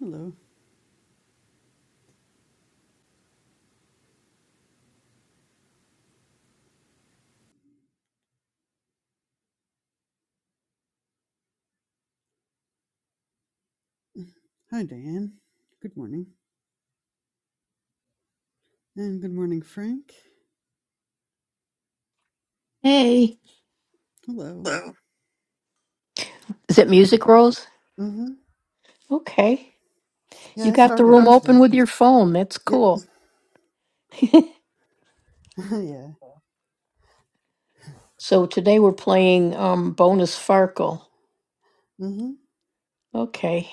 Hello. Hi, Diane. Good morning. And good morning, Frank. Hey, Hello. Hello. is it Music Rose? Mm-hmm. Okay. Yeah, You I got the started room it Um, open today. with your phone. That's Yep. cool. yeah. so today we're playing um bonus Farkle. Mm-hmm. Okay.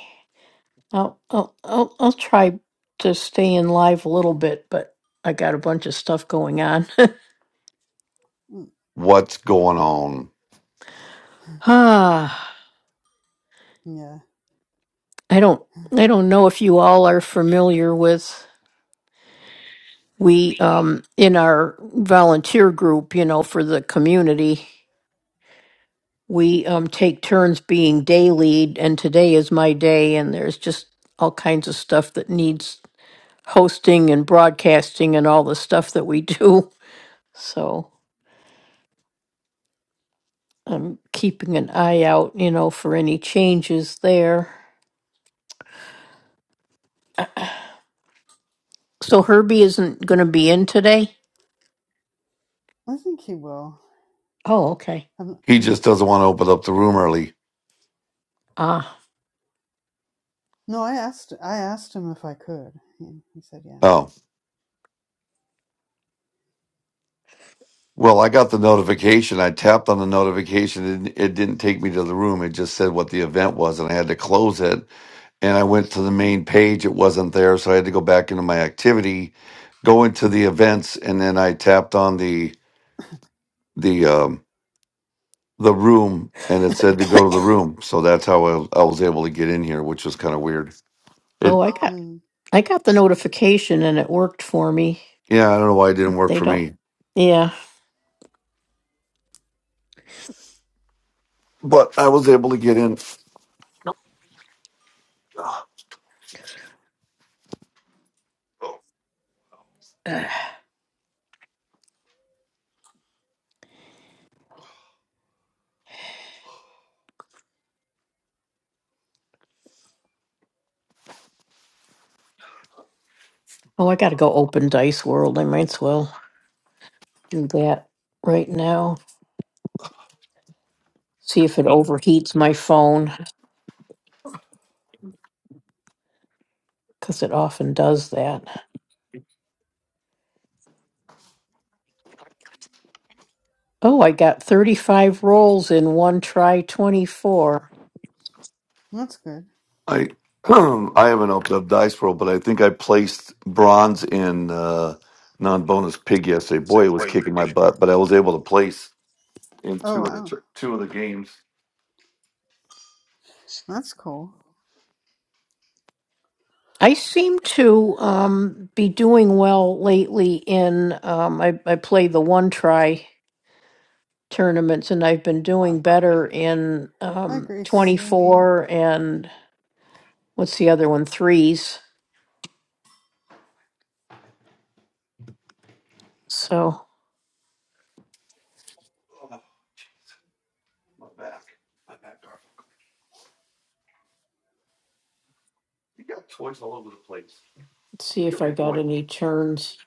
I'll I'll I'll, I'll try to stay in live a little bit, but I got a bunch of stuff going on. Mm, what's going on. ah, yeah. I don't I don't know if you all are familiar with we um in our volunteer group, you know, for the community. we um, take turns being day lead, and today is my day, and there's just all kinds of stuff that needs hosting and broadcasting and all the stuff that we do. So I'm keeping an eye out, you know, for any changes there. So Herbie isn't going to be in today. I think he will. Oh, okay. I'm not, He I'm just not doesn't sure. want to open up the room early. Ah, No, I asked. I asked him if I could. He, he said, "Yeah." Oh, well, I got the notification. I tapped on the notification and it it didn't take me to the room. It just said what the event was and I had to close it. And I went to the main page. It wasn't there. So I had to go back into my activity, go into the events. And then I tapped on the, the, um, the room and it said to go to the room. So that's how I, I was able to get in here, which was kind of weird. oh, It, I got Mm, I got the notification and it worked for me. yeah, I don't know why it didn't work They for don't. me, Yeah. but I was able to get in. Oh, I got to go open Dice World. I might as well do that right now. see if it overheats my phone because it often does that. Oh, I got 35 rolls in one try 24. that's good. I I haven't opened up Dice World, but I think I placed bronze in uh, non-bonus pig yesterday. Boy, it was kicking my butt, but I was able to place in Oh two of the wow, tr- two of the games. that's cool. I seem to um, be doing well lately in, um, I, I play the one try tournaments and I've been What? doing better in Hi, um, Gracie. 24 and what's the other one? Threes. So Oh, jeez, my back, my back. hurt. You got toys all over the place. let's see You if got I your got boy. any turns.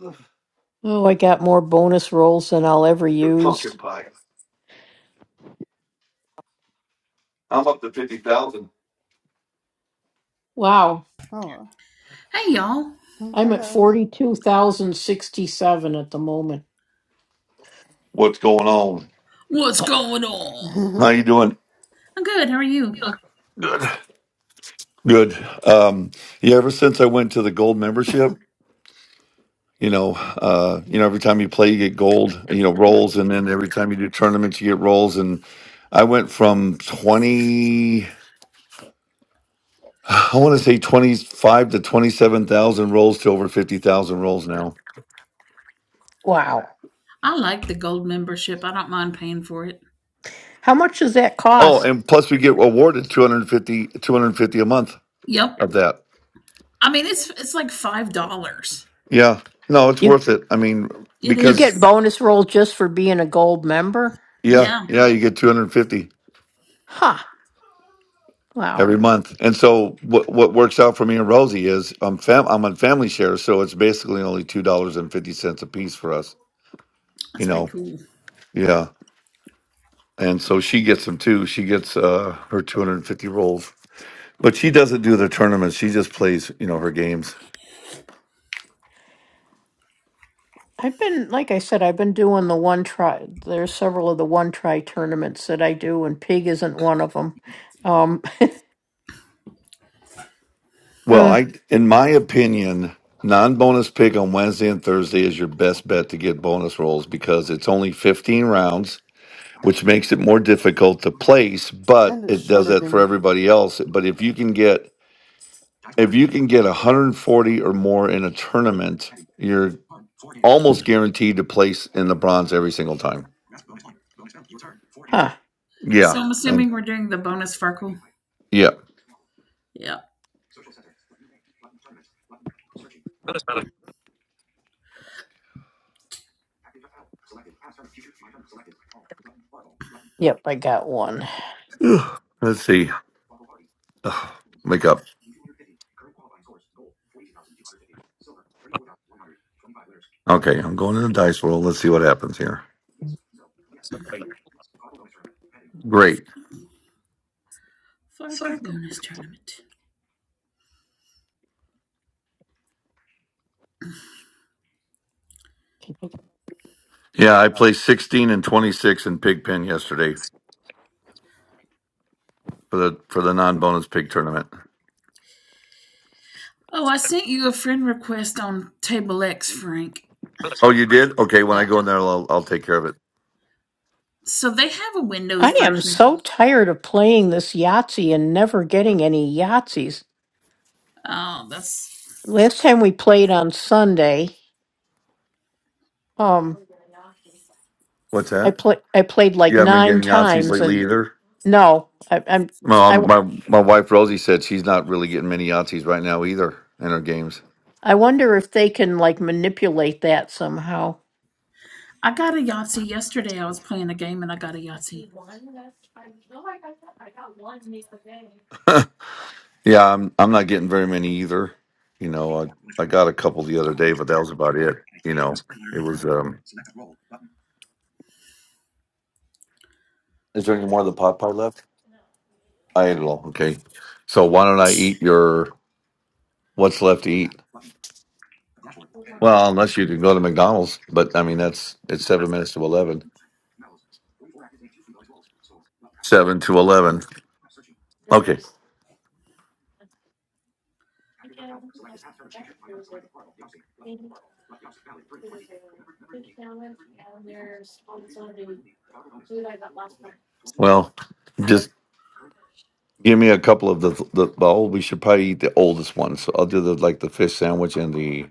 Ugh, Oh, I got more bonus rolls than I'll ever You're use. pumpkin pie. I'm up to fifty thousand. Wow. Oh, wow. Hey, y'all. Oh, I'm at hello. 42,067 at the moment. What's going on? What's going on? How you doing? I'm good. How are you? Good. Good. Um, yeah. Ever since I went to the gold yeah. membership. you know, uh, you know, every time you play, you get gold, you know, rolls, and then every time you do tournaments, you get rolls. And I went from twenty, I want to say twenty-five to twenty-seven thousand rolls to over fifty thousand rolls now. Wow. I like the gold membership. I don't mind paying for it. How much does that Oh, cost? and plus we get awarded 250, 250 a month Yep. of that. I mean, it's it's like five dollars. Yeah, no, it's You worth it. I mean, It you is. because get bonus roll just for being a gold member? yeah, Yeah, yeah, you get two hundred fifty. Huh. Wow. every month. And so what what works out for me and Rosie is I'm fam I'm on family share, so it's basically only two dollars and fifty cents a piece for us. You that's pretty know, cool. yeah. And so she gets them too. She gets uh, her two hundred and fifty rolls, but she doesn't do the tournaments. She just plays, you know, her games. I've been like I said, I've been doing the one try. There's several of the one try tournaments that I do, and pig isn't one of them. Um. Well, uh, I, in my opinion, non-bonus pick on Wednesday and Thursday is your best bet to get bonus rolls because it's only fifteen rounds which makes it more difficult to place, but and a it does shorter that for game. everybody else. But if you can get if you can get 140 or more in a tournament, you're almost guaranteed to place in the bronze every single time. huh. Yeah. So I'm And assuming we're doing the bonus Farkle. yeah. Yep. Yep, I got one. Ugh, Let's see. Ugh, Wake up. Okay. I'm going in the dice roll. Let's see what happens here. Great. Farkle bonus tournament. Yeah, I placed 16 and 26 in pig pen yesterday for the for the non-bonus pig tournament. Oh, I sent you a friend request on Table X, Frank. Oh, you did? Okay, when Yeah. I go in there I'll I'll take care of it. So they have a I Windows am version. so tired of playing this Yahtzee and never getting any Yahtzees. Oh, that's. Last time we played on Sunday. um. What's I that? play I played like You haven't been nine getting Yahtzees times lately and either? no, I, I'm Well, I um, my w- my wife Rosie said she's not really getting many Yahtzees right now either in her games. I wonder if they can like manipulate that somehow. I got a Yahtzee yesterday. I was playing a game and I got a Yahtzee. yeah, I'm I'm not getting very many either. You know, I I got a couple the other day, but that was about it. You know, it was. um Is there any more of the pot pie left? I ate it all. Okay, so why don't I eat your what's left to eat? Well, unless you can go to McDonald's, but I mean that's it's seven minutes to eleven. Seven to eleven. Okay. Well, just. Give me a couple of the the well, we should probably eat the oldest one. So I'll do the like the fish sandwich and the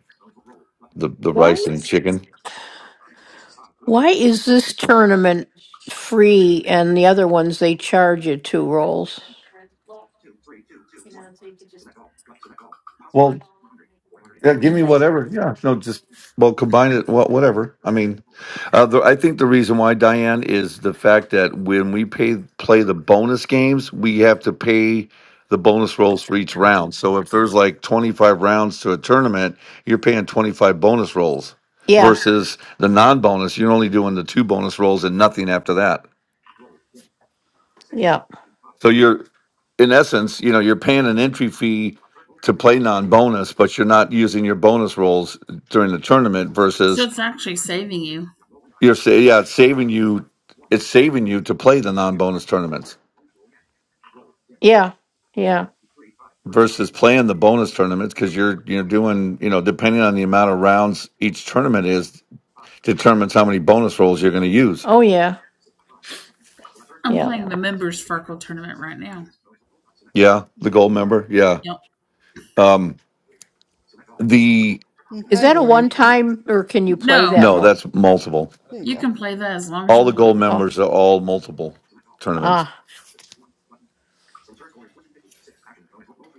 the, the Why rice and chicken. why is this tournament free and the other ones they charge you two rolls? Well, yeah, give me whatever. Yeah, no, just well, combine it. Well, whatever. I mean, uh, the, I think the reason why Diane is the fact that when we pay play the bonus games, we have to pay the bonus rolls for each round. So if there's like 25 rounds to a tournament, you're paying 25 bonus rolls Yeah, versus the non-bonus. You're only doing the two bonus rolls and nothing after that. yeah, So you're, in essence, you know, you're paying an entry fee to play non-bonus, but you're not using your bonus rolls during the tournament. So Versus it's actually saving you. you're say, yeah, it's saving you, it's saving you to play the non-bonus tournaments yeah, yeah. versus playing the bonus tournaments because you're you're doing you know depending on the amount of rounds each tournament is determines how many bonus rolls you're going to use. Oh yeah, I'm yeah. playing the members Farkle tournament right now. Yeah, the gold member. Yeah, Yep. um, the Mm, Is Hi, that a one Lori. time or can you play No, that no, more? that's multiple. there you you go. can play that as long as All you the want. gold Oh members are all multiple tournaments. ah,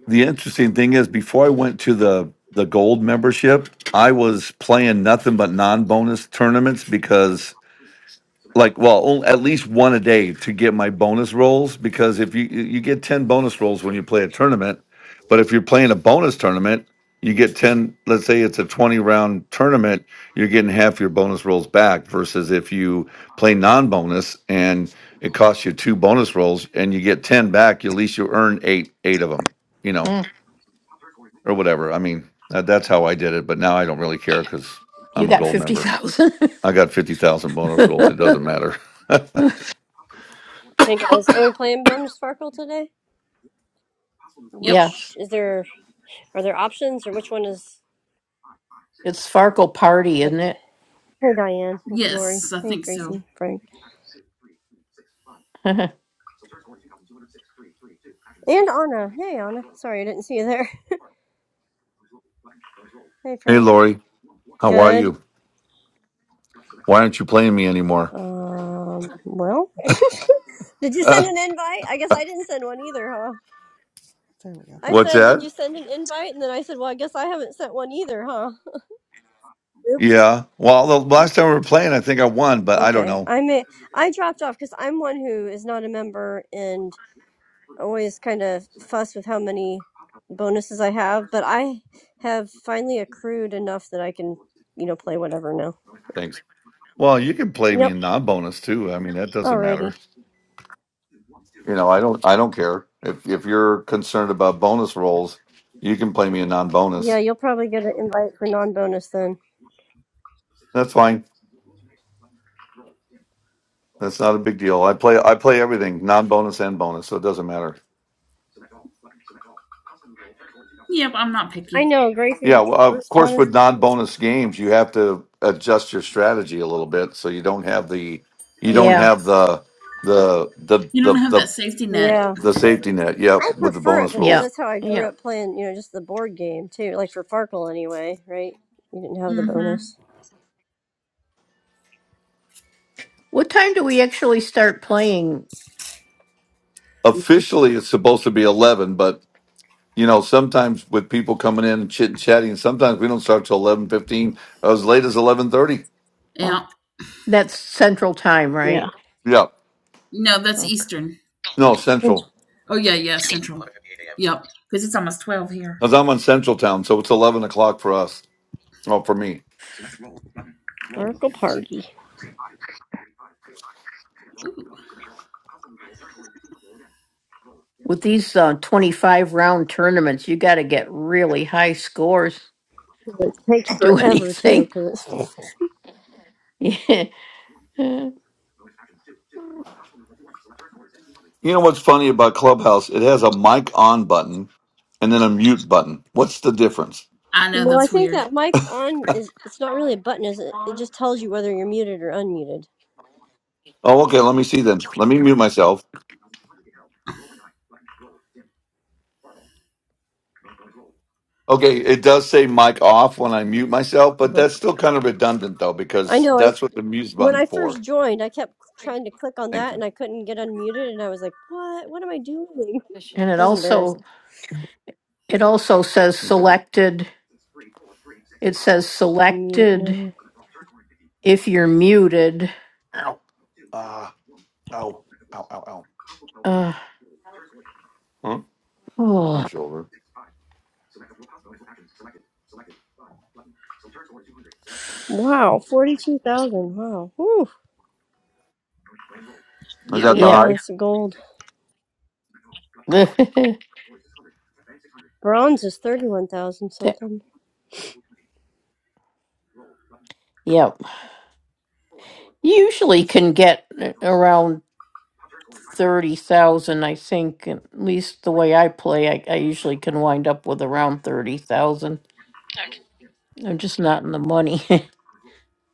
the interesting thing is before I went to the the gold membership, I was playing nothing but non-bonus tournaments because like well, only, at least one a day to get my bonus rolls because if you you get 10 bonus rolls when you play a tournament, but if you're playing a bonus tournament, you get 10, let's say it's a 20 round tournament, you're getting half your bonus rolls back versus if you play non-bonus and it costs you two bonus rolls and you get 10 back, at least you earn 8 8 of them, you know mm. or whatever. I mean, that, that's how I did it. But now I don't really care because you I'm a got gold fifty member. thousand. I got 50,000 bonus rolls. It doesn't matter. Hey guys, are we playing bonus Farkle today? Yep. yes, Which is there? Are there options, or which one is it's Farkle party, isn't okay? it? Hey Diane, it's Lori. Yes, I Hey think so. Gracie, Frank, and Anna. Hey Anna, sorry I didn't see you there. Hey hey, Frank, Lori, how are good. you? Why aren't you playing me anymore? Um, well, did you send an invite? I guess I didn't send one either, huh? There we go. I What's said, did that? you send an invite? And then I said, well, I guess I haven't sent one either, huh? Oops. Yeah. Well, the last time we were playing, I think I won, but I don't Okay, know. I may I dropped off because I'm one who is not a member and always kind of fuss with how many bonuses I have, but I have finally accrued enough that I can, you know, play whatever now. Thanks. Well, you can play me Yep. in non-bonus too. I mean, that doesn't Alrighty. matter. You know, I don't. I don't care if if you're concerned about bonus rolls. You can play me in Yeah, non-bonus. you'll probably get an invite for non-bonus then. That's fine. That's not a big deal. I play I play everything, non-bonus and bonus, so it doesn't matter. Yep, I'm not I picky. know, Gracie's Yeah, well, of course honest. with non-bonus games, you have to adjust your strategy a little bit so you don't have the you don't Yeah, have the the the You the don't have that the, safety net. Yeah, the safety net. Yep, I with the prefer it bonus because yeah, rolls. that's how I yeah. grew up playing. You know, just the board game too, like for Farkle anyway, right? You didn't have the Mm-hmm. bonus. What time do we actually start playing? Officially it's supposed to be 11, but you know, sometimes with people coming in and chit chatting, sometimes we don't start till 11:15, as late as 11:30. Oh, Yeah. that's Central Time, Yeah. right? Yeah. No, that's Oh, Eastern. No, It's Central. Oh yeah, yeah, Central. Yep, because it's almost twelve here. Cuz I'm on Central Town, so it's 11 o'clock for us. Well, for me. yeah. Farkle Party. Ooh. With these uh, 25 round tournaments, you got to get really high scores It to takes do forever too, anything. because it's Yeah. and You know what's funny about Clubhouse? It has a mic on button and then a mute button. What's the difference? I know Well, I that's think weird. that mic on is it's not really a button, is it? It just tells you whether you're muted or unmuted. Oh, okay. Let me see then. Let me mute myself. Okay, it does say mic off when I mute myself, but Uh-huh. that's still kind of redundant though I because know it, that's what the mute when button I for. first joined, I kept trying to click on Thank that you. and I couldn't get unmuted and I was like, "What? What am I doing?" it I was embarrassed. also it also says Okay. selected. It says Mute selected now. if you're muted. Ow. Ah. ow. Ow. Ow. Ow. Uh, Huh? My oh, shoulder. Wow, 42,000. Wow. Whew. Is that Yep. the yep. Yeah, high? that's gold. That- Bronze is 31,000 something. yep. You usually can get around thirty thousand, I think. At least the way I play, I, I usually can wind up with around thirty thousand. I'm just not in the money.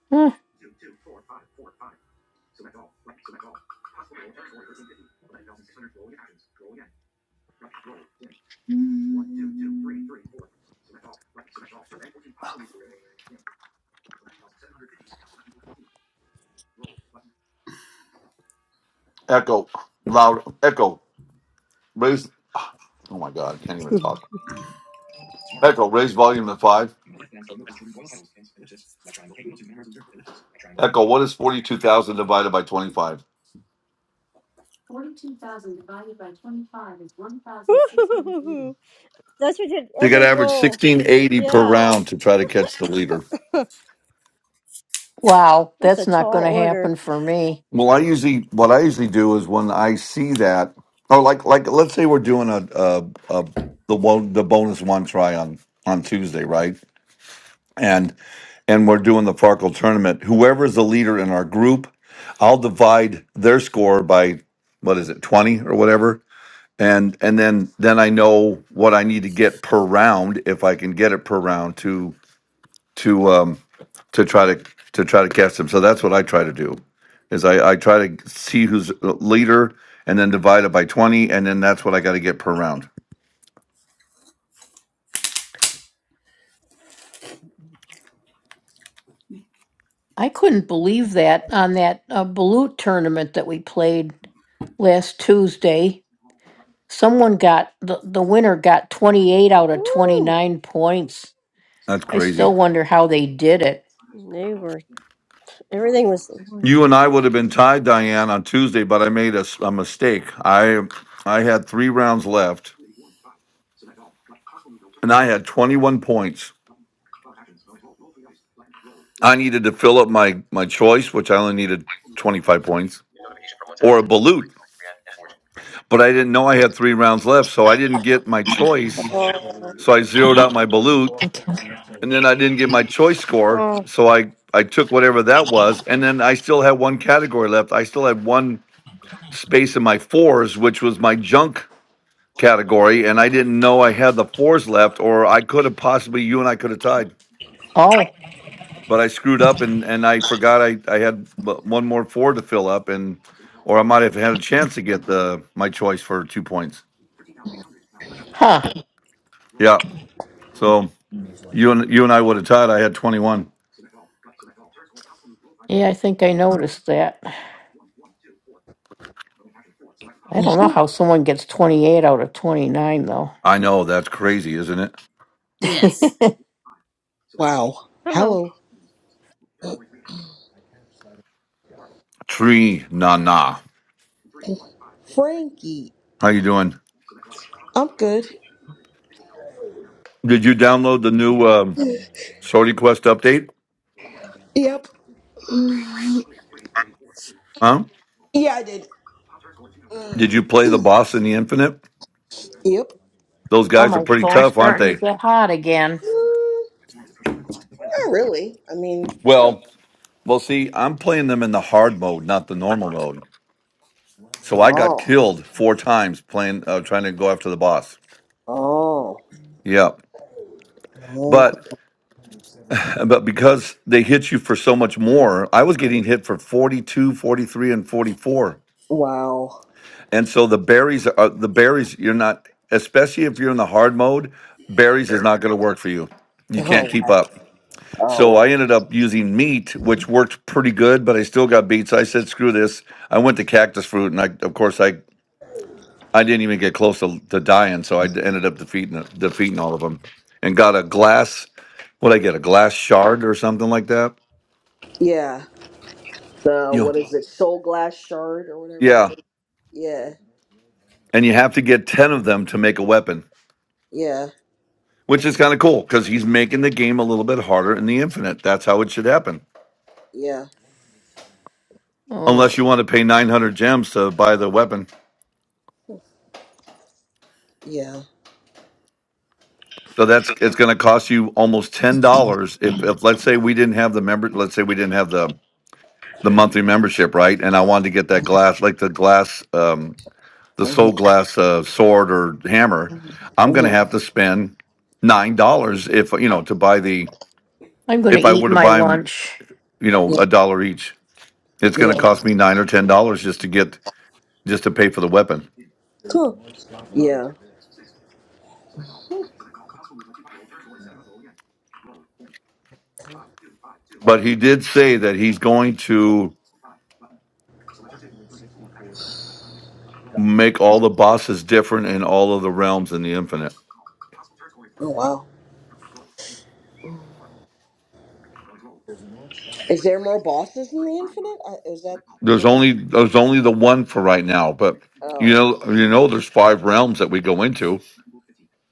Hmm. Mm. Echo. Loud. Echo. Raise. Oh my God! I can't even talk. Echo. Raise volume to five. Echo. What is forty-two thousand divided by twenty-five? that's what did So You got to every average roll. sixteen eighty per Yeah. round to try to catch the leader. wow, That's a that's not tall going to order. happen for me. Well, I usually what I usually do is when I see that, oh, like like let's say we're doing a, a, a the one the bonus one try on on Tuesday, right? And and we're doing the Farkle tournament. Whoever's the leader in our group, I'll divide their score by what is it twenty or whatever, and and then then I know what I need to get per round if I can get it per round to um to try to to try to catch them. So that's what I try to do is I, I try to see who's leader and then divide it by twenty and then that's what I got to get per round. I couldn't believe that on that uh, balut tournament that we played last Tuesday. Someone got the the winner got twenty eight out of twenty Woo! nine points. That's I crazy. still wonder how they did it. They were everything was. You and I would have been tied, Diane, on Tuesday, but I made a, s- a mistake. I I had three rounds left and I had twenty one points. I needed to fill up my my choice, which I only needed twenty five points or a balut, but I didn't know I had three rounds left, so I didn't get my choice. Oh, So I zeroed out my balut and then I didn't get my choice score, Oh, so I I took whatever that was, and then I still had one category left. I still had one space in my fours, which was my junk category, and I didn't know I had the fours left, or I could have possibly you and I could have tied, Oh, but I screwed up and and I forgot I I had w- one more four to fill up, and or I might have had a chance to get the my choice for two points. huh. Yeah, so you and you and I would have tied. I had twenty one. Yeah, I think I noticed that. I don't know how someone gets 28 out of 29, though. I know that's crazy, isn't it? Yes. Wow. hello. Hello, Tree na na. Frankie. How you doing? I'm good. Did you download the new um, Sorty Quest update? Yep. Huh? Yeah, I did. Did you play the boss in the Infinite? Yep. Those Oh, guys are my pretty phone's tough, aren't starting to they? get hot again. Mm, not really. I mean. Well, well, see, I'm playing them in the hard mode, not the normal mode. So I got Oh. killed four times playing, uh, trying to go after the boss. Oh. Yeah, Oh. but but because they hit you for so much more, I was getting hit for 42, 43, and 44. Wow. And so the berries are the berries. You're not, especially if you're in the hard mode. Berries is not going to work for you. You Oh. can't Wow. keep up. Oh. So Wow. I ended up using meat, which worked pretty good, but I still got beat. So I said, "Screw this!" I went to cactus fruit, and I, of course, I I didn't even get close to, to dying. So I d- ended up defeating defeating all of them, and got a glass. What I get a glass shard or something like that. Yeah. The You what is it? Soul glass shard or whatever that yeah, is. Yeah. and you have to get ten of them to make a weapon. Yeah. which is kind of cool because he's making the game a little bit harder in the infinite. That's how it should happen, Yeah. Oh, unless you want to pay 900 gems to buy the weapon. Yeah. So that's it's going to cost you almost ten dollars if, if let's say we didn't have the member, let's say we didn't have the the monthly Mm-hmm. membership, right? And I wanted to get that glass, like the glass, um, the soul glass uh, sword or hammer. I'm going to hmm have to spend nine dollars if you know to buy the I'm going to if I eat were to my buy them, lunch. you know, Yeah. a dollar each. It's going to Yeah. cost me nine or ten dollars just to get just to pay for the weapon. Huh. Yeah. But he did say that he's going to make all the bosses different in all of the realms in the infinite. Oh wow. Is there more bosses in the infinite? Uh, is that? There's Was that? only there's only the one for right now, but you Oh. know you know there's five realms that we go into,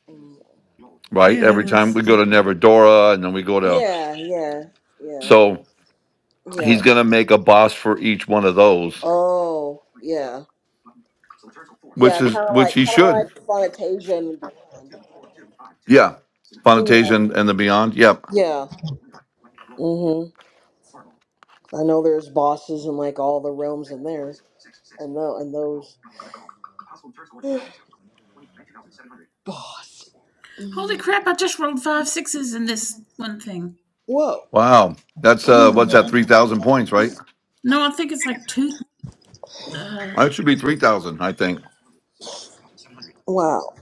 Mm. right? Hey, Every time we Alice. go to Neverdora and then we go to Yeah, yeah, yeah, so yeah. he's gonna make a boss for each one of those, Oh, yeah, which yeah. Kind is of which he like, kind should. of like Fantasia. Yeah. Yeah, Fantasia and and the Beyond. Yep. yeah. Mhm. I know there's bosses in like all the realms in there, and though and those boss. Holy crap, I just rolled five sixes in this one thing. Whoa! Wow. That's uh what's that, three thousand points, right? No, I think it's like two. Uh, It should be three thousand, I think. Wow.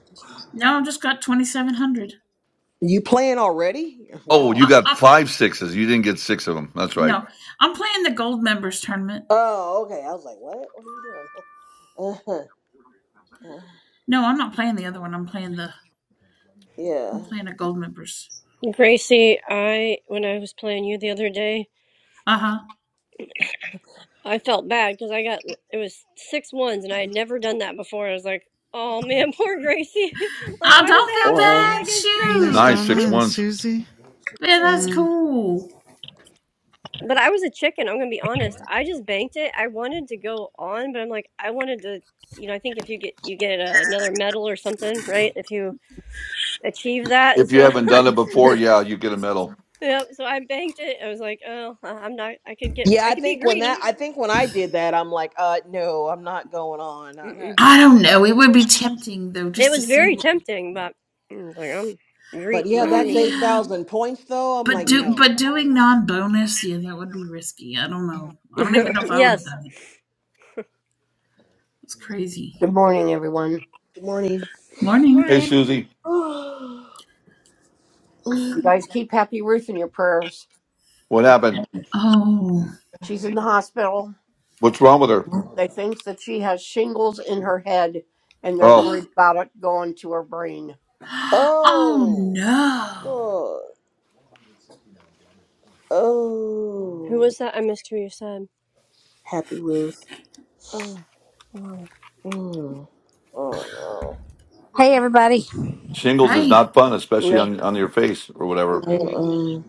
no, I've just got 2,700. You playing already? Oh, Wow. you I, got I, five sixes. You didn't get six of them. That's right. no, I'm playing the gold members tournament. Oh, okay. I was like, what? What are you doing? Uh, No, I'm not playing the other one. I'm playing the. yeah. I'm playing a gold members. Gracie, I when I was playing you the other day, Uh huh. I felt bad because I got it was six ones and I had never done that before. I was like, oh man, poor Gracie. like, I why does don't it feel have to Well. be bad. against And there's Shoot. Nice Gracie? six Donna and ones. Susie Yeah, that's yeah. and cool. But I was a chicken. I'm gonna be honest. I just banked it. I wanted to go on, but I'm like, I wanted to. You know, I think if you get you get uh, another medal or something, right? If you achieve that, and If you so haven't done it before, yeah, you get a medal. Yep, so I banked it. I was like, "Oh, I- I'm not. I could get. Yeah, I I could be think when that greedy." I think when I did that, I'm like, uh, no, I'm not going on. Mm-mm. I don't know. It would be tempting though, It just to was see. very What, tempting, but I was like, "I'm But greed. yeah, Not oh gonna that's be greedy." yeah, 8,000 points though. I'm but like, do but no. doing I'm non bonus, yeah, that would be risky. I don't know. I don't even know if I would have yes. done it. It's crazy. Good morning. Morning. Hey, Morning. Susie, Mm. what happened? Oh. What's wrong with her? Oh, Oh oh. no. Oh. Who Oh. was that? I missed who you said. Happy Ruth. Oh, wow. Mm. Oh Hey, everybody. shingles is I not fun, especially no. on on your face or whatever. no. Mm-mm.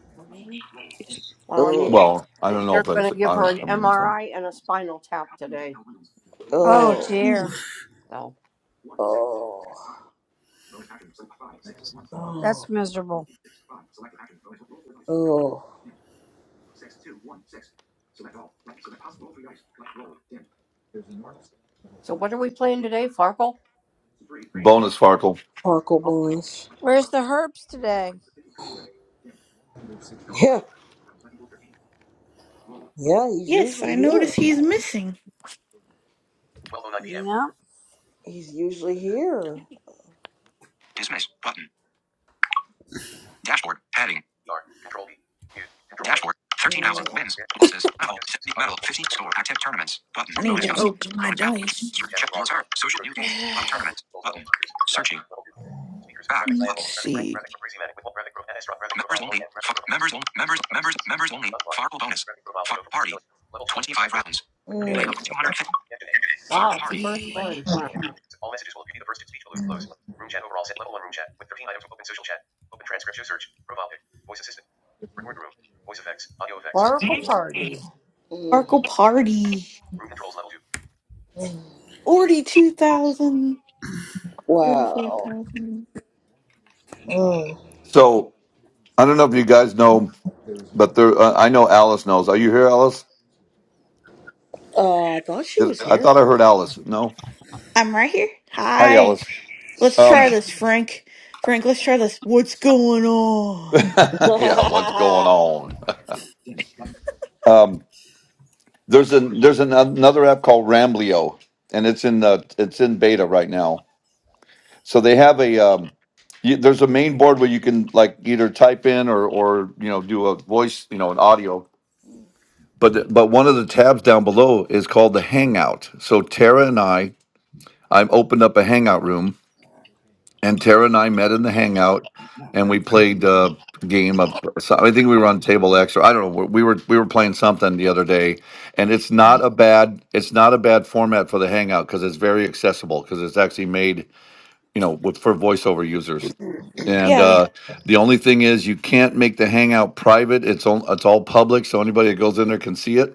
Oh. Well, I don't know if that's I, I'm gonna say. Oh, Oh. dear. oof. Oh. Oh. That's miserable. Oh. bonus Farkle. Farkle Bones. Where's the herbs today? Yeah. Yeah, he's Yes, usually I here. notice he's missing. Yep. He's usually here. Dismiss button. Dashboard heading. Dashboard. Thirteen thousand Mm. wins, losses, level, 70 medal, fifty score, active tournaments, button, I need bonus to Yahtzee, Mm. open my bonus belt, which dice. check your turn, social new game, club tournaments, button, searching, back, Let's button, see. members only, F- members only, members, members, members only, Fargo bonus, Far- party, twenty five rounds, There we go. payout two hundred fifty. Yeah. Mm. Sparkle Party. Mm. 42,000. Wow. 34,000. Mm. So I don't know if you guys know, but there. Uh, I know Alice knows. Are you here, Alice? Uh, I thought she Did, was I here. thought I heard Alice. No. I'm right here. Hi, Hi. Alice. Let's Um, try this, Frank. Frank, let's try this. What's going on? yeah, what's going on? Um, There's a there's an, another app called Ramblio, and it's in the it's in beta right now. So they have a um, you, there's a main board where you can like either type in or or you know do a voice you know an audio. But the- but one of the tabs down below is called the Hangout. So Tara and I I'm opened up a Hangout room and Tara and I met in the hangout, and we played uh, a game of. so- I think we were on table X, or I don't know. We were we were playing something the other day, and it's not a bad it's not a bad format for the hangout because it's very accessible because it's actually made you know with for voiceover users. And Yeah, they, uh, the only thing is, you can't make the hangout private. It's all it's all public, so anybody that goes in there can see it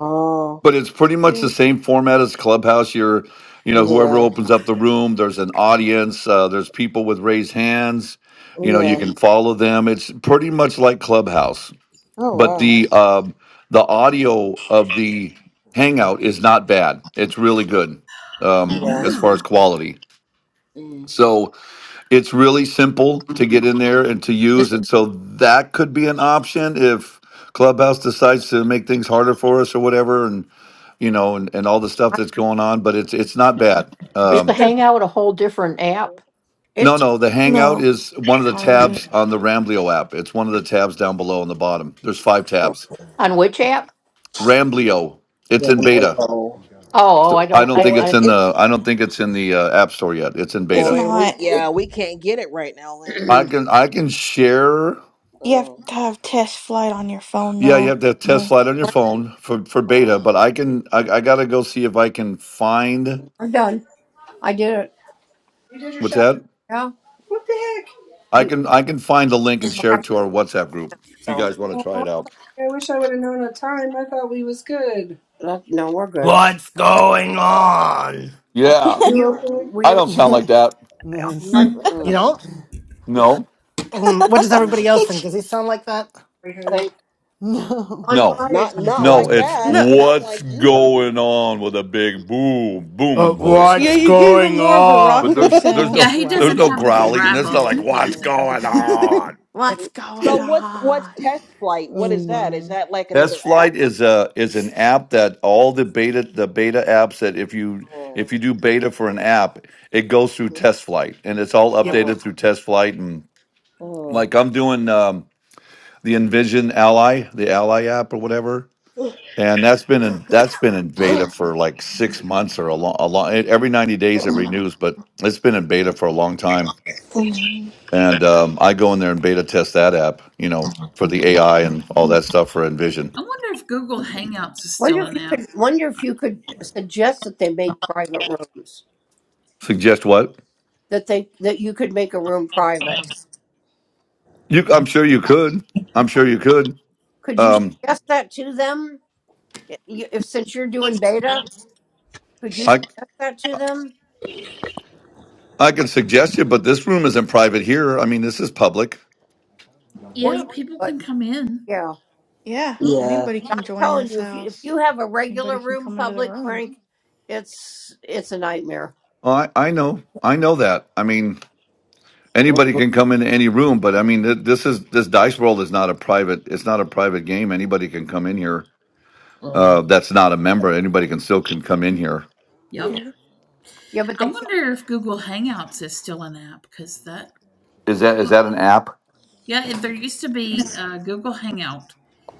Oh, but it's pretty much the good. same format as clubhouse you're you know whoever yeah. opens up the room there's an audience uh, there's people with raised hands you know you Yeah. can follow them it's pretty much like clubhouse Oh, but wow. the um, the audio of the hangout is not bad it's really good um, yeah. as far as Wow. quality Mm. so it's really simple to get in there and to Is, use and so that could be an option if clubhouse decides to make things harder for us or whatever and you know and, and all the stuff that's going on but it's it's not bad is the um Hangout a whole different app? no no the hangout No, is one of the part of it. tabs on the ramblio app it's one of the tabs down below on the bottom there's five tabs On which app? ramblio it's in Gambling beta roll. Oh, oh so I i don't. don't I, Well, think it, it's I in it's the i don't think it's in the uh, app store yet it's in It's well, beta and we not. yeah we can't get it right now, Lana. i can i can share You have Oh, to have test flight on your phone, Yeah, you though. have the test No. slide on your phone for for beta, oh, but I can I, I gotta go see if I can find You did your what's shot. that? What the heck? I can I can find the link and share it to our WhatsApp group if you oh guys want to Oh, try it out. I wish I would have known a time. I thought we was good. What's going on? Yeah. my. I don't sound like that. nice. Hmm. You know? Mm-mm. No. Um, what does everybody Mm. else think? Does he sound like that? We had- No, No. Not not probably No, like it's not. that. no. Not what's like you, Herbie. going on with a big boom Uh, booming What's voice. Yeah, what's going you gave him going on? more of a Wow. But rocker on? there's there's Yeah, sound. no he there's wow. doesn't no have the growling. There's not like gravel. He what's doesn't Mm-mm. have the going gravel. on. What's going so what's what's on? test flight? What oh is that? Is my. that like Test another Flight app? is a is an app that all the beta the beta apps that if you Mm. if you do beta for an app, it goes through Test Flight and it's all Yep. updated through Test Flight and Mm. like I'm doing um, the Envision Ally, the Ally app or whatever, and that's been in that's been in beta for like six months or a long a long every ninety days it renews, but it's been in beta for a long time. And um, I go in there and beta test that app, you know, for the AI and all that stuff for Envision. I wonder if Google Hangouts is still an app. Suggest what? You, I'm sure you could. I'm sure you could. Um, I I can suggest you, but this room isn't private here. I mean, this is public. Yeah, people can come in. Yeah, Yeah. anybody can join this house. Anybody can come into the room. Oh, I I know. I know that. I mean, anybody can come into any room, but I mean, th- this is this dice world is not a private. It's not a private game. Anybody can come in here. Mhm. Uh, that's not a member. Anybody can still can come in here. Yep. Yeah. I wonder if Google Hangouts is still an app because that. Is that is that an app? Yeah, there used to be a Google Hangout,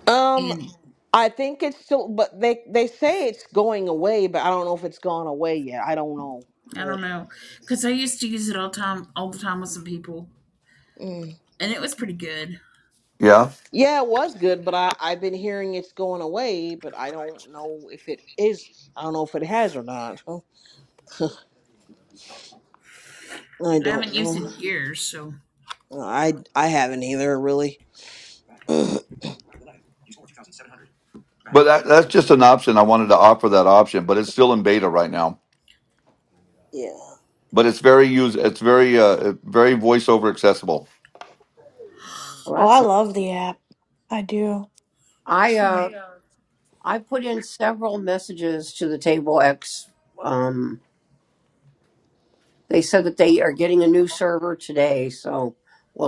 Um, and I think it's still, but they they say it's going away, but I don't know if it's gone away yet. I don't know, I but don't know because I used to use it all time, all the time with some people, Mm. and it was pretty good. Yeah, yeah, it was good, but I I've been hearing it's going away, but I don't know if it is. I don't know if it has or not. So, I but I don't haven't used it know. in years. So I I haven't either, really. but that, that's just an option. I wanted to offer that option, but it's still in beta right now. yeah. But it's very use. It's very uh, very voiceover accessible. Oh, I love the app. I do. It's I fun. uh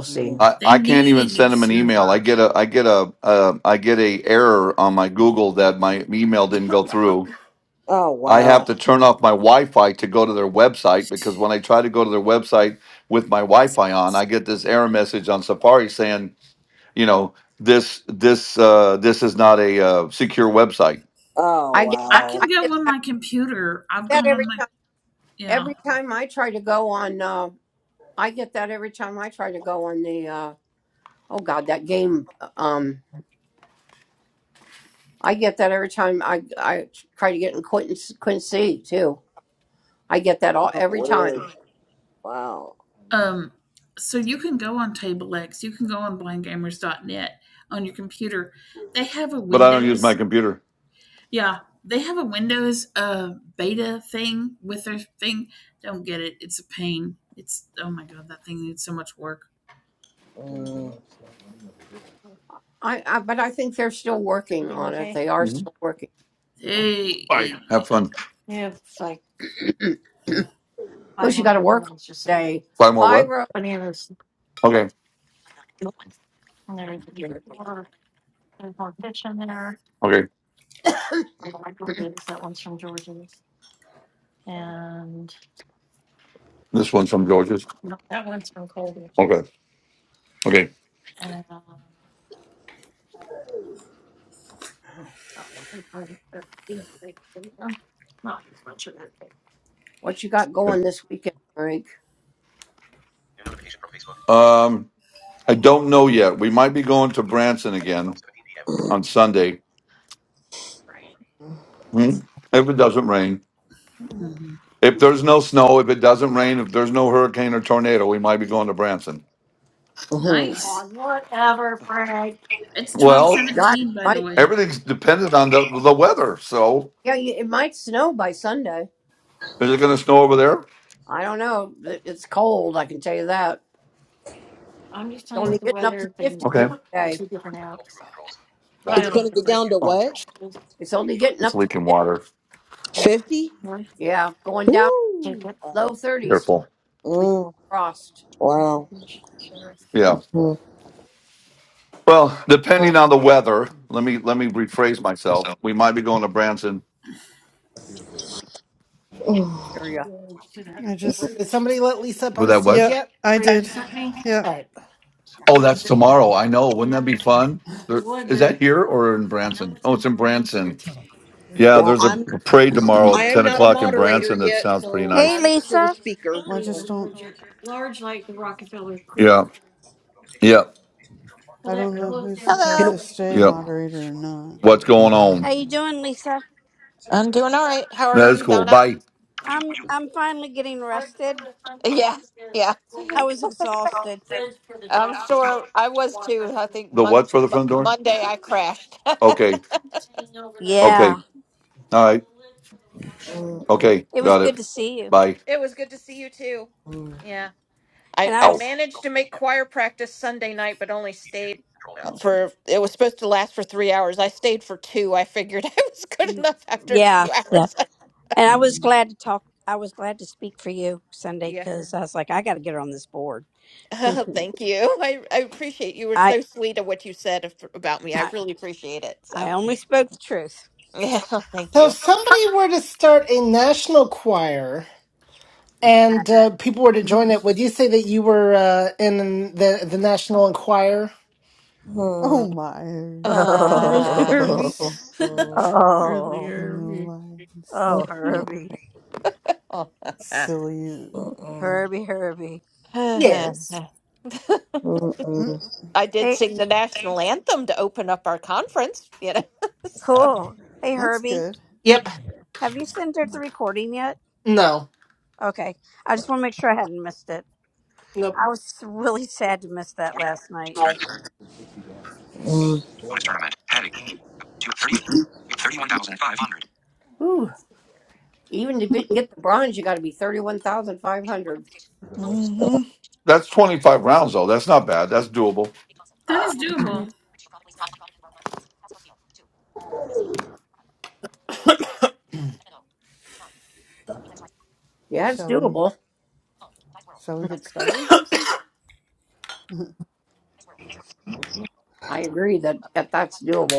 Mhm. I, they I can't even need a new send them an email. I server. get a I get a uh, I get a error on my Google that my email didn't go through. Oh I have wow. to turn off my Wi-Fi to go to their website because when I try to go to their website with my Wi-Fi on, I get this error message on Safari saying, you know, this this uh, this is not a uh, secure website. Oh I wow. can go on my computer. I've gone on my yeah. Oh weird. Wow. Um, so you can go on TableX. You can go on blind gamers dot net on your computer. They have a But I don't use my Windows. computer. Yeah, they have a Windows uh, beta thing with their thing. Don't get it. It's a pain. It's oh my god, that thing needs so much work. hmm Hey, Bye. yeah. Have fun. Five more what? Okay. Okay. This one's from George's. Okay. Okay. Okay. Um. I don't know yet. We might be going to Branson again on Sunday hmm, if it doesn't rain. Mhm. If there's no snow, if it doesn't rain, if there's no hurricane or tornado, we might be going to Branson. Mm. Nice. It's twelve Well, seventeen, by the way. everything's dependent on the the weather. So, is it going to snow over there? Okay. It's going to go down to Oh, what? it's leaking water. 50? Ooh. Wow. Careful. Mm, wow. Yeah. Mm, Well, mm, depending on the weather, let me let me rephrase myself. So. We might be going to Branson mm. I just Did somebody let Lisa up with on that. stage What? yeah, yet? I did. Yeah. All right. Oh, that's tomorrow. I know. Wouldn't that be fun? There- Is that here or in Branson? Oh, it's in Branson. Yeah, Well, there's a I'm parade tomorrow I at am ten not a o'clock in moderator Branson. That yet, sounds pretty so Hey, nice. I'm still a Lisa. speaker. Well, I So. just don't. Yeah, yeah, I don't know who's supposed Hello. Can, to stay yeah. moderator or not. What's Like, going I How on? you don't doing, Lisa? I'm doing all right. How are That is you, cool. Donna? Bye. Would you? I'm Would you? I'm finally getting rested. Button. Yeah, yeah. I was 10, exhausted. I'm round sure I was too. I think The mon- what for the Mo- front door? Monday I crashed. Okay, Yeah. okay, all right, mm, mm, okay, It was got good it. to see you. Bye. it was good to see you too. Yeah. I, And I I How? was managed to make choir practice Sunday night, but only stayed uh, for, it was supposed to last for three hours. I stayed for two. I figured I was good enough after yeah, two yeah. hours. And I was glad to talk. I was glad to speak for you Sunday Yeah. cuz I was like I got to get her on this board. Oh, thank you. I, I appreciate you were I so sweet of what you said af- about me. I I really appreciate it. I So, only spoke the truth. yeah, thank So, if you. somebody were to start a national choir and uh, people were to know. join it, would you say that you were uh, in the, the national choir? mm. oh my, really Uh, early. Oh. it's Mm, really Oh. in real early. life, it's Oh, mm, hmm mm, Herbie. oh, silly. and mm, fuzzy. Herbie, Herbie. Yes. Mm, mm, I did Hey, sing the national anthem to open up our conference, you know. So, cool. Hey, that's Herbie, good. Yep. have you sent her the recording yet? No. Okay. I just want to make sure I hadn't missed it. Nope. I was really sad to miss that last night. forty. mm, Bonus tournament. Heading. 2, 31,500. That's 25 rounds though. That's not bad. That's doable. That is Yeah. doable. Shall we shall we get started or something?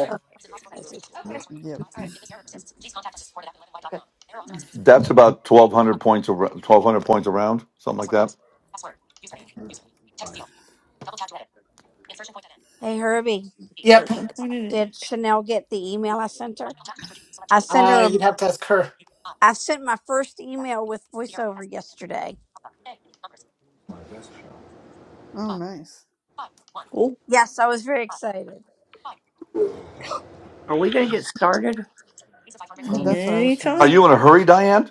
Oh, I see. yep. That's about 1200 points a, 1200 points a round, something like that. Hey, Herbie, Yep. Church and pointed it. did Chanel get the email I sent her? I sent Uh, her, a- you'd have to ask her. I sent my first email with voiceover yesterday. Oh nice. Cool. Yes, I was very excited. mm, that's what I was trying Are to Anytime. you in a hurry, Diane?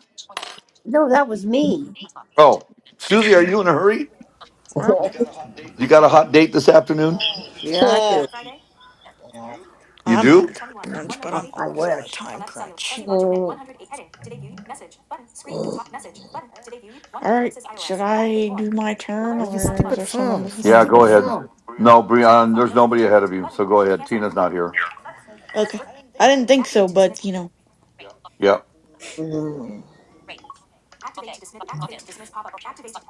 Oh, Susie, are you in a hurry? mm. You got a hot date this afternoon? Friday, You I'm on a do? time 1121. crunch, One but I'm notification. always on a time Elect cellular. Fuzzy crunch. logic net Mm, 108. Heading. Today view. Message. Button. Screen. Top message. Button. Today view. One. All right, Ellipsis should iOS. Button. I More. do my Alert. turn, Well, you stupid or is there someone phone. You before Yeah, me go stupid today? ahead. phone. No, Share Brian, profile. there's nobody Notification. ahead Mute. of you. Button. So go ahead. Cancel. Tina's not Button. here. Okay. I didn't think Activate so, to dismiss. but you know, Yeah. mm. Activate to dismiss. Activate to dismiss pop up. Activate to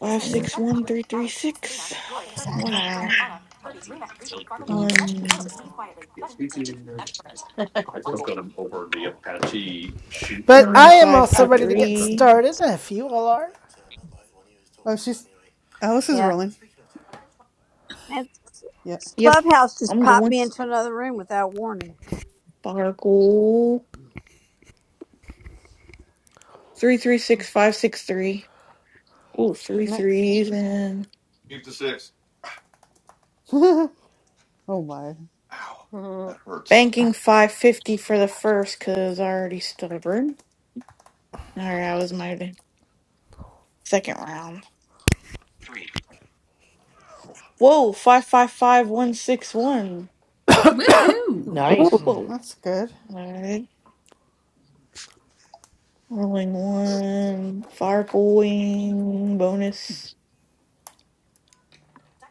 five dismiss. six Button. one three three Alice. Trina. six. Lori. Herbie. Frank. Diane. Wow. Anna. Herbie. Rumac. Replay. Sparkle bonus. want. Let's. Photo. One Leave quietly. Button. But one one I am five also two ready to get three. started if you all are. Oh she's Alice is Yeah. rolling. And Yeah. s- Yep. Clubhouse just I'm popped going me into another room without warning. sparkle. Three three six five six three. Ooh, three Nice. threes and Keep the 6. oh my. Ow. Mhm. That hurts. banking five fifty for the first cause I already stubborn. Alright, that was my second round. 3, Whoa, five five five one six one. Woohoo! nice. Whoa. That's good. Alright. Rolling 1122. one, fire going, bonus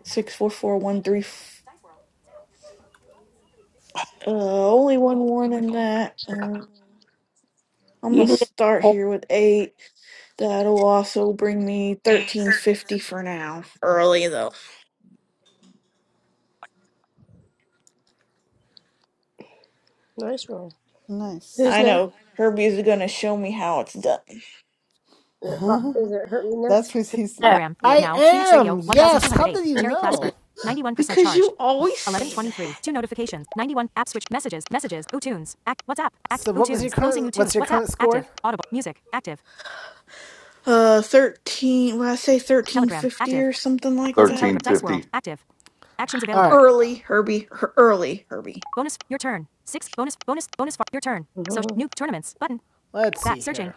six four 1122. four One one three. notification. f- Dice World. Now your turn. Your roll with Silverleaf 50. Uh, 91% only charged. one one in that. Uh, I'm gonna start here with eight. That'll also bring me thirteen fifty for now. Early though. Nice roll. Nice. Who's I next? know Herbie's gonna show me how it's done Is it, Fa- is it hurt me next? that's what he's Telegram. I yeah. now. am. Yes. How did you Terry Clasper. know? 91% because charged. you always say 1123. that. Two notifications. 91. App switch. Messages. Messages. Utunes. Act. WhatsApp. Act. So what was your current- Closing Utunes. what's your current WhatsApp. score? Active. Audible. Music. Active. Uh, thirteen. When I say thirteen Telegram. fifty Active. or something like Closing that. Telegram. Dice World. 1350. Active. Actions available. All right. Early Herbie. Her- early Herbie. Bonus. Your turn. Six. Bonus. Bonus. Bonus. Far, your turn. Mhm. So new tournaments button. Let's Back see searching. here.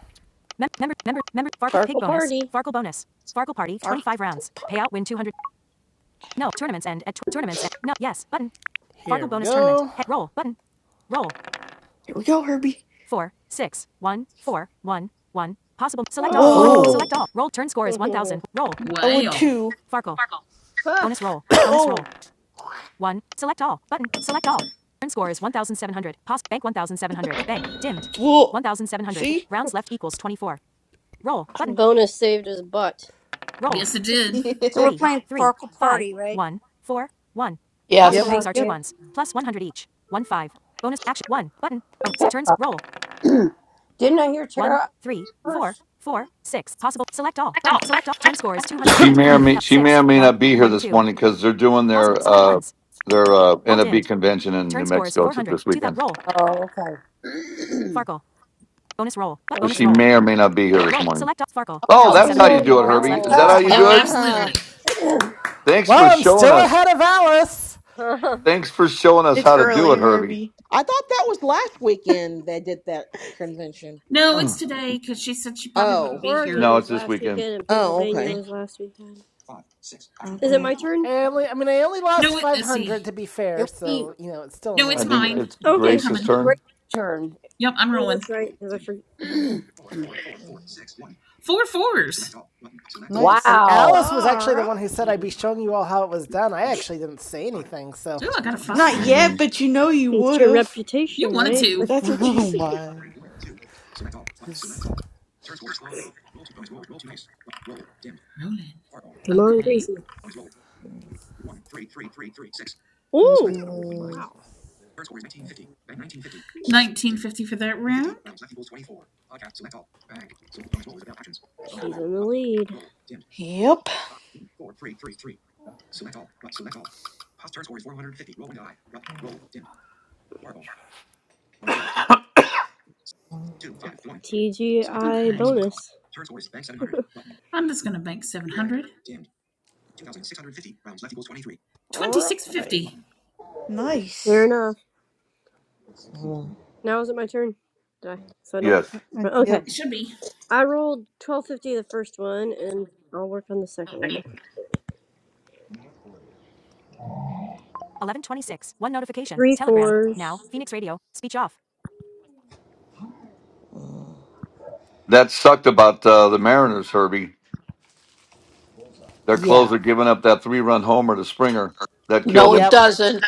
Mem- member. Member. Member. Farkle pig bonus. Party. Farkle bonus. Farkle party. Twenty Far. five rounds. Payout win two hundred. No tournaments end at tw- tournaments end. No yes button. Here Fargo we bonus go. tournament. Head roll button. Roll. Here we go, Herbie. Four. Six. One. Four. One. One. Possible. Select all button. Oh. Oh, Whoa! Select all. Roll. Turn score is one thousand. Roll. I would Well, too. Farkle. Ah, Bonus roll. bonus roll. Oh, One. Select all. Button. Select all. Turn score is 1,700. Pos. Bank 1,700. Bank. Dimmed. whoa! 1,700. See? Rounds left equals 24. Roll. Button. bonus saved his butt. Roll. yes, it did. So we're Three. playing Three. Farkle Five. Party, right? One. Four. One. Possible Yep. yes. Yeah. moves are Thank two Yep. you. ones. Plus 100 each. One five. Bonus action. One. Button. Oh, so turns. Roll. One. Three. Four. Four. Six. Possible. Select all. Button. Select all. Turn score is 200. She may or 1,900 may she may Six. or may One. not be here One. this Two. morning cuz they're doing Possible. their Select uh ones. their uh Roll NFB dimmed. convention in Turn New score is Mexico t- 400. this 2,000. weekend. Roll. Farkle. Bonus roll. So bonus she roll. may or may not be here this Roll. morning. Select up Farkle. Oh, that's how you 1,700. do Oh, it, Rounds Herbie. left Is that equals how you Yep, do 23. it? Uh-huh. absolutely. Thanks for Well, I'm showing still us. ahead of Alice. Thanks for showing us it's how to do early, it, Herbie. Herbie. I thought that was last weekend they did that convention. No, it's today because she said she probably wouldn't Oh. be Oregon here. no, was it's this last weekend. weekend, and Oh, Pennsylvania okay. was last weekend. Is it Okay. my turn? I only, I mean, I only lost No, it, let's 500 see. to be fair, so, you know, it's still No, I it's annoying, think but. mine. it's Okay. I'm Grace's coming. turn. Yep, I'm Oh, rolling. that's right. Because I forget. Four fours. Ooh, Nice. And Alice was All actually the one who right. said I'd be showing you all how it was done. I actually didn't say anything, so. I got a five. Not yet, hmm but you know you It's would your have. You reputation, wanted right? to. That's what you. oh s- my. Uh, Rolling. Come on, Okay. Gracie. Mm, Ooh! mm, Wow. 1950 for that round. Okay. She's in the lead. Yep. mm, TGI bonus. I'm just going to bank 700. All right. 2650. Fair Nice. enough. mm. Now is it my turn? Did I? So I don't. Yes. Yep. Okay. It should be. I rolled twelve fifty the first one, and I'll work on the second one. 1126. One notification. Three Telegram. fours. Now. Phoenix Radio. Speech off. Ooh. That sucked about uh, the Mariners, Herbie. Their closer Yeah. giving up that three-run homer to Springer that killed No, it them. Yep. doesn't.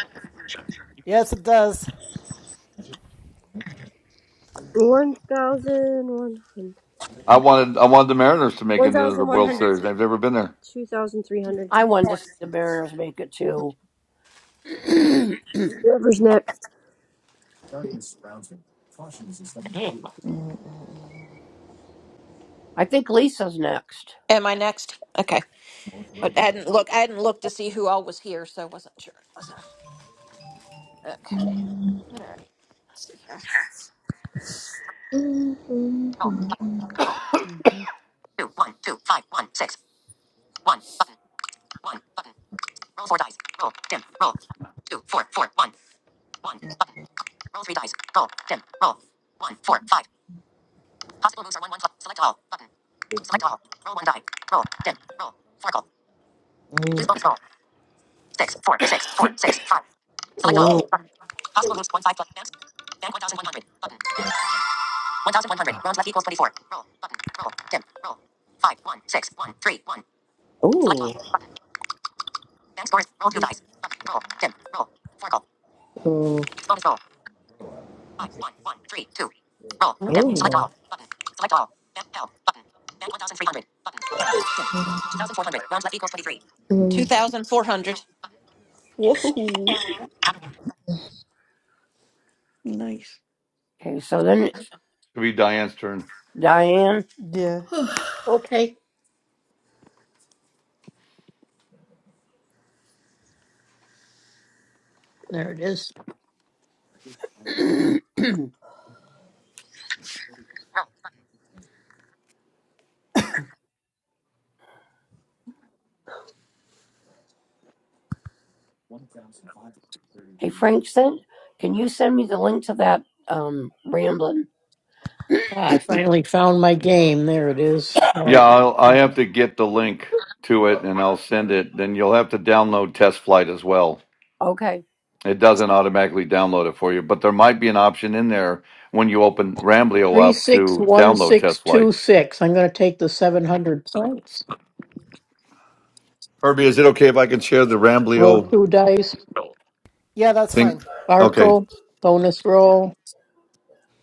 Yes, it does. One thousand one hundred. I wanted I wanted the Mariners to make it One into the thousand one World hundred. Series. So They've never been there. two thousand three hundred. Whoever's next. am I next? Okay. But I hadn't look I hadn't looked to see who all was here, so I wasn't sure. hmm Mm, Whoa. ooh. Oh, Two Mm, thousand four hundred. Whoa. Nice. It'll be Diane's turn. Yeah. okay, there it is. Ah, I finally found my game. There it is. All Yeah, right, I'll, I have to get the link to it and I'll send it. Then you'll have to download Test Flight as well. It doesn't automatically download it for you, but there might be an option in there when you open Ramblio three up six to one download six Test two Flight. six. I'm going to take the seven hundred points. Herbie, is it okay if I can share the Roll Ramblio two dice. Yeah, that's fine. thing? It Okay, Farkle, bonus roll.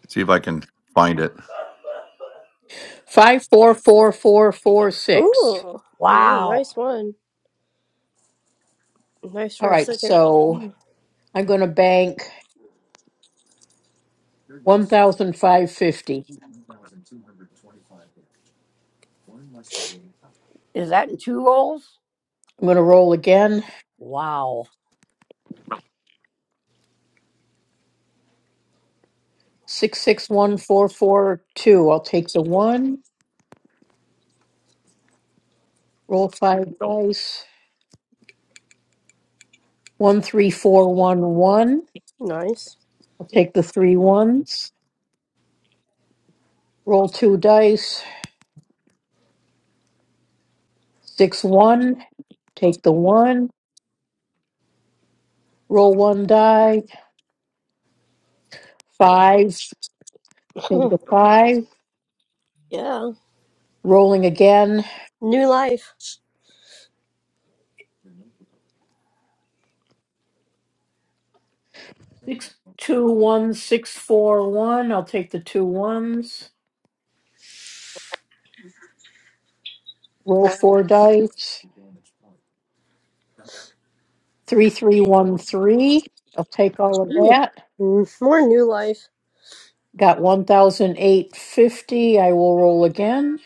see if I can find it. Five, four, four, four, four, six. Ooh, another nice one. Nice All for a right, second. so Hmm, I'm gonna bank one thousand five fifty. I'm gonna roll again. Six, six, one, four, four, two. I'll take the one. Roll five dice. One, three, four, one, one. Nice. I'll take the three ones. Roll two dice. Six, one. Take the one. Roll one die. Five. Take the five. Yeah. Rolling again. New life. Six two one six four one. I'll take the two ones. Roll four dice. Three three one three. I'll take all of Mm. that. Mm, More new life. Got one thousand eight fifty. I will roll again.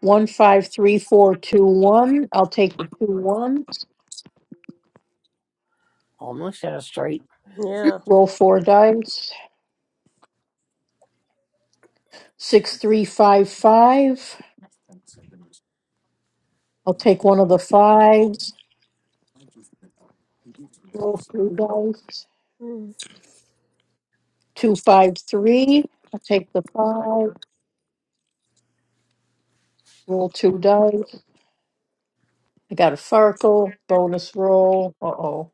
One five three four two one. I'll take the two ones. Yeah. Roll four dice. Six three five five. I'll take one of the fives. Roll three dice. Mm. Two five three. I'll take the five. Roll two dice. I got a Farkle bonus roll. Uh oh.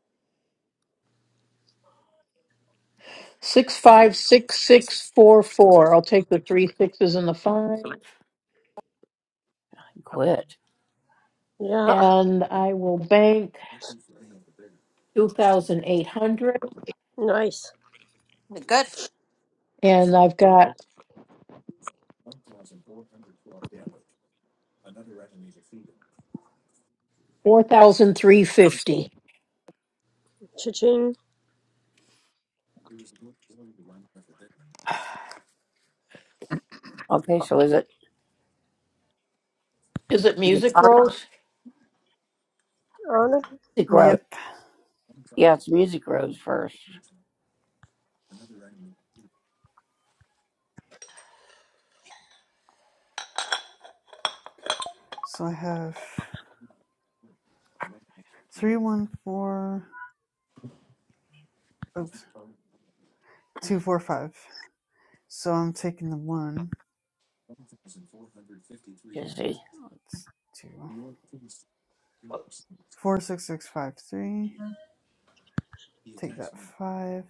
Six five six six four four. I'll take the three sixes and the five, Yeah. and I will bank two thousand eight hundred. Nice. Good. And I've got four thousand three fifty. Cha-ching. Is it music rolls? Honor. Yep. So I have three one four oops two, four, five. So I'm taking the one. Let's do four, six, six, five, three. Take that five.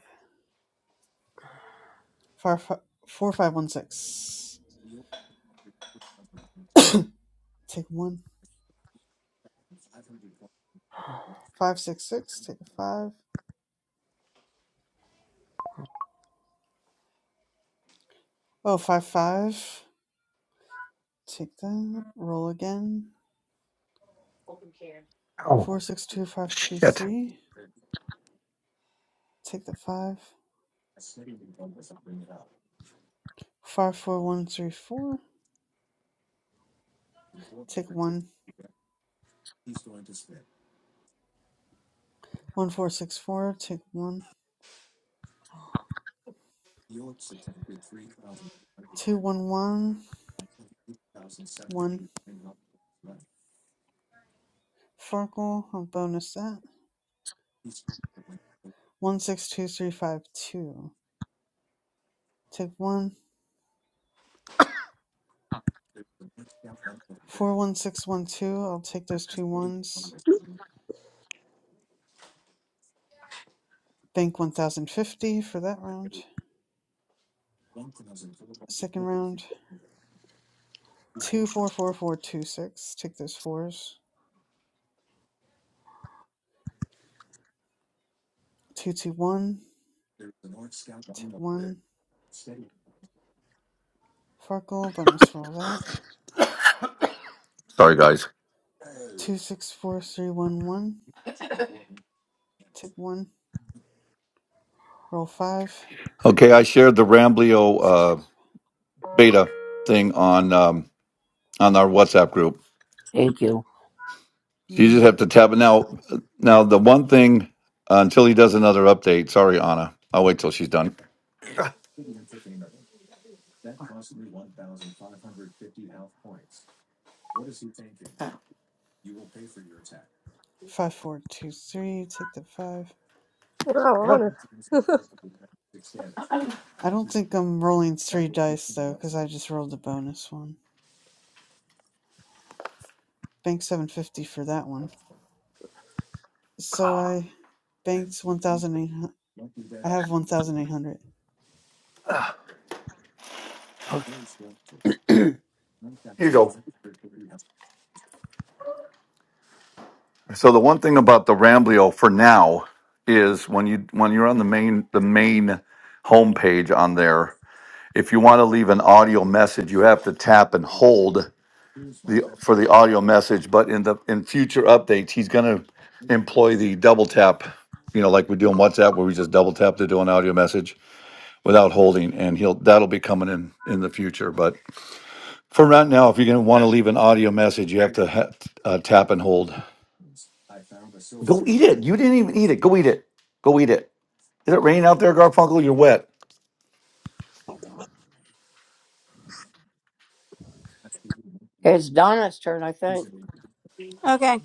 Five, five, four, five, one, six. Take one. Five, six, six. Take a five. Oh, five, five. Take that. Roll again. Oh, Four, six, two, five, two, shit. three. Take the five. Five, four, one, three, four. Take one. One, four, six, four. Take one. Two, one, one. one. Farkle. I'll bonus that. One six two three five two. Take one. Four one six one two. I'll take those two ones. Bank one thousand fifty for that round. Second round. Two four four four two six. Take those fours. Two two one. Take one. Farkle bonus roll that. Sorry, guys. Two six four three one one. Take one. Roll five. Okay, I shared the Ramblio Six uh, five. beta thing on um, on our WhatsApp group. So you just Hmm. have to tab it now. Now the one thing uh, until he does another update. Sorry, Anna. I'll wait till she's done. Five four two three. Take the five. Wow, honor. I don't think I'm rolling three dice though, because I just rolled the bonus one. Banked 750 for that one. So I banked 1,800. I have 1,800. Here you go. So the one thing about the Ramblio for now is when you when you're on the main the main homepage on there, if you want to leave an audio message, you have to tap and hold the for the audio message. But in the in future updates, he's going to employ the double tap. You know, like we do on WhatsApp, where we just double tap to do an audio message without holding and he'll that'll be coming in in the future but for right now if you're going to want to leave an audio message you have to ha- uh, tap and hold go eat it you didn't even eat it go eat it go eat it is it raining out there garfunkel you're wet Okay.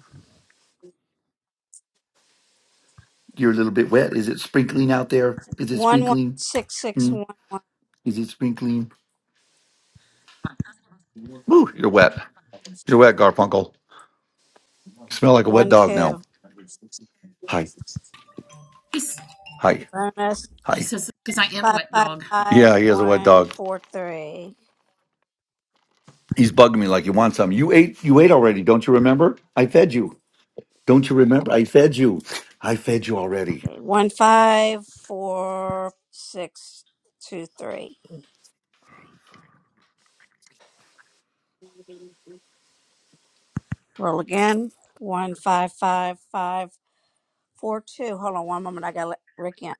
you're a little bit wet is it sprinkling out there is it One one sprinkling six six Hmm. one one is it sprinkling Woo, you're wet you're wet garfunkel you smell like a wet one dog now two. hi he, Get hi bonus he hi says, because I am a five wet five dog. five yeah he is a wet one dog four three. he's bugging me like he wants some you ate you ate already don't you remember i fed you Don't you remember? I fed you. I fed you already. Okay, one five four six two three. Roll again. One five five five four two. Hold on one moment. I gotta let Rick in.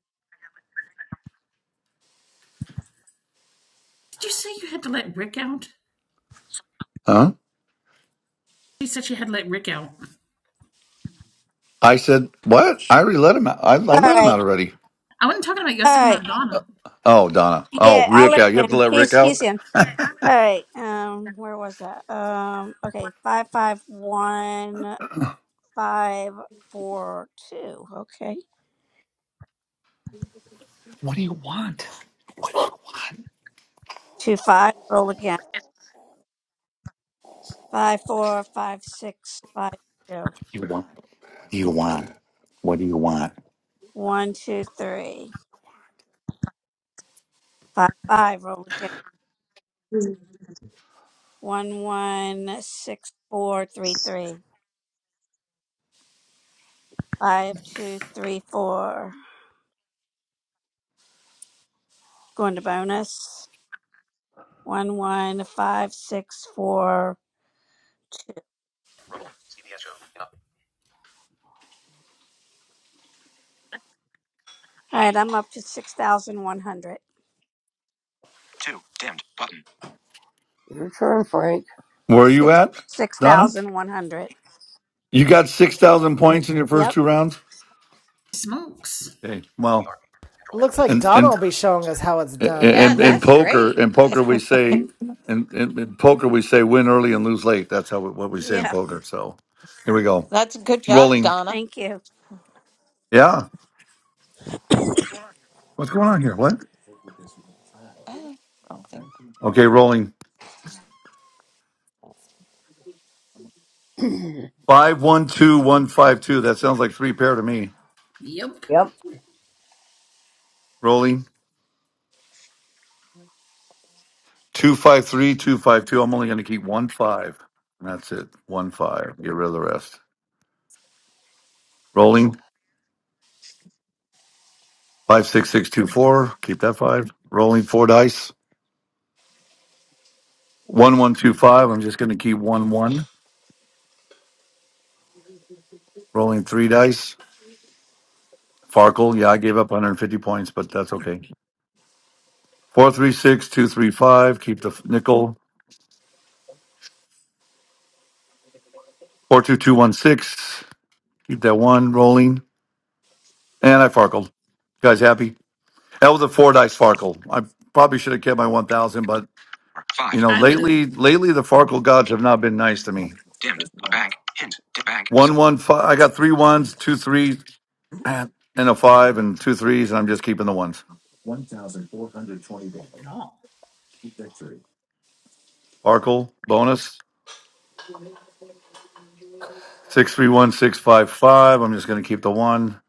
Did you say you had to let Rick out? Huh? She said she had to let Rick out. I said, what? I already let him out. I, I All let him right. out already. I wasn't talking about you. I was All talking right. about Donna. Oh, Donna. Oh, Yeah, I Rick let out. You him have to in. let Rick He's he's out? in. All right. Um, where was that? Um, okay. Five five one five four two. Okay. What do you want? What do you want? Two five. Roll again. Five four five six five two. You want? You want? What do you want? One two three five five. Roll again. One one six four three three five two three four. Going to bonus. One one five six four two. All right, I'm up to six thousand one hundred. 2, dimmed, button. Where are you Six at, six Donna? thousand one hundred. You got 6,000 points in your first Yep. two rounds? Smokes. Okay. Well, looks like and Donna and will be showing us how it's done, Yeah, not and in me. that's poker, great. in poker we say, in, in, in poker we say win early and lose late. That's how what we say in Yeah. poker. So here we go. That's a good job, Rolling. Donna. Thank you. Yeah. What's going on here? What? Oh, I Okay, rolling. Five one two one five two. That sounds like three pair to me. Yep. Rolling. Two five three two five two. I'm only going to keep one five, and that's it. One five. Get rid of the rest. Rolling. Five six six two four. Keep that five. Rolling four dice. One one two five. I'm just going to keep one one. Rolling three dice. Farkle. Yeah, I gave up 150 points, but that's okay. Four three six two three five. Keep the f- nickel. Four two two one six. Keep that one rolling. And I farkled. You guys happy? That was a four dice farkle. I probably should have kept my one thousand, but Or you 5, know, I would have. lately, lately the farkle gods have not been nice to me. dimmed, a bank, hint, dip bank, so One one five. I got three ones, two threes, and a five, and two threes, and I'm just keeping the ones. At all. Farkle bonus six three one six five five. I'm just going to keep the one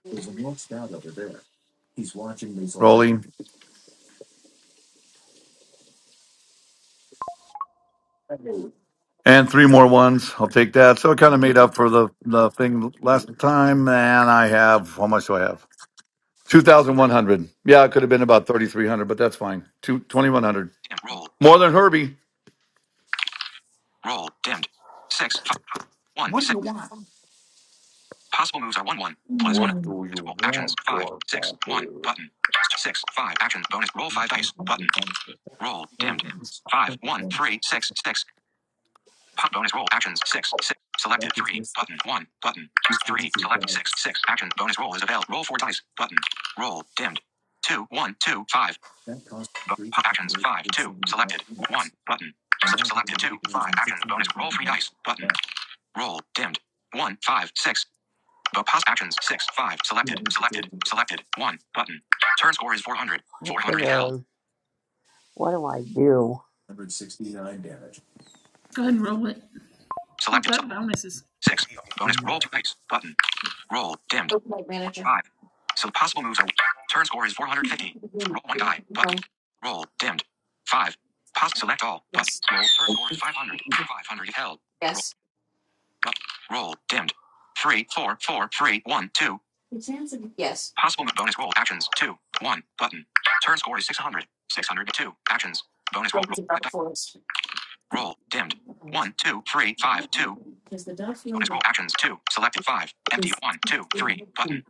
rolling and three more ones. I'll take that. So I kind of made up for the the thing last time, and I have how much do I have? 2,100. Yeah, it could have been about 3,300, but that's fine. Two twenty-one hundred dimmed, roll, More button, than Herbie. roll, dimmed. 6, 5, 1, What do you 6. want? Possible moves are 1, 1, plus 1. What do you Roll actions, want, 5, 6, 1, Garfunkel? button. 6, 5, actions, bonus, roll 5 dice, button, roll, dimmed. 5, 1, 3, 6, 6. Pop bonus roll actions six six selected three button one button three select six six action bonus roll is available. Roll four dice button roll dimmed two one two five Bo- pop actions five two selected one button selected two five action bonus roll three dice button roll dimmed one five six but pop actions six five selected selected selected one button turn score is four hundred Go ahead and roll it. You've selected got bonuses. Six. Bonus roll two dice. Button. Roll dimmed. Okay, Four, manager. five. So possible moves are. Turn score is 450. Roll one die. Button. Um, Roll dimmed. Five. Pos select all. Button. Roll. Turn score is 500. 500 if held. Roll. Yes, Up. Roll dimmed. Three, four, four, three, one, two. yes. Possible move bonus roll actions. Two. One. Button. Turn score is 600. Six hundred two Actions. Bonus roll. Roll. five die. Roll. Dimmed. One, two, three, five, two. Bonus roll actions. Two. Selected five. Empty. One, two, three. Button.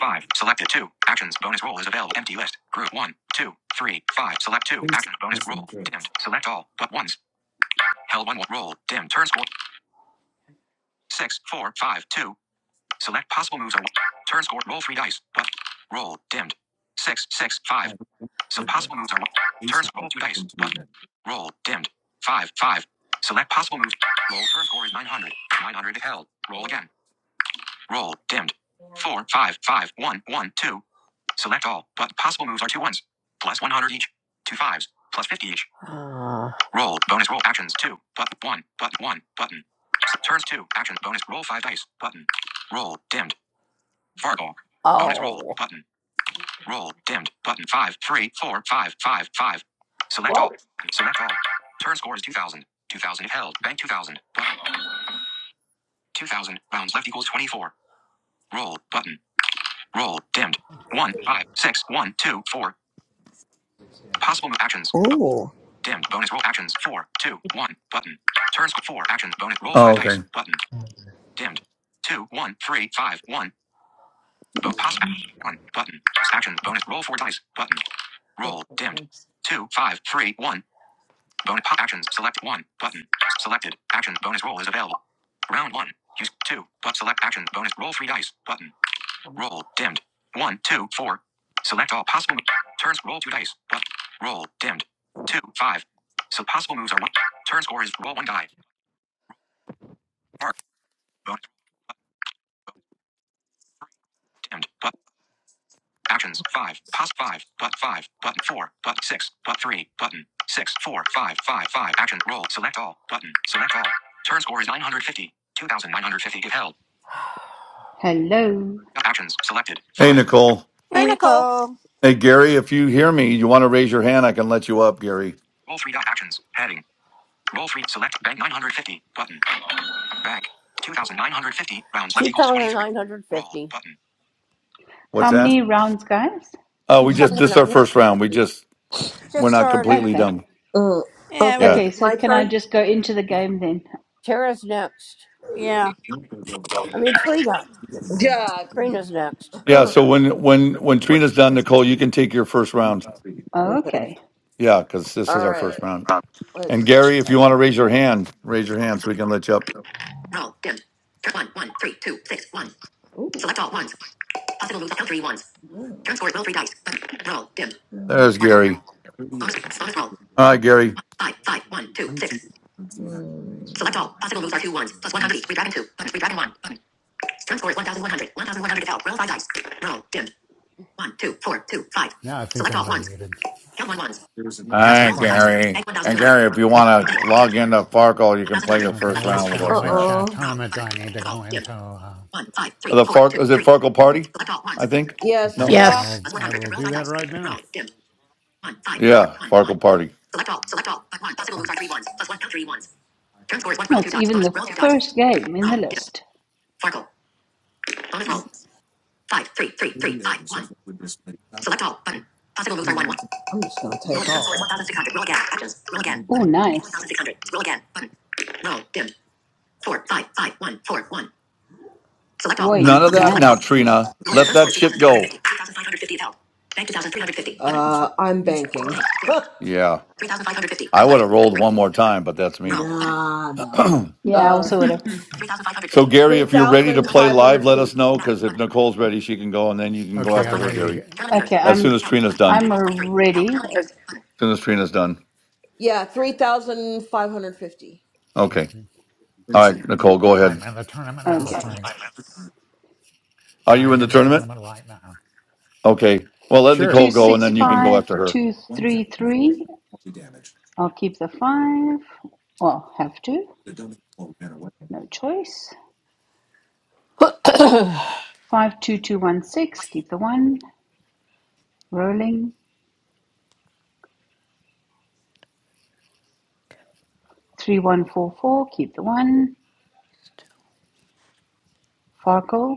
5. Selected 2. Actions. Bonus roll is available. Empty list. Group one, 2, 3, 5. Select 2. Action. Bonus roll. Dimmed. Select all. But ones. Held 1. Roll. Dim. Turn score. 6, 4, 5, 2. Select possible moves. Or turn score. Roll 3 dice. But roll. Dimmed. 6, 6, 5. So possible moves are Turn score. Roll 2 dice. But roll. Dimmed. 5, 5. Select possible moves. Roll. Turn score is 900. 900 is held. Roll again. Roll. Dimmed. Four, five, five, one, one, two. Select all. But possible moves are two ones. Plus 100 each. Two fives. Plus 50 each. Roll. Bonus roll. Actions. Two. But one. But one. Button. Turns two. Action. Bonus roll five dice. Button. Roll. Dimmed. Fargo. Button. Roll. Dimmed. Button. Five, three, four, five, five, five. Select all. Select all. Turn score is 2000. 2000 if held. Bank 2000. Button. 2000. Rounds left equals 24. Roll. Button. Roll. Dimmed. 1, 5, 6, 1, 2, 4. Possible move actions. Bo- ooh. dimmed. Bonus roll actions. Four, two, one. Button. Turns four actions. Bonus roll Oh, five dice. okay. Button. Dimmed. Two, one, three, five, one. Bo- pass. One. Button. Actions. Bonus roll four dice. Button. Roll. Dimmed. Two, five, three, one. Bonus po- actions. Select one. Button. Selected. Action. Bonus roll is available. Round one. Use two. But select action. Bonus roll three dice. Button. Roll. Dimmed. One, two, four. Select all possible. mo- Turns. Roll two dice. But roll. Dimmed. Two, five. So possible moves are one. Turn score is roll one die. Bar. Bonus. Dimmed. But actions. Five. Pos five. But five. Button four. But six. But three. Button six. Four. Five. Five. Five. Action. Roll. Select all. Button. Select all. Turn score is 950. 2950 if held. Hello. Actions. Selected. Hey, Five. Nicole. Hi, Hey Three. Nicole. Nicole. Hey, Gary, if you hear me, you want to raise your hand, I can let you up, Gary. Roll three die. Actions. Heading. Roll three. Select bank 950. Button. Bank. 2,950 rounds. Button. What's How that? many rounds, guys? Oh, we just, this is our first round. We just, Just we're not started. completely Okay. done. Mm. Yeah, Okay, we're Yeah. just is Okay, it so my can I started. turn. just go into the game then? Yeah. God. Yeah. Uh-huh. So when, when, when Trina's done, Nicole, you can take your first round. Oh, Okay. okay. Yeah. Cause this is All our first right. round. And Let's see. Gary, if you want to raise your hand, raise your Roll. hand so we can let you up. Roll. Dim. Turn one. one, three, two, six, one. Ooh. Select all ones. Possible moves. Count three ones. Mm. Turn score. Roll three dice. Button. Roll. Dim. Mm. There's Sparkle. Gary. Bonus. Bonus roll. Hi, Gary. five, five, one, two, six. Mm. Select all. Possible moves are two ones. Plus one hundred each. Redragon two. Button. Redragon one. Button. Turn score is 1100. 1100 is help. Roll five dice. Roll. Dim. One, two, four, two, five. Yeah, I think Select I'm all ones. unmuted. Count one ones. Turn Hi, score. Hi, Roll four dice. Frank. Gary. Bank And 1200. Gary, if you want Bank. to Dim. log into Farkle, you can play 1200. your Okay, first Left equals round which with uh, 24. us Uh which here. uh, oh. Roll. tournament do Button. I need to Roll. go Dim. into? Uh, One, five, three, The four, Fark two, is it three. Farkle Party? Select all ones. I think. Yes. okay, Possible No. moves Yeah. are Yes. I'll plus I 100. will Roll do five that dice. right Roll. now. Dim. One, five, four, Yeah, one, one. Farkle Party. Select all. Select all. But one. Possible moves are three ones. Plus one. Count three ones. Turn score is one. Oh, Roll two it's dice. even Bonus. the Roll two dice. first game in the Roll. Dim. list. Farkle. Bonus roll. Five, three, three, three, five, one. Select all. Button. Possible moves are one. one. I'm just gonna take roll again. 1,600. Roll again. Actions. Roll again. Oh, Button. nice. 1,600. Roll again. Button. Roll. Dim. Four. Five. Five. One. Four. One. Select all. Button. Way None of that Select now, all. nice. Trina. Roll again. Let Turn score that is shit go. 2,350. 2,550 is held. Bank 2,350. Button. Uh, I'm banking. Yeah, 3,550. I Round would left. have rolled 23. one more time, but that's Roll. me. Nah, no. so, Yeah, I Uh. also would have. 3,550. Gary, if you're ready to play live, let us 3,550. know Back. because if Button. Nicole's ready, she can go, and then you can go Okay, after I'm her, ready to 3,550. Gary. get. Tournament leaders. Okay, As Button. soon I'm as Help. Trina's Button. done. Left I'm equals 23. Help. ready. Tournament If, leaders. Button. As soon as Trina's done. Yeah, 3,550. Okay. Okay. All That was right, too Nicole, round. go I'm ahead. in the tournament That now, was okay. Frank. Are you I'm in the in the tournament? tournament right now. Okay. Well, let Sure. Two Nicole go, and six then you Oh can go yeah. five after her. two three three. I'll keep the 5. Well, have to. No choice. oh, 52216, keep the 1. Rolling. three one four four, keep the one. Farkle.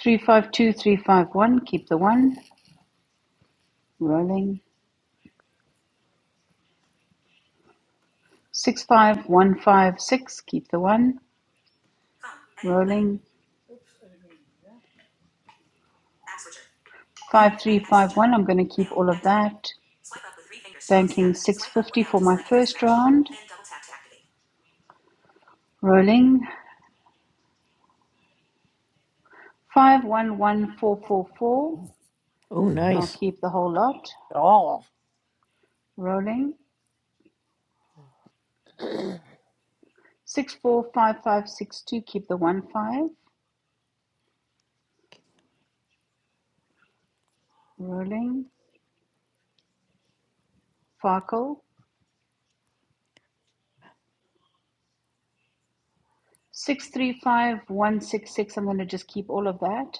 Three five two three five one, keep the one. Rolling. Six five one five six, keep the one. Rolling. Five three five one, I'm gonna keep all of that. Banking six fifty for my first round. Rolling. Five one one four four four. Yeah. I'll nice. keep the whole lot. Rolling. Six four five five six two. Keep the one five. Rolling. Farkle. Six three five one six six. I'm going to just keep all of that.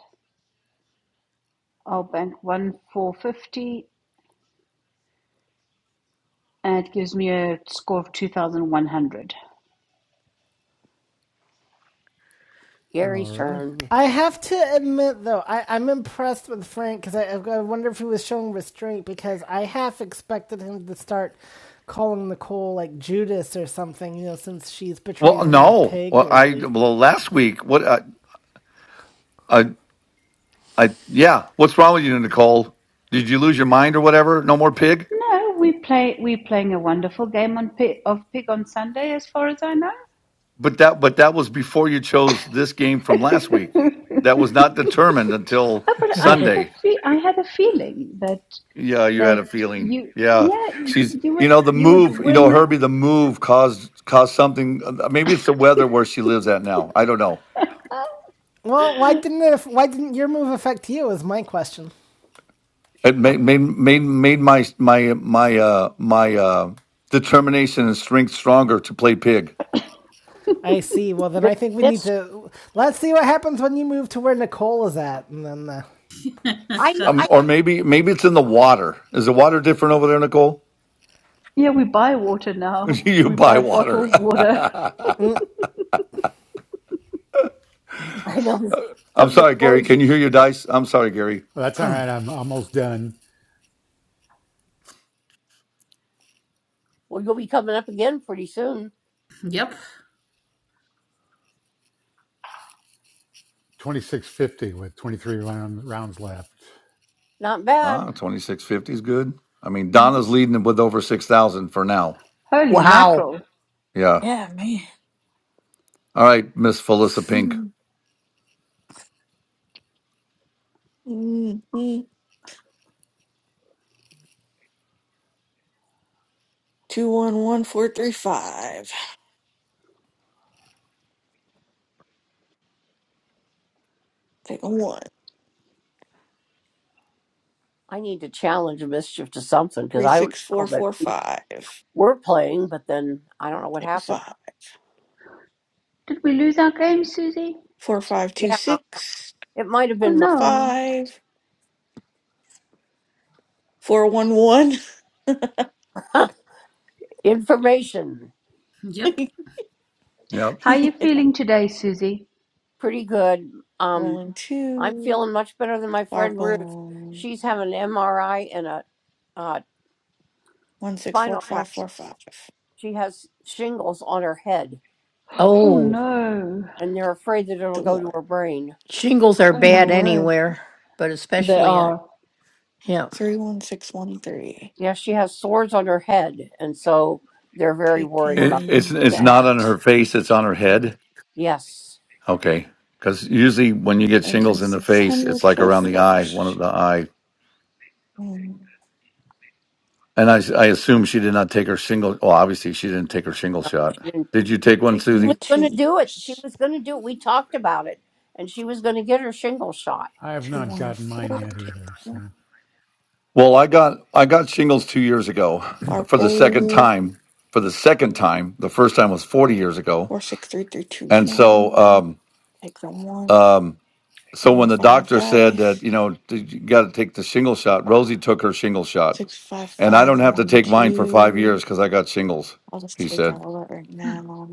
I'll bank one four fifty, and it gives me a score of two thousand one hundred. All right. I have to admit, though, I, I'm impressed with Frank because I, I wonder if he was showing restraint because I half expected him to start calling Nicole like Judas or something, you know, since she's betrayed Well, him with no. Pig Well, I lately. well last week. What? I, I, I yeah. What's wrong with you, Nicole? Did you lose your mind or whatever? No more pig. No, we play. We're playing a wonderful game on pig, of pig on Sunday, as far as I know. But that, but that was before you chose this game from last week. That was not determined until Oh, but I had a Sunday. fe- I had a feeling that Yeah, you had that a feeling. you Yeah, yeah she's. you You would know the you would move. You know win. Herbie. The move caused caused something. uh, Maybe it's the weather where she lives at now. I don't know. Well, why didn't it, why didn't your move affect you? Is my question. It made made made, made my my my uh my uh determination and strength stronger to play pig. I see. Well, then I think we need to let's see what happens when you move to where Nicole is at, and then. Uh, Um, or maybe maybe it's in the water. Is the water different over there, Nicole? Yeah, we buy water now. you We buy buy water. bottled water. I'm sorry, Gary. Can you hear your dice? I'm sorry, Gary. Well, that's all right. I'm almost done. yep. 2650 with 23 round, rounds left. Ah, twenty six fifty is good. I mean, hmm Donna's leading with over six thousand for now. Holy Wow. mackerel! Yeah. Yeah, man. All right, Miss Felissa Pink. Mm-mm. Two one one four three five. Take a one. Three six four four five. Take a five. We lose our game, Susie. Four five two six Oh no. five four one one. Yep. Yep. How are yeah. you feeling today, Susie? Rolling two. Farkle one six four five four five. Oh Oh, no. I'll take The one shingles are Oh my bad word. anywhere, but They especially at are. him. three one six one three. It, it's Taking it's not on that. her face. It's on her head. Okay. Because usually when you get Banking shingles in the six face, hundred it's like for the around the eye, one of first. the eye. And And I, I assume she did not take her shingle. Well, obviously she didn't take her shingle shot. Did you take one, taking the Susie? twos. I have Two not one gotten mine four. yet Take either. the So one. Well, I got I got shingles two years ago for the second Farkle time. For the second time, the first time was forty years ago, four six three three two and so one. um, Take the one. um, so when Roll the five doctor said that dice. you know you got to take the shingle shot, Rosie took her shingle shot, Six, five, and I don't five, have to one, take mine for five two. years because I got shingles. I'll just He take said, all that right Hmm. now.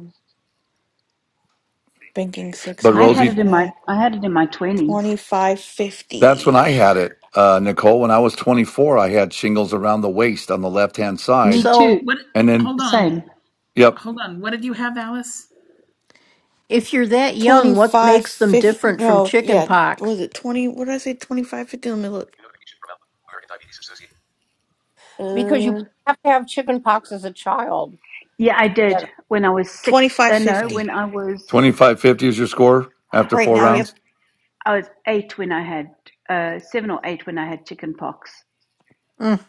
Banking but I 600 had Rosie it for in my that. I had it in my twenties. That's when 2550. I had it, uh, Nicole. When I was 24, I had shingles around the waist on the left hand side. Me So too. What? And then, Hold on. Same. yep, Hold on. What did you have, Alice? If you're that young, what makes them 2550. different from No, chicken yeah. pox? Was it 20? What did I say? 2550? Let me look. Uh, Yeah, I did. When I was six uh, no, yeah. 2550. when I was 2550 is your score after Right four I now, was yep. rounds. I was eight when I had uh seven or eight when I had chicken pox. Mm.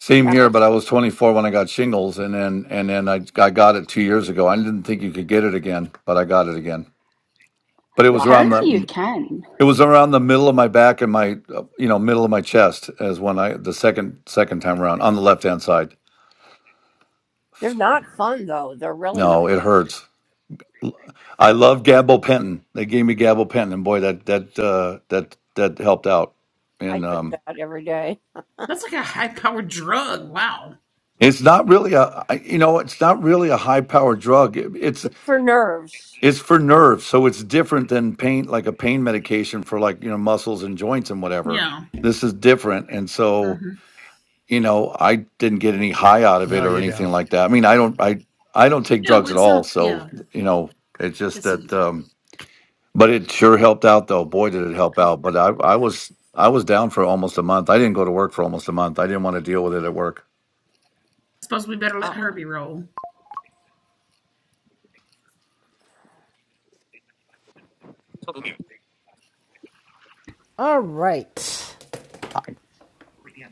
Same here, but I was 24 when I got shingles. And then, and then I, I got it two years ago. I didn't think you could get it again, but I got it again. But it was around Apparently you the, can. it was around the middle of my back and my, uh, you know, middle of my chest as when I, the second, second time around on the left hand side. No, it hurts. I love gabapentin. They gave me gabapentin, and boy, that that uh, that that helped out. And um, That's like a high powered drug. Wow. it's not really a I- you know it's not really a high power drug. It- It's it's for nerves, so it's different than pain like a pain medication for like you know muscles and joints and whatever. Yeah. This is different, and so hmm you know I didn't get any high out of it No, or you anything don't. like that. I mean I don't I I don't take No, drugs at it's all, not. so Yeah. you know it's just Let's that. see. Um, But it sure helped out though. Boy, did it help out. But I, I was I was down for almost a month. I didn't go to work for almost a month. I didn't want to deal with it Mhm. at work. I suppose we better let Herbie roll. all right. Hi,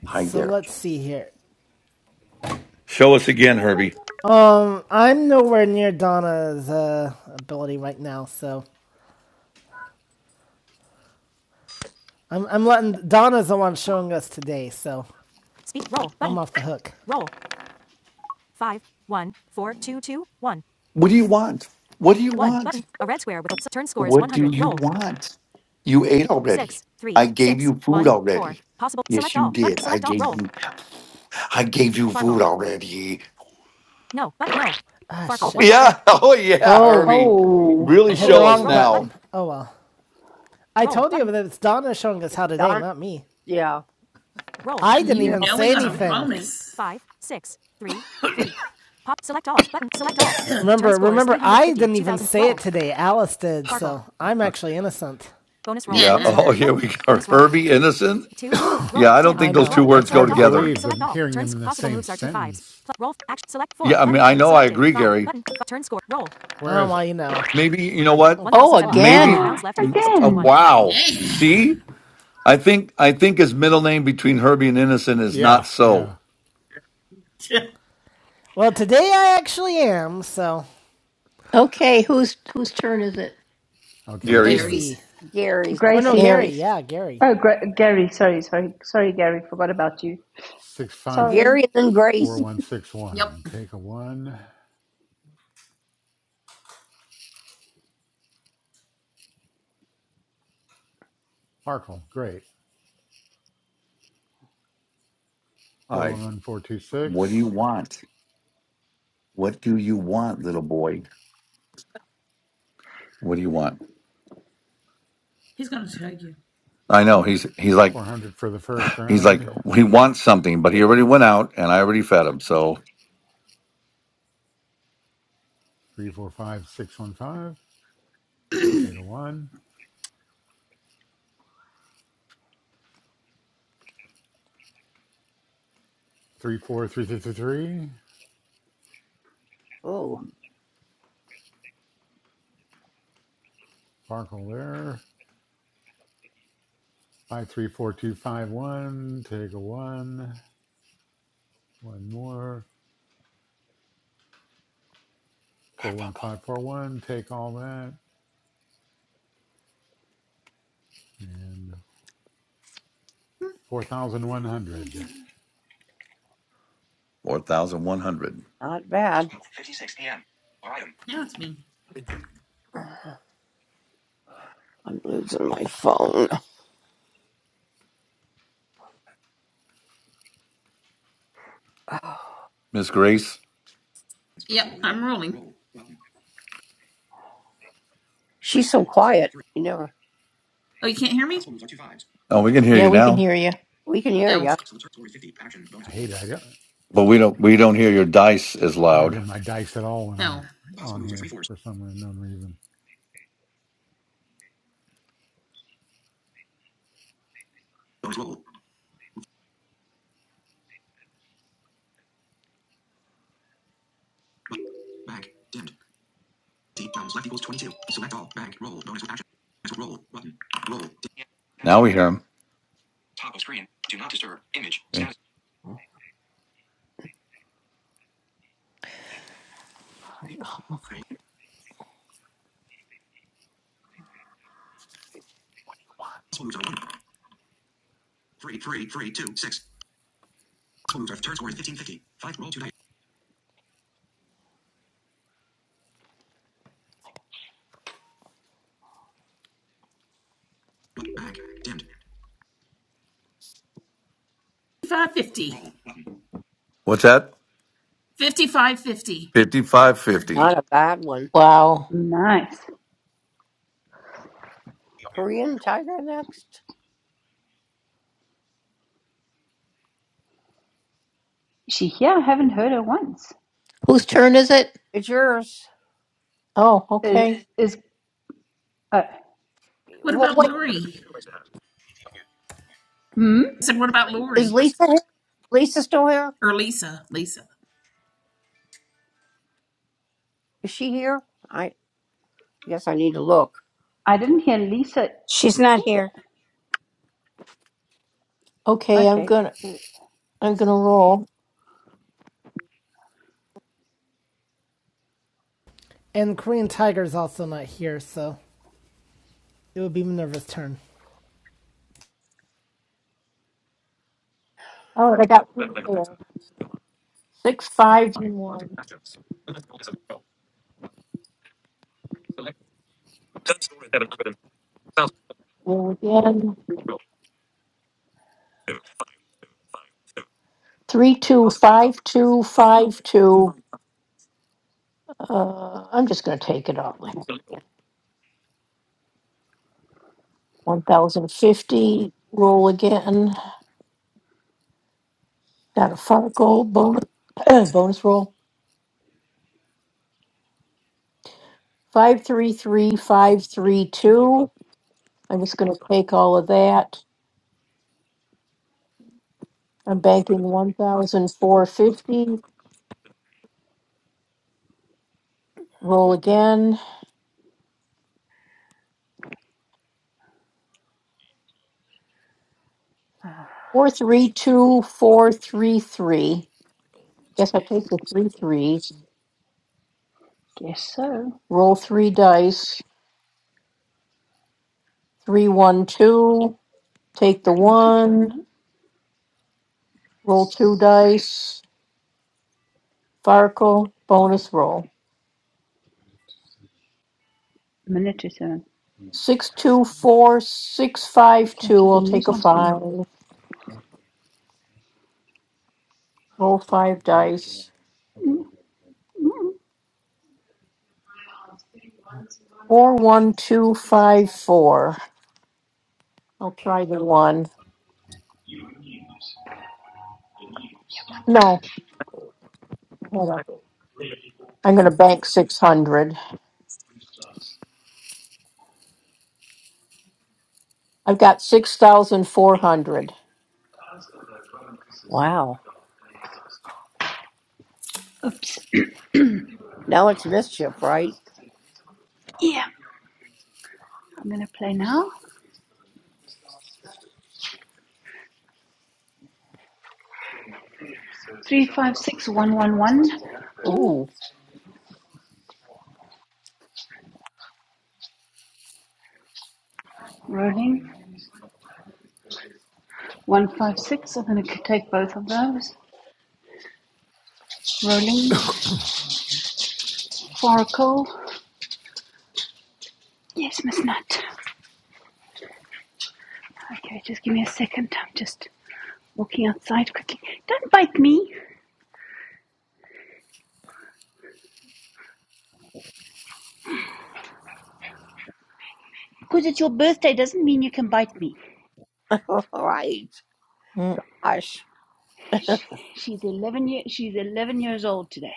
hi So there. let's see here. Show us again, Herbie. Um, I'm nowhere near Donna's uh, ability right now, so I'm I'm letting Donna's the one showing us today, so Speech roll Button. I'm off the hook. Roll. Five one four two two one What do you want? What do you one want? button. A red square with a turn score is What do 100. you Roll. want? You ate already. Six three I gave six you food one four. already. Possible. Yes, Select you all. Button. did. I Select all. gave Roll. you. I gave you Farkle. food already. No. Button. No. Ah, Farkle. shit. One dot Yeah. bank. Oh yeah, Oh, Herbie. Oh I Really hit the show wrong us Roll Oh, button. now. button. Oh well. I Roll told button. you that it's Donna showing us how today, not me. Roll. I and didn't you even say knowing on a anything. Two, three, bonus. five, six, three, three. Pop. Select all. Button. Select all. Remember, remember, I didn't even say it today. Alice did, Farkle. so I'm actually innocent. Bonus roll. Yeah. Bonus yeah. Oh, roll. here Button. we go. Bonus roll. Herbie Innocent. Two. Yeah, Roll. I don't Dim. I think know. those Up two roll. That's words go hard Select to all. Button. together. believe, Select the, all. hearing Turns them in the Possible same moves are two fives. sentence. Pl- roll. Action. Select four. Yeah, I mean, Button. I know, I Selected. agree, Five. Gary. Button. F- turn score. Roll. Oh, Whereas, well, you know. Maybe you know Oh, what? oh, 1,700. again. Maybe Oh, Rounds left equals uh, again. 21. wow. See, Man. I think I think his middle name between Herbie and Innocent is yeah, not so yeah. Well, today I actually am, so Okay, whose whose turn is it? Okay, Gary's. so Gary's. Gracie. Or no, Gracie. Gary. Gary's. Yeah, Gary. Oh Gra- Gary, sorry, sorry, sorry, Gary, forgot about you. Sorry. Yep. 654161. Take a one. Farkle, great. Hi. What do you 411426. want? What do you want, little boy? What do you want? He's going to tag you I in a know minute. he's he's like 400 for the first he's like round. he wants something, but he already went out and I already fed him. So 345615. Take a one. Three four three three three. Farkle there. 534251. Take a one. One more. 41541. Take all that. and. Four thousand one hundred. four thousand one hundred. 56 p.m. Or item. Now it's me. Miss Grace, Yep, I'm rolling. Oh, you can't hear me? oh, we can hear Yeah, you we can now, hear you. Oh, I hate it. I don't, but we don't we don't hear your dice as I don't loud. hear my dice at all when I'm no. on here for some unknown reason. Yeah. Status Now bar. we hear Toggle screen. Do not disturb. Image. him. Status. 550. What's that? 5550. 5550. Wow. Nice. She here I haven't heard her once. Whose turn is it? Oh, Is, okay. is uh, What about Lori? hmm? I said, what about Lori? Or Lisa? Lisa. I didn't hear Lisa She's not either. here. Okay, I'm Okay, gonna uh, I'm gonna roll. And Korean Tiger's also not here, so it would be Minerva's turn. All right, I got three there. six five and one. Roll again. Three two five two five two. Uh, I'm just gonna take it all. One thousand fifty. Roll again. Got a five gold bonus, bonus roll. Five, three, three, five, three, two. I'm just gonna take all of that. I'm banking one thousand four fifty. Roll again. Four, three, two, four, three, three. Guess I take the three threes. guess so. Roll three dice. Three, one, two. Take the What's the time one. now? Roll two dice. Farkle. Bonus roll. Minute or so. Six, two, four, six, five, So I two. put the I'll take news a on for you. five. Roll five dice. Hmm. Four, one, two, five, four. I'll try the one. No, hold on. I'm going to bank 600. I've got 6,400. Oops. yeah, I'm gonna play now. Three five six one one one. Ooh. Rolling. One five six. I'm gonna take both of those. Rolling. Foracle. Yes, Miss Nut. Okay, just give me a second. I'm just walking outside quickly. Don't bite me. Because it's your birthday doesn't mean you can bite me. Mm, She's 11 year, she's 11 years old today.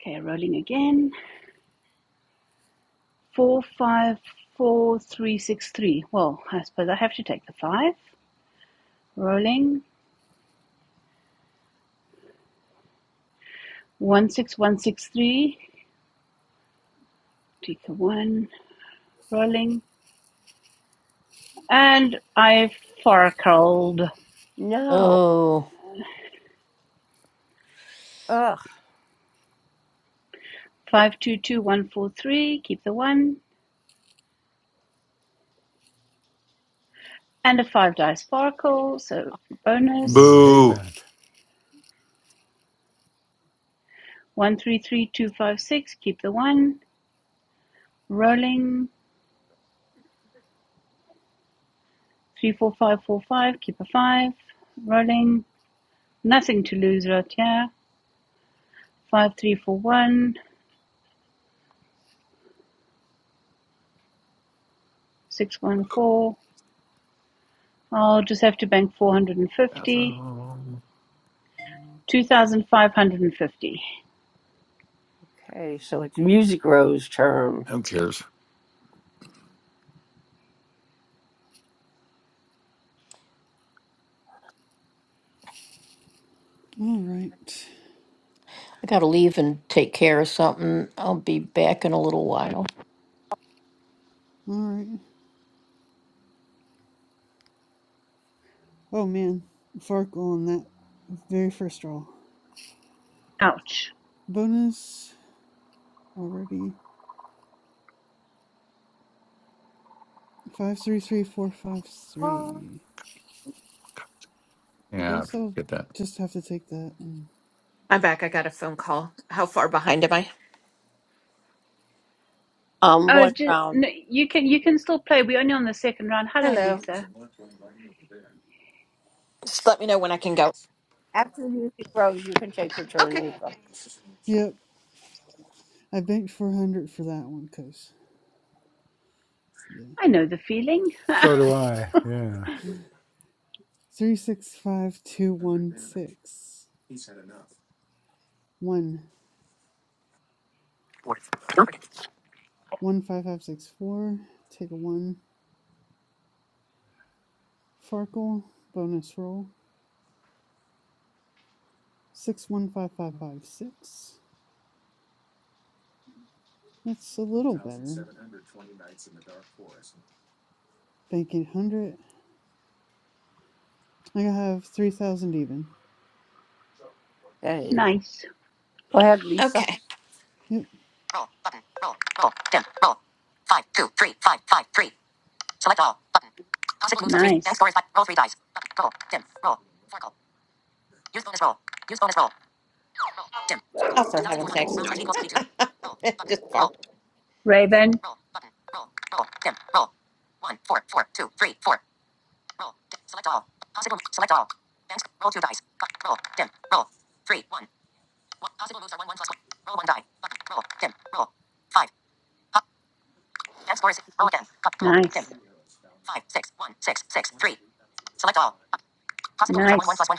Okay, rolling again. Four, five, four, three, six, three. Well, I suppose I have to take the five. Rolling. One, six, one, six, three. Take the one. Rolling. And I farkled. Oh, Five, two, two, one, four, three. Keep the one. And a five dice sparkle. So Ooh, bonus. I hate Boo. that. One, three, three, two, five, six. Keep the one Rolling. Three, four, five, four, five. Keep a five. Rolling. Nothing to lose right here. Five, three, four, one, Six, one, four. I'll just have to bank 450. Bathroom. 2,550. Who cares? All right. I got to leave and take care of something. I'll be back in a little while. All right. Oh man. Farkle on that very first roll. Ouch. Bonus already. 533453. I Yeah, guess I'll get that. just have to take that. And I'm back. I got a phone call. How far behind am I? Oh, just no, you can you can still play. We're only on the second round. Hello, Hello. Lisa. Just let me know when I can go. Okay. yep, I banked four hundred for that one, cause yeah, I know the feeling. So do I. Yeah. three six five two one six one one five five six four. Take a one. Farkle bonus roll six one five five five six. That's a little better. Bank eight hundred. I have three thousand even. nice, Okay. Yep. nice. Oh, for heaven's sakes. It's Just go. Raven, nice, nice.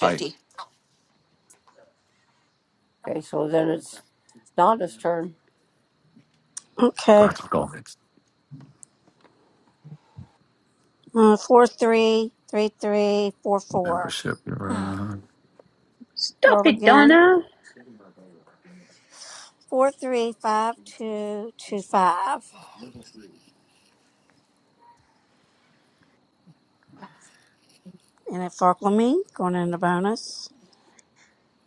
Hi. Okay. Classical Uh, four three three three four four. membership. uh, Stop Roll it, again. Donna. Four three five two two five. And it forkled me going into bonus.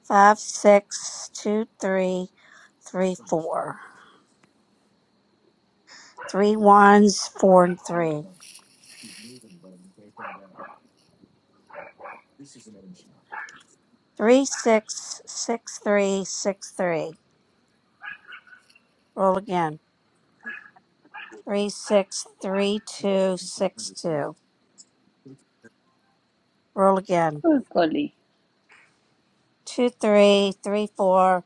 Five six two three three four. Three ones four and three. Three six six three six three. Roll again. Three six three two six two. Roll again. Oh golly. two, three, three, four,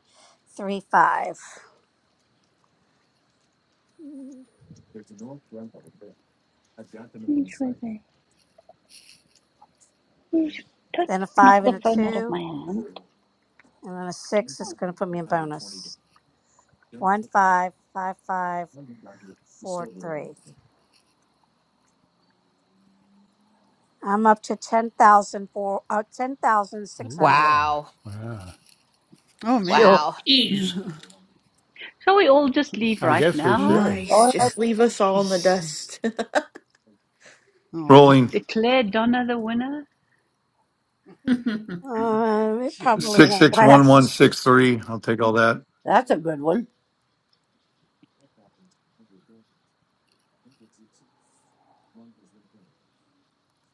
three, five. Which way there. Don't Then a knock five the and a phone out of two, my hand. and then a six is going to put me in bonus. One, five, five, five, four, three. I'm up to ten thousand four, uh, ten thousand six Ooh, hundred. ah. Wow. Wow. Oh man. Sure. Wow. Ease. Shall we all just leave I right guess we now? should. Nice. Just leave us all in the dust. Oh. Rolling Declare Donna the winner? Um, it probably six won't six one one last. six three. I'll take all that.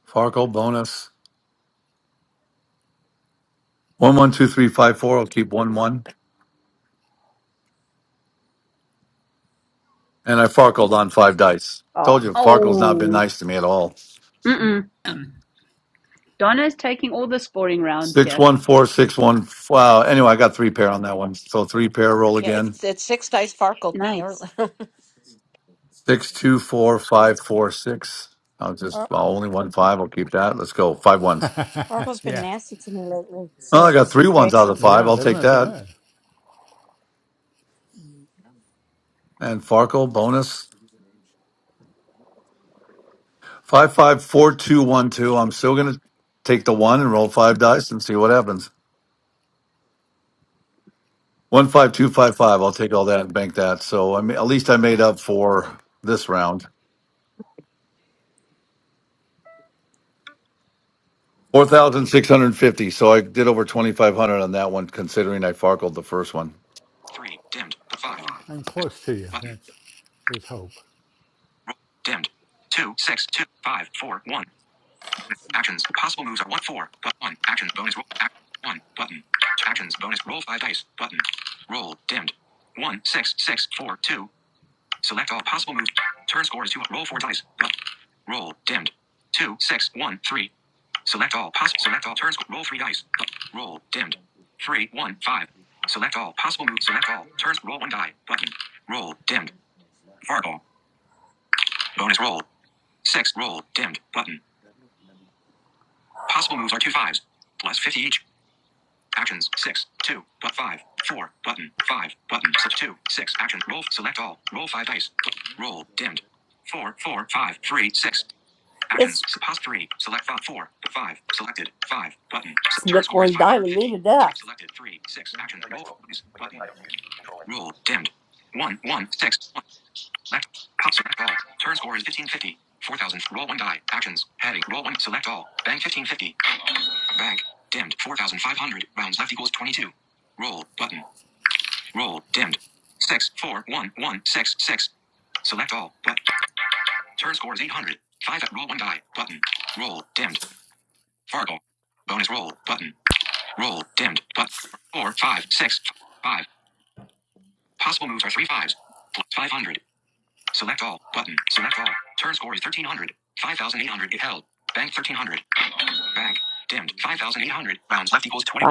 Farkle bonus one one two three five four. I'll keep one one. And I farkled on five dice. Told you Farkle's not been Oh, nice to me at all. mm-mm. Donna's taking all the scoring rounds Six here. one four six one. Wow. Anyway, I got three pair on that one. So three pair. Roll Yeah, again. it's it's six dice sparkled me. Nice. Six two four five four six. I'll just Or- I'll only one five. I'll keep that. Let's go five ones. Oracle's been yeah. nasty to me lately, Well, so I got it's three ones out of crazy. the five. Yeah, I'll that's take not that. bad. And Farkle bonus Five five four two one two. I'm still gonna take the one and roll five dice and see what happens. One five two five five. I'll take all that and bank that. So I mean, at least I made up for this round. Four thousand six hundred fifty. So I did over twenty five hundred on that one, considering I farkled the first one. 3. Dimmed. 5. I'm close to you. Button. That's there's hope. Roll. Dimmed. 2, 6, 2, 5, 4, 1. Actions. Possible moves are 1, 4, but 1. Actions. Bonus roll. Act. 1. Button. Actions. Bonus roll 5 dice. Button. Roll. Dimmed. 1, 6, 6, 4, 2. Select all possible moves. Turn score is two. Roll four dice. Roll. Dimmed. Two, six, one, three. Select all possible. Select all turns. Roll three dice. Roll. Dimmed. Three, one, five. Select all possible moves. Select all turns. Roll one die. Button. Roll. Dimmed. Fargo. Bonus roll. Six. Roll. Dimmed. Button. Possible moves are two fives. Plus 50 each. Actions. Six. Two. But five. Four. Button. Five. Button. Six. Two. Six. Action. Roll. Select all. Roll five dice. Roll. Dimmed. Four. Four. Five. Three. Six. S- Pause three. Select font four. Five. Selected. Five. Button. Selected three. Six. Actions. Roll for please. Button. Roll. Dimmed. One. One. Six. One. Select. Pop select all. Turn score is 1550. 4000. Roll one die. Actions. Heading. Roll one. Select all. Bank 1550. Bank. Dimmed. 4500. Rounds left equals 22. Roll. Button. Roll. Dimmed. Six. Four. One. One. Six. Six. Select all. But turn score is 800. Five. Roll one die. Button. Roll. Dimmed. Fargo. Bonus roll. Button. Roll. Dimmed. But four, five, six, five. Possible moves are three fives. Plus 500. Select all. Button. Select all. Turn score is 1300. 5800 if held. Bank 1300. Bank. Dimmed. 5800. Rounds left equals 20.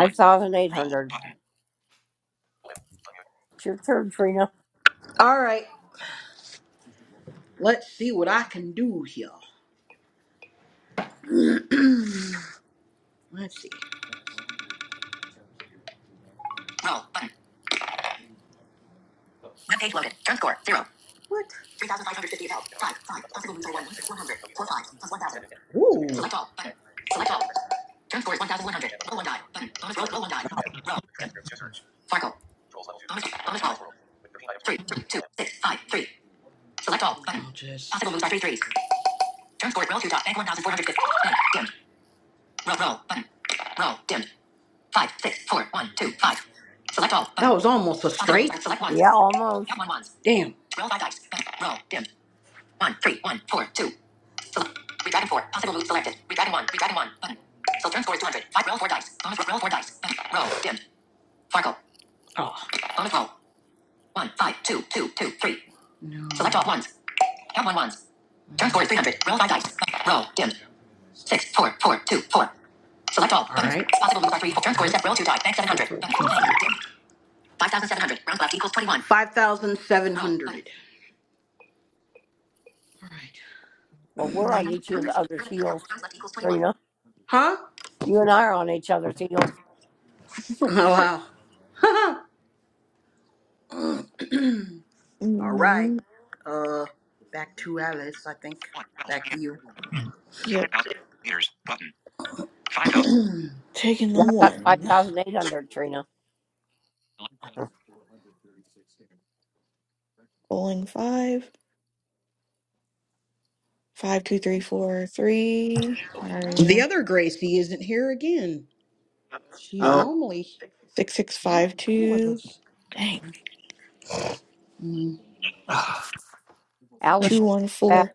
Button. it. All right. Let's see what I can do here. Let's see. Roll button. Web page loaded. Turn score zero. What? 3,550 is held. Five. Five. Possible moves are one. One plus 100. Four fives plus 1,000. Ooh. Select all. Button. Select all. Turn score is 1,100. Roll one die. Button. Bonus roll. Roll one die. Roll. Dim. Farkle. Bonus. Bonus roll. Three. Two. Two. Six. Five. Three. Select all. Button. Oh, jeez. Possible moves are three threes. Turn score is roll two dot Bank 1,450. Dim. Roll, roll, button. Roll, dimmed. Five, six, four, one, two, five. Select all. Button. That was almost a straight. Select ones. Count one ones. Damn. Roll five dice. Button. Roll, dim. One, three, one, four, two. Select. Redragon four. Possible moves selected. Redragon one. Redragon one. Button. So turn score is 200. Five, roll four dice. Bonus roll, roll four dice. Button. Roll, dim. Farkle. Oh. Bonus roll. One, five, two, two, two, three. No. Select all ones. Count one ones. Turn score is 300. Roll five dice. Roll, dim six, four, four, two, four. Select all. All right. Possible moves are three. Turn score is set. Roll two die. Bank seven hundred. Five thousand seven hundred. Round left equals twenty-one. Five thousand seven hundred. All right. Five like, thousand seven hundred. Round left equals twenty-one. Huh? Oh wow. All right. mm, Uh, back to Alice. I think. One, twelve. 12. Back to you. yep. 5000 meters. Button. 5000. Taking the one. Rolling five. Five two three four three. I already The know. other Gracie isn't here again. She's No, normally here Six six five with two. us. Dang. Two one four.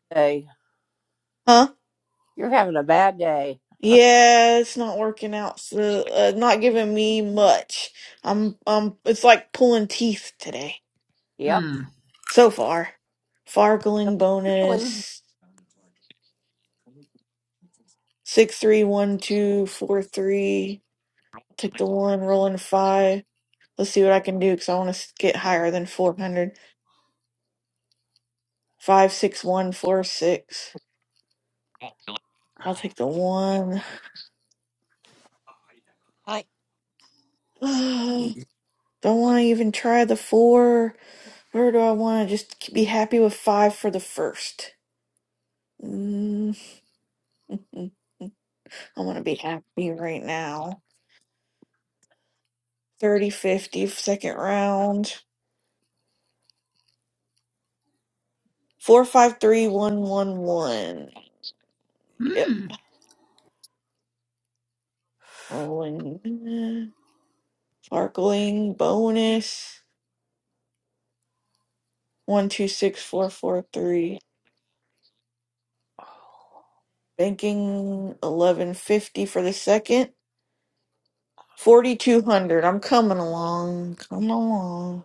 Huh? Yeah, it's not working out. So, uh, not giving me much. I'm um. It's like pulling teeth today. Mm. So far. Fargling bonus. Six three one two four three. Take the one. Rolling five. Let's see what I can do because I want to get higher than four hundred. Five six one four six. I'll take the one. I Oh, Don't want to even try the four, or do I want to just be happy with five for the first? Mm, I want to be happy right now. Thirty fifty second round. Four five three one one one. Yep. Mm. Rolling. Sparkling bonus. One two six four four three. Banking eleven fifty for the second. Forty two hundred. I'm coming along. Come along.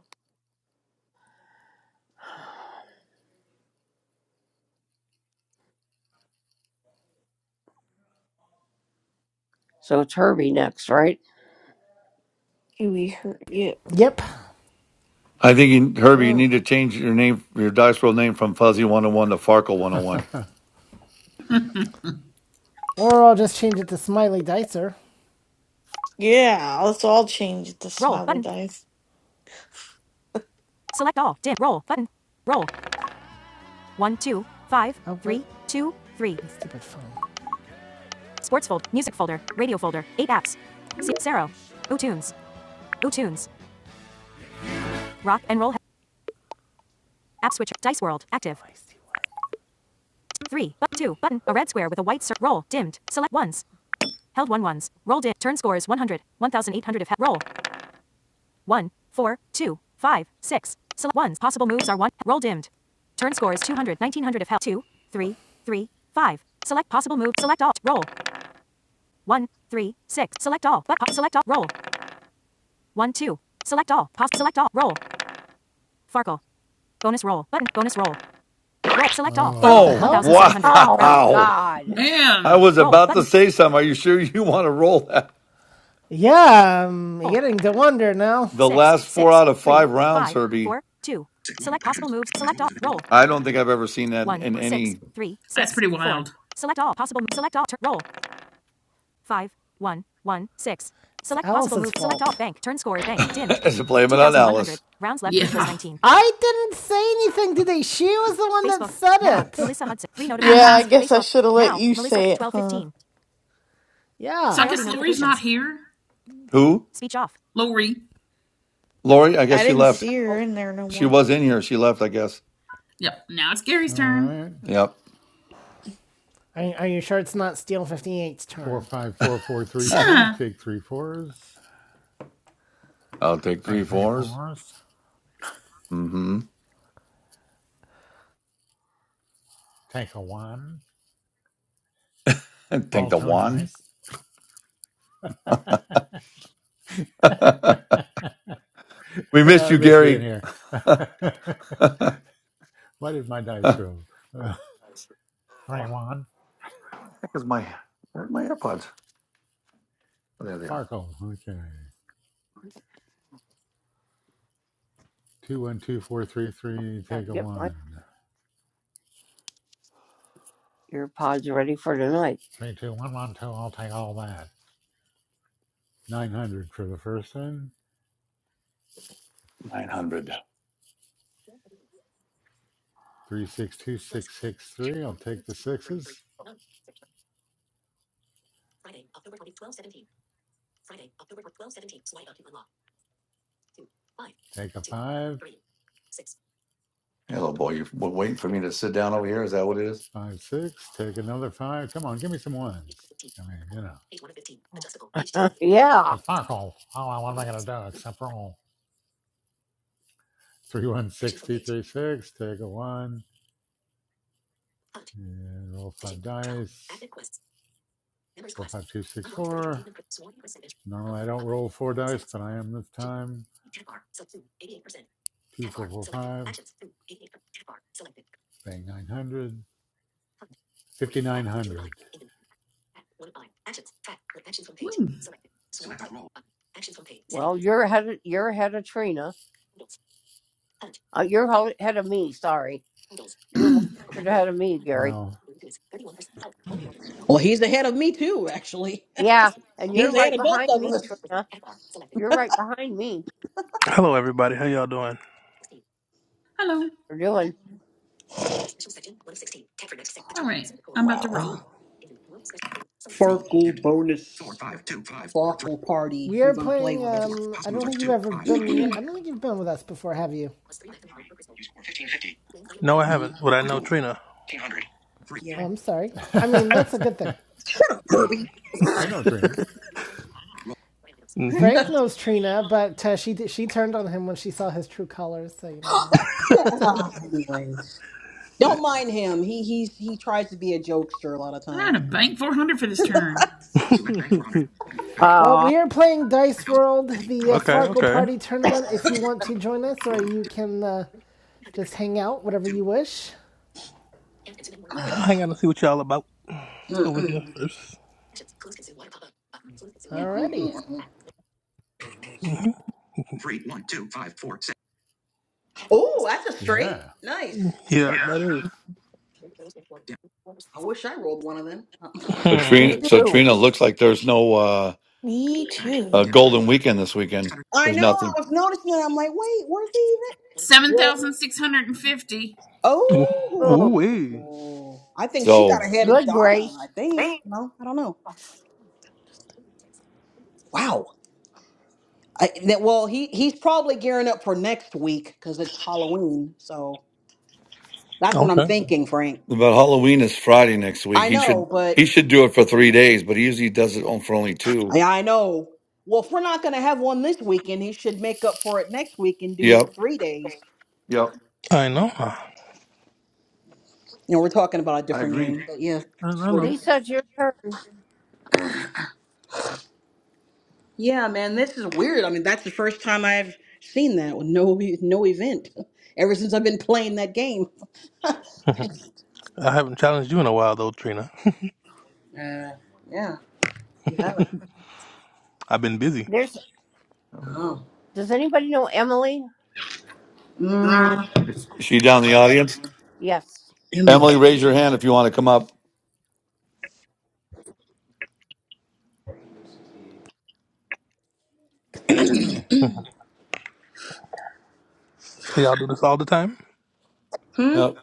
Kiwi hurt. Yeah. Yep. I think you, Herbie, you Or, need to change your name, your dice roll name from Fuzzy One Hundred One to Farkle One Hundred One. oh or I'll just change it to Smiley Dicer. Yeah, let's all change it to Roll smiley button. dice. Select all. Dim. Roll button. Roll. One, two, five, Oh, three, two, three. Stupid phone. Sports folder, Music folder. Radio folder. Eight apps. Si, Zero. Utunes. Utunes. Rock and roll. App switcher. Dice World. Active. Three. But two. Button. A red square with a white cir- Roll. Dimmed. Select ones. Held one ones. Roll dim. Turn score is 100. 1,800 if. held. roll. One, 4, 2, 5, 6. Select ones. Possible moves are 1. Roll dimmed. Turn score is 200, 1900 of health. 2, 3, 3, 5. Select possible move. Select all. Roll. One, 3, 6. Select all. But uh, select all. Roll. 1, 2. Select all. Pos- select all. Roll. Farkle. Bonus roll. Button. Bonus roll. Roll. Select all. Farkle. Oh wow. 1700. Rounds. wow! I Man, was Roll. about to Button. say something. Are you sure you want to roll that? Yeah, I'm roll. getting to wonder now. The Six, last four six, out of three, five rounds, five, Herbie. four, two. Select possible moves. Select all. Roll. I don't think I've ever seen that one in six any three that's six pretty four. wild. Select all possible. Select all. Tur- roll five one one six. Select possible Alice's move. Select all. Bank. Turn score. Bank. Dimmed. as a blame it Two on thousand one hundred. Alice. Rounds left equals Yeah. nineteen. I didn't say anything today. She was the one Facebook. that now, said now, it. Melissa Hudson. Three Yeah, Uh-huh. I notifications. guess I Facebook. should have let Now. you Melissa. say it, Twelve huh? fifteen. Yeah. So I Priority guess Lori's not notifications. here. Who? Speech off. Lori. Lori, I guess I she didn't left. see her in there no She more. was in here. She left, I guess. Yep. Now it's Gary's All turn. right. Yep. Are, are you sure it's not Steel Fifty Eight's Four turn? five four four three three. Huh. Take three fours. I'll take Take three three fours. fours. Mm-hmm. Take a one. And take Roll the two one. dice. we missed I you, miss being Gary. here. Heck Why did my dice roll? Uh, 21. is my where are my AirPods? Oh, there they are. Farkle. Okay. 212433, take a 1. 32112, I'll take all that. 900 for the first one. Nine hundred. 362663, I'll take the sixes. Take a 5. Hello, boy. You were waiting for me to sit down over here. Is that what it is? 5, 6. Take another 5. Come on, give me some ones. I mean, you know. I Farkle. Oh, well, what am I going to do except roll? Three one six two three six. take a 1. And roll five dice. Four, five, two, six, four. Normally I don't roll four dice, but I am this time. Two, four, four, five. Bang, 900. 5,900. Woo. Well, Well, he's ahead of me too. Actually, he's ahead of both of us. Hello, everybody. How y'all doing? Hello. All right. I'm about to Wow. roll. Farkle bonus. Farkle party We if are you're gonna play playing. with us. Um, I don't think you've ever been. I don't think you've been with us before, have you? 3. You score 1550. No, I haven't. Would I know Trina? 1500. Oh, I'm sorry. I mean, that's a good I thing. know Trina. hmm Frank knows Trina, but uh, she she turned on him when she saw his true colors. So you know. Uh, Ah, Anyways, don't mind him. He he's he tries to be a jokester a lot of I'm times. out of bank 400 for this turn. okay, well, we are playing Dice World, the uh, Farkle okay. Party tournament. If you want to join us, or you can uh, just hang out, whatever you wish. I'll hang out and see what y'all about over here Mm-mm. 1st Alrighty. Mm-mm-mm-mm. Mm-hmm. Oh, that's a straight. Yeah. Nice. Yeah, that is. I wish I rolled one of them. So Hmm. Trina, so Trina looks like there's no uh, Me uh, too. golden weekend this weekend. I There's know. I nothing. was noticing that. I'm like, wait, where's the event? Well, 7,650. Ooh, wee. oh, I think she So got ahead of Donna. I think. No, I don't know. Wow. I, that, well, he he's probably gearing up for next week because it's Halloween. So that's what I'm Okay. thinking, Frank. But Halloween is Friday next week. I He should know, but he should do it for three days, but he usually does it on for only two. I, I know. Well, if we're not going to have one this weekend, he should make up for it next week and do Yep. three days. Yep. I know. I, You know, we're talking about a I different agree. game, but yeah, I sorty know. queen. Yeah, man, this is weird. I mean, that's the first time I've seen that with no e, no event ever since I've been playing that game. I haven't challenged you in a while, though, Trina. Uh, yeah, you haven't. I've been busy. There we Oh, go. mm, Is she down in the audience? Immo. Emily, raise your hand if you want to come up. Mhm. so y'all do this all the time? Hmm. Yep.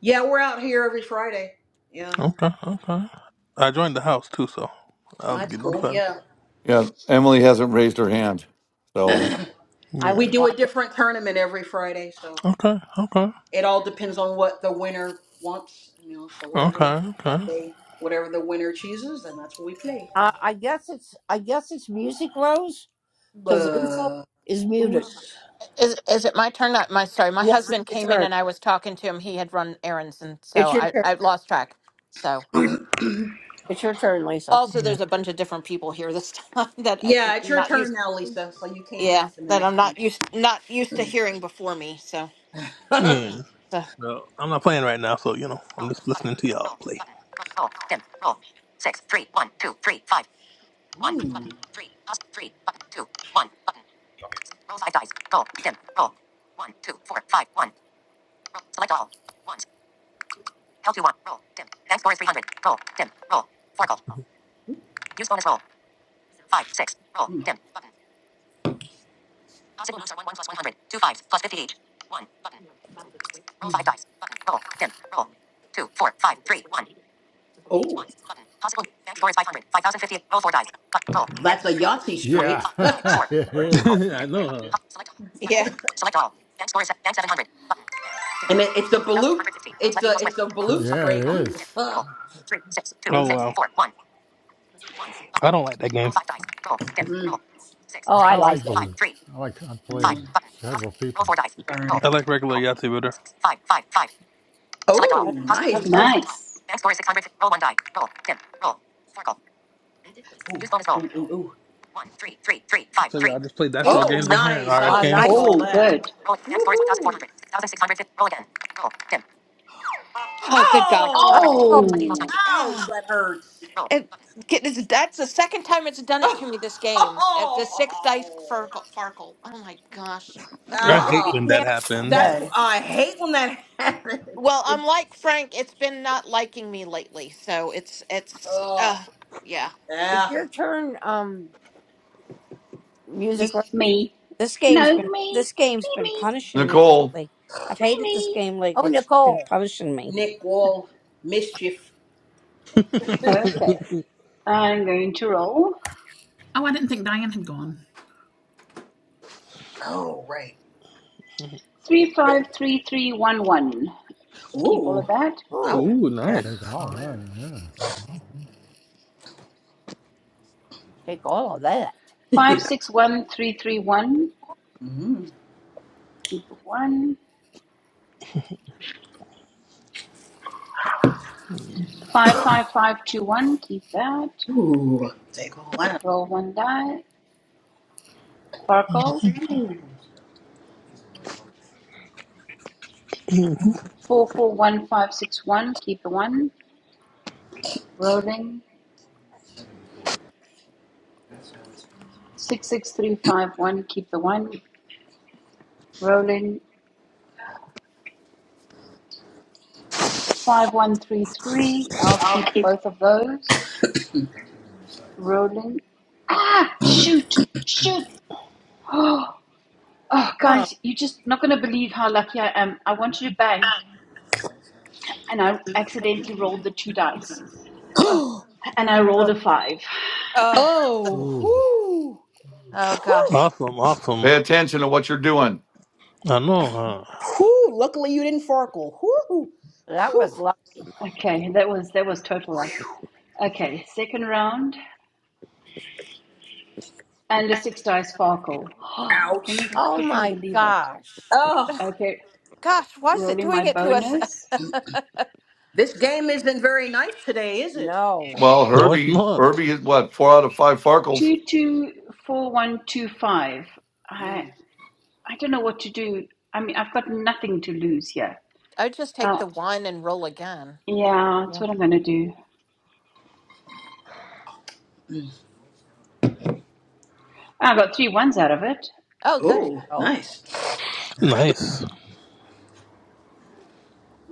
Yeah, we're out here every Friday. Yeah, Okay, okay. I joined the house, too, so I'll that's get cool. notified. Yeah, Yeah. Emily hasn't raised her hand. So we Yeah. do a different tournament every Friday, so. Okay, okay. it all depends on what the winner wants, you know. So whatever Okay, okay. they, whatever the winner chooses, then that's what we play. Uh, who's? Is is it my turn? Not my sorry. My husband came in and I was talking to him. He had run errands and so I I lost track. So also Yeah, there's a bunch of different people here this time that I'm Yeah, it's your not used. turn now, Lisa. So you came Yeah, back in the that next I'm time. not used not used to hearing before me. So Yeah. so No, I'm not playing right now, so you know, I'm just listening to y'all play. oh, that's a Yahtzee straight, Yeah, it is. I know, huh? yeah. and it, it's a balut. It's a it's a balut Yeah, it straight too. is. Oh Uh, wow, I don't like that game. mm, I like Balut. I like, I play it mm, several people. all right. I like regular Yahtzee better. Oh, nice. Nice. Ooh, ooh, ooh, ooh. So y'all just play dice Ooh, roll Oh, games in here nice. and I RS would games. take all Oh, that. good. Woohoo! oh, good God. Oh! Oh, Ouch, that hurts. Oh, it, get- this- that's the second time it's done it to me this game. At the sixth dice Oh! Farkle. Farkle. Oh my gosh. I hate when Ah! that happens. That's I hate when that Well, happens. I'm like Frank. It's been not liking me lately, so it's it's Oh, uh yeah. yeah. This me. this game's No, been me. this game's Me, been me. punishing me Nicole, lately. I've Me, hated this me. game lately. It's been punishing me. Nick Wall, mischief. Okay. I'm going to roll. Oh, I didn't think Diane had gone. Oh, right. 353311. Keep all of Ooh, that. I would. Ooh, Yeah. Take nice. take all, All huh? that. yeah. 561331. Mm. Keep a one. Five Yeah. five five two one. Keep that. Ooh, take all that. Roll one die. Farkle. Four four one five six one. Keep the one. Rolling. Six six three five one. Keep the one. Rolling. Five one three three. I'll keep both of those. Rolling. Shoot! Shoot! Oh, guys, you're just not going to believe how lucky I am. I wanted to bank, and I accidentally rolled the two dice, and I rolled a five. oh, Ooh, whoo, whoo, whoo. Awesome, awesome. pay attention to what you're doing. I know, huh? Luckily you didn't farkle. Whoo, whoo. Okay, that was that was total luck. Okay, second round and a six dice sparkle. Can you freaking believe it? Oh, Okay, Gosh, why is it rolling my doing it to us? bonus this game isn't very nice today, is it? Well, No, it's Herbie, not. Herbie is what, four out of five Farkles. two two four one two five. I Mm. I don't know what to do. I mean, I've got nothing to lose here. I just take Uh, the one and roll again. yeah, that's Yeah. what I'm gonna do. I got three ones out of it. Oh, good. Oh, nice. Nice.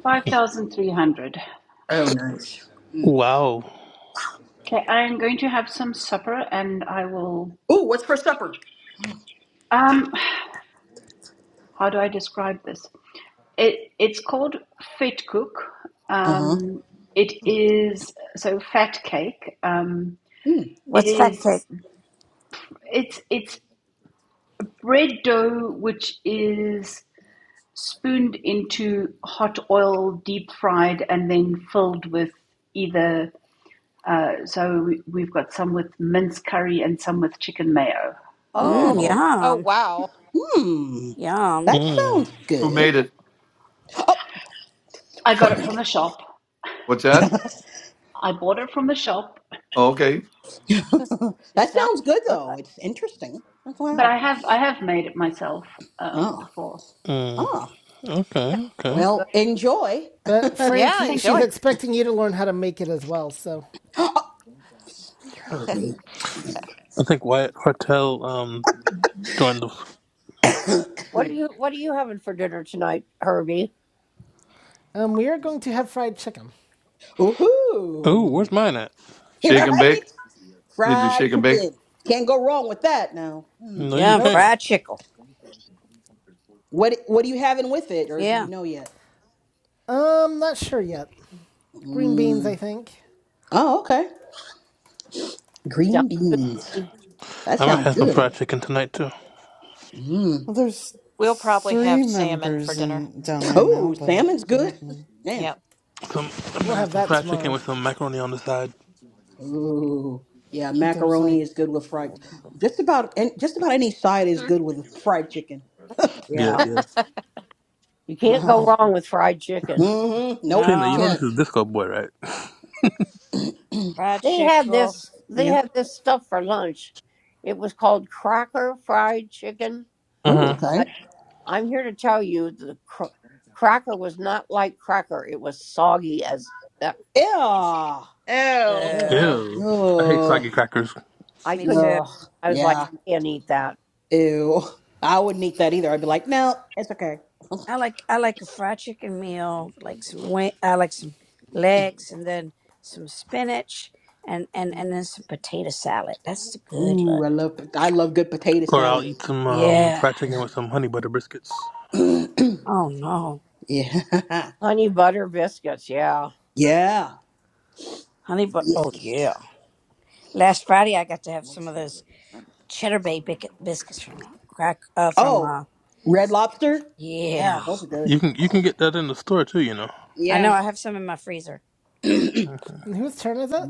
Five thousand three hundred. Oh, nice. Wow. Okay, I'm going to have some supper and I will. Oh, what's for supper? Um, how do I describe this? It it's called fat cook. Uh huh. Um, it is so fat cake. Um, Hmm. it What's that is take? it's it's bread dough which is spooned into hot oil, deep fried, and then filled with either. Uh, so we, we've got some with minced curry and some with chicken mayo. Mm, Hmm. Oh, yum, wow. Hmm. yum, That Mm, sounds Who made good, it? I got it from Frank. the shop. What's that? I bought it from the shop, Oh, okay. that sounds good, though. It's interesting. but Wow. I have I have made it myself um, Oh. before. mm. Oh. Okay, okay. Well, enjoy, But Frank, Yeah, he, Thank she's enjoy. you. expecting you to learn how to make it as well. So, Herbie. I think Wyatt Hortel um joined us. um, we are going to have fried chicken. Ooh, where's Woohoo! mine at? Shake and bake. Right? Did you Fried shake and bake? chicken. Can't go wrong with that. Now, hmm. No, you yum. can't. Nope. Fried chickle. what what are you having with it, or do you Yeah. know yet? Um, not sure yet. Green beans, I Mm. think. Oh, okay. Green beans. That I might sounds have some good. fried chicken tonight too. Mm. Well, there's We'll probably have three salmon for members dinner. in down there Oh, now, but salmon's I good. don't know. Damn. Yep. Some I'm We'll gonna have have some that fried chicken tomorrow. with some macaroni on the side. Ooh. Yeah, There's macaroni like is good with fried. Just about and just about any side is good with fried chicken. Yeah, Yeah. Oh, yeah. Wow. Mm-hmm. Nope, Trina, you you know No, can't. this is Disco Boy, right? fried chickle. Yep. Ooh, Mm-hmm. okay. Yeah. oh. Ew. All Oh, Ew. I hate Ugh. soggy crackers. me too. Ugh. Yeah. Ew. I wouldn't eat that either. I'd be like, no, it's okay. I like I like a fried chicken meal. Like some wing. I like some legs, and then some spinach, and and and then some potato salad. That's the good Ooh, look. I love pot- I love good potato Or I'll salad. eat some um, Yeah. fried chicken with some honey butter biscuits. Oh no, Yeah. yeah. honey, but oh Biscuits. yeah. Last Friday I got to have some of those cheddar bay bic- biscuits from uh, crack uh, from Oh, uh red lobster? Yeah, yeah. those are You good. can you can get that in the store too, you know. I know Yeah. I have some in my freezer. And whose turn is it?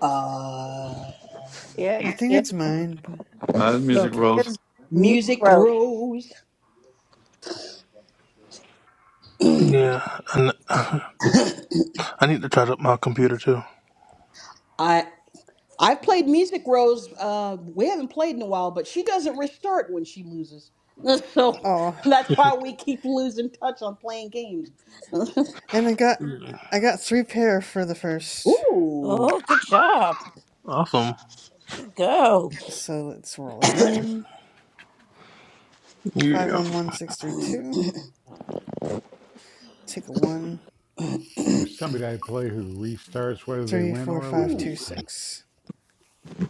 Uh, I think it's mine, but Uh, music Okay. rose. Music Rose. Yeah, and I need to charge up my computer too. I I've played Music Rose. Uh, we haven't played in a while, but she doesn't restart when she loses, so oh, that's why we keep losing touch on playing games. and I got Mm, I got three pair for the first. Ooh, Oh, good job. Awesome. You go. So let's roll again. Five Yeah. one one six three two. Take a one there's somebody I play who restarts whether they three win four or five lose. two ooh. So, six.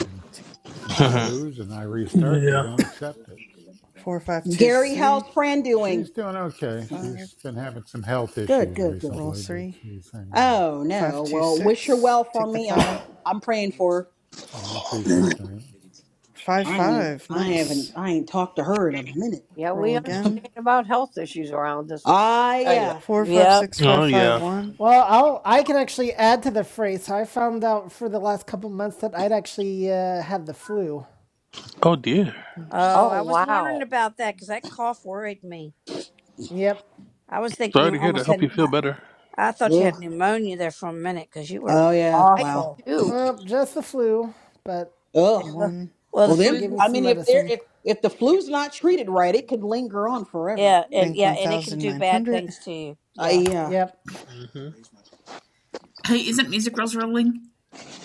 and Take If I five lose and I restart, they yeah. don't accept it. four five two Gary, how's three. Fran doing? She's doing To okay. five. She's been having some health Good, issues good, good. Roll recently, but three she's hanging in. Oh five no. two Well, wish her six. well for Take the me. I'm five I'm praying for her. And I appreciate that. five I ain't five. I haven't Nice. I ain't talked to her in a minute. Roll again. Ah yeah. Four five Yep. six five Oh five yeah. one. Well, I'll I can actually add to the phrase. So I found out for the last couple months that I'd actually uh, had the flu. Oh dear. Oh, I was Bonus wondering about that because that cough worried me. Yep, I was thinking Sorry you to hear that. almost Help you had, feel better. I, I thought you Ugh. had pneumonia there for a minute because you were Oh yeah. Wow. awful. uh, just the flu, but Ugh. It looked, one. well, the Well, they them. gave me flu, I some mean, if they're medicine. if if the flu's not treated right, it could linger on forever. yeah, and Bank yeah, one and it can thousand do nine bad hundred. things to you. I Yeah. yeah Yep. All hmm Hey, isn't Music Girls rolling?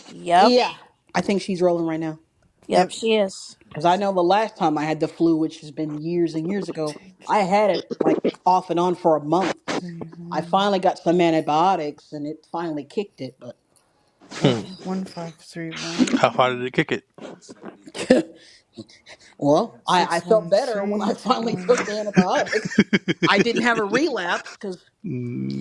Yep. yeah. I think she's rolling right now Yep, Yep. she is. because I know the last time I had the flu, which has been years and years ago, Take I had it like off and on for a month because three I one finally got some antibiotics and it finally kicked it. But Hmm. oh, one five three How far one did it kick it? well, I I six felt one better when three. I Take finally took one. the antibiotics. I didn't have a relapse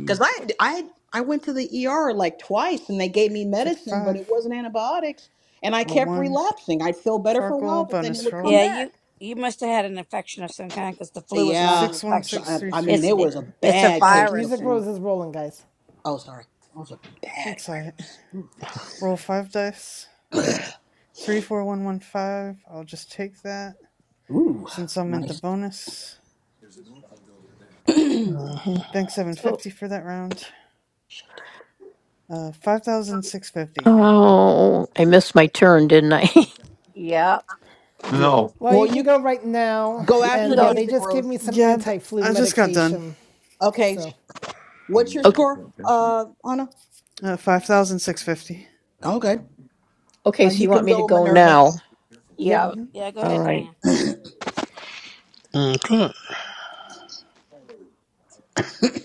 Because I, I, I went to the ER like twice and they gave me Take medicine, but it five. wasn't antibiotics. And I Roll kept one. relapsing. I'd feel better for a while, Farkle but then it bonus would come roll. Yeah, you back. you must have had an infection of some kind because the flu is not Yeah. an Six one so- infection. six I three I three mean, It's it it, was a four. it's a bad right, case of the virus. music flu. rose is rolling, guys. Oh, sorry. It was a bad That's alright. virus. Roll five dice. Three four one one five. I'll just take that Ooh, since I'm in the nice. bonus. Bank seven Oh, fifty for that round. Uh, five thousand six fifty. oh I missed my turn, didn't I? Yeah, No. Well, Well, you can you go right now, go after and yeah, they music just gave me growth. some yeah. th- anti-flu I just got done. medication. Okay. So, What's Mm, your okay, score, pay attention. uh, Anna? Uh, Five thousand six fifty. Okay. okay, Then so you you want can me to go, go Minerva. now? yep, Mm-hmm. Yeah, go All ahead, right. Diane. mm-hmm.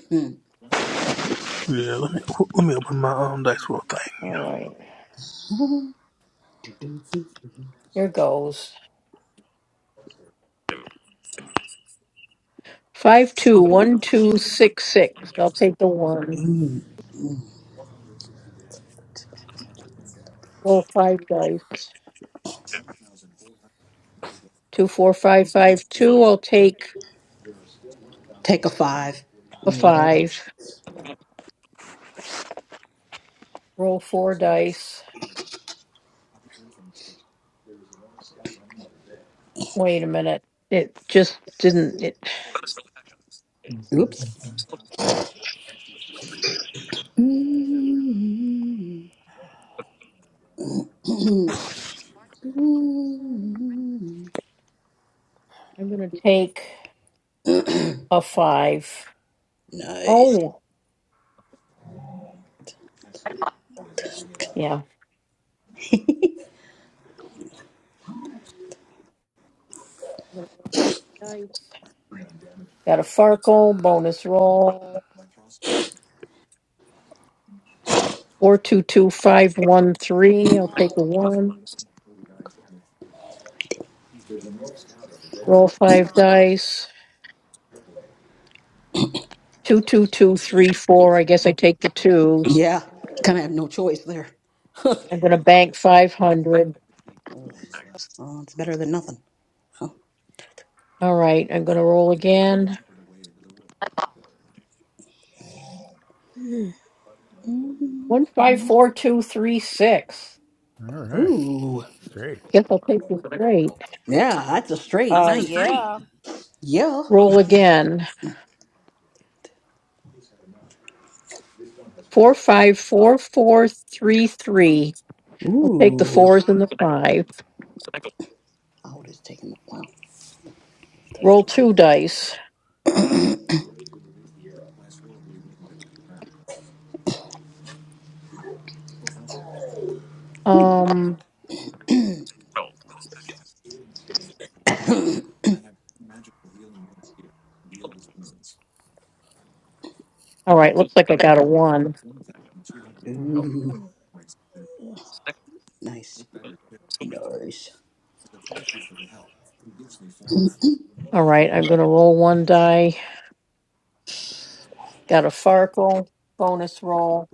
Hmm. Yeah, let me, let me open my um, dice roll thing. All right. Here goes. Five two one two six six. I'll take the one. Roll five dice. Two, four, five, five, two. I'll take Take a five. a and roll. five. Roll four dice. Wait a minute. It just didn't. It. Mm-hmm. Oops. I'm gonna take a five. Nice. Oh, yeah. Dice. Got a Farkle bonus roll. Four, two, two, five, one, three. I'll take a one. Roll five dice. Two, two, two, three, four. I guess I take the twos. Yeah, kind of have no choice there. I'm gonna bank five hundred. Oh, it's better than nothing. Huh. All right. I'm gonna roll again. Mhm. One five four two three six. All right. Ooh. Straight. Guess I'll take this straight. Yeah, that's a straight. Sounds Uh, like a Nice. street. yeah. Yeah. Roll again. Four five four four three three. I'll take the Ooh. fours and the five. Oh, it's taking a while. Roll two dice. Um. All right. Looks like I got a one. Ooh. Nice. Nice. All right. I'm gonna roll one die. Got a Farkle bonus roll.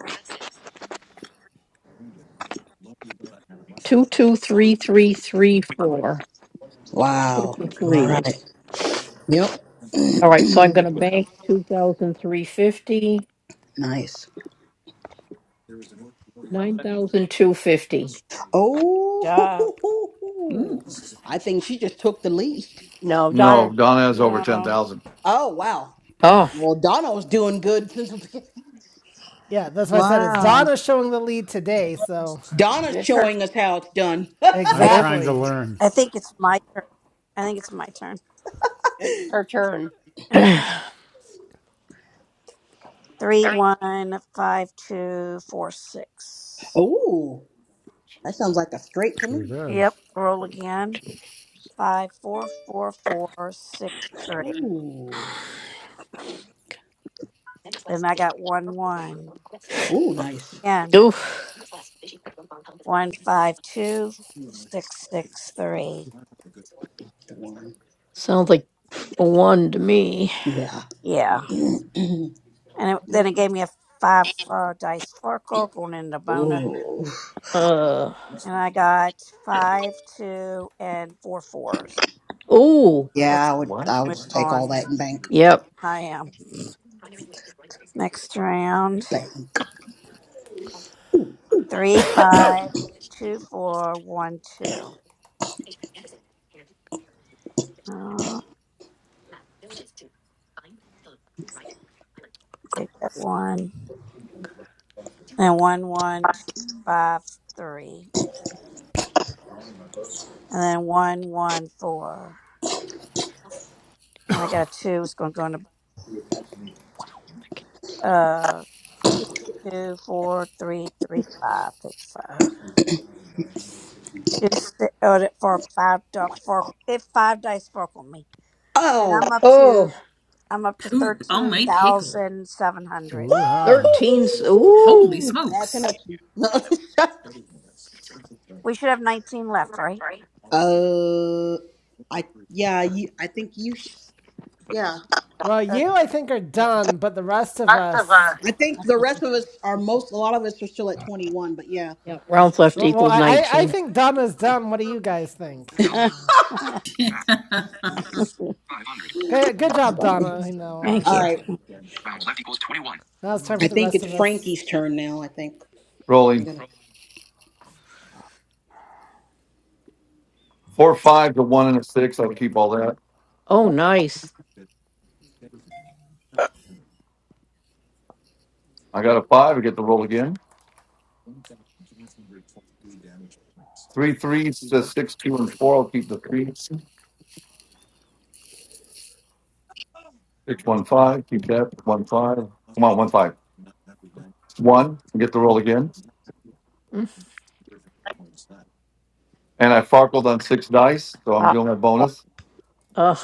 Two two three three three four. Take Wow. the All right. threes. Yep. All right. So I'm gonna bank two thousand three fifty. nice. Nine thousand two fifty. Job. Oh, Ooh. I think she just took the lead. No, Donna has over ten No. thousand. Oh, wow. Oh. Well, Donna's doing good since. the beginning. yeah, that's why I said it's Wow. Donna showing the lead today. So Donna's showing us how it's done. I'm I, th- Yep. trying to exactly. learn. I think it's my turn. I think it's my turn. Okay. Three, one, five, two, four, six. Ooh, that sounds like a straight to me. Sure does. Yep. Roll again. Five, four, four, four, six, three. Ooh, Then I got one, one. ooh, Roll nice. again. Oof. One, five, two, six, six, three. The one. Sounds like a one to me. Yeah. Yeah. And it, then it gave me a five uh, dice sparkle going into bonus. Ooh. Uh. And I got five, two, and four fours. Ooh. We'll Yeah, take I would. that What? I would and move just take on. all that and bank, Yep. I am. Next round. bank. Three, five, two, four, one, two. Uh, take that one. Then one, one, two, five, three. Take- And then one, one, four. And I got a two. It's going to go into uh, two, two, four, three, three, five. Take the five. Two, six, oh, that four, five, dot- four. If five dice fork on me. All right, I'm Oh, up to Oh. I'm up to poop on thirteen a pickle. thousand seven hundred. Woo-ha. 13. s- woo! Holy Ooh. Bad smokes. connection. No. We should have 19 left, right? uh, I yeah. You, I think you. Sh- yeah. Well, you Okay. I think are done, but the rest of us. I think the rest of us are most. A lot of us are still at twenty one, but yeah. Yep. you Rounds should get left Well, well, equals I, 19. I I 19. think Donna's done. What do you guys think? 5000. You Yeah. know, Back. hmm 500. good, 30. good job, Sorry. Donna. You know, uh, Thank All you. right. Rounds left equals 21. now it's time for I the think rest of it's us. Frankie's turn now. I think we're Rolling gonna. four five to one and a six. I'll keep all that. Oh, nice. I got a five. I get the roll again. Three threes to six two and four. I'll keep the threes. Six one five. Keep that one five. Come on, one five. One. I Get the roll again. Mm. And I farkled on six dice, so I'm doing my bonus. Uh.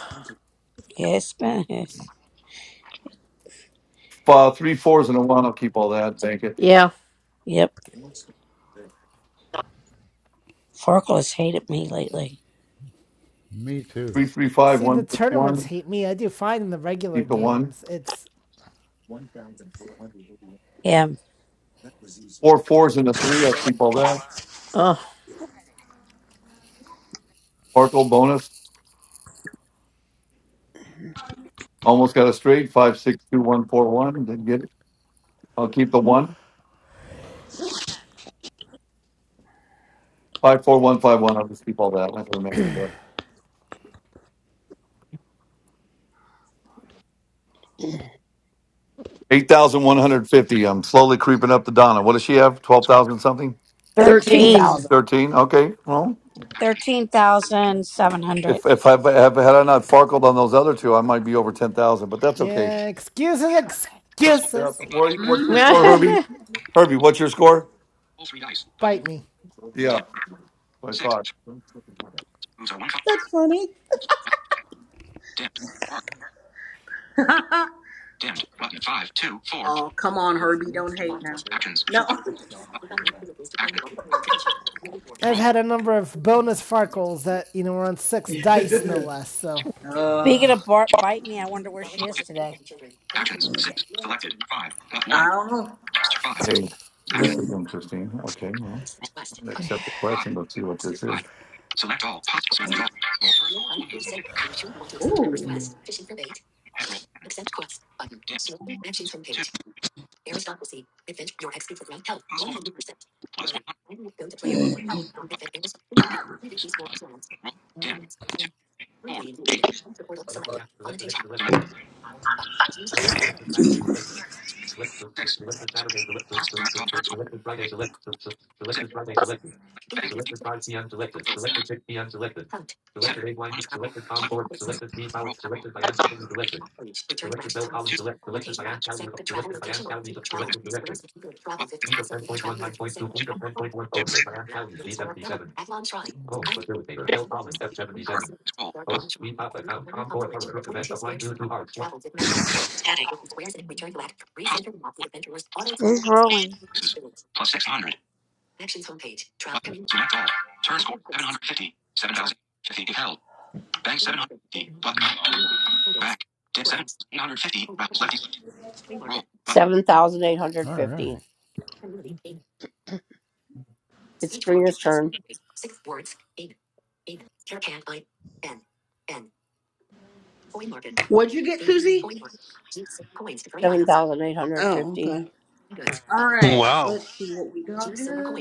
Yes. it Uh, three fours and a one. I'll keep all that. Bank it. Yeah. yep. Farkle hated me lately. Me too. Three three five See, the one six tournaments one. hate me. I do fine in the regular Keep the one. games. It's Yeah. Four fours and a three. I'll keep all that. Uh. Farkle bonus. Almost got a straight. Five six two one four one. Didn't get it. I'll keep the one. Five four one five one. I'll just keep all that. I'm not gonna mess with that. Eight thousand one hundred fifty. I'm slowly creeping up to Donna. What does she have? Twelve thousand something. 13, 13. thirteen. Thirteen. Okay. Well, Actions. 13,700. if if I have had I not farkled on those other two, I might be over ten thousand. But that's okay. Yeah, excuses, Possible. Yeah. excuses. 3 fives. fives. What, what's your score, hmm Herbie? okay. Herbie, what's your score? All 3 dice. Button. Bite me. Yeah. Dimmed. what I 6. thought. Moves are 1. Dimmed. That's funny. Dim. Dimmed. Button five two four oh, come on, Herbie. Don't hate now. actions No, four action I've roll had a number of bonus farkles that you know were on six dice, no less. So Speaking of Bart Bite Me, I wonder where she plus is fifty today. actions six selected five plus one I don't know. five Hey, actions this is interesting. Okay. Well, roll Okay. accept the five. question. Let's see what One. this Five. is. select all possible select all roll first score one thousand fifty head roll ten dimmed two two possible moves plus one hundred roll button roll dimmed two four eight select six select possible select all turn score six bank Seven. one left roll two, two, bonus, button, two, two, arrow, scroll, button, four, button, possible, one, plus one, Who's rolling? sixes, plus 600, button, select all, turn score seven hundred fifty, seven thousand fifty. if held, bank 750, button, back, dim 7,850, rounds left, roll, All right. What'd you get, Susie? Oh, okay. All right. Wow, Let's see what we got here.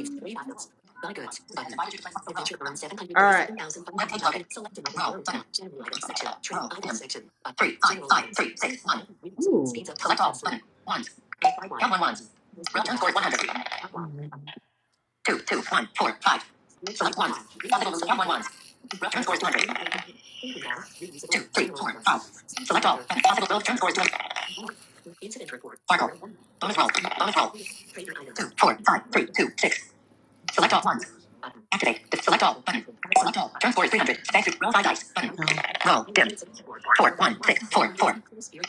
All right. Ooh. Ooh. two, two, one, four, five. Select ones. Possible moves. Count one ones. Roll turn score is 200. Two, three, four, five. Select all. And possible roll turn score is 200. Sparkle. Bonus roll. Bonus roll. Two, four, five, three, two, six. Select all ones. Activate. the Select all button. Select all. Turn score is 300. Thank you. Roll five dice. Button. Oh. Roll. Dim. Four, one, six, four, four.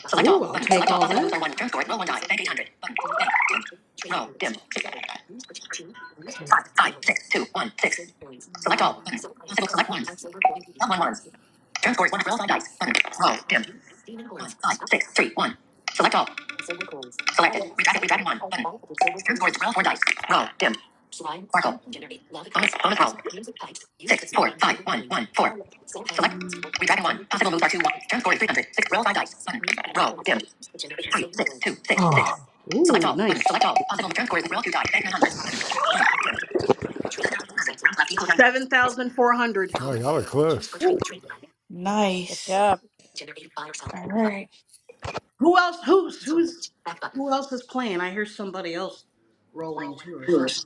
Select Ooh, all. I'll Button. Select all. Possible moves are one. Turn score is roll one die. Bank 800. Button. Bank. Dim. Roll. Dim. Okay. five, five, six, two, one, six. Select all. Button. Possible select ones. Count one ones. Turn scores one. Roll five dice. Button. Roll. Dim. One, five, six, three, one. Select all. Selected. Redraft. Redraft one. Button. Turn scores. Roll four dice. Roll. Dim. Sparkle. Bonus. Bonus roll. Six, four, five, one, one, four. Select. Redraft one. Possible moves are two. One. Turn score is three hundred. Six. Roll five dice. Button. Roll. Dim. Three, six, two, six, six. Oh. Ooh, select all. Nice. Button. Select all. Possible return scores. Roll two dice. Bank 900. Button. Bank. Dim. 7,400. Round 7,400. Oh, y'all are close. Ooh, Good nice. job. All right. Who else? Who's who's who else is playing? I hear somebody else rolling too or something.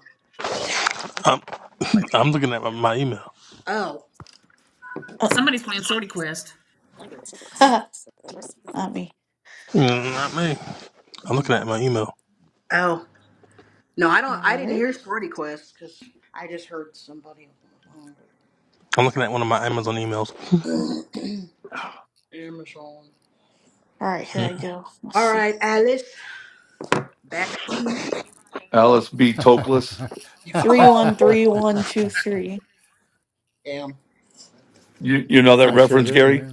I'm I'm looking at my, my email. Oh, Oh, Somebody's playing Sorty Quest. not me. Mm, Not me. I'm looking at my email. oh. No, I don't. All I didn't right. hear Sporty Quest because I just heard somebody on the phone. I'm looking at one of my Amazon emails. Amazon. All right, here I go. Let's All see. right, Alice, back to you. Alice B. Toklas. I Three one three Oh, one two three. damn. You you know that sure reference, do, Gary?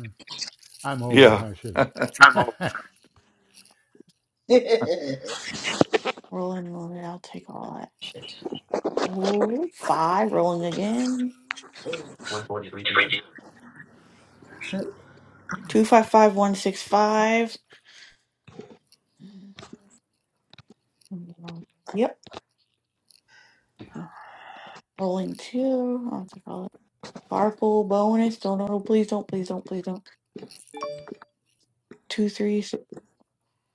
yeah. I'm old. Yeah. I should. Shit. Rolling rolling. I'll take all that. Ooh, five. Rolling again. Two five five one six five. Mm-hmm. Yep. Rolling two. I'll take all that. Carpool bonus. Don't, no, no, please don't, please don't, please don't. Two, three, six,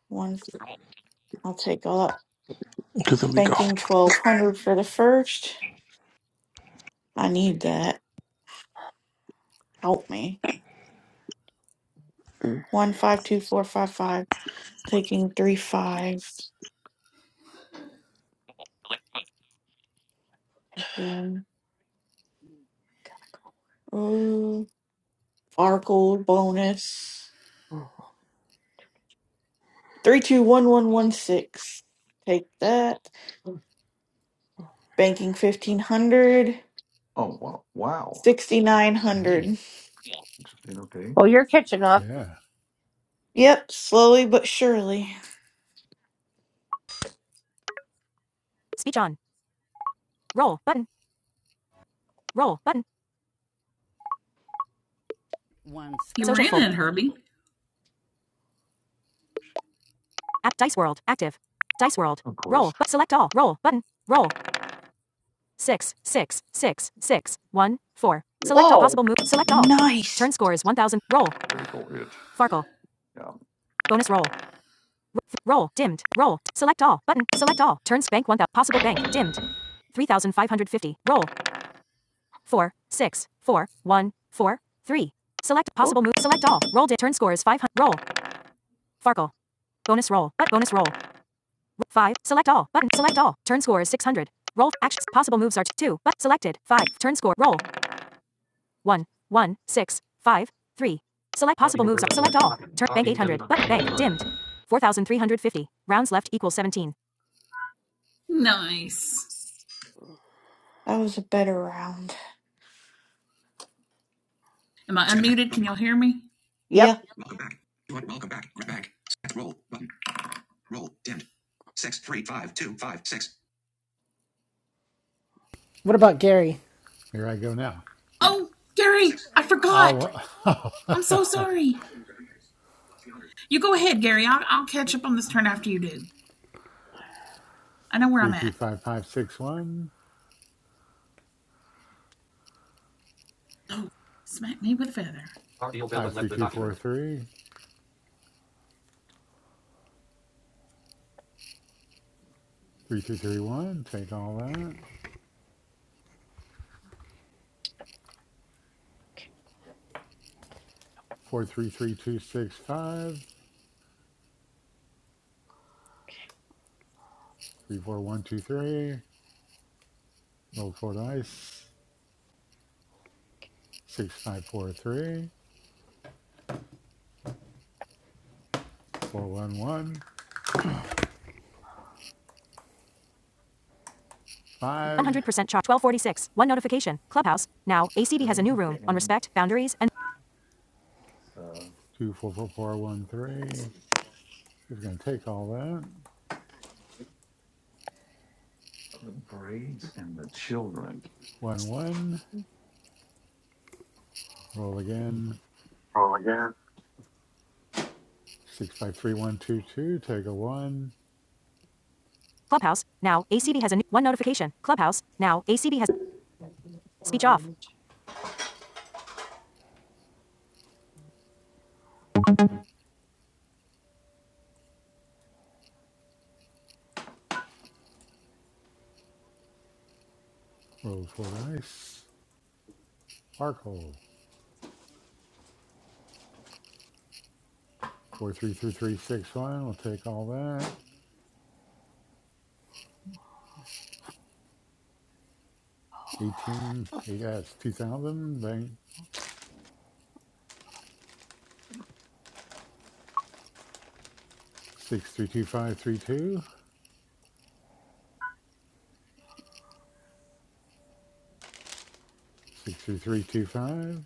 one. I'll take all that. Because there we go. Banking 1200 for the first. I need that. Help me. One, five, two, four, five, five. Taking three fives. Take them. Oh, Farkle bonus. Three, two, one, one, one, six. Take that. Banking 1500. Oh wow! Wow. Ooh, 6900. Interesting. Okay. yeah. Yep, slowly but surely. Speech on. Roll button. Roll button. You were in it, Herbie. App Dice World active. Dice World. Of Roll. course, But select all. Roll button. Roll. six, six, six, six, one, four. Select all possible moves. Select all. Nice. Turn score is 1000. Roll. critical hit. Farkle. Yeah. Bonus roll. R- roll. Dimmed. Roll. Select all. Button. Select all. Turns bank 1000. Possible bank. Dimmed. 3550. Roll. Four, six, four, one, four, three. Select possible move. Select all. Roll. Di- turn score is 500. Roll. Farkle. Bonus roll. But bonus roll. R- Five. Select all. Button. Select all. Turn score is 600. Roll. Actions. Possible moves are two. But selected. Five. Turn score. Roll. one, one, six, five, three. Select possible moves. Select all. Turn bank 800. But bank dimmed. 4,350. Rounds left equals 17. Nice. That was a better round. Am I unmuted? Can y'all hear me? Yeah. What about Gary? Here I go now. Oh, Gary, I forgot. I'll, I'm so sorry. You go ahead, Gary. I'll, I'll catch up on this turn after you do. I know where I'm Three two at. five five six one Oh, smack me with a feather. five three two four three three two three one. Take all that. Four three three two six five three four one two three. Roll four dice. Six five four three four one one 100% five chop. 1246. One notification. Clubhouse. Now ACB has a Braids new room on and respect, boundaries, and uh, two four four four one three. Just gonna take all that. the braids and the children. One one. Roll again. Oh yeah. Six five three one two two. Take a one. Clubhouse. Now ACB has a new one notification. Clubhouse. Now ACB has speech off. Roll four dice. Sparkle. Four three three three six one. We'll take all that. 18, eight S, 2000, bank 632532 63325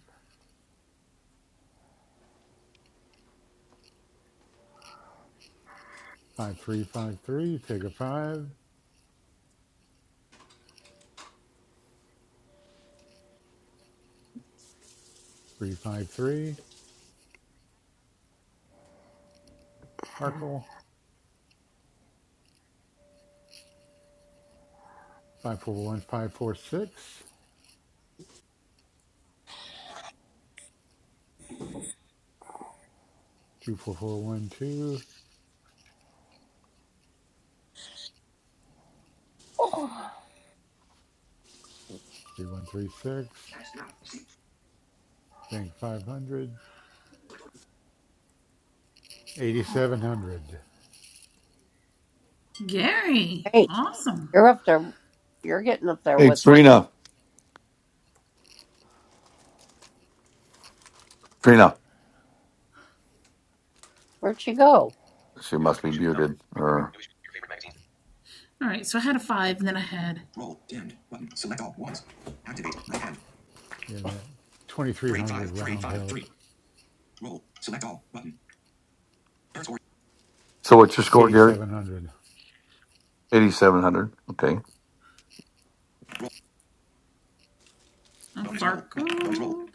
5353. take a five three five three. 353, Arkle, 541546, bank five hundred eighty seven hundred. Gary, awesome. Hey, Trina. Trina. She must be muted. Or All right, so I had a five, then I had Yeah, that 2300 round help so. What's your score, Gary? 8700. Eighty-seven hundred. Okay. a Farkle.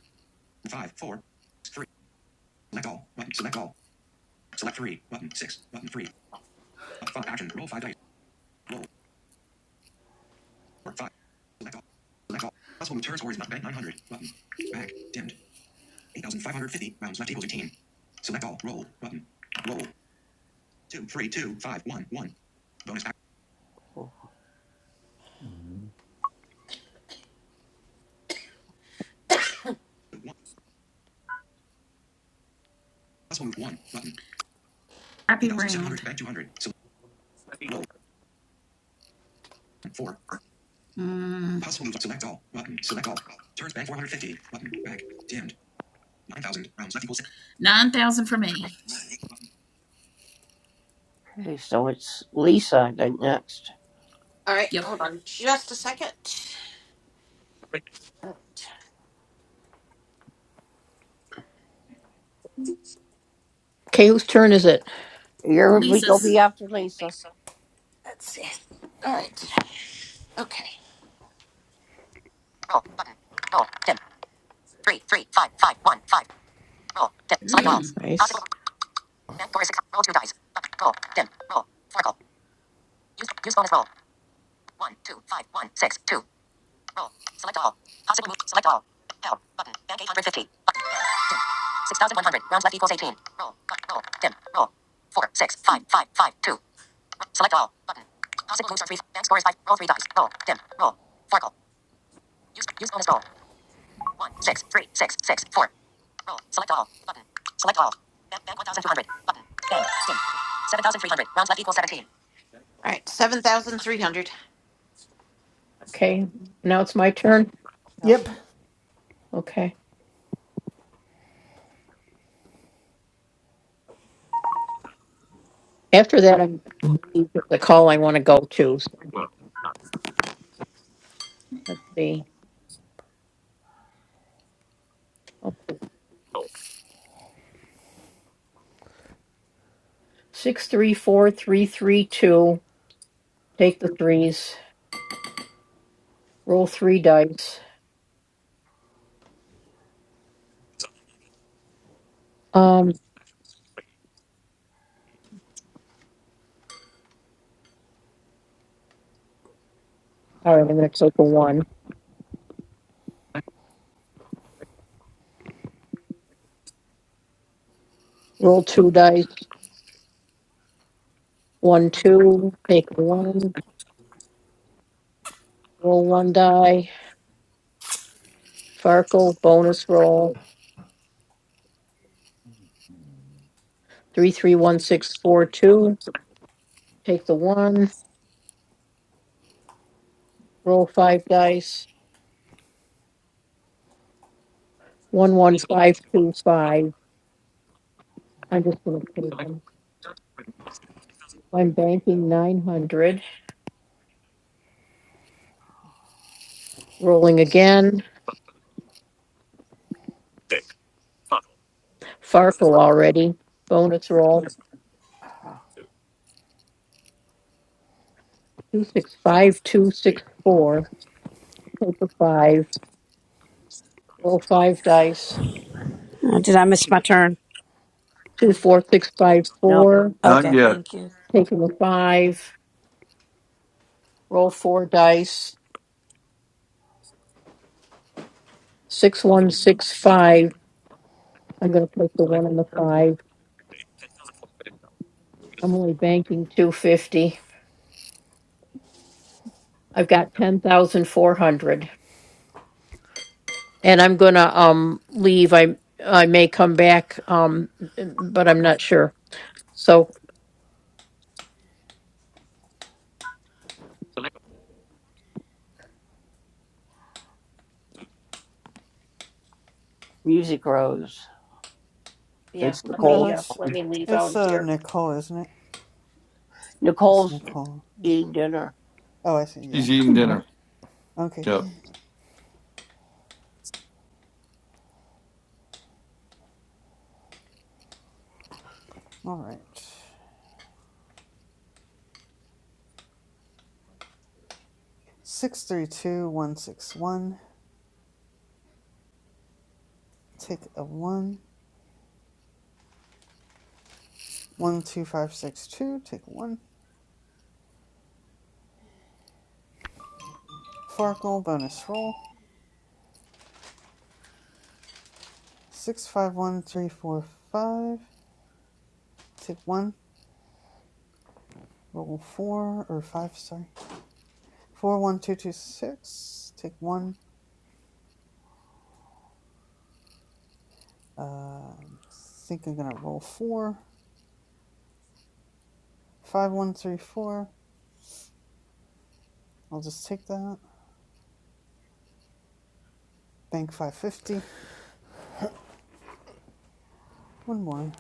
Mhm. Happy round. Mm, 9,000 for me. right, Yep. hold on just a second. Whose turn is it? Lisa's. Let's see. All right. Okay. That's Mm. nice. All right, 7,300. Okay. Now it's my turn. Yep. Okay. After that, I'm the call I want to go to. So let's see. Six, three, four, three, three, two. Take the threes. Roll three dice. Um, all right, I'm gonna take a one. Roll two dice. One, two. Take a one. Roll one die. Farkle bonus roll. Three, three, one, six, four, two. Take the one. Roll five dice. One, one, five, two, five. I'm just gonna take them. I'm banking nine hundred. Rolling again. Farkle already. Bonus roll. Two six five two six four. Take a five. Roll five dice. Oh, did I miss my turn? Two four six five four. Not Okay, yet. thank you. Taking a five. Roll four dice. Six one six five. I'm going to take the one and the five. I'm only banking two fifty. I've got ten thousand four hundred, and I'm going to um leave. I I may come back um, but I'm not sure. So yeah, No, it's it's uh dear. Nicole, isn't it? It's Nicole. It's, oh, I see. Yeah. She's eating dinner. Okay. Yep. All right. Six three two one six one. Take a one. One two five six two. Take one. Farkle bonus roll. Six five one three four five. Take one. Roll four or five. Sorry. Four one two two six. Take one. Uh, I think I'm gonna roll four. Five, one, three, four. I'll just take that. Bank 550. One more.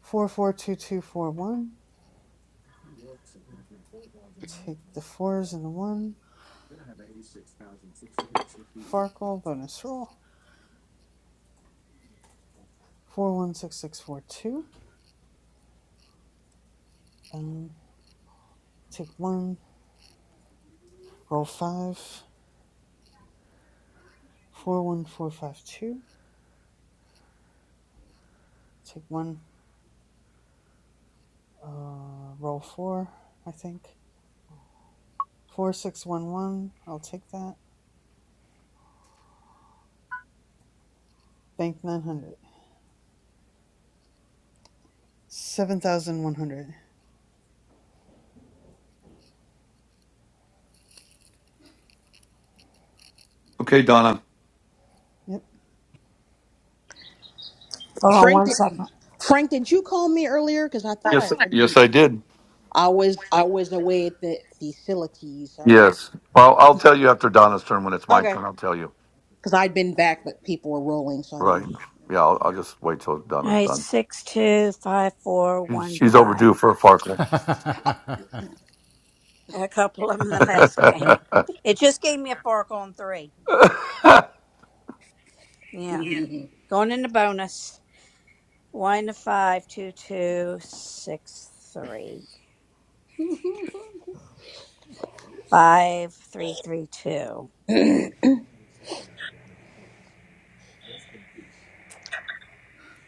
Four, four, two, two, four, one. Take the fours and the one. Farkle bonus roll. Four, one, six, six, four, two. Um, take one. Roll five. Four, one, four, five, two. Take one. Uh, roll four. I think. Four, six, one, one. I'll take that. Bank 900. 7,100. Okay, Donna. Yep. Hold on Frank, one did second. All Frank, did you call me earlier? Because I thought I Yes. heard. My, Yes, I did. I was I was away at the facility. Sorry. Yes. Well, I'll tell you after Donna's turn. When it's my Okay. turn, I'll tell you. Because I'd been back, but people were rolling, so I Right. Yeah. I'll, I'll just wait till Donna's right, done. six, two, five, four, She's one, she's five. overdue for a farkle. All And a couple of them in the last game. It just gave me a Farkle on three. Yeah. didn't. Going into bonus. One five two two six three five three three two.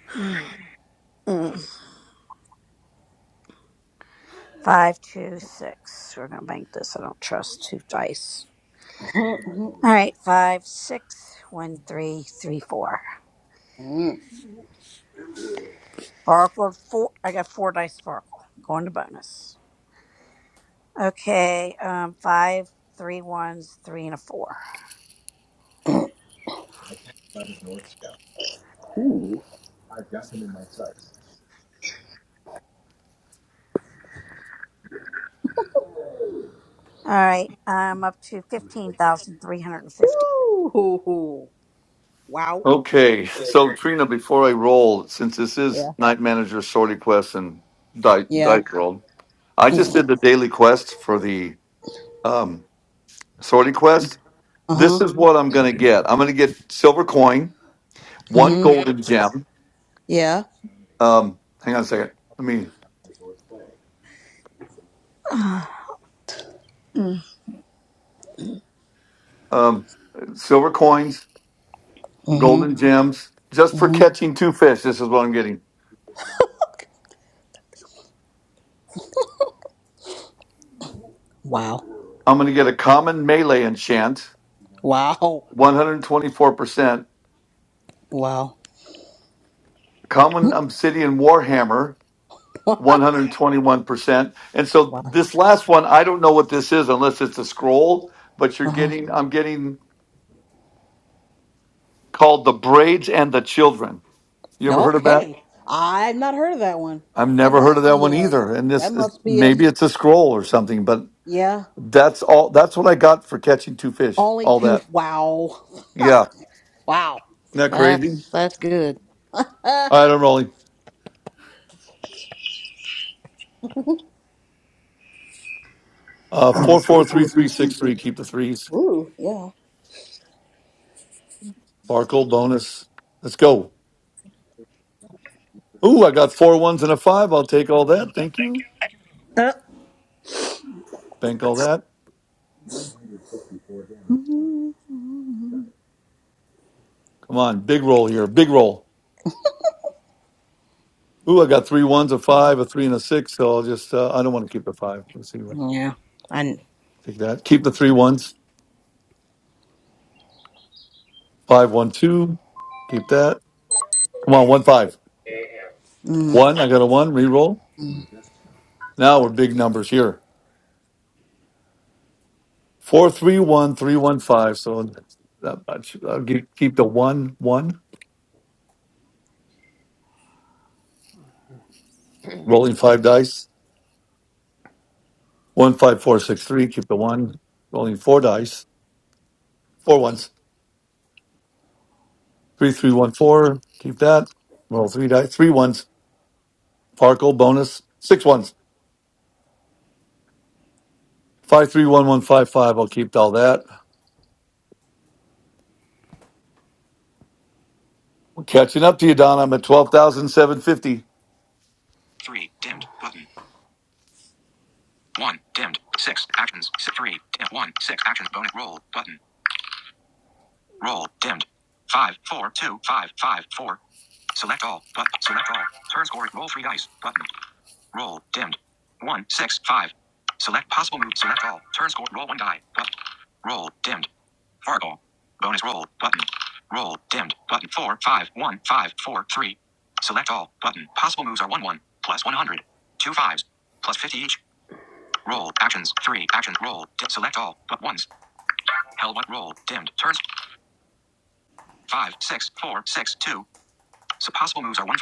Mm. Five two six. We're gonna bank this. I don't trust two dice. All right, five six one three three four. Mm. Oracle four. I got four dice. for Oracle. Going to bonus. Okay. Um. Five three ones three and a four. Ooh. All right. I'm up to fifteen thousand three hundred and fifty. Ooh. Wow. okay. So Trina, before I roll, since this is Yeah. Night Manager Sorty Quest and Dice Yeah. World, I just did the daily quest for the um, sorting quest. Uh This huh. is what I'm going to get. I'm going to get silver coin, Mm one hmm. golden gem. Yeah. Um, hang on a second. Let me Mm. um, silver coins, Mm hmm. golden gems, just Mm for hmm. catching two fish. This is what I'm getting. Wow. I'm going to get a common melee enchant, Wow. 124%, Wow. common obsidian warhammer, wow. 121%. And so this last one, I don't know what this is unless it's a scroll, but you're Uh huh. getting, I'm getting called The Braids and the Children. You ever heard of that? Okay. I've not heard of that one. I've That never heard must of that be one uh either. And this That is must be a. maybe s- it's a scroll or something, but Yeah. that's all that's what I got for catching two fish. Only All two. that. Wow. Yeah. Wow. Isn't that crazy? That's that's good. Uh, All right, I'm rolling. Uh four four three three six three. Keep the threes. Ooh, yeah. Farkle bonus. Let's go. Ooh, I got four ones and a five. I'll take all that. Thank you. Bank all that. Come on, big roll here. Big roll. Ooh, I got three ones, a five, a three, and a six. So I'll just uh, I don't want to keep the five. Let's see yeah. I. take that. Keep the three ones. Five one two. Keep that. Come on, one five. Mm, One. I got a one. Reroll. mm. Now we're big numbers here. Four three one three one five. So that much. I'll keep, keep the one one. Rolling five dice. One five four six three. Keep the one. Rolling four dice. Four ones. Three three one four. Keep that. Roll three dice. Three ones. Farkle bonus. Six ones. Five three one one five five. I'll keep all that. Catching up to you, Don. I'm at twelve thousand seven fifty. three, dimmed, button, one, dimmed, six, actions, Si, three, Dimmed. one, six, actions, bonus, roll, button, roll, dimmed, five, four, two, five, five, four, select all, button, select all, turn score, roll three dice, button, Roll. Dimmed. One, six, five. Select possible move. Select all. Turn score. Roll one die. But roll. Dimmed. Fargo. Bonus roll. Button. Roll. Dimmed. Button. Four, five, one, five, four, three. Select all. Button. Possible moves are one, one. Plus 100. Two fives. Plus 50 each. Roll. Actions. Three. Action. Roll. Di- select all. But once. Held. What? Roll. Dimmed. Turns. Five, six, four, six, two. So possible moves are one.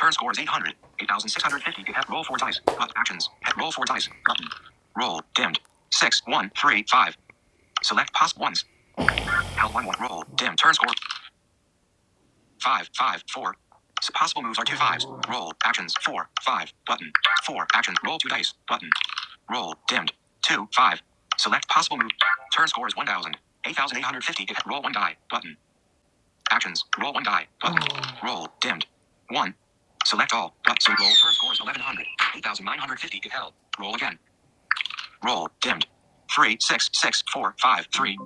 Turn score is 800. 8,650. You roll four dice. But actions. Head roll four dice. Button. Roll. Dimmed. Six. One. Three. Five. Select possible ones. Held one. One. Roll. Dim. Turn score. Five. Five. Four. So possible moves are two fives. Roll. Actions. Four. Five. Button. Four. Actions. Roll two dice. Button. Roll. Dimmed. Two. Five. Select possible move. Turn score is 1,000. 8,850. roll one die. Button. Actions. Roll one die. Button. Oh. Roll. Dimmed. One. Select all. But so roll first score is 1100. 8950 if held. Roll again. Roll. Dimmed. Three, six, six, four, five, three.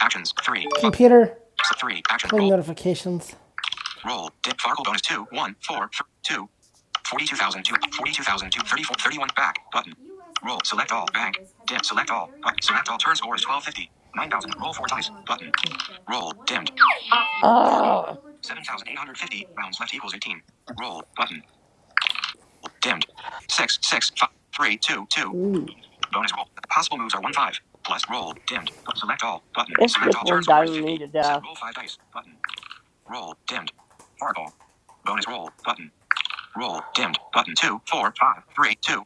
Actions. Three, five, Computer, so three. Action. play Roll. notifications. Roll. Dip. Fargo bonus two, one, four, three, two. 42,002, 42,002, 34, 31, back, button. Roll, select all, bank, dim, select all, button, select all, turn score is 1250, 9,000, roll four dice, button. Roll, dimmed, 7,850, rounds left equals 18. Roll, button. Dimmed. Six, six, five, three, two, two. Mm. Bonus roll. Possible moves are one five. Plus roll. Dimmed. Select all. Button. Roll five dice. Button. Roll. Dimmed. Fargo. Bonus roll. Button. Roll. Dimmed. Button. Two, four, five, three, two.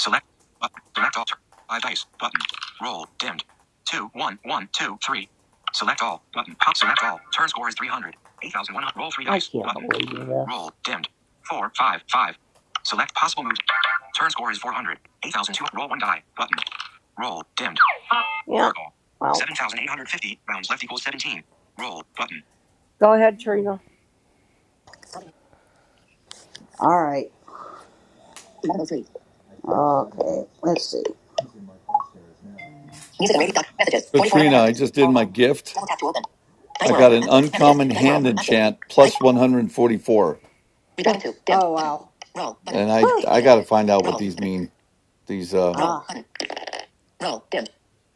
Select. Button. Select all. Five dice. Button. Roll. Dimmed. Two, one, one, two, three. Select all. Button. Pop. Select all. Turn score is 300. 8,100. Roll three. Roll. Dimmed. Four, five, five. Select possible moves. Turn score is 400. 8,002. Roll one die. Button. Roll. Dimmed. Circle. 7,850. Rounds left equals 17. Roll. Button. All right. Okay. Let's see. Music and radio. Doc. Messages. 44 unread Katrina, I messages. just did Hold my on. gift. Double tap to open. Dice I World. got an Active. Messages. uncommon Dice hand World. Active. enchant Dice. plus 144. Redragon 2. Dim. Oh, wow. Roll. Button. And I Huh. Page I loaded. got to find out what Roll. these Button. mean. These uh Roll. Ah. Button. Roll. Dim.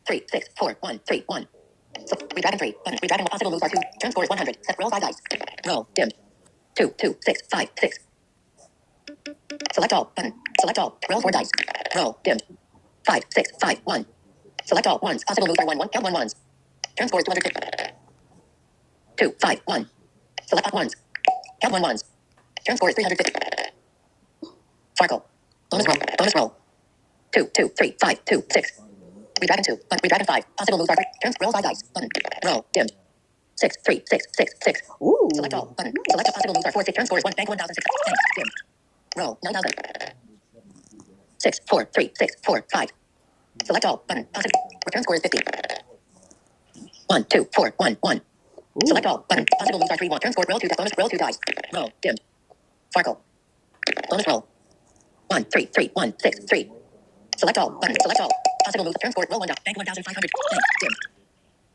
Three, six, four, one, three, one. So, redragon 3. Button. Redragon. Possible moves are 2. Turn score is 100. Set. Roll 5 dice. Roll. Dim. Two, two, six, five, six. Select all. Button. Select all. Roll 4 dice. Roll. Dim. Five, six, five, one. Select all. Ones. Possible moves are 1. 1. Count 1 ones. Turn score is 200. 2, five, one. Select all ones. Count one ones. Turn score is 350. Farkle. Bonus roll. Bonus roll. Two, two, three, five, two, six. Read back in two. But read back in five. Possible moves are turn roll by dice. Button. Roll. Dimmed. Six, three, six, six, six. Ooh. Select all. Button. Select all possible moves are four. Six. Turn score is one. Bank one thousand six. Bank. Dimmed. Roll. Nine thousand. Six, four, three, six, four, five. Select all. Button. Possible. Return score is fifty. One, two, four, one, one. Ooh. Select all. Button. Possible moves are three. One. Turn score. Roll two. di- Bonus. Roll two dice. Roll. Dimmed. Farkle. Bonus roll. One, three, three, one, six, three. Select all. Button. Select all. Possible moves. Turn score. Roll one die. Bank 1,500. Blank. Dim.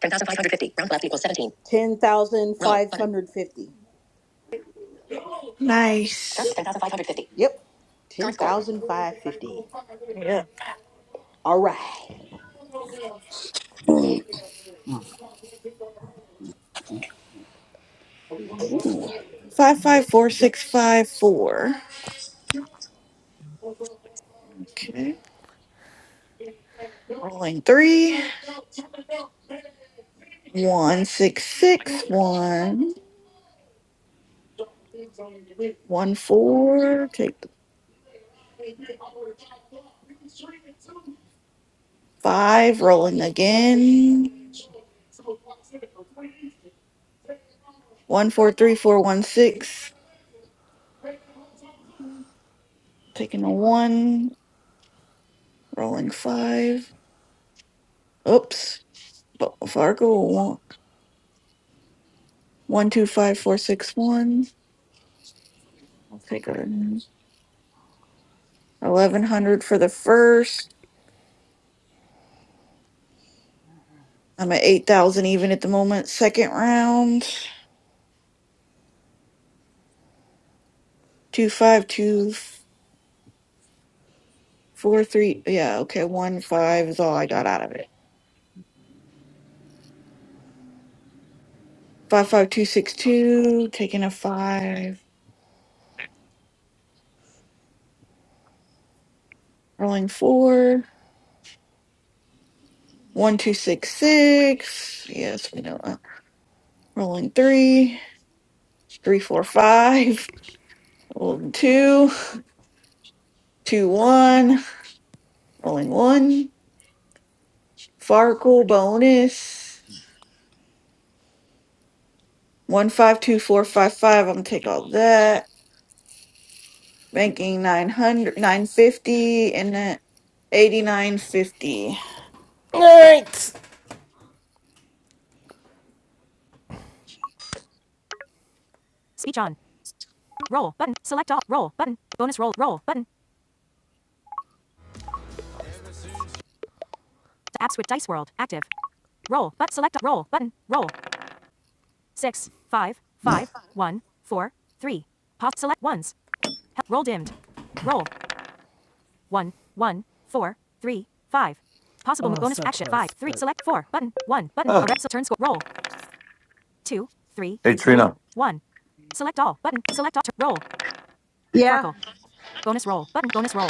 10,550. Round left equals 17. 10,550. Nice. Turn. 10,550. Yep. Current 10,550. Yeah. All right. Five five four six five four. Okay. Rolling three. One six six one. One four. Take the five. Rolling again. One four three four one six. Taking a one. Rolling five. Oops. But Fargo one. One two five four six one. I'll take a eleven hundred for the first. I'm at 8,000 even at the moment. Second round, two five two four three. Yeah, okay, one five is all I got out of it. Five five two six two, taking a five, rolling four. One two six six. Yes, we know that. Rolling three, three four five, rolling two. Two one. rolling one. Farkle bonus one five two four five five. I'm gonna take all that. making nine hundred nine fifty and then 8950 All right. Speech on. Roll button. Select all. Roll button. Bonus roll. Roll button. App switch dice world active. Roll but select roll button. Roll six five five one four three. Pause select ones. Roll dimmed. Roll one one four three five. Possible Oh, bonus so action close, five three select four button one button. A Ah. red turn score roll two three Hey three Trina. one. Select all button. Select all. Roll. Yeah. Farkle. Bonus roll button. Bonus roll.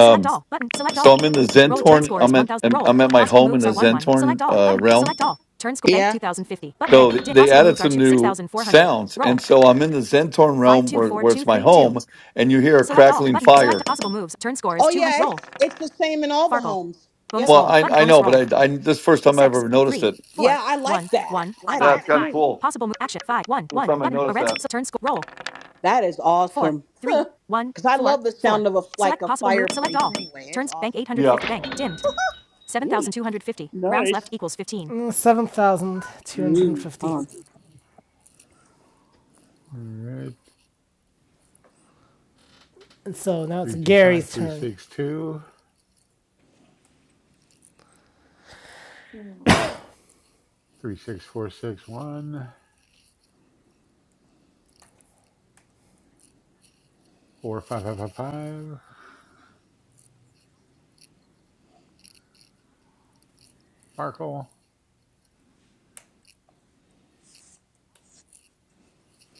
Select all. Button. Select so all. I'm in the Rolling Turn Zentorn score I'm is at 1000. Roll. I'm at my Possible home in moves the are 1 1. Zentorn Select all. uh Button. realm. Select all. Turn score. Bank Yeah. 2050. Button. So Bank. Di- they possible added moves are some 2. new 6400. sounds Roll. and so I'm in the Zentorn realm where where it's my 524232. home and you hear a Select all. crackling Button. Select fire. possible moves. Turn score is Oh, 200. yeah. Roll. It's, it's the same in all the Farkle. homes. Bonus Yep. Well, roll. I Button. I know, Bonus roll. but I I this is the first time I've Six ever noticed three it. four Yeah. I like one that. one That is five. That's kind of cool. cool. Possible move. Action. five one First one time I Button. A noticed red. that. So turn score. Roll. That is Four awesome. three one Because I four love the four. sound of a, like Select a possible move. Select fireplace all. anyway. It's Turns. Bank awesome. Yeah. 850. Bank. Dimmed. 7,250. Rounds Nice. left equals 15. Mm, Mm. 7,250. Oh, right. And so now it's Gary's turn. 325362. Three six four six one four five five five five. Sparkle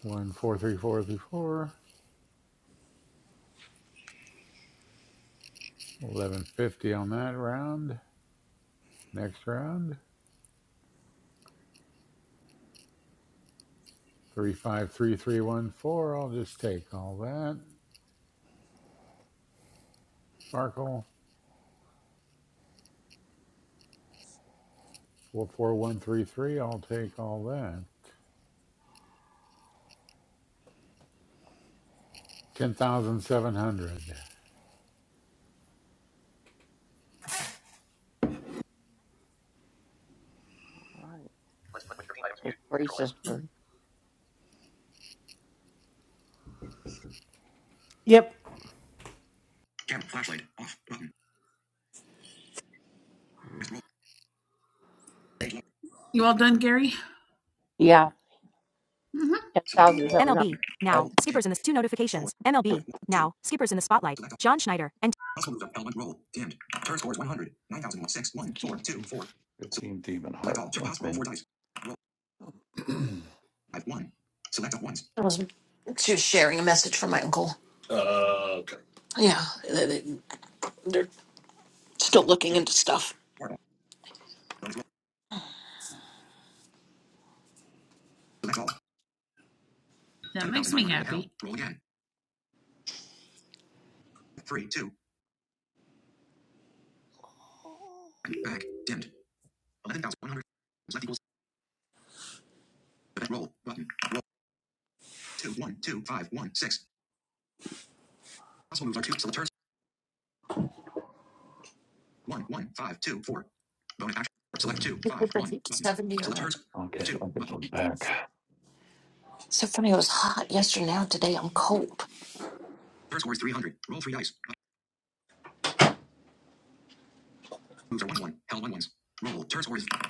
one four three four three four. Eleven fifty on that round. Next round three five three three one four. I'll just take all that. Sparkle four four one three three. I'll take all that. Ten thousand seven hundred. Yep. You all done, Gary? hmm MLB. Now, skippers in the two notifications. MLB. Now, skippers in the spotlight. John Schneider and 15 demon heart. Okay. okay. That makes me happy.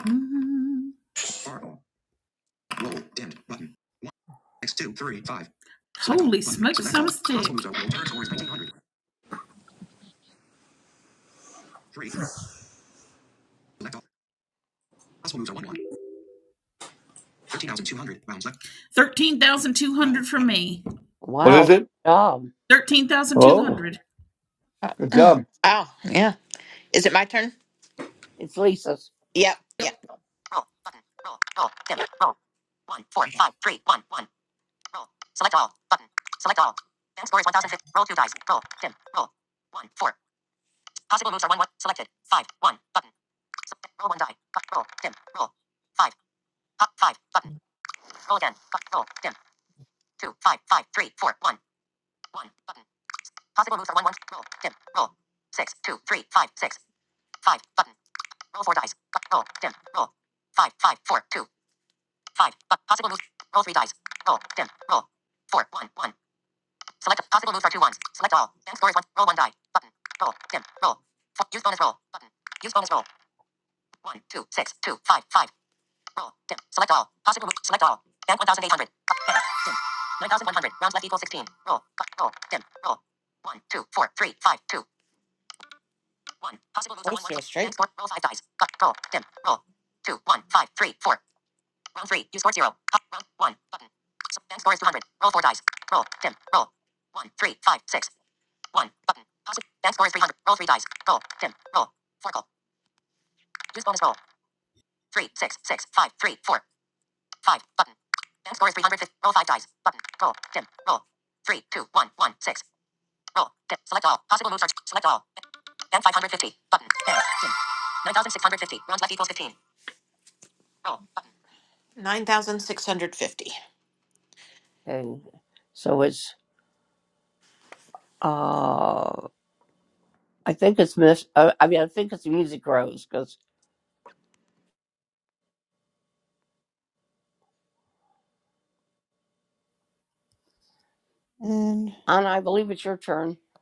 Mm. Holy smokes, I'm stick. 13,200 from me. What is it? Oh, 13,200. good job, Oh, yeah. Is it my turn? Yep. Yeah. Yep. Oh, see a straight. 9,650. And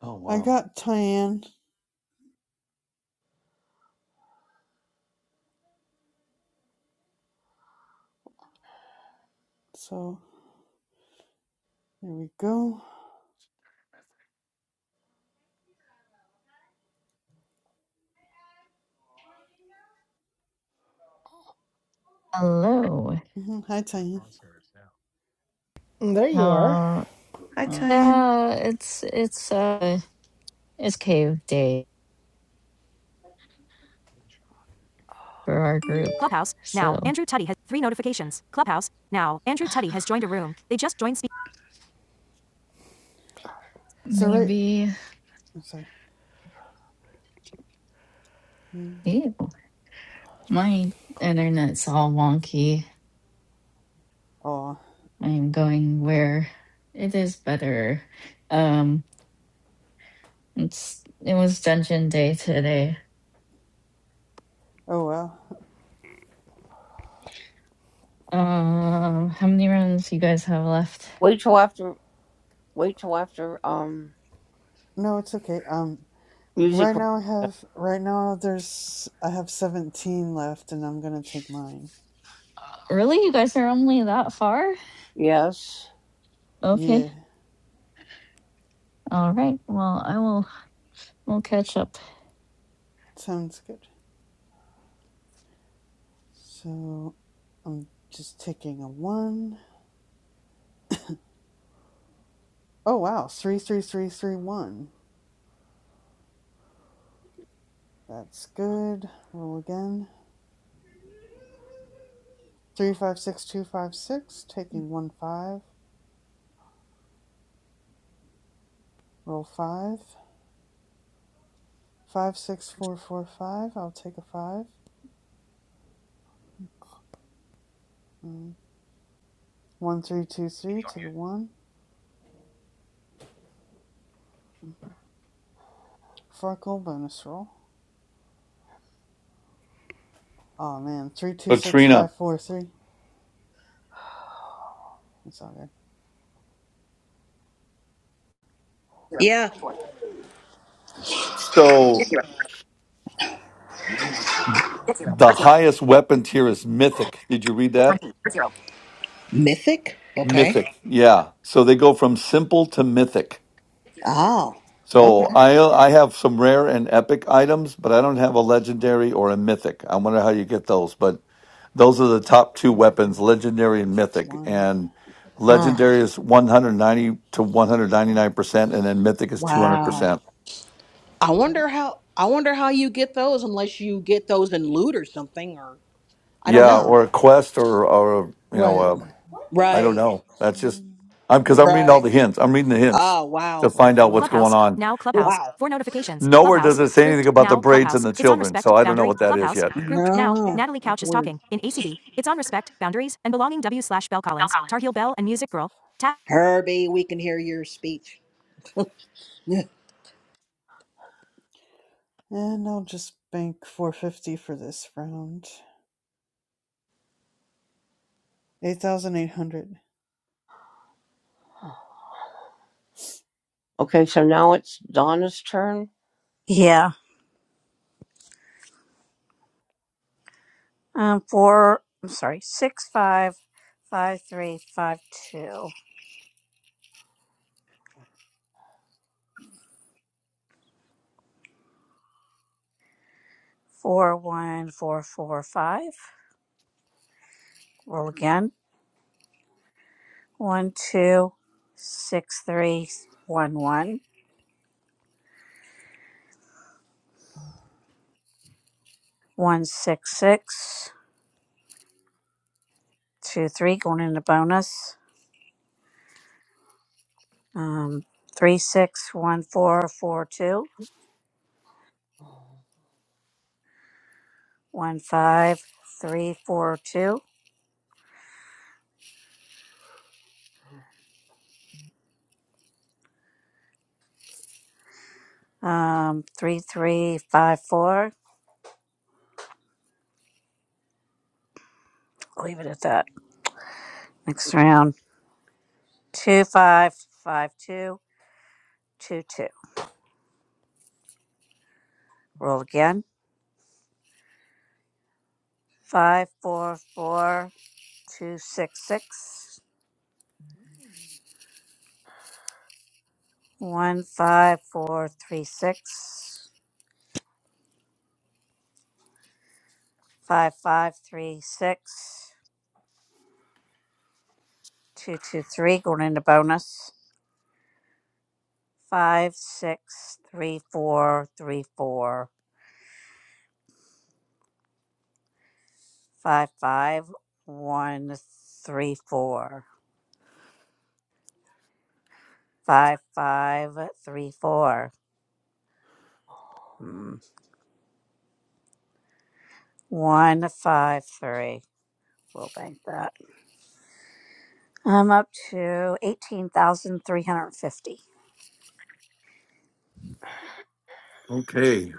Oh I wow. got Tyann, so there we go. Hello. hmm Hi, Tyann. Mm, There you are. Uh, hi Tyan yeah, it's it's uh it's cave day for our group, Clubhouse. Now, so Andrew Tutty has three notifications. Clubhouse. Now, Andrew Tutty has joined a room. They just joined. Spe- So right, maybe I'm sorry. Oh, ew, my internet's all wonky. oh I'm going where it is better. Um, it's it was dungeon day today. well. Um, how many rounds you guys have left? No, it's okay. Um, right now I have right now there's I have 17 left, and I'm gonna take mine. Really, you guys are only that far? Okay, Yeah, all right. Well, I will. We'll catch up. sounds good. So I'm just taking a one. Oh wow, three, three, three, three, one. That's good. Roll again. Three five six two five six, taking one five. Roll five. Five six four four five. I'll take a five. Mm. One three two three. Take a one. Mm. Farkle bonus roll. Oh man, three two six Latrina. five four three. It's all good. Zero. Yeah. Twenty-four. Hit So zero. Hit zero. the Hurt zero. highest weapon tier is mythic. Did you read Hit that? 19. Hurt zero. Mythic? Okay. Mythic. Yeah. So they go from simple to mythic. Oh. So Okay. I I have some rare and epic items, but I don't have a legendary or a mythic. I wonder how you get those, but those are the top two Hmm. weapons, legendary and Take mythic. one And Huh. legendary is 190 to 199%, and then bonus. mythic is 200%. Wow. I wonder how I wonder how you get those unless you get those in loot or something or I don't Yeah, know. or a quest or or you What? know, I don't Right. know. Six That's just one. I'm because I'm reading all Right. the hints. I'm reading the hints Oh to wow. Roll find out what's four. going Clubhouse, on. now Clubhouse, Wow. for notifications, Nowhere Clubhouse, does it say grouped, anything about the now braids and Clubhouse, the it's on children, respect, so I don't know boundary, what that is Clubhouse, yet. grouped, now, No. Natalie That's Couch is weird. talking, in ACB, it's on respect, boundaries, and belonging W slash Bell Collins, Tar Heel Bell and Music Girl, tap, Herbie, we can hear your speech. yeah. And I'll just bank four fifty for this round. Eight thousand eight hundred. yeah. Um, four. I'm sorry. Six five five three five two four one four four five. Roll again. One two six three one one one six six two three. Going into bonus. Um, three six one four four two one five three four two. Um, three three five four. Leave it at that. Next round. Two five five two two two. Roll again. Five four four two six six one five four three six five five three six two two three. Going into bonus. Five six three four three four five five one three four five five three four. Mm. One five three. We'll bank that. I'm up to 18,350. Okay,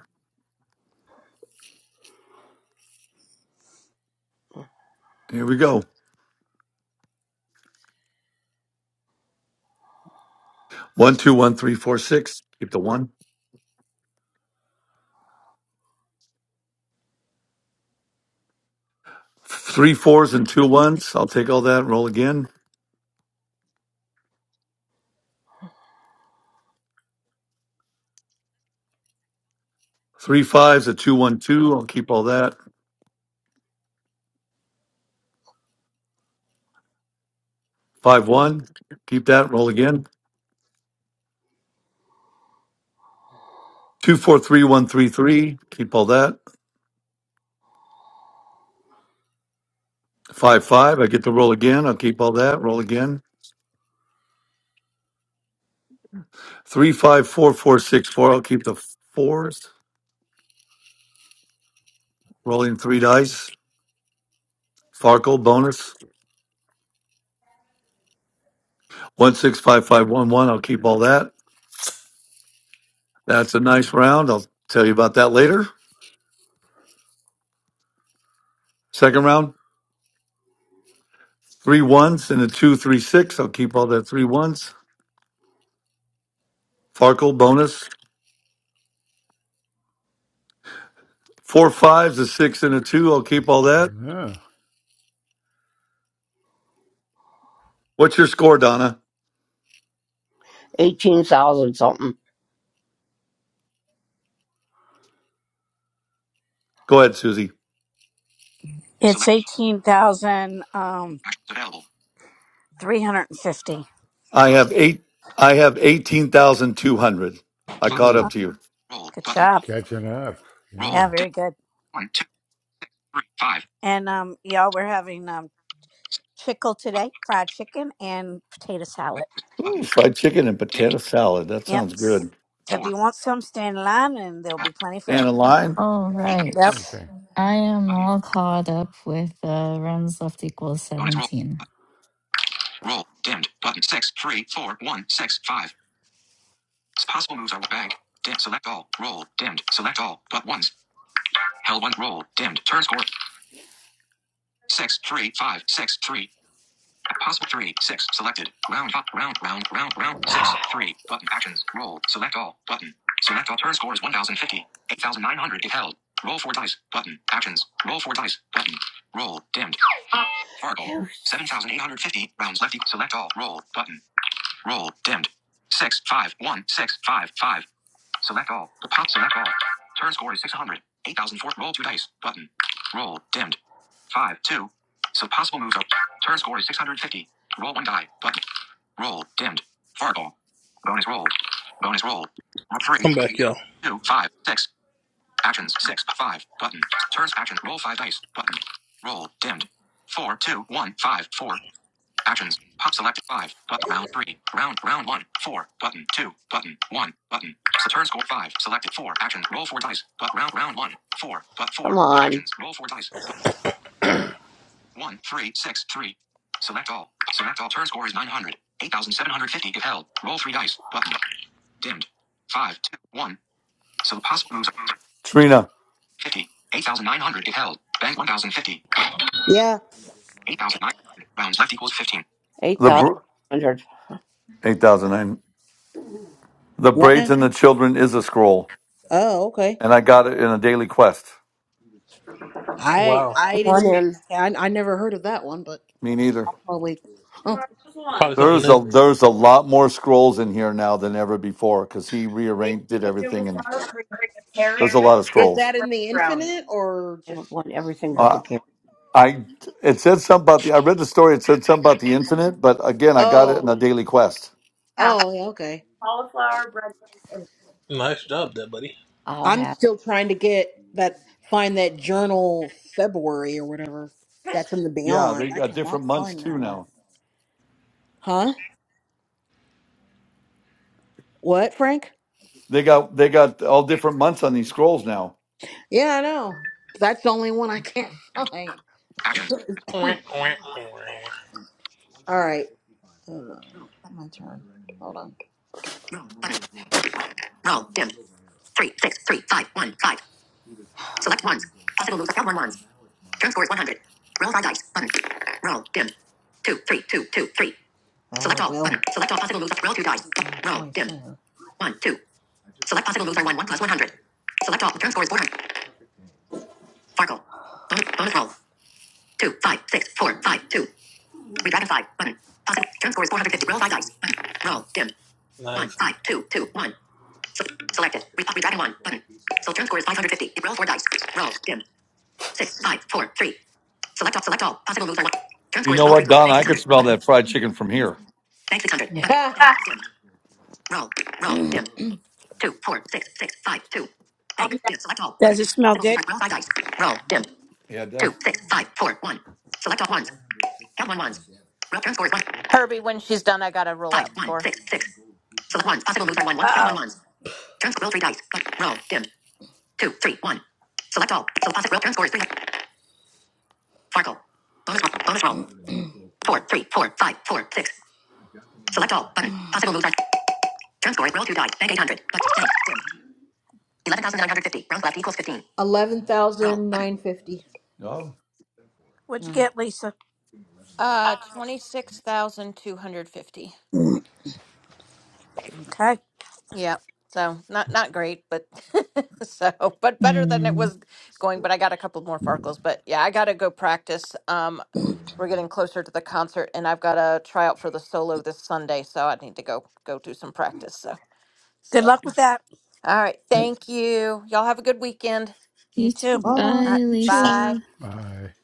here we go. One, two, one, three, four, six. Keep the one. Three fours and two ones. I'll take all that. Roll again. Three fives, a two, one, two. I'll keep all that. Five, one. Keep that. Roll again. Two, four, three, one, three, three. Keep all that. Five, five. I get to roll again. I'll keep all that. Roll again. Three, five, four, four, six, four. I'll keep the fours. Rolling three dice. Farkle bonus. One, six, five, five, one, one. I'll keep all that. That's a nice round. I'll tell you about that later. Second round, three ones and a two, three, six. I'll keep all that three ones. Farkle bonus. Four fives, a six, and a two. I'll keep all that. Yeah. What's your score, Donna? Go ahead, Susie. It's Select. 18,350. Actions available. I Five. have eight. I have eighteen thousand two hundred. I Five. caught up Ooh, Oh, to you. Roll. good Button. job. catching up. Yeah. Roll. Yeah, very Dimmed. good. One, two, three, five. And um y'all we're having um chickle Button. today, fried chicken and potato salad. Ooh, Button. fried chicken and Dimmed. potato salad. That Yep. sounds good. So if Four. you want some, stand in line and there'll be plenty for Stand Turn. in everyone. line. All Yep. 8,700. right. Okay. I am Button. all I, caught up with uh, runs left equals Bonus roll. 17. Roll. Dimmed. Button. Six, three, four, one, six, five. Possible moves are bank. Dim. Select all. Roll. Dimmed. Select all. But once. Held one. Roll. Dimmed. Turn score. Six, three, five, six, three. Possible three, six, selected. Round up, round, round, round, round. Three, button actions, roll, select all, button. Select all turn scores 1050, 8900 if held. Roll four dice, button, actions, roll four dice, button. Roll, dimmed. Fargo, 7850, rounds left, e- select all, roll, button. Roll, dimmed. Six, five, one, six, five, five. Select all. Pop select all. Turn score is 600. 8004. Roll two dice. Button. Roll. Dimmed. 5, 2. So possible moves up. Turn score is 650. Roll one die. Button. Roll. Dimmed. Fargo. Bonus roll. Bonus roll. Roll 3, I'm back, y'all. 2, five, six. Actions 6, 5. Button. Turns action. Roll 5 dice. Button. Roll. Dimmed. Four two one five four. Actions. Pop select five. Button round three. Round round one. Four. Button two. Button one. Button. So turn score five. Selected four. Actions. Roll four dice. But round round one. Four. But four. Roll four dice. But one. Three. Six. Three. Select all. Select all. Turn score is 900. 8,750 if held. Roll three dice. Button. Dimmed. Five. Two. One. So the possible moves are Trina, 50. 8,900 if held. Bank 1,050. Yeah. 8,900. Rounds left equals 15. the br- 8009. The What Braids now? and the Children is a scroll, Oh, okay. and I got it in a daily quest. I Wow, I didn't yeah, I, I never heard of that one, but Me neither. probably huh. Tomorrow's one. probably something There's new. a there's a lot more scrolls in here now than ever before because he baked rearranged did potato everything, with and sour cream, there's carrots, a and lot of black Is scrolls. that in forest the brownie. infinite or just Uh, where? I it said something about the I read the story. It said something about the infinite, but again, I got it in Oh, a daily quest. Half oh, yeah, okay. cauliflower bread and Nice job, there, buddy. I'm still trying to get that find that journal February or whatever Dimmed. that's in the Yeah, they beyond. I got different cannot months find too that one. now. Huh? What, Frank? They got they got all different months on these scrolls now. Yeah, I know. That's the only one I can't find. Actions. All Nice. right. my turn. Hold on. Roll. Roll. Dim. Three, six, three, five, one, five. Select one. Possible moves. Count one ones. Turn score is 100. Roll five dice. Button. Roll. Dim. Two, three, two, two, three. Select Oh, all. Oh, well. Button. Select all possible moves. Roll two dice. Roll. Dim. One, two. 1 plus 100. Select all. Turn score is 400. Farkle. Bonus, bonus roll. Two, five, six, four, five, two. 5, 6, 5, Read rapid 5. Button. Positive. Turn score is 450. Roll 5 dice. Button. Roll. Dim. One, five, two, two, one. Se- select it. Re- redragon 1. Button. So turn score is 550. Roll 4 dice. Roll. Dim. 6, 5, 4, 3. Select all. Select all. Possible moves are 1. Turn You score is know roll 3. what, Don? Bank I could 600. smell Button. that fried chicken from here. Bank 600. Button. Yeah. Bank. Dim. Roll. Roll. Dim. 2, 4, 6, 6, 5, 2. I'll Bank. be back. Dim. Select all. Does Button. it smell Possible moves good? are roll 5 dice. Roll. Dim. Yeah, it does. two, six, five, four, one. Select all ones. Count one ones. Roll turn scores one. Herbie, when she's done, I got to roll Five, out one, score. six, six. Select ones. Possible moves are one, one. Count Uh one oh. ones. Turn sc- roll three dice. roll dim. Two, three, one. Select all. So possible roll turn scores three. Farkle. Bonus roll. Bonus roll. Four, three, four, five, four, six. Select all. Button. Possible moves are. Turn scores. Roll two dice. Bank eight hundred. dim. Eleven thousand nine hundred fifty. Rounds left equals fifteen. Roll. Oh, What'd you get, Lisa? Uh, 26,250. Okay. Yeah. So not not great, but so but better than it Mm. was going. But I got a couple more Farkles. But yeah, I gotta go practice. Um, we're getting closer to the concert, and I've got to try out for the solo this Sunday, so I need to go go do some practice. So so. Good luck with that. All right. Thank you. Y'all have a good weekend. You You too. too. Bye, Uh, It's you Bye. Lisa. I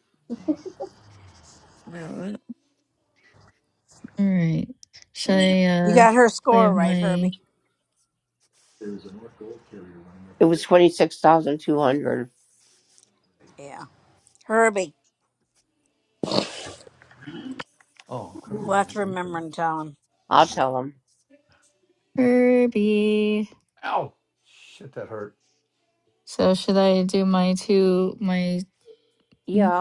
Alright. All right. Should I You uh, got her play score right, my Herbie. Yeah. Herbie. We'll have to remember and alternates. tell him. Kirby? So should I do my two, my... mm,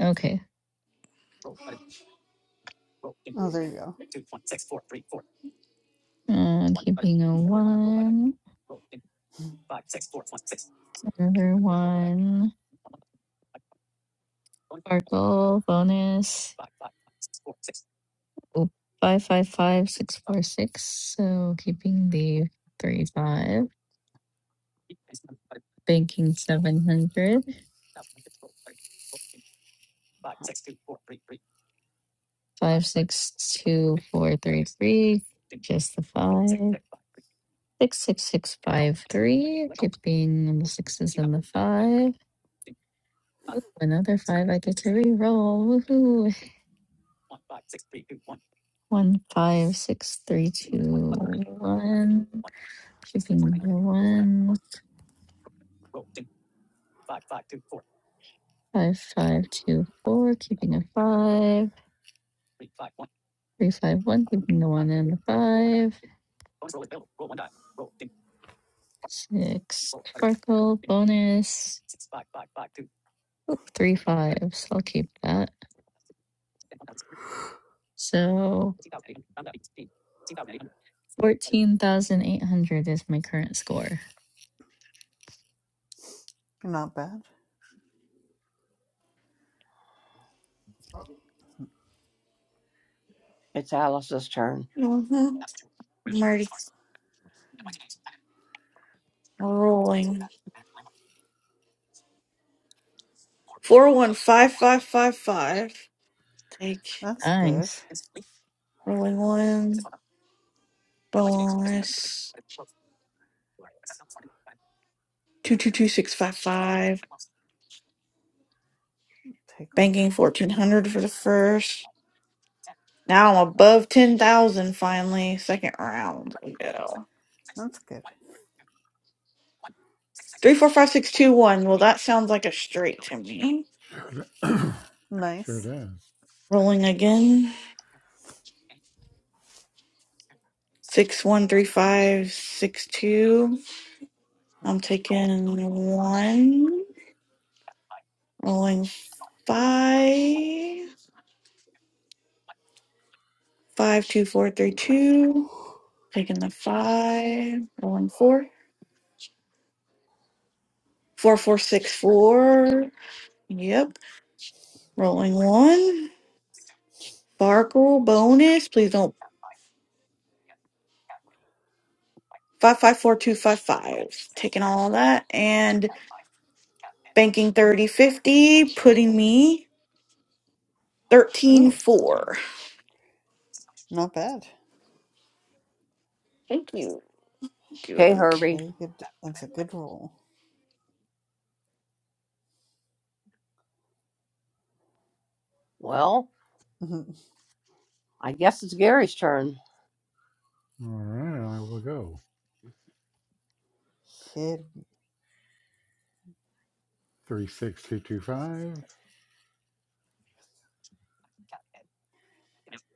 Okay. Oh, there you go. Uh, keeping a one, another one, sparkle, bonus, oop, five, five, five, six, four, six. So keeping the three, five. banking 700 562433 just the five 66653 keeping the sixes and the five another five i get to re-roll Woohoo. one five six three two one keeping the one five five two four keeping a five three five one keeping the one and the five six sparkle bonus Oop, three fives. I'll keep that. So 14,800 is my current score. Not bad. Mhm. I'm already rolling 415555 take That's good. Nice. rolling one bonus 222655 Take a banking 1400 for the first now I'm That's above 10,000 finally second round we go that's good. 345621 well that sounds like a straight to me sure Nice. does. rolling again Six one three five six two. I'm taking one. Rolling five. Five two four three two. Taking the five. Rolling four. Four four six four. Yep. Rolling one. Sparkle bonus. Please don't. Five five four two five five. Taking all that and banking thirty fifty. Putting me thirteen Ooh, four. not bad. Thank you. Thank you. Very good. That's a good roll. All right, I will go. Shit. Three six two two five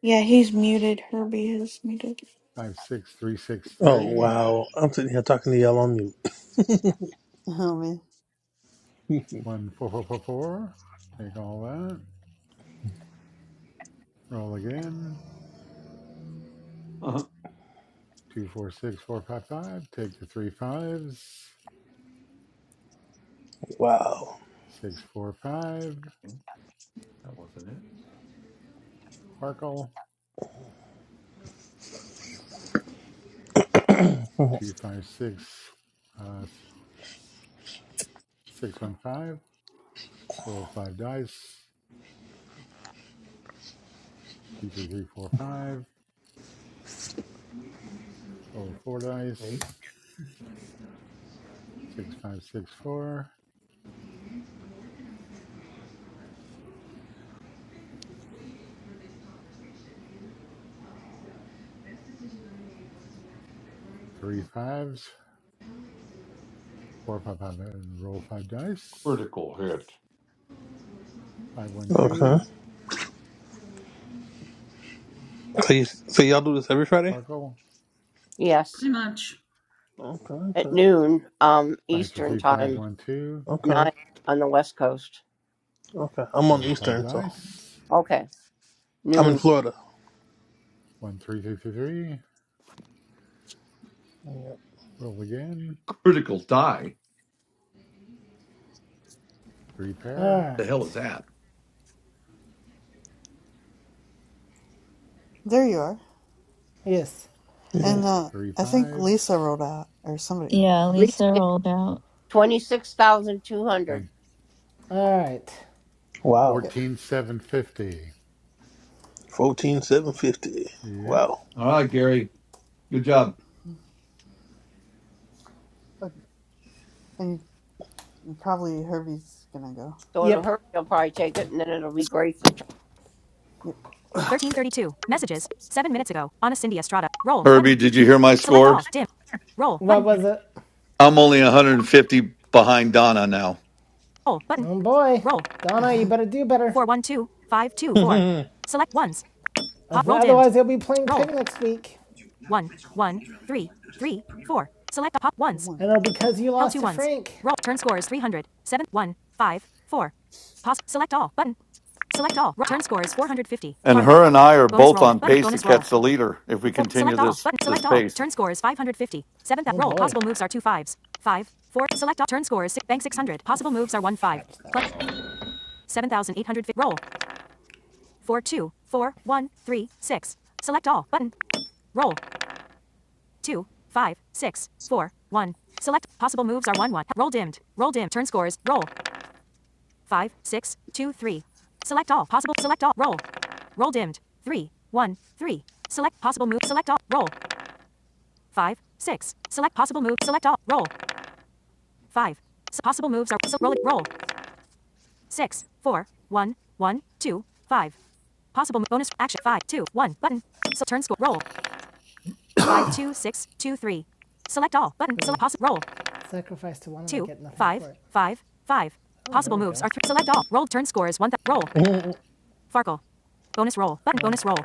Yeah, he's muted. Herbie is muted. five six three six Oh three wow, I'm sitting here talking to y'all on mute. Oh man, one four four four four. Take all that. Roll again. Uh-huh. 246455. Take the three fives. Wow. 645. Okay, That wasn't it. Sparkle. 256. Uh, 615. Roll five dice. 23345. Roll four Okay, dice. 6564. Three fives. Four, five, five, roll five dice. critical hit. Five, one, two. Okay. So, you, so y'all do this every Friday? Farkle. Pretty much. Okay, okay, 533512. okay, okay. I'm on Roll five Eastern, so dice. I'm in Florida. 13333. Roll again. Critical die. Three All pair. The hell right. is that? there you are. Yes. Yeah. And uh, Three I think fives. Lisa rolled out, or somebody rolled Yeah, out. Lisa rolled out Bank All right. Wow. 14750. Fourteen thousand seven hundred fifty. Yep. Wow. All right, Gary. Good job. Yeah. But- And probably Herbie's gonna go. Yep. Yep. 1332, messages, 7 minutes ago, on Cindy Estrada, roll, button, Herbie, did you hear my select score? all, dim, roll, button. What was it? I'm only 150 behind Donna now. roll, button, Oh boy. roll, Donna, you better do better. 412524, Nine select ones, otherwise, they will be playing pig next week. One, one, three, three, four. Select pop ones. And it'll One. because you lost to Frank. Roll. Turn score is 300. 7, 1, 5, four. Pause. Select all. Button. Select all. Turn score is 450. And Farkle. her and I are Bonus both roll. on Button. pace to Bonus roll. catch the leader if we Full. continue Select all. this Button. this Select all. pace. Turn score is 550. Seventh Oh, roll. boy. Possible moves are two fives. Five. Four. Select all. Turn score is six. Bank 600. Possible moves are one five. Watch 7,850. Roll. Four two four one three six. Select all. Button. Roll. two, five, six, four, one. Select possible moves are one, one. Roll dimmed. Roll dimmed. Turn scores. Roll. Five, six, two, three. Select all possible. Select all. Roll. Roll dimmed. Three, one, three. Select possible move. Select all. Roll. Five, six. Select possible move. Select all. Roll. Five. possible moves are so roll. Roll. Six, four, one, one, two, five. Possible bonus action five two one button. So turn score roll Five two six two three. Select all button. Select possible roll. Sacrifice to one. and I Possible moves go. are three. Select all. Roll turn score is one. Th- roll. Farkle. Bonus roll button. Bonus roll.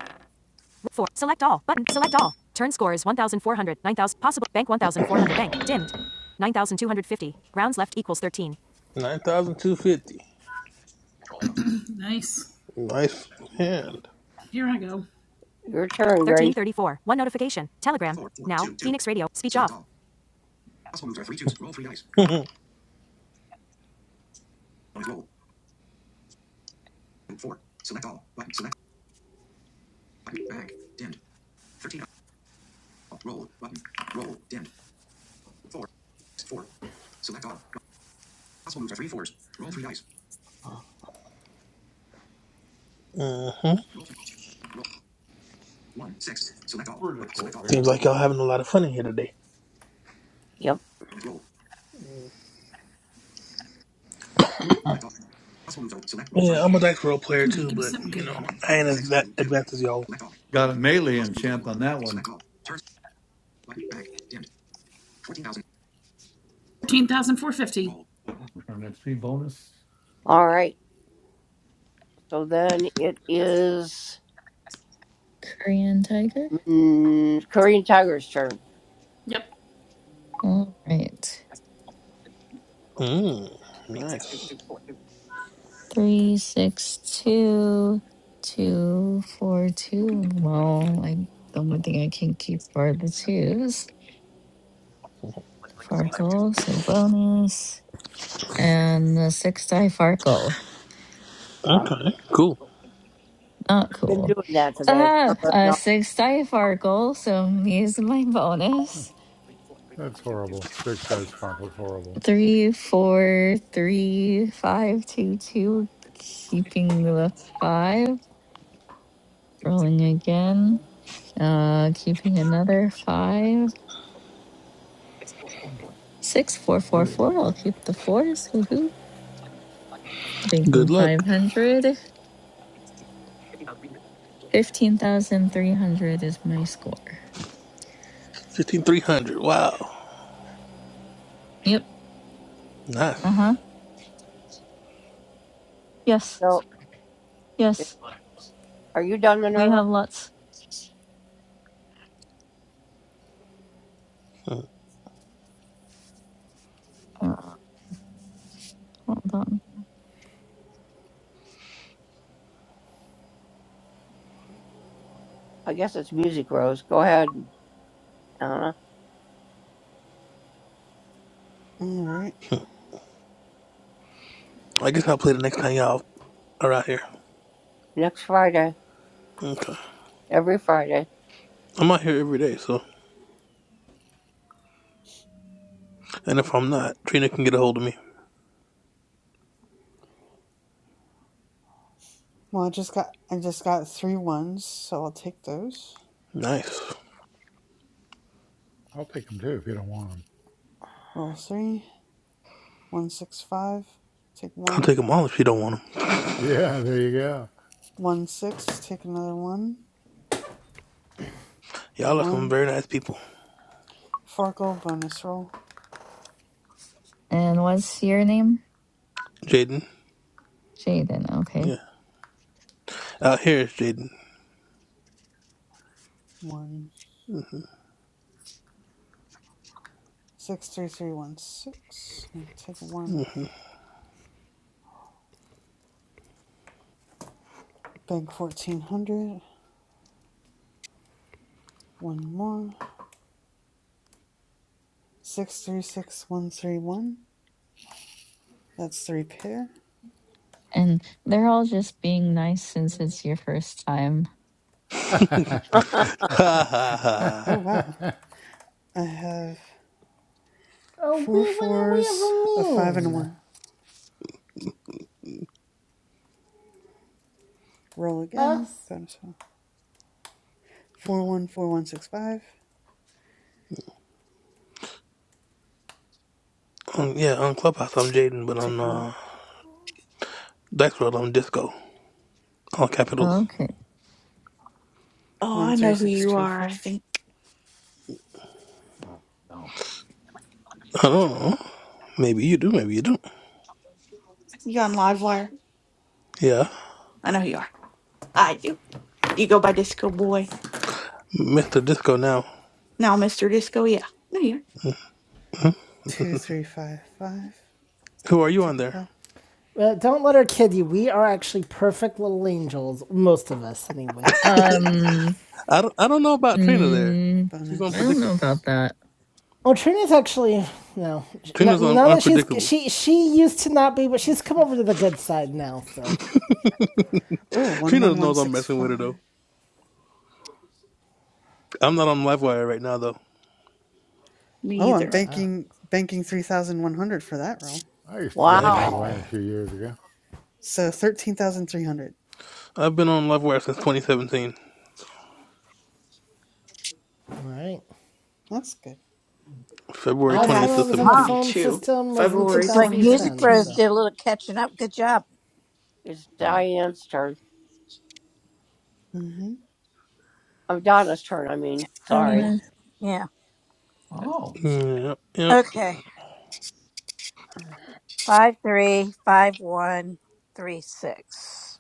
Four. Select all button. Select all. Turn score is 1,400. 9,000. Possible bank 1,400. Bank dimmed. 9,250. Rounds left equals 13. thousand two hundred fifty. nice. Nice hand. Here I go. 1334. One notification. Telegram. Now. Phoenix Radio. Speech off. hmm Critical Seems hit. like y'all having a lot of fun in here today. Ooh, Yeah, I'm a dice roll player Come on, too, give me but something you good. know I ain't as va- advanced as y'all. got a melee enchant on that one. 14,450. Turn XP bonus. Korean Tiger. Yep. All right. Mm, nice. Three, six, two, two, four, two. Well, I the only thing I can keep are the twos. Farkle, so bonus. And a six die Farkle. Okay. Cool. Not cool. Ah, a six die Farkle, so I'm using my bonus. That's horrible. Six dice Farkle's horrible. Three, four, three, five, two, two. Keeping the five. Rolling again. Uh, keeping another five. Six, four, four, Ready. four. I'll keep the fours. Woohoo! Good Banking luck. five hundred. Fifteen thousand three hundred is my score. Fifteen three hundred. Wow. Yep. Nice. Uh huh. Yes. Yes. We have lots. Uh, hold on. All right. I guess I'll play the next time y'all are out here. Okay. I'm out here every day, so and if I'm not, Trina can get a hold of me. Well, I just got I just got three ones, so I'll take those. Nice. I'll take them too if you don't want them. Roll three. One six five. Take I'll one. take them all if she don't want 'em. Yeah, there you go. One six. Take another one. Roll Y'all are some one. very nice people. Farkle bonus roll. And what's your name? Jaden. Jaden. Okay. Yeah. Out here is Jaden. One. Mm-hmm. Six three three one six. We'll take one. Bank fourteen hundred. One more. Six three six one three one. That's three pair. And they're all just being nice since it's your first time. Mm-hmm. ha ha ha. Oh wow. I have Oh, four fours, a we. What are five and we a ever mean? one. Roll again. Us? Bonus roll. Four one four one six five. Um, yeah, on Clubhouse I'm Jaden, but on Take one. uh, Dice World I'm Disco. All capitals. Okay. Oh, One I three know who six you two are, I four. think. Oh, no. I don't know. Maybe you do, maybe you don't. You on Livewire? Yeah. I know who you are. I do. You go by Disco Boy. Mr. Disco now. Now, Mr. Disco, yeah. No, you're. Two three five five. Who are you on Take a there? five. Uh, don't let her kid you. We are actually perfect little angels, most of us anyway. Um. I don't, I don't know about Trina there. Mm, She's I don't know unpredictable. about Bonus. that. Oh, Trina's actually no. Trina's un- Now that she's unpredictable. she she used to not be, but Roll she's come five. over to the good side now. So Trina knows I'm messing 011165 with her though. I'm not on LiveWire right now though. Me Oh, I'm either. banking banking 3,100 for that row. I used to be on Nice. Bite LiveWire a me. few years ago. So 13,300. I've been on LiveWire since 2017. all right. That's good. February I Last time 20th have I to was in a Huh? 17th. phone two. system was in February Looks like Music 2010. So Rose 2017. all did a little catching up. Good job. Done. hmm I don't Yeah. know. Yeah. Oh. Yep, yep. Okay. Five three five one three six.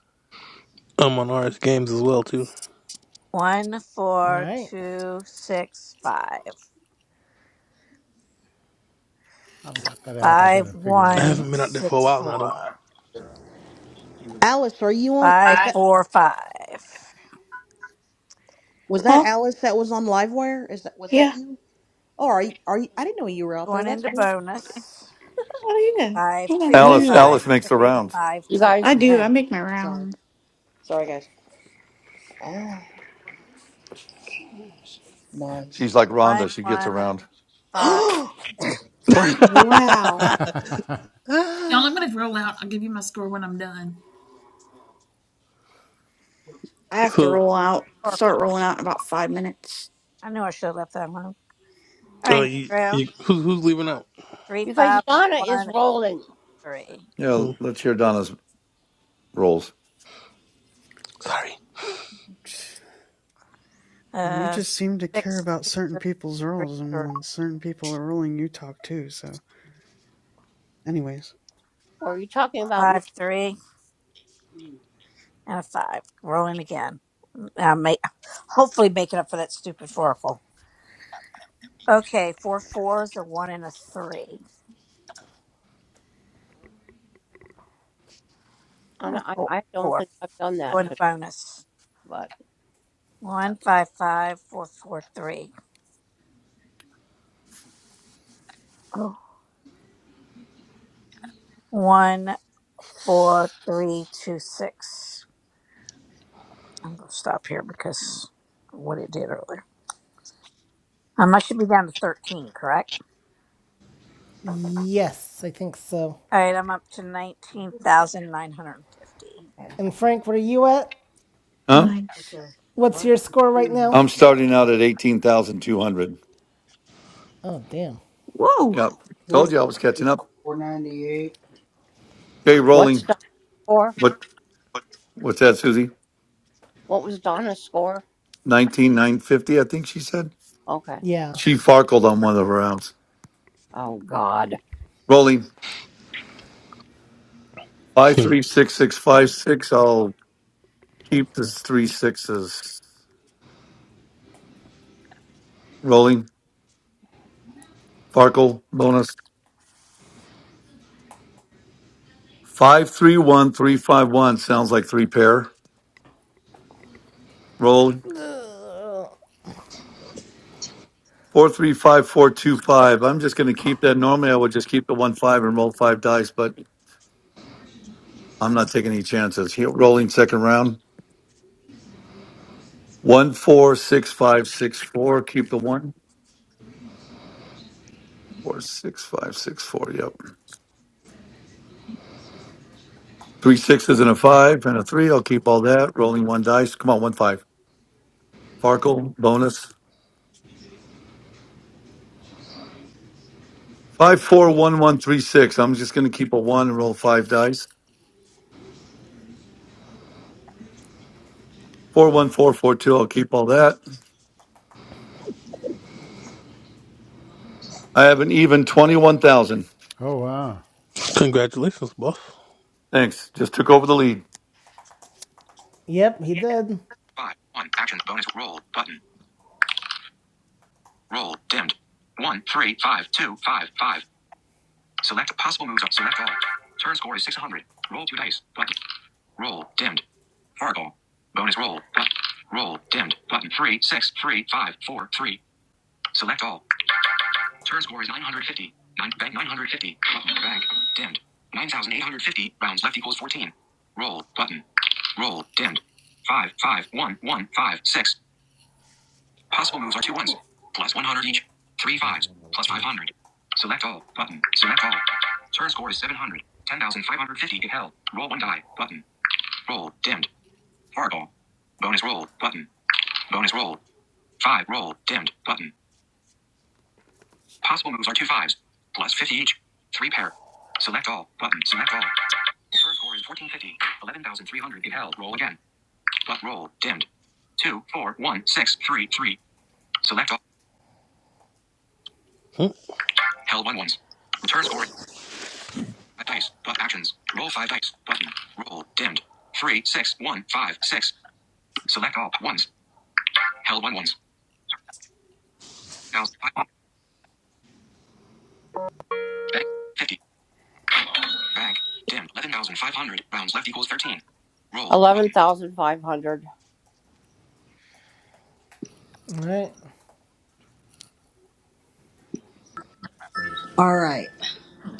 I'm on RS Games as well, too. One four right. two six five. I've got that app. I got to Five figure I it haven't one been out there for a six while now, though. four. Alice, are you on? Five Is that four five. was that Huh? Alice that was on Livewire? Is that was that Yeah. you? Oh, are you, are you? I didn't know you were out there. Going That's into cool. bonus. Oh, yeah. Five I went Oh, two there. Alice yeah. five Alice makes the three rounds. five two. I do. I make my Sorry. rounds. Sorry, guys. Ah, nice. She's like One Rhonda. She gets one around. five six two. Frank. Wow. out. Y'all, I'm gonna roll out. I'll give you my score when I'm done. I have to so, roll out. Oracle Start me. rolling out in about five minutes. I knew I should have left that alone. All right, uh, next you, you, round. who's, who's leaving out? three five one. three, Yeah, Hmm, let's hear Donna's rolls. Sorry. And you uh, just seem to care six, about two, certain three, people's rolls, and three, when certain people are rolling, you talk too. So, anyways, five, three, and a five. Rolling again. Uh, make, hopefully making up for that stupid foracle. Okay, four fours, a one and a three. Uh, Four, four. Going to bonus. One, five, five, four, four, three. five, four, four, three, two, six. I'm gonna stop here because of what it did earlier. Um, I should be down to thirteen, correct? Yes, I think so. All right, I'm up to 19,950. And Frank, where are you at? Huh? Nice. Okay. Why What's are your score right you now? more I'm starting out at eighteen thousand two hundred. Oh damn. Whoa. Yeah. tell Told you I was catching up. me? Okay, rolling. What what's that, Susie? Nineteen nine fifty, I think she said. Yeah. She farkled on one of her rounds. Rolling. Five three six six five six. I'll keep the three sixes. Rolling. Farkle bonus. Five three one three five one. Sounds like three pair. Roll. Four three five four two five. I'm just going to keep that. Normally, I would just keep the one five and roll five dice, but I'm not taking any chances. Here, rolling second round. One four six five six four. Keep the one four six five six four. Yep. Three sixes and a five and a three. I'll keep all that. Rolling one dice. Come on, one five. Farkle bonus five four one one three six. I'm just going to keep a one and roll five dice. Four one four four two. I'll keep all that. I have an even twenty one thousand. oh, wow. Hmm. Congratulations, boss. Thanks. Just took over the lead. Yep, he did. Five. One. Actions. Bonus. Roll. Button. Roll. Dimmed. One, three, five, two, five, five. Select possible moves. Up. Select all. Turn score is 600. Roll two dice. Button. Roll. Dimmed. Fargo. Bonus roll. Button. Roll. Dimmed. Button. Three, six, three, five, four, three. Select all. Turn score is 950. Nine, bank 950. Button. Bank. Dimmed. 9,850. Rounds left equals 14. Roll. Button. Roll. Dimmed. 5, 5, 1, 1, 5, 6. Possible moves are two ones. Plus 100 each. Three fives. Plus 500. Select all. Button. Select all. Turn score is 700. 10,550. Get held. Roll one die. Button. Roll. Dimmed. Fargo. Bonus roll. Button. Bonus roll. 5. Roll. Dimmed. Button. Possible moves are two fives. Plus 50 each. Three pair. Select all. Button. Select all. First score is 1450. 11,300. It held. Roll again. But roll. Dimmed. Two, four, one, six, three, three. Select all. Hmm, Held one ones. Return score. Five dice. But actions. Roll five dice. Button. Roll. Dimmed. Three, six, one, five, six. Select all. Ones. Held one ones. Now. Bank. 50. Bank. Dimmed. 11,500. Rounds left equals 13. Roll. All right. All right.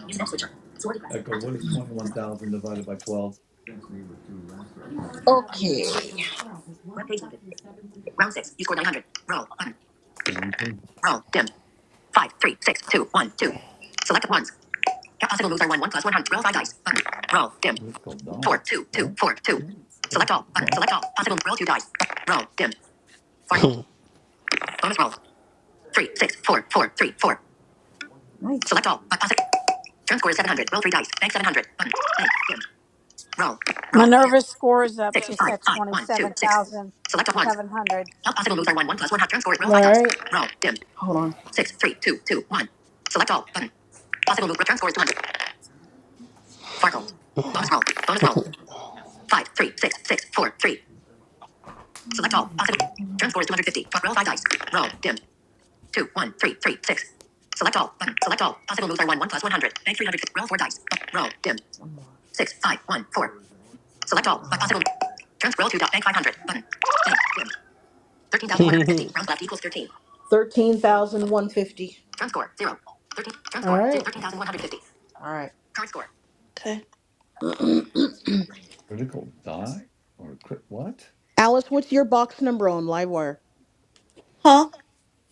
Use that switcher. Sword I request go, active. what is twenty-one thousand divided by twelve? Okay. Web page loaded. Round six. You scored nine hundred. Roll. Roll. And one thing, Roll Roll. Roll Roll. Roll. Five, three, six, two, one, two. Select Select Select ones. Possible Possible moves are one, one plus one hundred. Roll five dice. dice. critical die, Four, two, two, what? four, two. Mm, Select Critical all. Button. what? Select all. Possible. Roll two dice. Roll. Dimmed. hmm. Fargo. Bonus roll. Three, six, four, four, three, four. Nice. Select all. But possible. Turn score is 700. Roll three dice. Bank 700. Button. Bank. Dim. Roll. Roll. Dim. Minerva's score is up. Six. She's Five. got Five. One. Two. Six. Select all ones. 27,700. All possible moves are one. One plus one half. Turn score is All roll five dice. right. Roll. Dim. Hold on. Six. Three. Two. Two. One. Select all. Button. Possible move. Return score is 200. Fargo. Bonus roll. Bonus roll. Five. Three. Six. Six. Four. Three. Select all. Possible. Turn score is 250. roll five dice. Roll. Dim. Two. One. Three. Three. Six. Select all. Button. Select all. Possible moves are one. One plus 100. Bank 300. Roll four dice. Roll. Dim. Six. Five. One. Four. Select all. possible. Turn scroll to dot bank 500. Button. 13,150. Round left equals 13. 13,150. Turn score. 0. 13. Turn All score. right. 13,150. All right. Current score. Okay. Critical die or crit what? Alice, what's your box number on Livewire? Huh?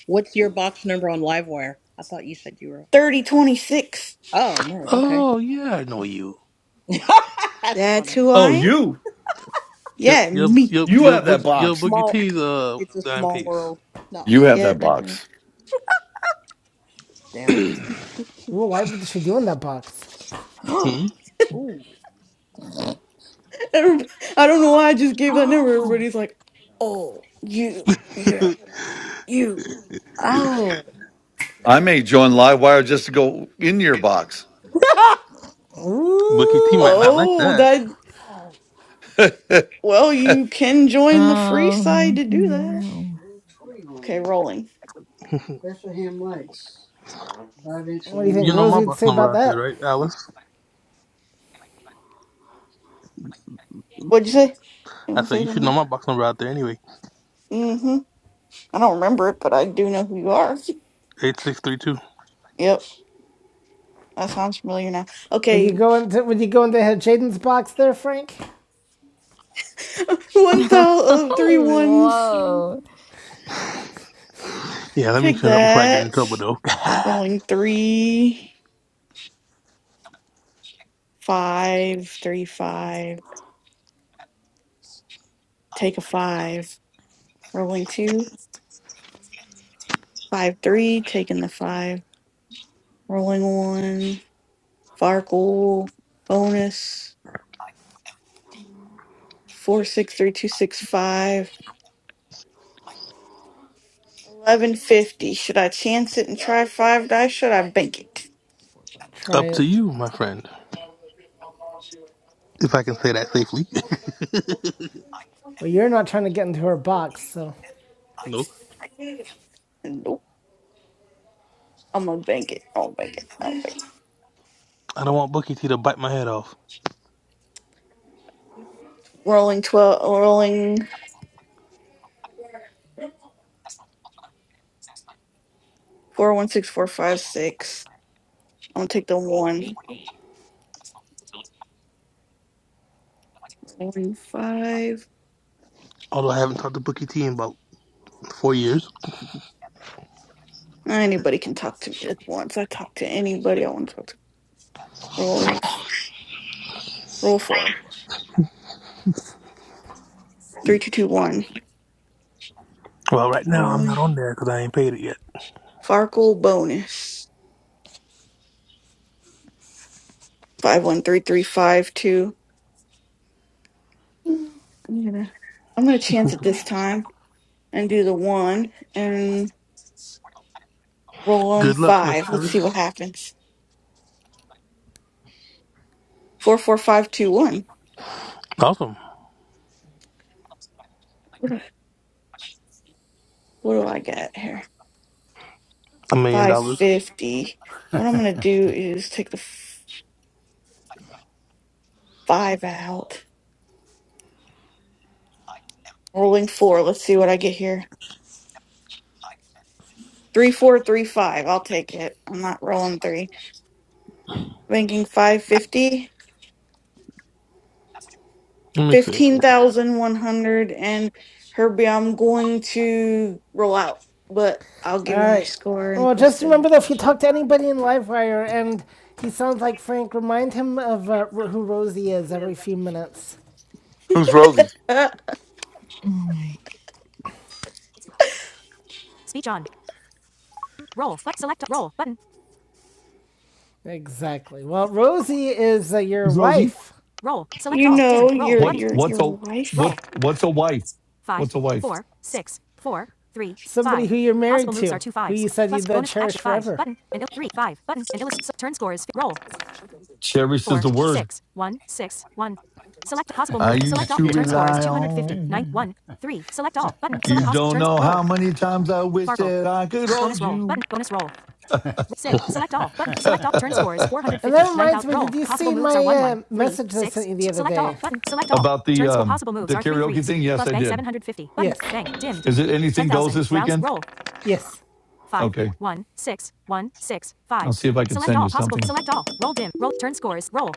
What's your box number on Livewire? I thought you said you were. 3026. Oh, no. Okay. oh, yeah, I know you. That's That's funny. who I Oh, am. you Your, Yeah, your, me. your, you your, have that boog- your box. Boogie Small. T's, uh, It's dime all piece. world. No. You have Yeah. that yeah. box. Damn. Ooh, why would she do in that box? Ooh. Hmm? Everyb- I don't know why I just gave that number. Everybody's like, oh, you, yeah, you. oh. I may join Livewire just to go in your box. Boogie T Ooh, might not like Oh, that. that, Who's well, you can join the free side Um. to do Oh, that. a Wow. little tree Okay, ornament. rolling. Bethlehem lights. Five inch what do you You think aluminum. know my Rosie would box say number about out there, that? right, Oh, Alice? What'd you say? You I want to said, say you should know something? my box number out there anyway. Mm-hmm. I don't remember it, but I do know who you are. 8632. Yep, that sounds familiar now. Would you Okay, go into Would you go into Jaden's box there, Frank? one thou of three ones. Whoa. Yeah, let me Pick shut up before I get in that. trouble, though. Rolling three, five, three, five. take a five. Rolling two, five, three, taking the five. Rolling one, Farkle, bonus, four, six, three, two, six, five. 1150. Should I chance it and try five dice? Should I bank it? Try Up to it. you, my friend. If I can say that safely. Well, you're not trying to get into her box, so Nope. Nope. I'm gonna bank it. I'll bank it. I'll bank it. I don't want Bookie T to bite my head off. Rolling 12, rolling four, one, six, four, five, six. I'm gonna take the one. Rolling five. Although I haven't talked to Bookie T in about four years. Anybody can talk to me at once. I talk to anybody I want to talk to. Roll, roll four. Three two two one. Well, right now I'm not Rolling. on there because I ain't paid it yet. Farkle bonus. Five one three three five two. I'm gonna I'm gonna chance it this time and do the one and roll on Good luck, Miss five. Let's see what Harris. happens. Four four five two one. Awesome. What do, what do I get here? A million Five dollars. fifty. What I'm gonna do is take the f- five out. Rolling four. Let's see what I get here. Three four three five. I'll take it. I'm not rolling three. Banking five fifty. Let me see. fifteen thousand one hundred and Herbie, I'm going to roll out, but I'll all give you my right. score and Well, post just remember it. though, if you talk to anybody in Livewire and he sounds like Frank, remind him of uh, who Rosie is every few minutes. Rosie? Uh, Oh my. Speech on. Roll. But select roll button. Exactly. Well, Rosie is uh, your Who's Rosie? wife. Roll. Select you all. Dim. know Roll your button. What's your what's your a what Roll. wife. what's a wife? five, What's a wife? four, six, four, three, Somebody five. who you're married Possible moves to, are two fives. who you said you'd then bonus cherish forever. Button and il- three five button and illustrate turn score is roll Cherish is four the word six one six one. Select a possible move. I Select used all. to Turn yeah. score is rely 250. 9, on. one, three. Select all. Button. Select You pos. don't Turns. know how Roll. many times I wish Farkle. that I could hold Bonus roll. you. Button. Bonus roll. Six. Select all. Button. Select all. Turn score is 450. And that reminds me, did you Possible see moves are my one, uh, one, message I six. sent you the other day? Select all. Button. Select all. About the Turn score. um Possible moves the are three karaoke threes. thing, yes, Plus I bank did. 750. Button. Yes. Bank. Dimmed. Is it anything goes 10,000. this Rounds. weekend? Roll. Yes. Five. Okay, One. Six. One. Six. I'll Five. see if I can Select send all. you Possible. something. Select all. Roll dim. Roll. Turn score is roll.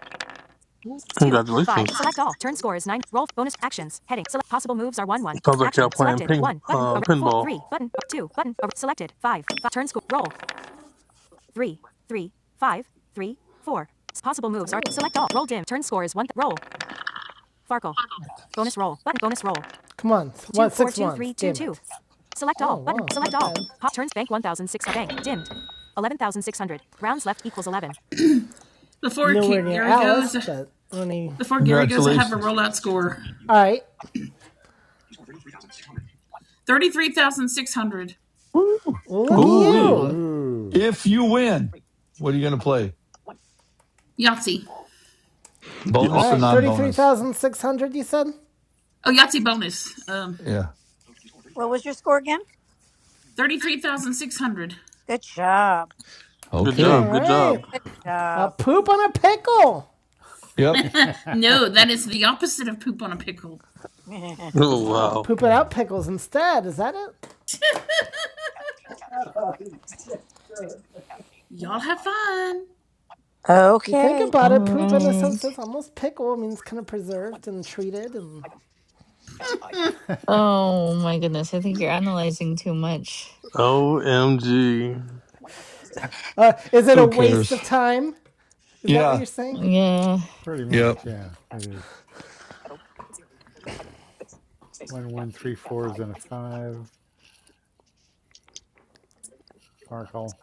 Two. Five. Congratulations. Select all. Turn score is nine. Roll. Bonus actions. Heading. Select. Possible moves are one. One. Sounds like y'all Action. playing Selected. ping, One. Button. uh, Four. pinball. Three. Button. Two. Button. Selected. Five. Turn score. Roll three, three, five, three, four. Possible moves are select all. Roll dim. Turn score is one. Th- roll. Farkle. Bonus roll. Button. Bonus roll. Come on. What? Two, four, Six two, ones. three, two, two. it. Select all. Oh, button. wow, Select all. Pop turns bank one thousand six hundred Bank. Dimmed. 11,600. Rounds left equals 11. before Nowhere near Gary goes, Alice, but only. before Gary goes, I have a Congratulations! rollout score. All right. Thirty-three thousand six hundred. Woo. Well, look at Ooh wee. you. Ooh. Ooh. If you win, what are you going to play? Yahtzee. All Y'all. Bonus or too. right. non-bonus? 33,600, you said? Oh, Yahtzee bonus. Um, Yeah. What was your score again? thirty-three thousand six hundred. Good job. Good Q. All job. Okay. Good job. right. Good A job. poop on a pickle. Yep. no, that is the opposite of poop on a pickle. that's Oh Oh, wow. poop it out pickles instead. Is that it? good. Y'all have fun. If you think okay. about it, All poop in a right. sense is almost pickle. I mean, it's kind of preserved and treated. And Oh my goodness. I think you're analyzing too much. OMG. is it a Who waste cares? of time? Is that what Yeah. you're saying? Yeah. Pretty Yep. much, yeah. It is one one three fours and a five. Farkle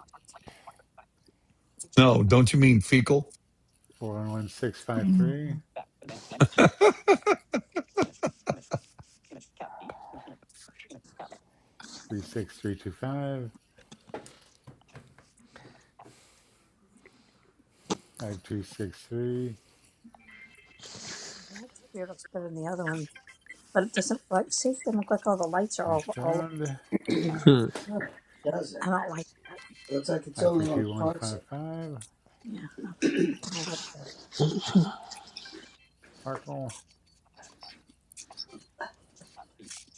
No, don't you mean fecal? four one one six five three three six three two five five two six three. That's spirit looks better than the other one, but it doesn't like, see, it doesn't look like all the lights are all, Next all round Hmm. No, it doesn't. I don't like that. It looks like it's five only three on two one parts of five it. five. Yeah, I don't like that. Farkle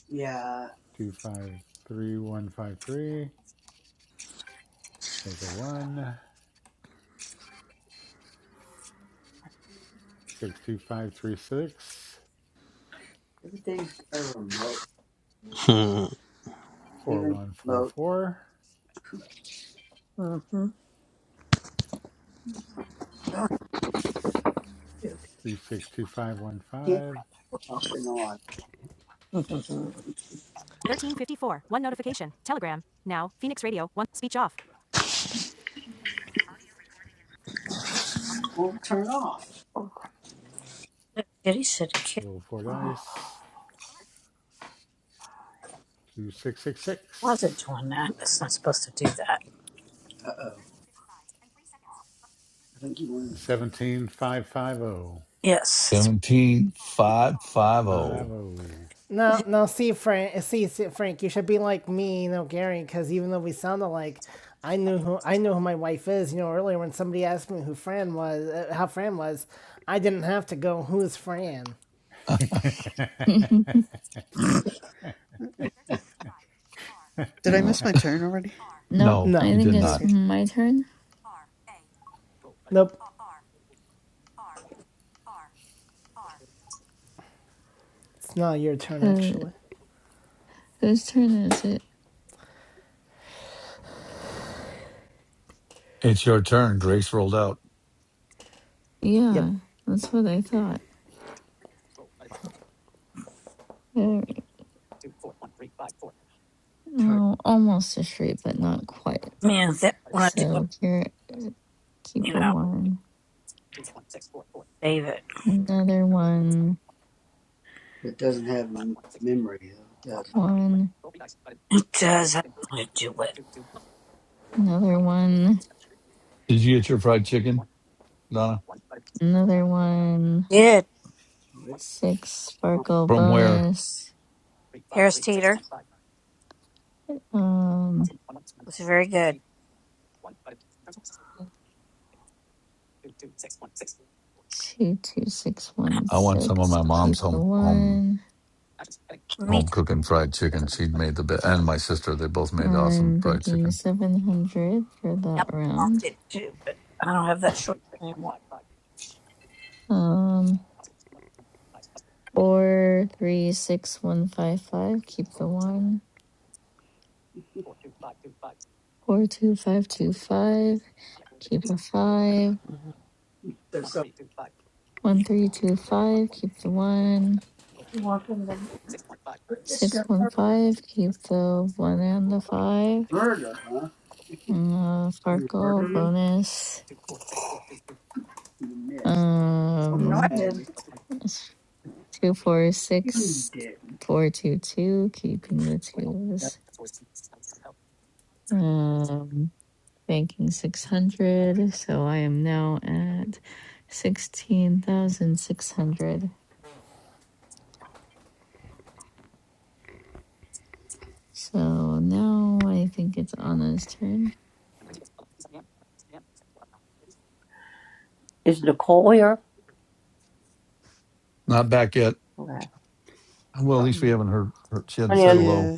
Yeah, two five three one five three. Take a one six two five three six. everything's got a remote. nowadays. Hmm. Four Even one the four remote. four Mm-hmm. Darn you. three six two five one Can't five turn off and on. Mm-hmm. 1354. One notification. Telegram. Now, Phoenix Radio. One speech off. Won't turn off. Kitty said Kitty Roll four dice. 2666 wasn't doing that. It's not supposed to do that. Uh oh. thirteen fifty-five and three seconds, I think you wanted to do 17550. Yes, R, R, A. 17550. No, it's, no. See, Frank. See, see, Frank. You should be like me, you know, Gary. Because even though we sound alike, I knew who I knew who my wife is. You know, earlier when somebody asked me who Fran was, uh, how Fran was, I didn't have to go. Who's Fran? Uh, Uh, thirteen fifty-five, R, did I miss my turn already? nope. No, No. I you think did it's not. Okay. my turn. Nope. It's not your turn, Uh, actually. whose turn is it? It's your turn. Grace rolled out. Yeah. Yep. That's what I thought. Uh, target Oh, almost a street, but not quite. man. That when I do it, So here, you keep a know, one, save it. another one, It doesn't have m- memory, though, does one, it? It does. I don't want to do it. another one, Did you get your fried chicken, Donna? another one, Good. six sparkle From where? bonus. Harris Teeter Um, was very good. two, two, six, one, I want some of six. my mom's Keep the home home one. Me home too. cooking fried chicken. She would made the best, and my sister. They both made awesome I'm fried banking chicken. seven hundred for Yeah, that I'm on round. it too, but I don't have that short anymore. Um, four, three, six, one, five, five. Keep the one. Four two five two five. Keep a five. There's a- One three two five. Keep the one. You want them to this Six in one her- five. Keep the one and the five. murder, huh? Uh, You murder Farkle me? bonus. You missed. no, I Um, didn't. two four You six didn't. four two two. Keeping the twos. Um, banking six hundred. So I am now at sixteen thousand six hundred. So now I think it's Anna's turn. Not back yet. Well, at least we haven't heard. her she hadn't said hello. Yeah.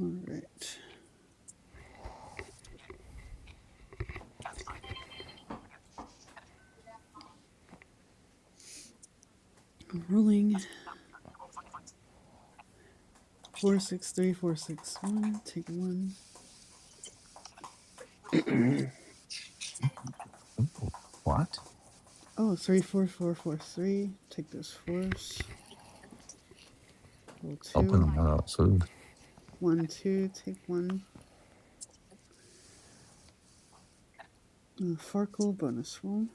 All right. Rolling four six three four six one. Take one. What? Oh, three four four four three. Take those fours. Roll Open two. them up. So One, two, take one. Uh, Farkle bonus roll.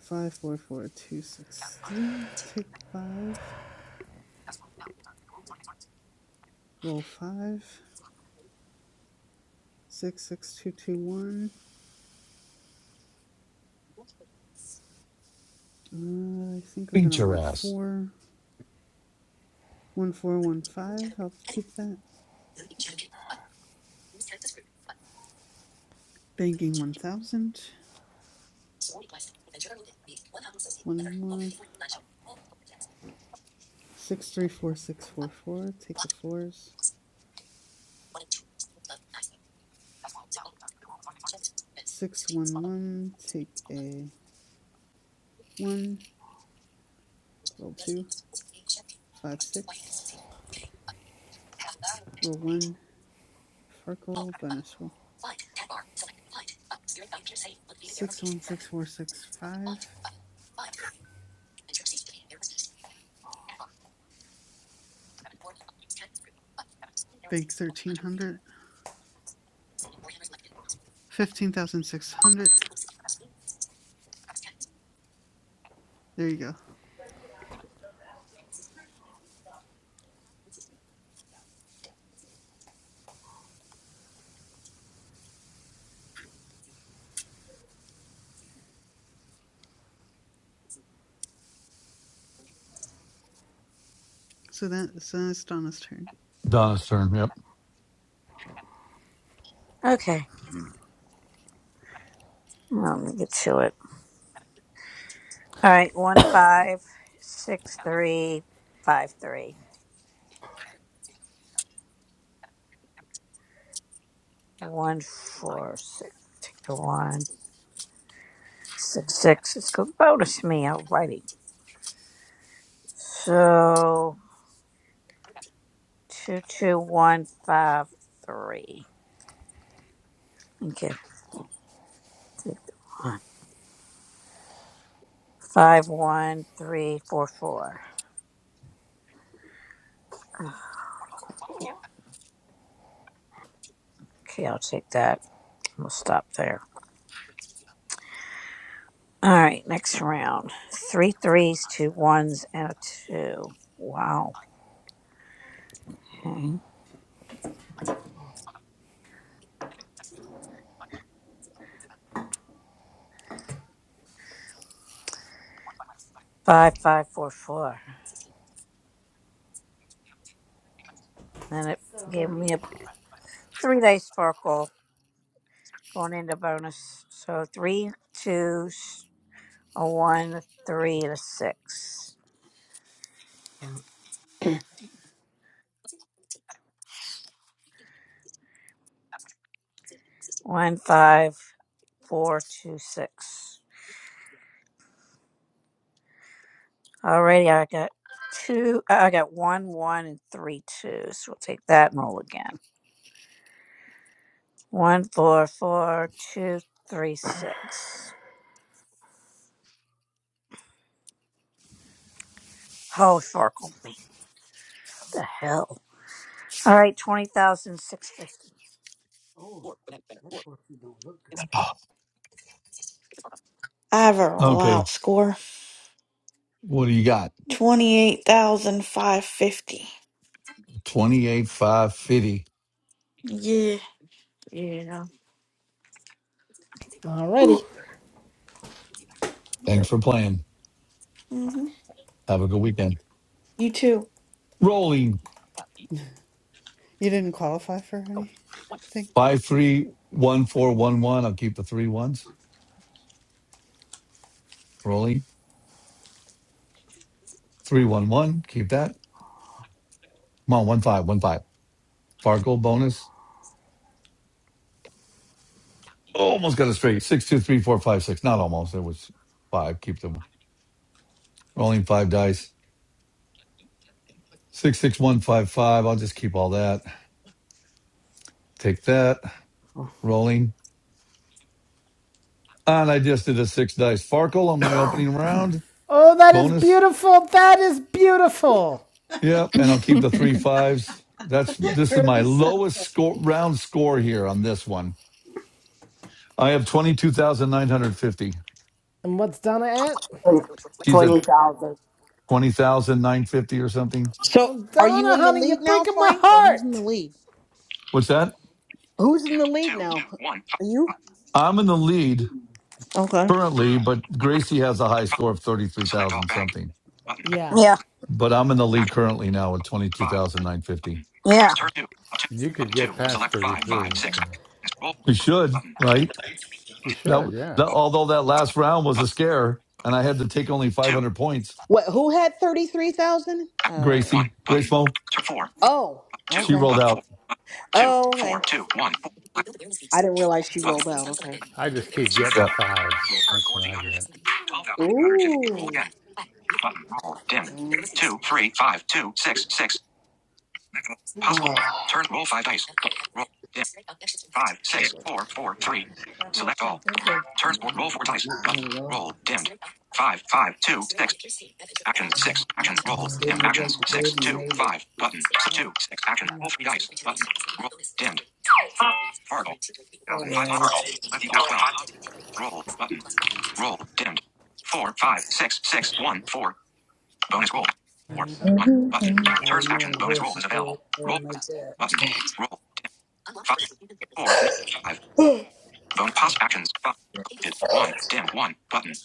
Five, four, four, two, six, three. Take five. Roll five. Six, six, two, two, one. Uh, I think I'm beat gonna your roll ass. four. One, four, one, five. I'll keep that. Banking one thousand. One more. Six, three, four, six, four, four. Take the fours. Six, one, one. Take a one. Roll two. Five, six. Roll one. Farkle bonus roll. six one six four six five bank 1300 15600 there you go so that so that's donna's turn Donna's turn. Yep. Okay. Well, let me get to it. All right. One five six three five three one four six. Take the one six six. Let's go bonus me. Alrighty. So. Two two one five three. Okay, take the one. Five one three four four. Okay, I'll take that. We'll stop there. All right, next round. Three threes, two ones, and a two. Wow. Okay. Five five four four. And it gave me a three dice sparkle going into bonus. So three twos, a one, a three, and a six. One five four two six. Alrighty, I got two. I I got one, one, and three, two. So twos. We'll take that and roll again. One, four, four, two, three, six. Oh, Farkle. me. What the hell? All right, twenty thousand six fifty. Oh, that horse don't look good. I have a roll Okay. out score What do you got? twenty eight thousand five fifty. Twenty eight five fifty. Yeah, yeah. hmm Alrighty. Thanks for playing. Have a good weekend. You too. Rolling you didn't qualify for anything five three one four one one. I'll keep the three ones. Rolling three one one. Keep that. Come on, one five one five. Far goal bonus. Almost got it straight. Six, two, three, four, five, six. Not almost. It was five. Keep them rolling five dice. Six, six, one, five, five. I'll just keep all that. Take that. Rolling. And I just did a six dice Farkle on my opening round. Oh, that is Bonus. beautiful. That is beautiful. Yep. And I'll keep the three fives. That's this is my Very sad. lowest score round score here on this one. I have twenty two thousand nine hundred fifty. And what's Donna at? She's at twenty thousand nine fifty or something. So, Oh, are you Donna, in the honey, lead you're now, breaking my Frank, or who's in the heart. lead? What's that? Who's in the Dimmed. lead 2, 2, one, 5, now? Are one hundred. Two, you? I'm in the lead Okay. currently, but Gracie has a high five. score of Select all 33,000 bank. something. Button. Yeah. Yeah, But I'm in the lead Action. currently now with twenty-two Five. thousand nine fifty. Button. yeah. Turn two. and Up two. you could Button get two. past Select five. Five. 33, Six. so Roll. We should, Button. right? you should, That, yeah. that although that last round was a scare and I had to take only Two. 500 points, What? Who had thirty three thousand? Uh. Gracie, One. Grace Button. Mo, Turn four. Oh, she Two. Okay. rolled Button out. four. Button. Two. Oh. Four. Okay. Two. One. Four. I didn't realize she Button. rolled out. Okay. I just keep Select getting all. Yeah. fives. Roll first That's score what I 800. get. 12,350. Roll Ooh. again. Button. Roll. Dim. Two. Three. Five. Two. Six. Six. Possible. Oh, Turn. Roll five dice. Roll. Dim. Five, six, four, four, three. That horse Select didn't all. feel good. Turn score. Roll four dice. No, not at all. Roll. Dimmed. Five, five, two, six. Action. Six. Action. Roll. dimmed. Didn't look like Actions. the baby Six, two, made it. five. Button. Two, six. Action. Roll three dice. Button. Roll. Dimmed. Fargo. Thousand five Yeah, hundred. it's Left equals twelve. Roll. Button. Roll. Dimmed. Four, five, six, six, one, four. Bonus roll. Four. One. Button. yeah. You Turns know action. when a Bonus roll horse is is laying available. Roll. down like that, Button. Roll. Dimmed. Five, four, one, five. Bonus pass actions. Bu- Selected. One. Dimmed. One. Button.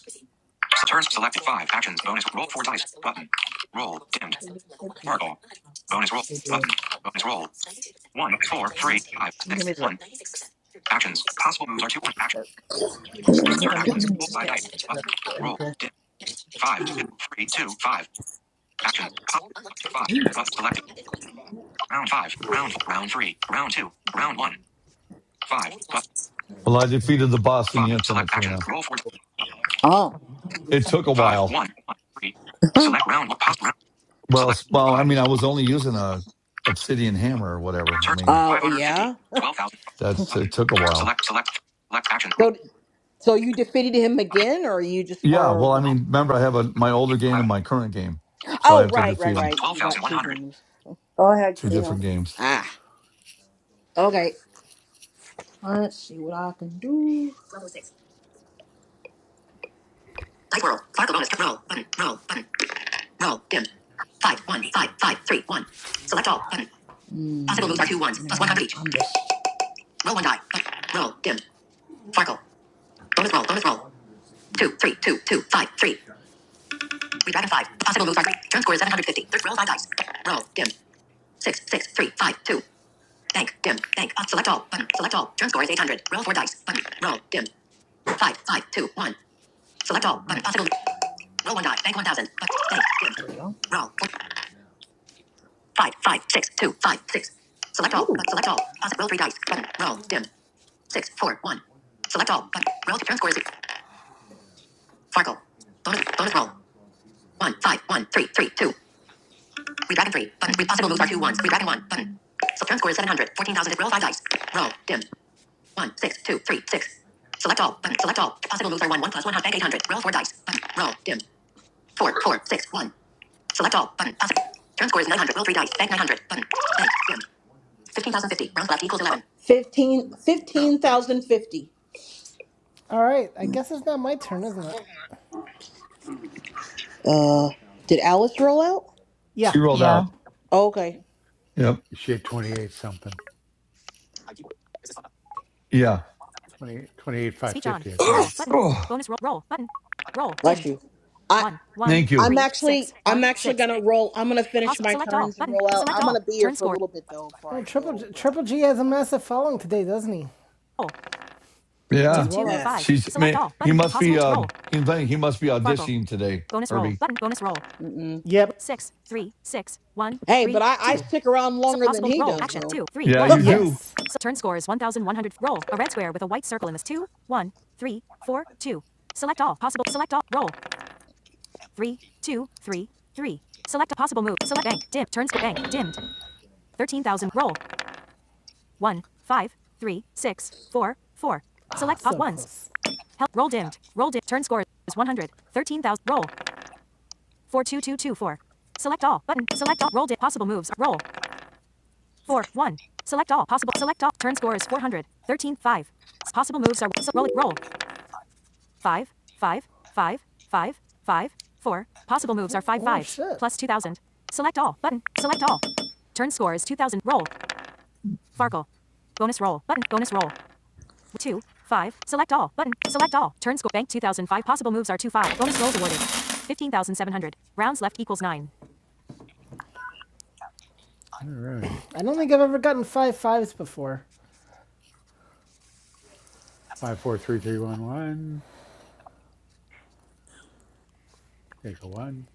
S- Turns selected. Five actions. Bonus roll four dice. Button. Roll. Dimmed. They do they can. Fargo. Bonus roll. they do. Button. Bonus roll. One. Four. Three. Five. Six. One. Actions. Possible moves are two. One. Actions. still Turn some in actions. here, but Roll just five add dice. less Button. to it. Roll. Okay. Dimmed. Five. Two. Three. Two. Five. Actions. Possible moves are two. Five. Button. Selected. Round five. Round. Round three. Round two. Round one. Five. button. Well, I defeated the boss in the five. infinite, Select actions. Trina. Roll four. Button. oh, It took a Five. while. One. One. Three. Select round. Possible. Well, Select s- well, I 5. mean, I was 1. only using a obsidian hammer or Turn whatever. I score mean, Oh yeah. 550. 12,000. that's it Button. took a while. Select, select, select action. Roll. so so you defeated him Button. again, or you just Yeah, or well, I the, mean, remember, I have a my older game and 11. my current game, so I Oh have to Back. right, right, defeat Button. him right. You got two 12,100. games. two different games. ah? Okay. All right, What I can do? Level six. Dice World. Fargo bonus. Roll. Button. Roll. Button. Roll. Dim. Five. One. Five. Five. Three. One. Select all. Button. Mm, Possible moves are two ones. Plus one no, hundred each. Roll one die. Roll. Dimmed. Farkle. Bonus roll. Bonus roll. Three, two, two, five, three. We dragon five. Possible moves are three. Turn score is 750. Third roll five dice. Roll. Dimmed. Six, six, three, five, two. Bank. Dimmed. Bank. Uh, select all. Button. Select all. Turn score is 800. Roll four dice. Button. Roll. Dimmed. Five, five, two, one. Select all. Button. Possible. Roll one die. Bank 1000. Bank. Dimmed. There we go. Roll. Five, five, six, two, five, six. Select all. Ooh. Select all. Possible. Roll three dice. Button. Roll. Dimmed. Six, four, one. Select all. Button. Roll. Turn score is Farkle. Bonus. Five, one, three, three, two. Redragon three. Button. Re- possible moves are two ones. Redragon one. Button. So turn score is 700. 14,000. Roll five dice. Roll. Dim. One, six, two, three, six. Select all. Button. Select all. Possible moves are one, one plus one. bank 800. Roll four dice. Button. Roll. Dim. Four, four, six, one. Select all. Button. Possible. Turn score is 900. Roll three dice. Bank 900. Button. Bank. Dim. 15,050. Rounds left equals 11. 15, 15,050. Alright, I guess it's not my turn, isn't it? Uh, did Alice roll out? Yeah. She rolled yeah. out. Oh, okay. Yep. You should 28 something. Yeah. twenty twenty Speech on. 550, I Roll think. button. Oh, Bonus roll. Roll button. Roll Bless dimmed. you. I. One one thank you. I'm three six actually I'm one actually six. gonna roll. I'm gonna finish Possible. my Select all turns and button. roll out. Select I'm all. gonna be here Turn for a score. little bit though before Oh, I Triple G, go. But Triple G has a massive following today, doesn't he? Oh. Two, two, five. Yeah. yeah. She's Select man. all He button. must Possible be. roll. Um, he invented. He must be Farkle. auditioning today, Bonus roll Herbie. button. Bonus roll. Mm-mm. Yep. Six three six one Hey, but three I, I two. stick around So longer than possible he roll does action though. two three Yeah, one. you do. Yes. So turn score is 1,100. Roll a red square with a white circle in this. Two, one, three, four, two. Select all possible. Select all. Roll. Three, two, three, three. Select a possible move. Select bank. Dim. Turn score bank. Dimmed. 13,000. Roll. One, five, three, six, four, four. Select ah, so ones. close. Help. Roll dimmed. Roll dimmed. Turn score is 100. 13,000. Roll. 42224. Select all. Button. Select all. Roll dimmed. Possible moves. Roll. 4. 1. Select all. Possible. Select all. Turn score is 400. 13 5. Possible moves are. So roll. it. Roll. 5 5 5 5 5 4. Possible moves are 5. Oh, 5. shit. Plus 2,000. Select all. Button. Select all. Turn score is 2,000. Roll. Farkle. Bonus roll. Button. Bonus roll. two, five, select all, button, select all, turn score, bank 2005, possible moves are two, five, bonus rolls awarded, 15,700, rounds left equals nine. All right. I don't think I've ever gotten five fives before. 543311. Take a one.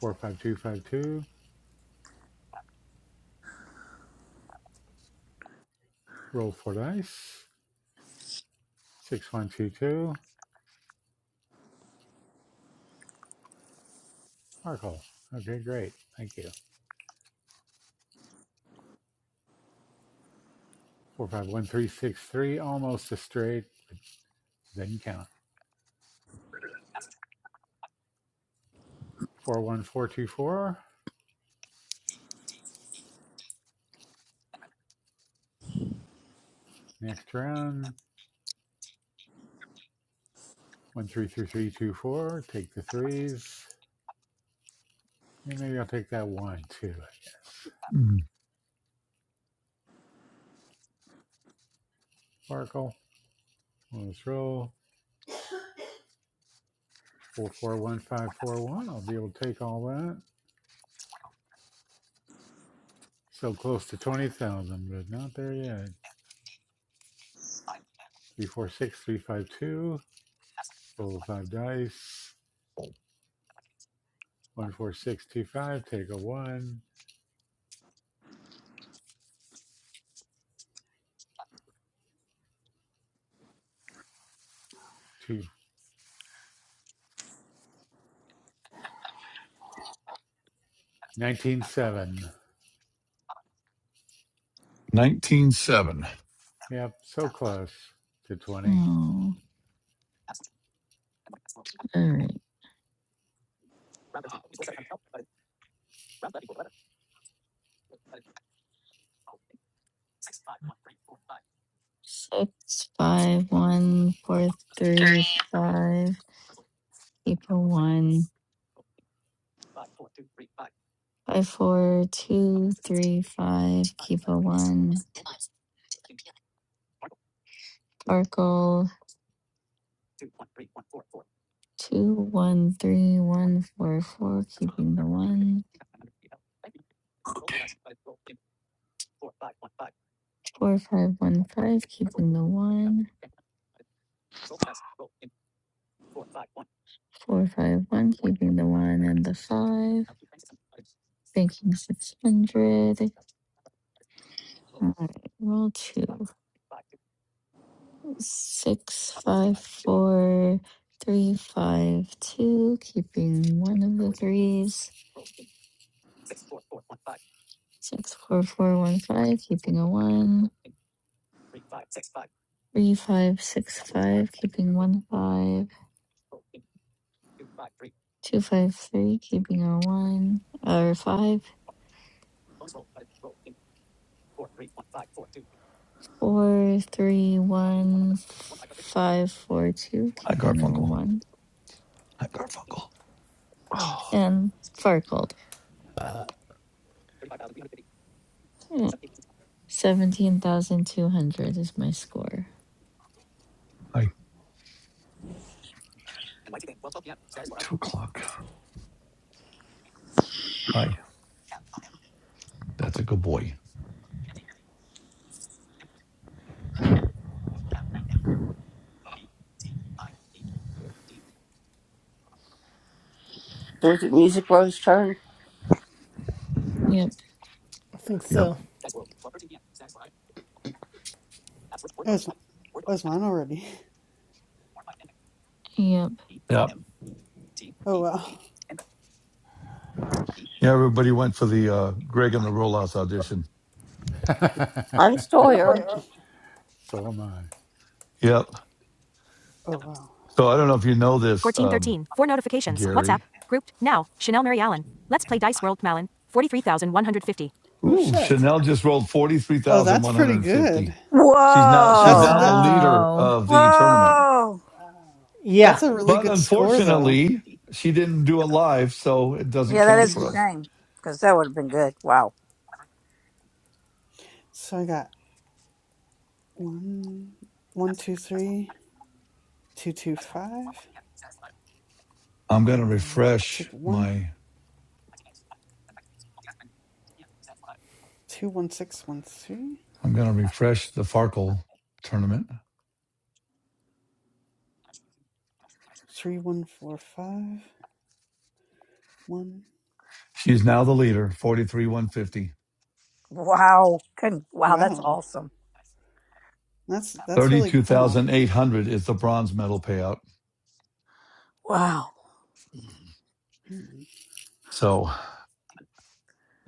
45252. Roll four dice. Six, one, two, two. Sparkle. Okay, great. Thank you. Four, five, one, three, six, three. Almost a straight. Didn't count. Four, one, four, two, four. Next round. One, three, three, three, two, four. Take the threes. And maybe I'll take that one too, I guess. Sparkle. Let's roll. Four, four, one, five, four, one. I'll be able to take all that. So close to twenty thousand, but not there yet. Three, four, six, three, five, two. Roll five dice. One four six two five. Take a one. Two nineteen seven. Nineteen seven. Yep, so close to twenty. Oh, all right. Six, five, one, four, 3. three, five. Keep a one. Five, four, two, three, five. Keep a one. Sparkle. Two, one, three, one, four, four. Keeping the one. Four, five, one, five. Keeping the one. Four, five, one, keeping the one and the five, banking 600. All right, roll two. Six, five, four, three, five, two, keeping one of the threes. Six, four, four, one, five, keeping a one. Three, five, six, five, keeping one five. Two, five, three, keeping a one. Or five. four three one five four two, Hi, keeping a Garfunkel. one. Hi, Garfunkel. Oh, And far cold. Seventeen thousand two hundred is my score. hi. Two o'clock. Hi. That's a good boy. Yep, I think Yep. so. that was, that was mine already yep. Yep. oh wow Yeah. Everybody went for the uh, Greg and the Rollouts audition. Mm, so am I. Yep. oh wow So I don't know if you know this. Um, 1413. Four notifications. WhatsApp. Gary. Grouped. Now. Chanel Mary Allen. Let's play Dice World Malin. 43,150. Oh Ooh, shit. Chanel just rolled forty three oh thousand that's one hundred pretty and fifty. good She's now she's that's now Whoa. the that leader Wow. of the tournament. Whoa. Yeah. that's a really But good score though unfortunately, she didn't do it live, so it doesn't Yeah, that count is a for us. shame because that would have been good. Wow. so i got one one two three two two five I'm gonna uh refresh take one my two one six one three I'm gonna refresh the Farkle tournament. Three one four five one. She's now the leader, forty three one fifty. Wow. Couldn't, wow, that's Wow, awesome. that's that's Thirty really two cool. thousand eight hundred is the bronze medal payout. Wow. Mm. So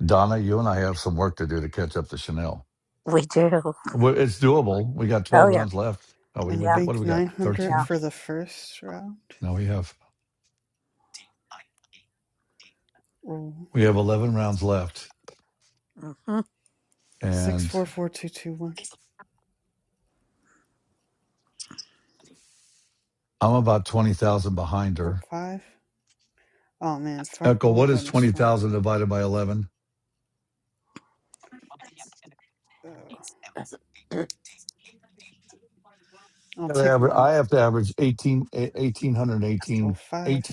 Donna, you and I have some work to do to catch up to Chanel. We do. Well, It's doable. We got Oh, 12 yeah. rounds left. Oh, we, Uh, we Yeah. got, what do bank we got? nine hundred Yeah. 13? for the first round. No, we have Roll we have 11 rounds left, hmm six and four four two two one. I'm about 20,000 behind Roll her. five. Oh man, Echo, what farkle is bonus roll. 20,000 divided by 11? Oh, I'll You gotta take aver- one. I have to average 18, eh, Roll 1818, five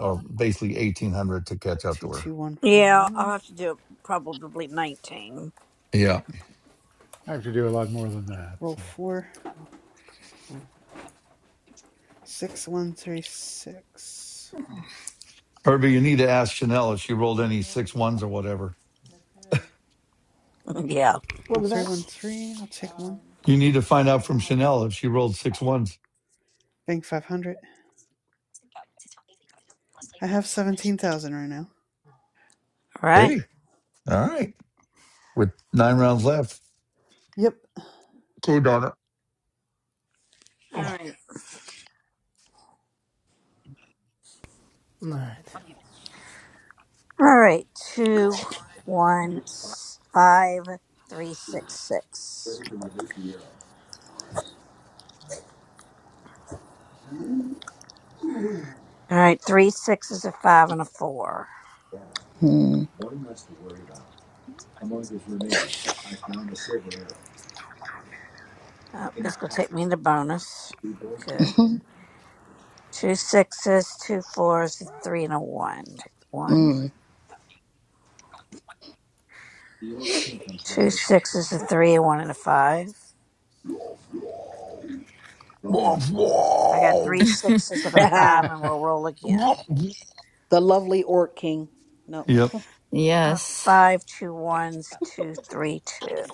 or basically 1800 to catch up to two her. two one four Yeah, I'll one. have to do probably 19. Yeah. I have to do a lot more than that. Roll four six one three six. Herbie, you need to ask Chanel if she rolled any six ones or whatever. yeah. All What Oh, was three that? one three. I'll take one. You need to find out from Chanel if she rolled six ones. Bank five hundred. I have seventeen thousand right now. right. Hey, all right. With nine rounds left. Yep. Cool, Donna. All right. All right. All right. Two, one, s- five, three, six, six. All right. Three sixes, a five, and a four. Hmm. Oh, it's going to take me into bonus. Okay. Two sixes, two fours, a three, and a one. Take One. Mm. Two sixes, a three, a one, and a five. I got three sixes and a five, and So. we'll roll again. Yep. the lovely Orc King. No. A Yes. five, two ones, two, three, two.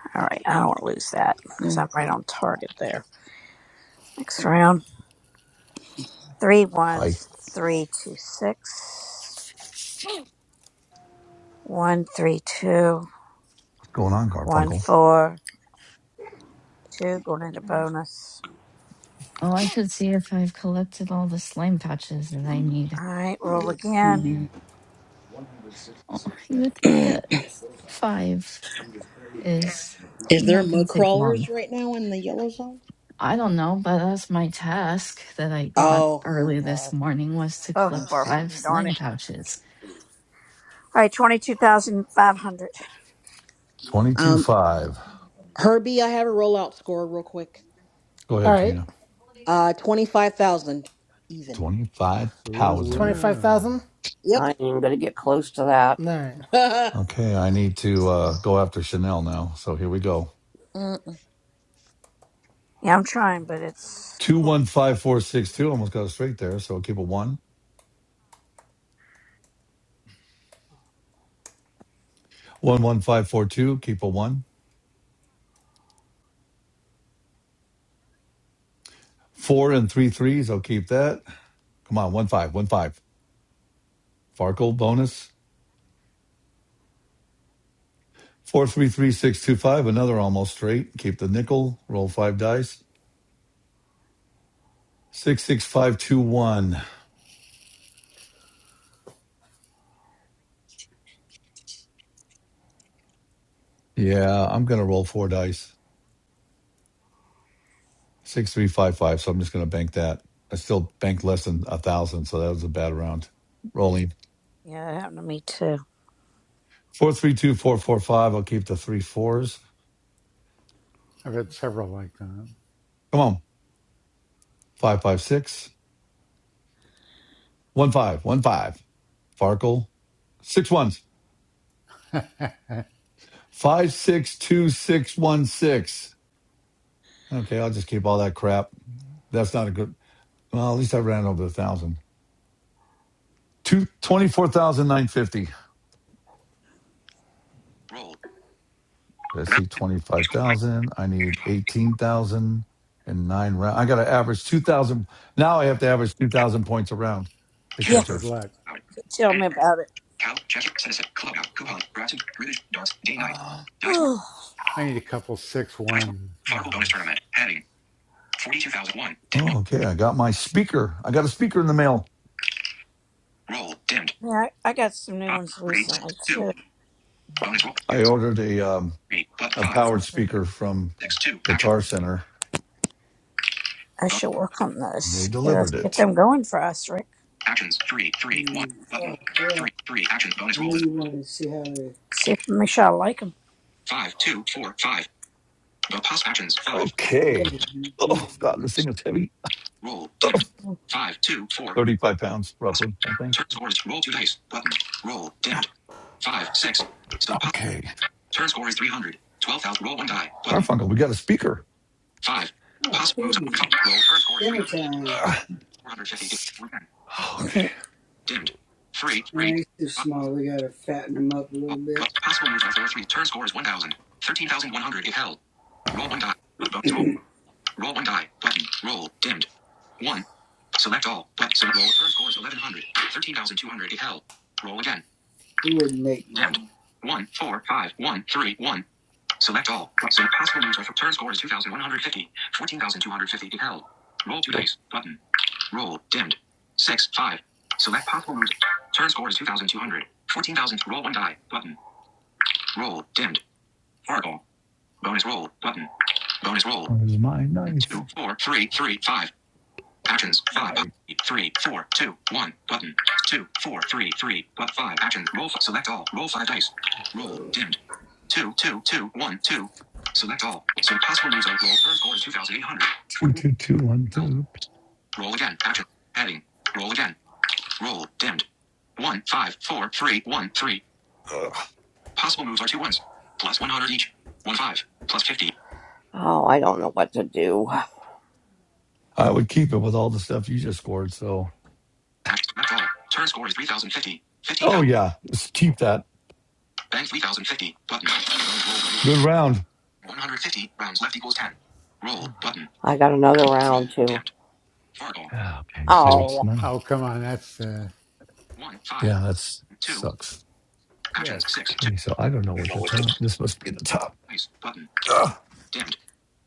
All right, I don't want to lose that because I'm right on target there. Next round. Three Hi. ones, three, two, six. One, three, two, What's going on, one, Garfunkel? four, two. Going into bonus. Oh, I should see if I've collected all the slime patches that I need. All right, roll again. Mhm. Oh, you would think that s- five is Is there not going mud to take long. crawlers right now in the yellow zone? I don't know, but that's my task that I got Oh, oh early this God. morning was to Oh, it's collect far Ugh. from five me, darn sling it. pouches. All right, 22,500. Um, Twenty-two-five. Herbie, I have a rollout score real quick. Go All ahead, right. Trina. Uh, twenty five thousand even. Ooh, 25,000. Twenty-five yeah. thousand. Yep. All right. Okay, I need to uh, go after Chanel now. So here we go. Yeah, I'm trying, but it's cool. 215462. Almost got it straight there. So keep a one. 11542. Keep a one. Four and three threes. I'll keep that. Come on. one-five, one-five. five. Farkle bonus. 433625. Another almost straight. Keep the nickel. Roll five dice. Six six five two one. Yeah, I'm gonna roll four dice. Six three five five. So I'm just gonna bank that. I still banked less than a thousand, so that was a bad round. Rolling Yeah, it happened to me too. four three two four four five. I'll keep the three fours. I've had several like Come on, Five five six. One five one five. Farkle six ones that. five six two six one six. Okay, I'll just keep all that crap. That's not a good. Well, at least I ran over a thousand. Two twenty four thousand nine fifty. Roll. I see Use. 25,000. I need eighteen thousand and nine and rounds. I got to average 2,000. Now I have to average 2,000 points a round to Yeah, Can't. catch her. Good luck. tell Edit. me about it. Cal. Check. Citizen. Club out. Coupon. Browsing. British. Darts. Day night. Ah, Dice work. I need a couple six Dice work. one Fargo bonus rounds. tournament. Heading. 42,001. Did 1. Oh, okay. I got my speaker. I got a speaker in the mail. Roll. Dimmed. Oh, yeah, I, I got some new 5. ones 3. six, recently 2. too. Bonus roll. I ordered a, um, 3. But a 5. powered speaker from 6. 2. Action. Guitar Center I bonus. should work on and they those. Get, us, delivered get it. them going for us, Rick. Actions three three one Mm. Oh, button yeah. three three actions I bonus roll know is you want to see how they. See if make sure I like them. five two four five. the pause actions five Yeah, Okay. you Oh, God, do. this thing is heavy. roll Oh, dimmed five two four. 35 pounds, Pause. roughly, I think. Turn score is roll two dice button roll dimmed five six. So pause. Okay. Turn score is three hundred twelve thousand. Roll one die button Garfunkel, we got a speaker. five. Oh, possible moves piggy. one Roll turn score is three Dinner hundred time. Ah, four hundred fifty okay. dimmed three Now three he's too small. We gotta fatten him up a little bit. possible moves are four three. Turn score is 1000 13,100 if held. Roll one die. Bonus roll. Roll one die. Button. Roll. Dimmed. One. Select all. But so roll. First score is 1100. 13,200 if held. Roll again. he wouldn't make much. Dimmed. One. One. Four. Five. One. Three. One. Select all. But so possible moves are for turn score is 2,150. 14,250 if held. Roll two dice. Button. Roll. Dimmed. Six, five. Select possible moves. Turn score is 2,200. 14,000. Roll one die. Button. Roll. Dimmed. Fargo. Bonus roll. Button. Bonus roll. Where's my knife? Two. Four. Three. Three. Five. Actions. five, Knife. three, four, two, one. Button. two, four, three, three. But five. Actions. Roll. f- Select all. Roll five dice. Roll. Dimmed. Two, two, two, one, two. Select all. So possible moves roll. First score is 2,800. Two, Fourteen. two, two, one, two. Roll again. Action. Heading. Roll again. Roll. Dimmed. One, five, four, three, one, three. Ugh. Possible moves are two ones. Plus 100 each. One five. Plus 50. I would keep it with all the stuff you just scored. So, Action. Select all. Turn score is 3,050. oh 15,000. yeah, just keep that. Bank 3,050. Button. Roll. Roll. Roll. Good round. 150 rounds left equals 10. Roll button. That's- Fargo ah, Okay, so it's nine. button. Oh, come on. That's uh, One five Yeah, that's two sucks. actions yes. six two Okay, so I don't know what the top. This must be the top. dice button Ugh. dimmed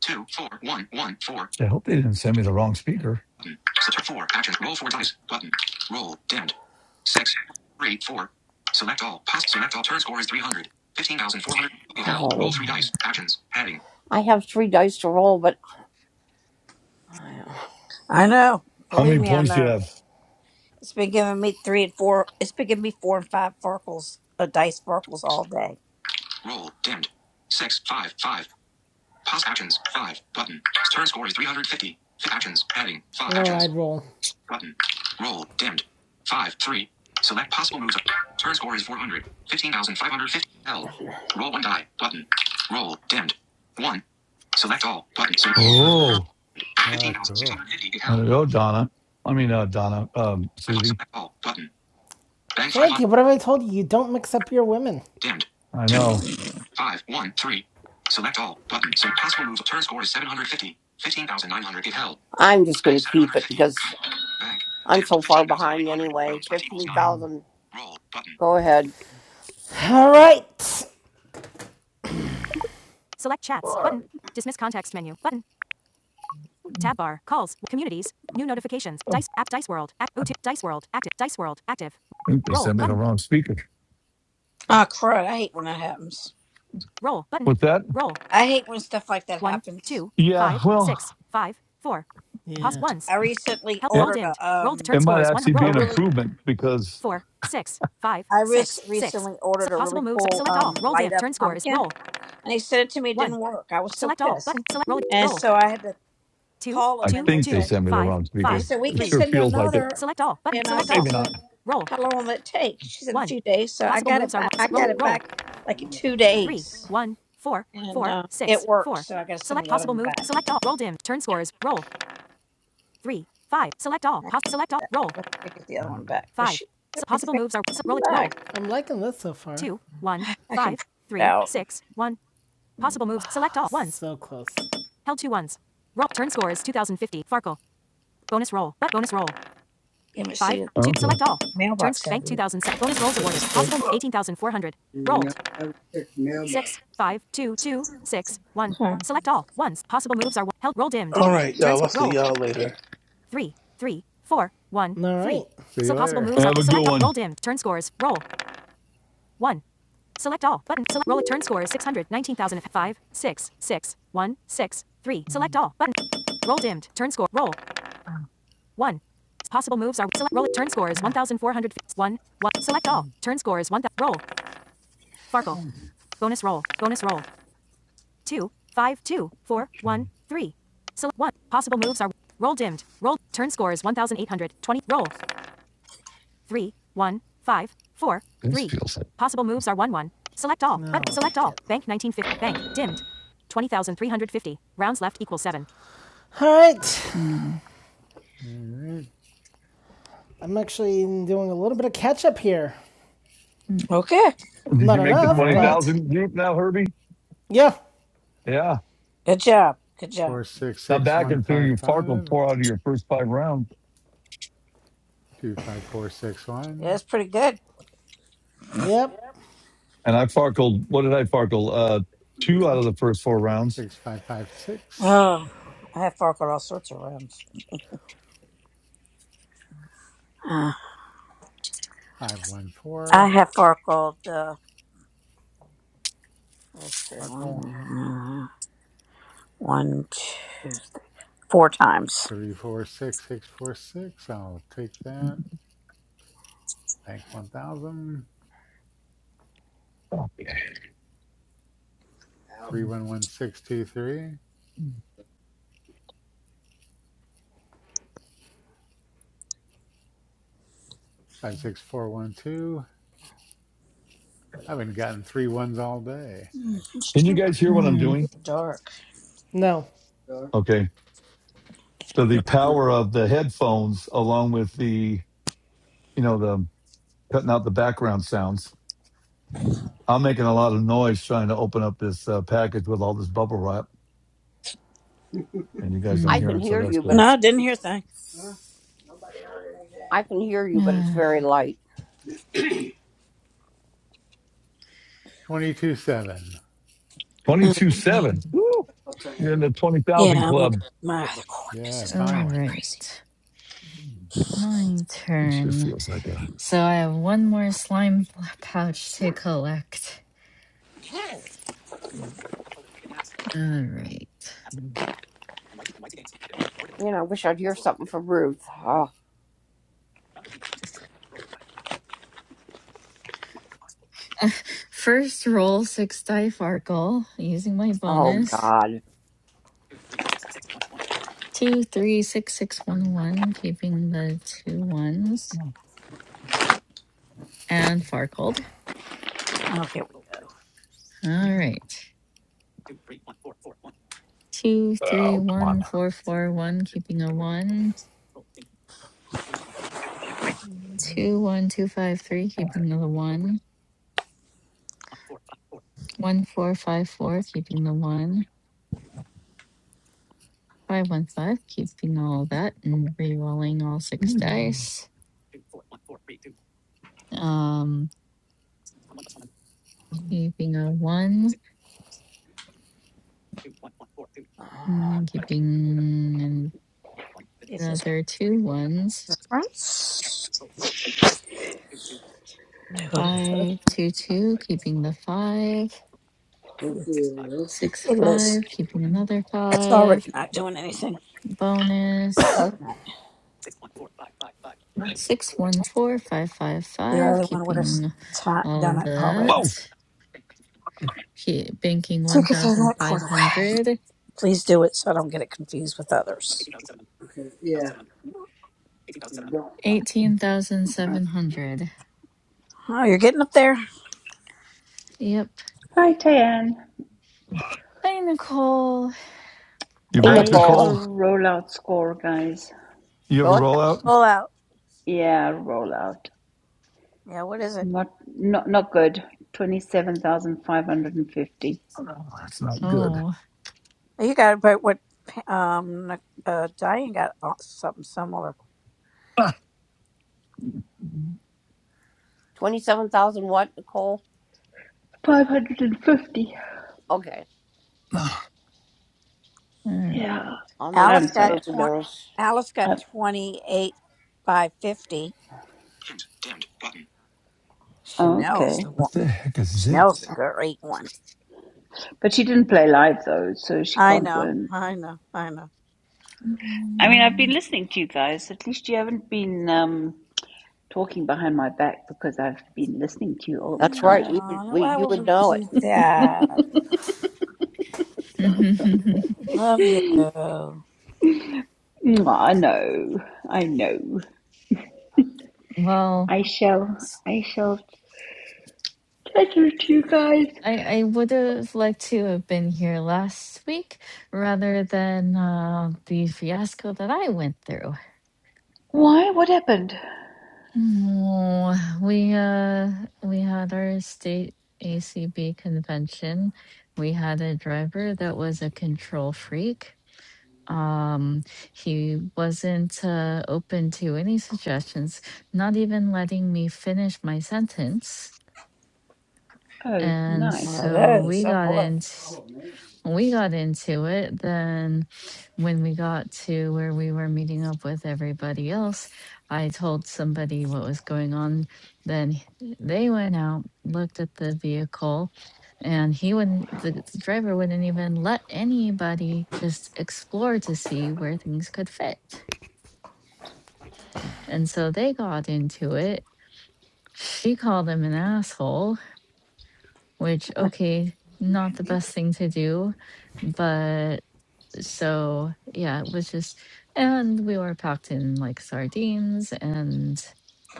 two four one one four I hope they didn't send me the wrong speaker. button select four actions roll four dice button roll dimmed six three four select all pass select all turn score is 300 15400 dice actions heading I know. How Believe many me, I points do you know. have? It's been giving me three and four. It's been giving me four and five farkles, uh, dice farkles all day. roll dimmed six five five pass actions five button turn score is 350 actions heading five Oh, actions I'd roll. Button. Roll. Dimmed. 5. 3. Select possible moves. Turn score is 400. 15,550. L. Roll one die. Button. Roll. Dimmed. 1. Select all. Button. So roll. Oh, Oh cool. 15,650. I L. don't Donna. I mean, uh, Donna, um, I Susie. Select all. Button. Bang 500. Frankie, what have I told you? You don't mix up your women. Dimmed. I 2. know. 5. 1. 3. Select all. Button. So possible moves. Turn score is 750. 15,900. L. Bank. Roll. Button. All right. Select chats. Fuck. Button. Dismiss context menu. Button. Tab bar. Calls. Communities. New notifications. Oh, Dice. App. Dice World. Act. 0 Dice World. Active. Dice World. Active. I think they Roll. sent me the Button. wrong speaker. Oh, crud. I hate when that happens. Roll. Button. What's that? Roll. I hate when stuff like that One. happens. Two. Yeah, Five. well. Six. Five. Four. Pause Yeah. Pause ones. I recently Help. Roll ordered a, dimmed. Roll. Di- um, It turn score might is one. actually be Roll. a an really, improvement because Four. Six. Five. I res- Six. Six. recently So ordered a possible really moves. cool, Select all. um, Roll light dimmed. up Turn score is pumpkin roll. and they sent it to me. It One. didn't work. I was so Select all. pissed. Button. Select. Roll. And Roll. so I had to Two. call I them and Two. they think they Two. said, sent me the Five. wrong And speaker. he Five. said, We It can Three. sure send you feels like it, another. Select all. Button. And I but Select said, all. maybe uh, not. Roll. How long will it take? She said, A one. few days. So I Possible got it moves are back. one. I So roll. got it Roll. back like in two Three. days. One. Four. And Four. uh, it Six. worked. Four. So I got to send Select the other possible one move. back. Select all. Roll dim. Turn scores. Roll. Three. Five. Select all. I have to Pos- select do all. that. Roll. Let me get the other one back. But Five. she So sent me the possible paper moves are. So roll. Roll. back. I'm liking this so far. Two. One. I can Five. print it Three. out. Six. One. Possible moves. Select all. Ones. So close. Held two ones. Roll. Turn score is 2050. Farkle. Bonus roll. bonus roll. Let me Five. see. Two. Okay. Select all. Turns. Mailbox has Bank it. 2000. Bonus rolls Let me awarded. see. Possible 18,400. Roll. No, I would check mailbox. six, five, two, two, six, one. Okay. Select all ones. Possible moves are held. Roll dimmed. All right, Turn y'all. I'll score. see Roll y'all later. three, three, four, one, All three. right. See So you possible later. moves are Have a select all. good Roll dimmed. Turn scores. Roll one. Select all button. Select roll. Turn score is six hundred nineteen thousand five six six one six three. Select all button. Roll dimmed. Turn score. Roll one. Possible moves are select roll. Turn score is one thousand four hundred one one. Select all. Turn score is one. Roll. Farkle. one. Bonus roll. Bonus roll. two, five, two, four, one, three. Select one. Possible moves are roll dimmed. Roll. Turn score is 1,820. Roll. Three, one, five, four, This three. feels like Possible moves are one, one. Select all. Button. Select all. Bank 1950. Bank dimmed. 20,350. Rounds left equals seven. All right. Mm, All right. I'm actually doing a little bit of catch up here. mm, Okay. Did Not you make the all enough, but right. 20,000 group now, Herbie? yeah. Yeah. Good job. Good job. Four six Now six back one until five you farkled five four out of your first five rounds. two five four six Yeah, one. that's pretty good. Yep. And I farkled, what did I farkle? Uh, two out of the first four rounds. six five five six Oh, I have farkled all sorts of rooms. five one I four have forkled uh, let's see, Farkle one, uh, one, two, four times. three four six six four six. I'll take that. Bank one thousand Out. three one one six two three five six four one two. I haven't gotten three ones all day. Mm, Actually, I Can should you turn my guys hear what light I'm on. Mm, doing? It's dark. No. Dark. Okay. So the power of the headphones along with the, you know, the cutting out the background sounds. I'm making a lot of noise trying to open up this uh, package with all this bubble wrap, and you guys don't mm, hear it, so that's good. No, I didn't hear a thing. Huh? Nobody heard anything. ah, twenty two seven. Twenty-two Um, seven. um, Woo! I'll turn You're it in the on. twenty thousand Yeah, I'm club. looking at my other cord because Yeah, it's all driving finally me crazy. right. My It sure turn. feels like that. So I have one more slime p- pouch to collect. All right. First roll six die farkle using my bonus. Two, three, six, six, one, one, keeping the two ones. and Farcold. Oh, here we go. All right. Two, three, Oh, come on. one, four, four, one, keeping a one. Two, one, two, five, three, keeping the one. One, four, five, four, keeping the one. Five, one, five, keeping all that and re-rolling all six dice. Um, keeping a one, mm, keeping If this another two ones. prints, Five, two, two, keeping the five. Six, It five, is. keeping another It's already five not doing anything. bonus Sorry. Six one four five five The five. other one would have s- Keeping ta- all done it already. Whoa! that. Keep banking So you one can throw thousand that cord five away. hundred. Please do it so I don't get it confused with others. Because, yeah, you don't want Eighteen thousand it. seven hundred. Oh, you're getting up there. Yep. Hi, Tayanne. Hi, Nicole. You back, I have a Nicole? rollout score, guys. You have a rollout? Pull out. Yeah, rollout. Yeah, what is it? Not not not good. Twenty seven thousand five hundred and fifty. Oh, no, that's not good. Oh, Oh, You got about what? Um, uh, Diane got uh, something similar. Ah, Five hundred and fifty. all right. Yeah. I'm Alice got sorry. twenty. Alice got I, twenty eight by fifty. Hint. Dimmed. Button. oh, okay. Chanel's the one. what the heck is Chanel's the this? great one. But she didn't play live though, so she I can't know. win. I know. I know. I mean, I've been Mm. listening to you guys. At least you haven't been um, talking behind my back because I've been listening to you all the time. Aw, why would we do that? Love you. One Mwah, I know. I know. well, I shall. I shall. Take it to you guys. I I would have liked to have been here last week rather than uh, the fiasco that I went through. Why? What happened? Oh, we uh we had our state ACB convention. We had a driver that was a control freak. Um, he wasn't uh, open to any suggestions, not even letting me finish my sentence. Oh, And of knives! so those. we Oh got boy. in we got into it then when we got to where we were meeting up with everybody else i told somebody what was going on then h- they went out looked at the vehicle and he wouldn't the the driver wouldn't even let anybody just explore to see where things could fit and so they got into it she called him an asshole which okay not the best thing to do but So yeah, it was just, and we were packed in like sardines, and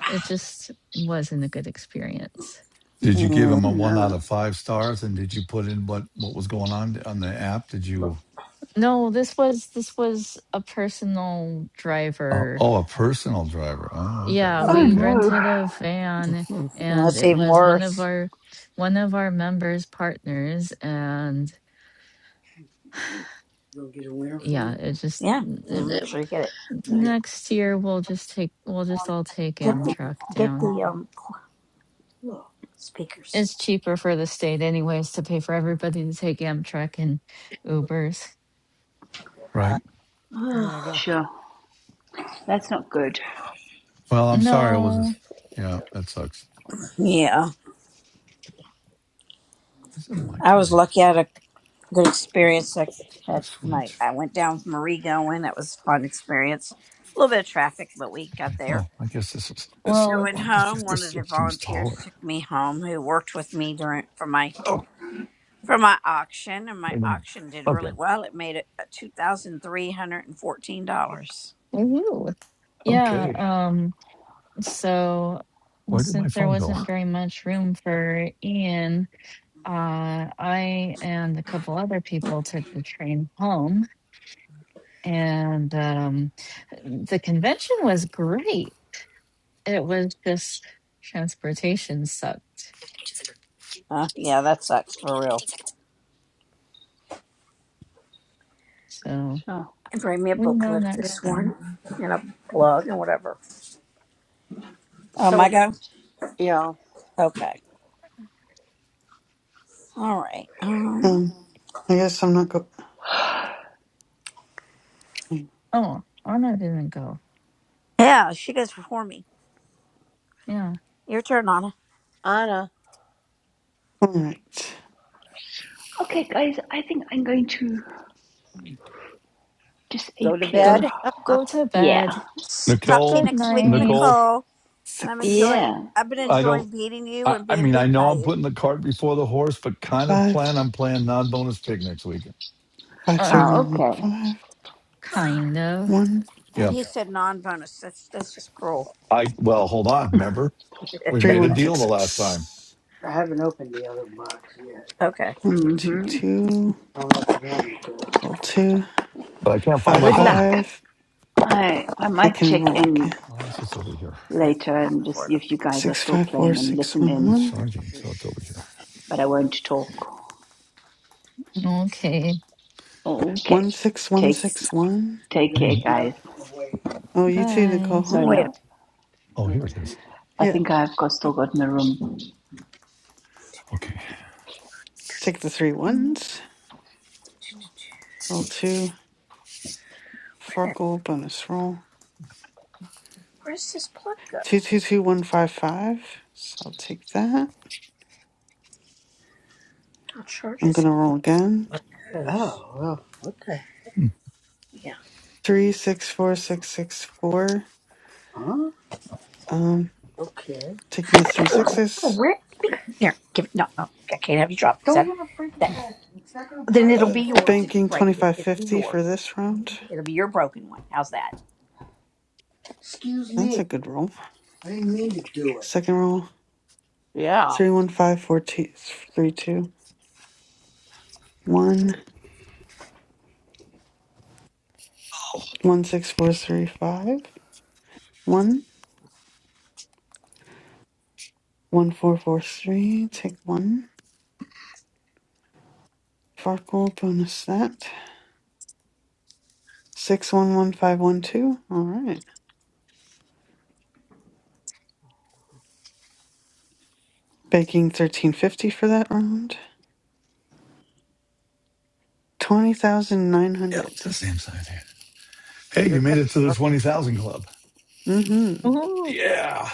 it just wasn't a good experience. Did you give Mm. him Oh, a one out no. of five stars? And did you put in what what was going on on the app? Did you? No, this was this was a personal Uh, driver. oh, a personal driver. Oh, I got Yeah, it. Oh we Okay, no. rented a van, and That's it even was one of worse. our one of our members' partners, and yeah, it just Yeah, it, make sure you get it. next year we'll just take we'll just all take Get the Amtrak get down. the um speakers. It's cheaper for the state anyways to pay for everybody to take Amtrak and Ubers. right. There you go. Sure. That's not good. Well, I'm sorry. I No, wasn't. Yeah, that sucks. yeah, Is the mic I was lucky. I enhancement? had a Did good experience. I I had my switch. I went down with Marie going. That was a fun experience. A little bit of traffic, but we got there. Well, I guess this is this. I well, went Well, this, home. One this of the seems volunteers taller. took me home, who worked with me during for my Oh, for my auction, and my wait a minute. auction did Okay, really well. It made it uh, two thousand three hundred and fourteen dollars. woo, yeah. okay. Um, so Where did my since there phone go? wasn't very much room for Ian, uh, I and a couple other people took the train home, and um, the convention was great. It was just transportation sucked. Uh, yeah, that sucks for real. So Sure. And bring me a we know booklet if there's next time. one, and a plug and whatever. Oh my go. Okay. All right. Um. Um, I guess I'm not go. All Oh, Anna didn't go. Yeah, she goes before me. Yeah. Your turn, Anna. right. Okay, guys, I think I'm going to Go disappear. go to Yeah. bed. S- Talk to you Nicole, Good next week, night. Nicole. Nicole. And I'm Six, enjoying. Yeah. I've been I don't. enjoying beating you I, and I being mean, I beat know by I'm you. putting the cart before the horse, but kind of five, plan I'm playing non-bonus pick next weekend. five, Uh, three, Oh, one, one, okay. five, kind of. one, And Yeah, he said non-bonus. That's that's just cruel. I well, hold on. Remember, we three, made a one, deal six, the last time, six. I haven't opened the other box yet. Okay. One, two, Mm-hmm. two. I don't know if I wanted to. Roll two. but I can't find Five, my Good phone. luck. five. I I I might can check roll in again. Unless it's over here. It's later not and just for see it. Okay. if you guys are Six, still five, four, playing and six, listen one, in, It's one. charging, so it's over here. but I won't talk. Okay. Okay. One, six, one, Take six, one. Let me take go care, Anyway, another guys. one. Wait. Oh, you too, Bye. Nicole. Sorry, Wait a minute. love. oh, Oh, here it is. I Yeah. think I've got still got in the room. Okay. Take the three ones. Roll two. Where Farkle bonus roll. Where's this plug go? Two, two, two, one, five, five. So I'll take that. I'll charge I'm it. gonna roll again. Where it goes? Oh, well, what Hmm. Yeah. Three, six, four, six, six, four. Huh? Um, Okay. taking the three Oh, sixes, where? Here, give it. No, no. I can't have you drop it. Don't That, have a freaking that. pack. It's not gonna Then it'll uh, be yours if you banking break it. It'll be 2550 yours. for this round. It'll be your broken one. How's that? Excuse That's me. a good roll. I didn't mean to do it. Second roll, 315432. One, five four two. three two. One, one, six, four, three, five. One, one, four, four, three. Take one. Farkle, bonus that. Six, one, one, five, one, two. All right. Banking 1350 for that round. Yeah, it's 20,900. the same size hand. Hey, you made it to the twenty thousand club. Mm hmm. Oh, Yeah.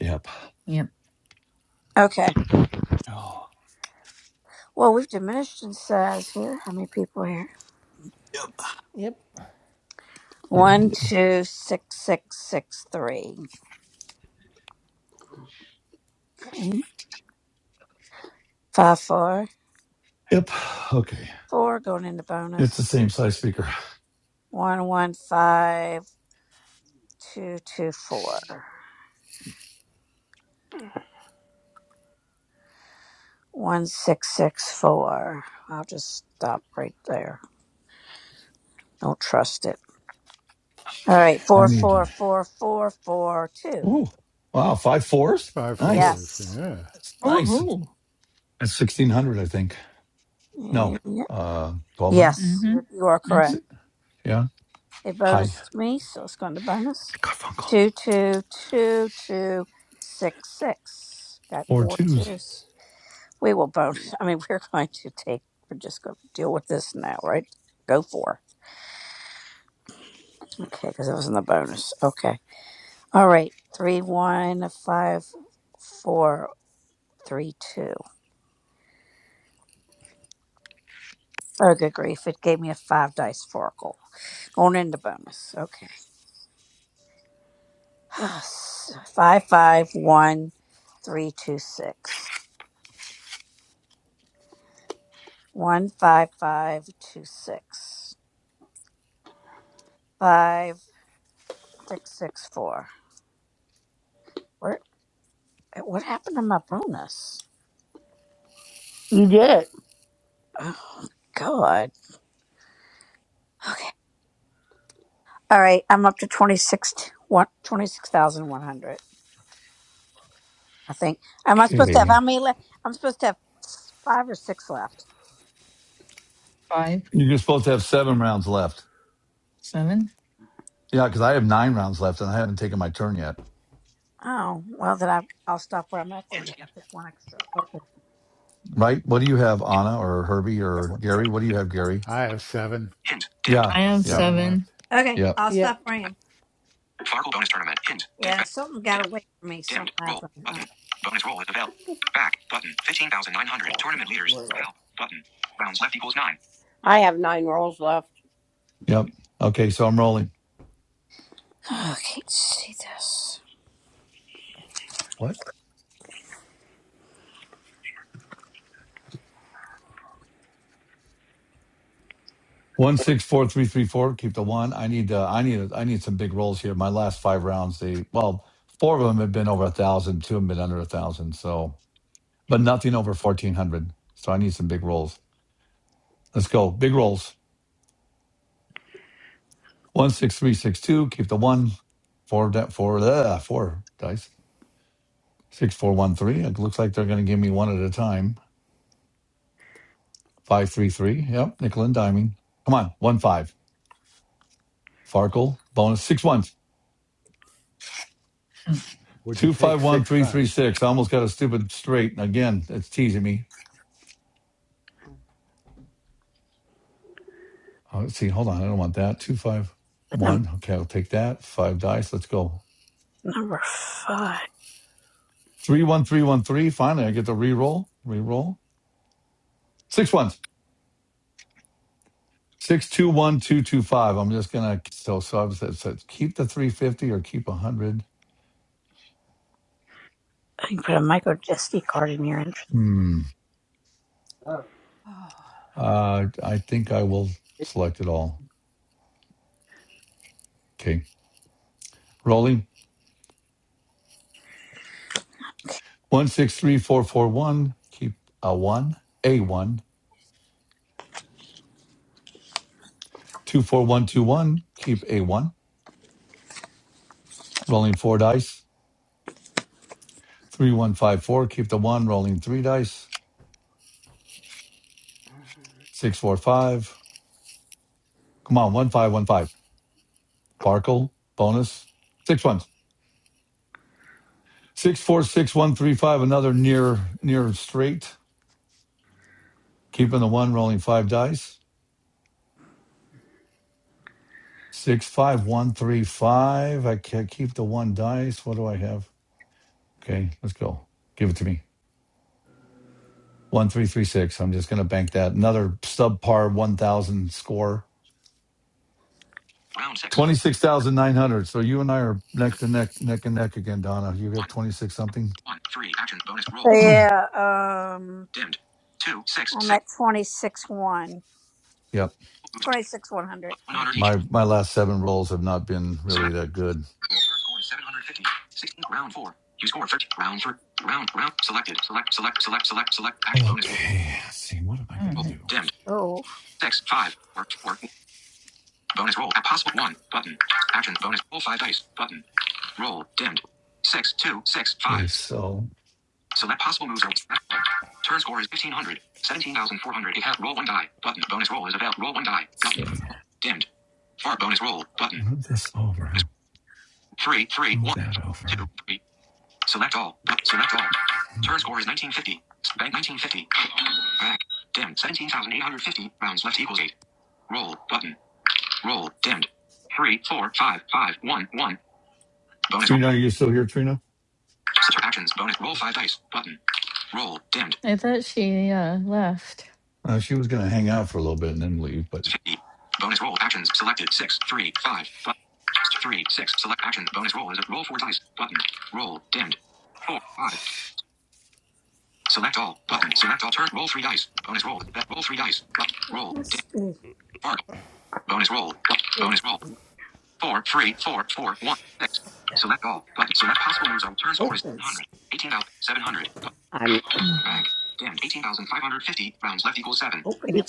Yep. Yep. Okay. Oh. Well, we've diminished in size here. How many people are here? Yep. Yep. Yeah, we One, did. two, six, six, six, three. Okay. Five, four. Yep. Okay. Four going into It's the bonus. same size speaker. One, one, five, two, two, four. One, six, six, four. I'll just stop right there. Don't trust it. All Okay. right. Four, I need four, to. four, four, four, two. Oh, wow. Five fours. five Nice. fours. Yes. Yeah, That's nice. Oh, That's sixteen hundred, I think. No, Mm, uh, twelve hundred. Yes, Mm-hmm. you you are correct. Mm-hmm. Si, Yeah. It Hi, bonused me, so it's going to bonus. Garfunkel. Two, two, two, two, six, six. Got Four four twos. twos. We will bonus. I mean, we're going to take, we're just going to deal with this now, right? Go for. it. Okay, because it was in the bonus. Okay. All right. Three, one, five, four, three, two. Oh, good grief. It gave me a five dice oracle. Going into bonus. Okay. S- Five, five, one, three, two, six. One five five two six five six six four. Where? What happened to my bonus? Oh God. Okay. All right. I'm up to twenty six. One twenty six thousand one hundred. I think. Am I supposed to have Okay. how many left? I'm supposed to have five or six left. Five. You're supposed to have seven rounds left. Seven. Yeah, because I have nine rounds left, and I haven't taken my turn yet. Oh well, then I, I'll stop where I'm at. Then Hint. 'cause I took one extra. Okay. Right? What do you have, Anna or Herbie or Gary? What do you have, Gary? I have seven Hint. Dimmed. Yeah. I have Yeah. seven seven. left. Okay. Yep. I'll stop Yep. where I am. Fargo bonus tournament. Hint. Yeah. Dimmed. Something got Dimmed. away from me. Dimmed. Something Roll. happened. I don't Button. Bonus roll is available. Back. Button. 15,900. know. Tournament leaders. Brutal. Help. Button. Rounds left equals 9. Yep. Okay. So I'm rolling. Okay. Let's see What? One six four three three four. Keep the one. I need. Uh, I need. I need some big rolls here. My last five rounds. They well, four of them have been over a thousand. Two have been under a thousand. So, but nothing over fourteen hundred. So I need some big rolls. Let's go. Big rolls. One six three six two. Keep the one. Four. di- Four. Uh, four dice. Six four one three. It looks like they're going to give me one at a time. Five three three. Yep. Nickel and diming. Come on. One five. Farkle. Bonus. Six ones. Hmm, Would you take six fives? 251336. I almost got a stupid straight. And Again, it's teasing me. Oh, let's see. Hold on. I don't want that. this. 251. Okay, I'll take that. Five dice. Let's go. Number five. 31313. Finally, I get to reroll. Reroll. Six ones. 621225. I'm just going to. So, so I was it said keep the 350 or keep 100. I can put a micro SD card in your interest. Hmm. Oh. Uh, I think I will select it all. Okay. Rolling. 163441. Keep a one. A one. 24121, keep a 1, rolling 4 dice. 3154, keep the 1, rolling 3 dice. 645, come on, 1515. Farkle, bonus, six ones. 646135, another near near straight. Keeping the 1, rolling 5 dice. 65135, I can't keep the 1 dice. What do I have? Okay, let's go. Give it to me. 1336, I'm just going to bank that. Another subpar 1000 score. Round 6. Twenty-six thousand nine hundred. So you and I are neck to neck, neck and neck again, Donna. You got 1. twenty-six something. 1. 3. Action. Bonus So, roll. Yeah, um, Dimmed. 2. 6. I'm 6. at 26 1. yep. 26 100. Yeah. 100 each. My my last seven rolls have not been really Select. that good. Roll. Turn score is 750. 16. Round 4. You score 30. Round 3. Round. Round. Selected. Select. Select. Select. Select. Select. Action. Bonus roll. Okay. Let's see. What am I All gonna Roll. right. do? Dimmed. Oh, 6. 5. 4. 4. 1. Bonus roll. At possible 1. Button. Action. Bonus roll 5 dice. Button. Roll. Dimmed. Six. Six. Two. Six. Five. Okay. So Select possible moves or Turn score is 1500. 17,400. It has roll one die. Button. Bonus roll is available. Roll one die. let's Button. see. Dimmed. Far bonus roll. Button. Move this over. Three, three, Move one, that two, over. three. Select all. select all. Turn score is 1950. Bank 1950. Back. Dimmed. 17,850. Rounds left equals eight. Roll. Button. Roll. Dimmed. Three, four, five, five, one, one. Bonus roll. Trina, are you still here, Trina? Sister actions. Bonus roll five dice. Button. Roll. Dimmed. I thought she uh left. Uh, she was gonna hang out for a little bit and then leave, but 50. Bonus roll actions selected. Six, three, five. 3, 5. Button. 3, 6. Select action. Bonus roll is a roll 4 dice. Button. Roll. Dimmed. 4, 5. Select all. Button. Select all. Turn. Roll 3 dice. Bonus roll. That Roll 3 dice. Button. it Roll. Dimmed. must be. Four. Bonus roll. Bonus There's roll. some Four, three, four, four, one, six. Select all. Button. Select possible moves on. Turn score is opens. 100. 18,700. Button. Mm. Bank. Dimmed. 18,550. Rounds left equals 7. Open it.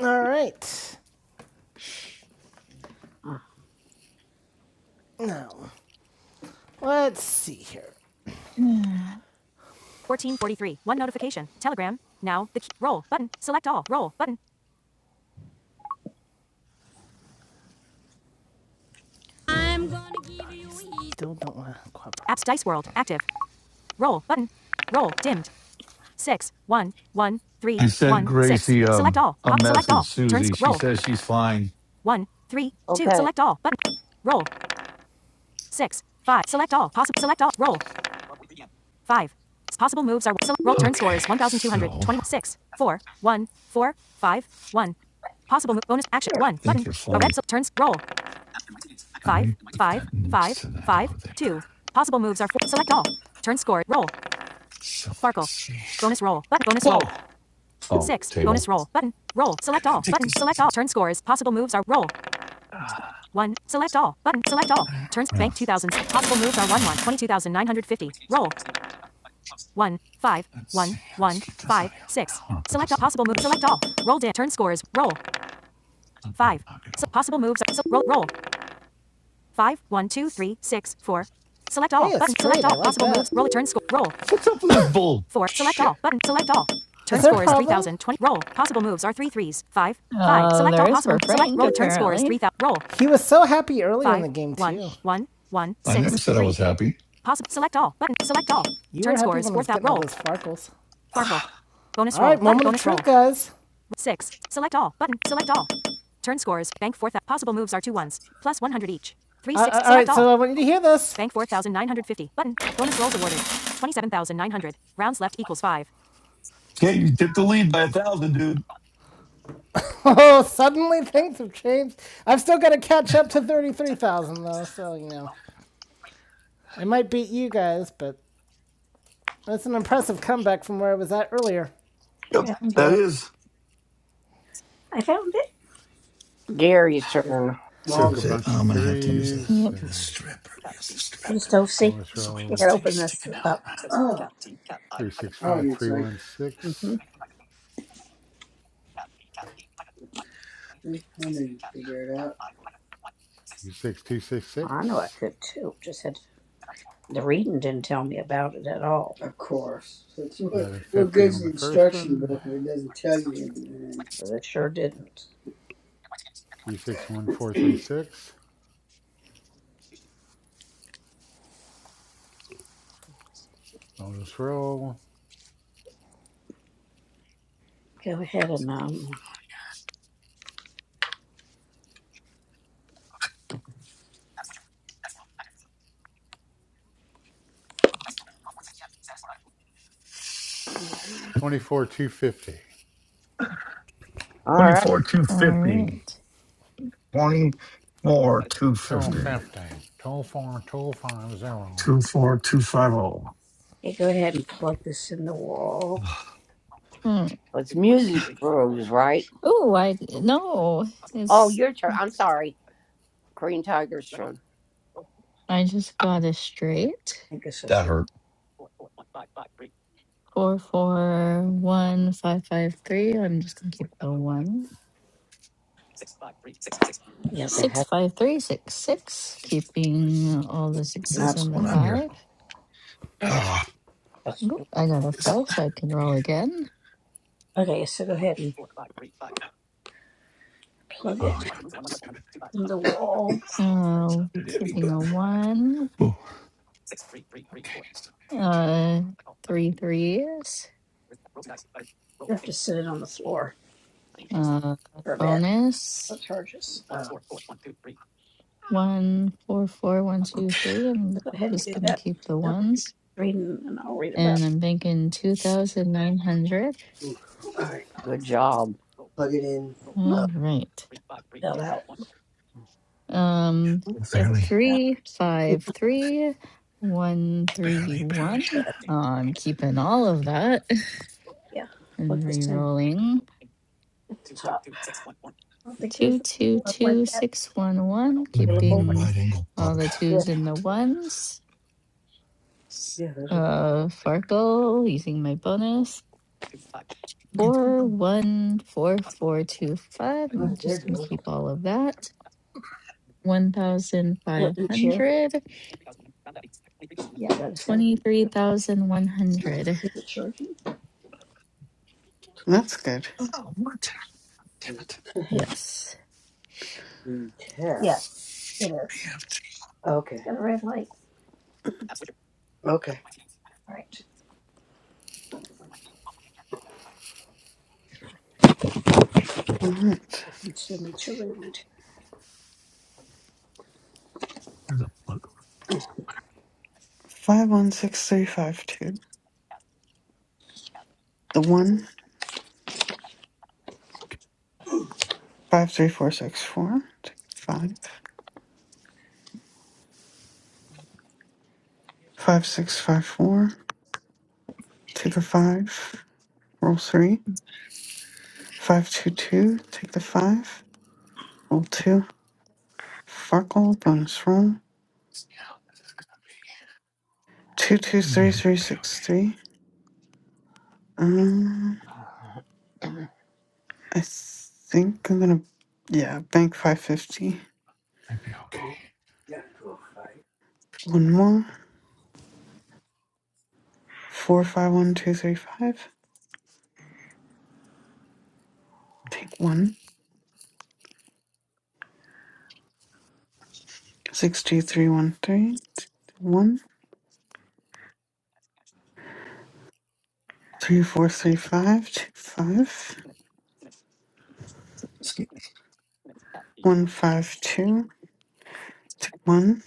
All right. Uh, Now, let's see here. Yeah. 1443. One notification. Telegram. Now, the key. Roll button. Select all. Roll button. Still don't want to cooperate. Apps Dice World. Active. Roll button. Roll. Dimmed. Six. One. One. I Three. sent One. Six. Gracie Select um all. a Pop. Select message. all. Turn. Susie. Sc- She roll. says she's fine. One. Three. Two. Select all. Button. Roll. Six. Five. Select all. Possible. Select all. Roll. Five. Possible moves are. Sel- roll. Turn score Okay. is So I 1,226. Four. One. Four. Five. One. Possible move. Bonus action. Here, One. think Button. you're A fine. red. s- Turns. Roll. Let me five, put that five, next five, to that over five, there. two. Possible moves are four. Select all. Turn score. Roll. So let's Farkle. see. Bonus roll. Button. bonus roll. Whoa! Oh, Six. Bonus table. roll. Button. Roll. And Select then all. take Button. this. Select all. Turn scores. Possible moves are roll. Ah, One. Select all. Button. Select all. Turns. well, Bank I 2000. Possible moves are don't one one. know. 22,950. Roll. One. Five. Let's One. see. Let's One. keep this Five. out here. I Six. want to put Select this all. on Possible the moves. bed. Select all. Roll. Di- turn scores. Roll. I'm gonna Five. knock it So over. possible moves. So roll. Roll. five, one, two, three, six, four. Select all Hey, button. Select I all like possible that. moves. Roll a turn score. Roll What's up with this bull? four. Select Shit. all button. Select all. Turn score is three thousand twenty. Roll possible moves are three threes. Five, five. Uh Select all there's possible. for Select Frank roll. A turn score is apparently. three thousand. Roll He was so happy early five, in the game too. One, one, one, six, three. I never said I was happy. Possible. Select all. Button. Select all. You Turn scores. fourth I out roll. those Farkles. Farkle. Bonus All roll. All right, moment of Bonus roll. truth, guys. Six. Select all. Button. Select all. Turn scores. bank fourth thou- Possible moves are two ones. Plus 100 each. Three Uh, six. uh, all select right, all. so I want you to hear this. Bank 4,950. Button. Bonus rolls awarded. 27,900. Rounds left equals 5. Yeah, you dipped the lead by a thousand, dude. Oh, suddenly things have changed. I've still got to catch up to 33,000, though, so, you know. I might beat you guys, but that's an impressive comeback from where I was at earlier. Yep, found that it. is. I found it. It's See Took if a smaller. the, bunch of I'm gonna have to use a threes Yep. get a and strip. or Use a You strip. stove see? bonus So wait, You what's roll gotta thing open this sticking out? up. Oh, three six oh, five it's three right one there. six Mm-hmm. I know You figure it out. I know I 26266. could too. Just had to. The reading didn't tell me about it at all. Of course. It's what, what 1150 good's on the the first instruction one. book if it doesn't tell you anything? It sure didn't. 361436. Bonus roll. Go ahead and um, 24250. Twenty All right. twenty. Oh, Total 50. Total 4, total 5, zero. two. yeah, go ahead and plug this in the wall. Hmm. Oh, I no. It's I just got it straight. I think this is That right. hurt. Four four one five five three. I'm just gonna keep the one. Yeah, that Six has five three six six. Keeping all the sixes not. What's and the going on here? five. Oh, That's Oop, stupid. I got a it's, That's- five, so I can roll again. Okay, so go ahead and plug oh, I it don't have stupid thing. in the wall. Oh, Uh, how did Debbie, keeping but a one. oh, okay, it's what I need to. Uh, three threes. You have to sit it on the floor Uh, for a bit. It bonus charges. Uh, one four four one two Okay, three. I'm So go ahead and just do gonna that. keep the So ones, reading, and I'll read about. and I'm banking two thousand nine hundred. all right. Plug it in. All right. fell out. Um, That's uh, what- barely, three, five, three, one, three, barely, barely. one. There. I'm keeping all of that Yeah. Plug and this in re-rolling. at the top. I don't think Two, there's a two, plug like two, that six, one, one. This I need a available. Like Keeping right angle all plug. the Yeah, twos Damn and the it. ones. S- yeah, there's a Uh, Farkle using my bonus. It won't Four, go- one, four, four, two, five. I'm one. There just it gonna goes. keep all of that. One thousand five Litton chair. hundred. Yeah, I gotta just have it. Twenty-three thousand one hundred. Is it charging? That's good. Oh, what? Damn Is it. Yes. the tab. Yes, it I is. It's have to. Okay. It's got a red light. Okay. All right. All right. We'll continue to read. There's a plug. Five, one, six, three, five, two. The one five three four six four. Take a five. Five six five four. Take a five. Roll three. Five two two. Take the five. Roll two. Farkle bonus roll. Yeah, this is gonna Two two be. Maybe three I three might be six okay. three. Um, I think I'm gonna yeah bank five fifty. Might be okay. Ooh, gotta go fight. One more. Four five one two three five. Take one. Six two three one three. One. Three four three five. Take five. One five two. two one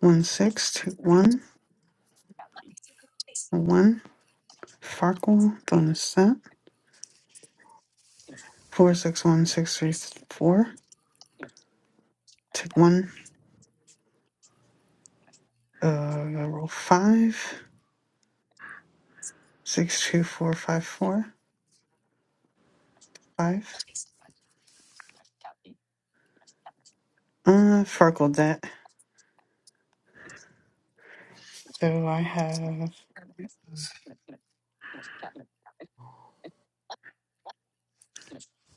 one six two one one Farquhar bonus set four six one six three four two one uh roll five six two four five four five uh Farquhar that so I have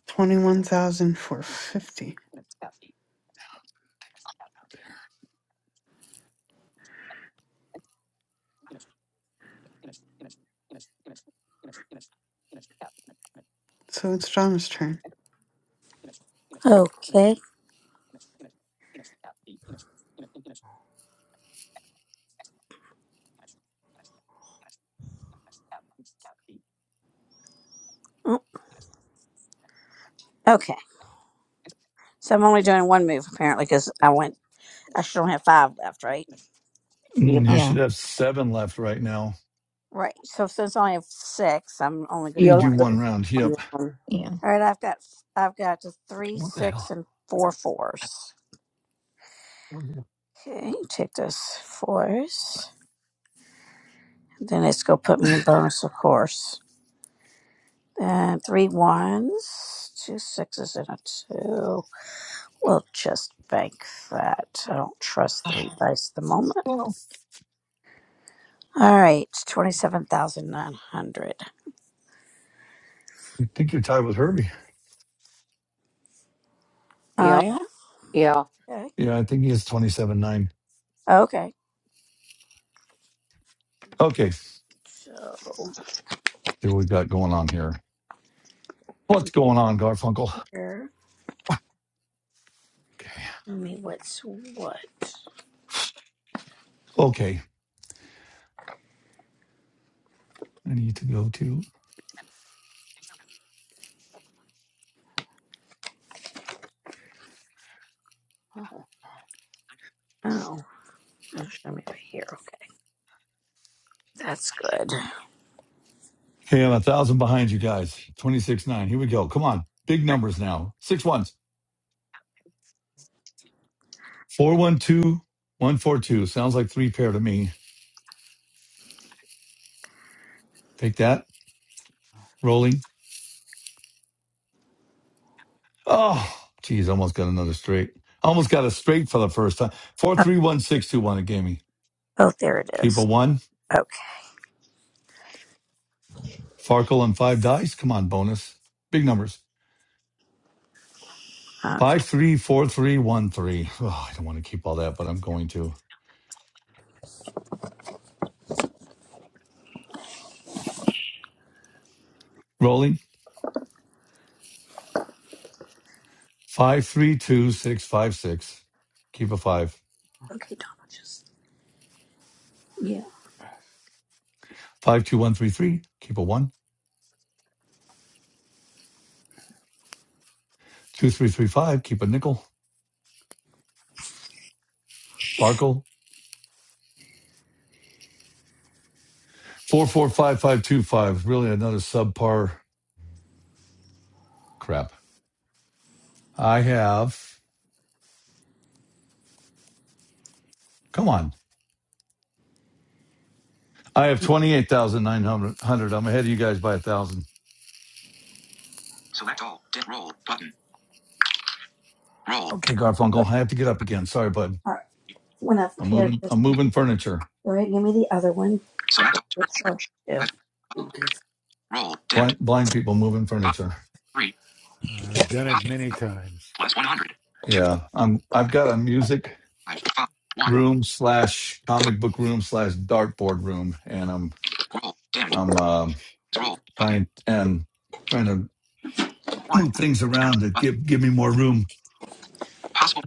twenty one thousand four fifty so it's John's turn. Okay. Mm, Okay. So I'm only doing one move apparently because I went. I should only have five left, right? Mm, you should Yeah. have seven left right now. Right. So since I only have six, I'm only gonna You do do one move. one round. Yep. Yeah. All right, I've got I've got the three, What the six, hell? and four fours. I Okay, take those fours. Then it's gonna put me in bonus, of course. And three ones, two sixes, and a two. We'll just bank that. I don't trust three dice at the moment. All right, twenty-seven thousand nine hundred. think you're tied with Herbie. Oh yeah. Okay. Yeah, I think he has twenty-seven nine. Okay. Okay. So See what we got going on here. What's going on, Garfunkel? here, Okay. tell me what's what. Okay. I need to go to. Oh, it'll show me right here. Okay, that's good. Okay, I'm a thousand behind you guys. 26 9. Here we go. Come on. Big numbers now. Six ones. 412 142. Sounds like three pair to me. Take that. Rolling. Oh, geez. Almost got another straight. Almost got a straight for the first time. 431621 it gave me. Oh, there it Keep a is. one. Okay. Farkle on five dice. Come on, bonus. Big numbers. Okay. 534313. Oh, I don't want to keep all that, but I'm going to. Rolling. Five three two six five six. Keep a five. Okay, Donna, just, yeah. Five two one three three. Keep a one. Two three three five. Keep a nickel. Farkle. Four four five five two five. Really another subpar crap. I have. Come on. I have twenty eight thousand nine hundred. I'm ahead of you guys by a thousand. Select all. Dim. Roll. Button. Roll. Okay, Dim. Oh, Garfunkel. I have to get up again. Sorry, bud. all right. When I've I'm paired moving. this, I'm moving furniture. all right, give me the other one. Select all. Turn It's score charged too. is Roll. Dimmed. Blind blind people moving Five. furniture. Three. I've done it Possible. many times. Plus 100. Two Yeah. I'm. I've got a music. five five one. room slash Five. comic book room slash dartboard room, and I'm roll. Dimmed. I'm um Roll. Button. trying and trying to One. move roll things Dimmed. around to Button. give give me more room. Possible.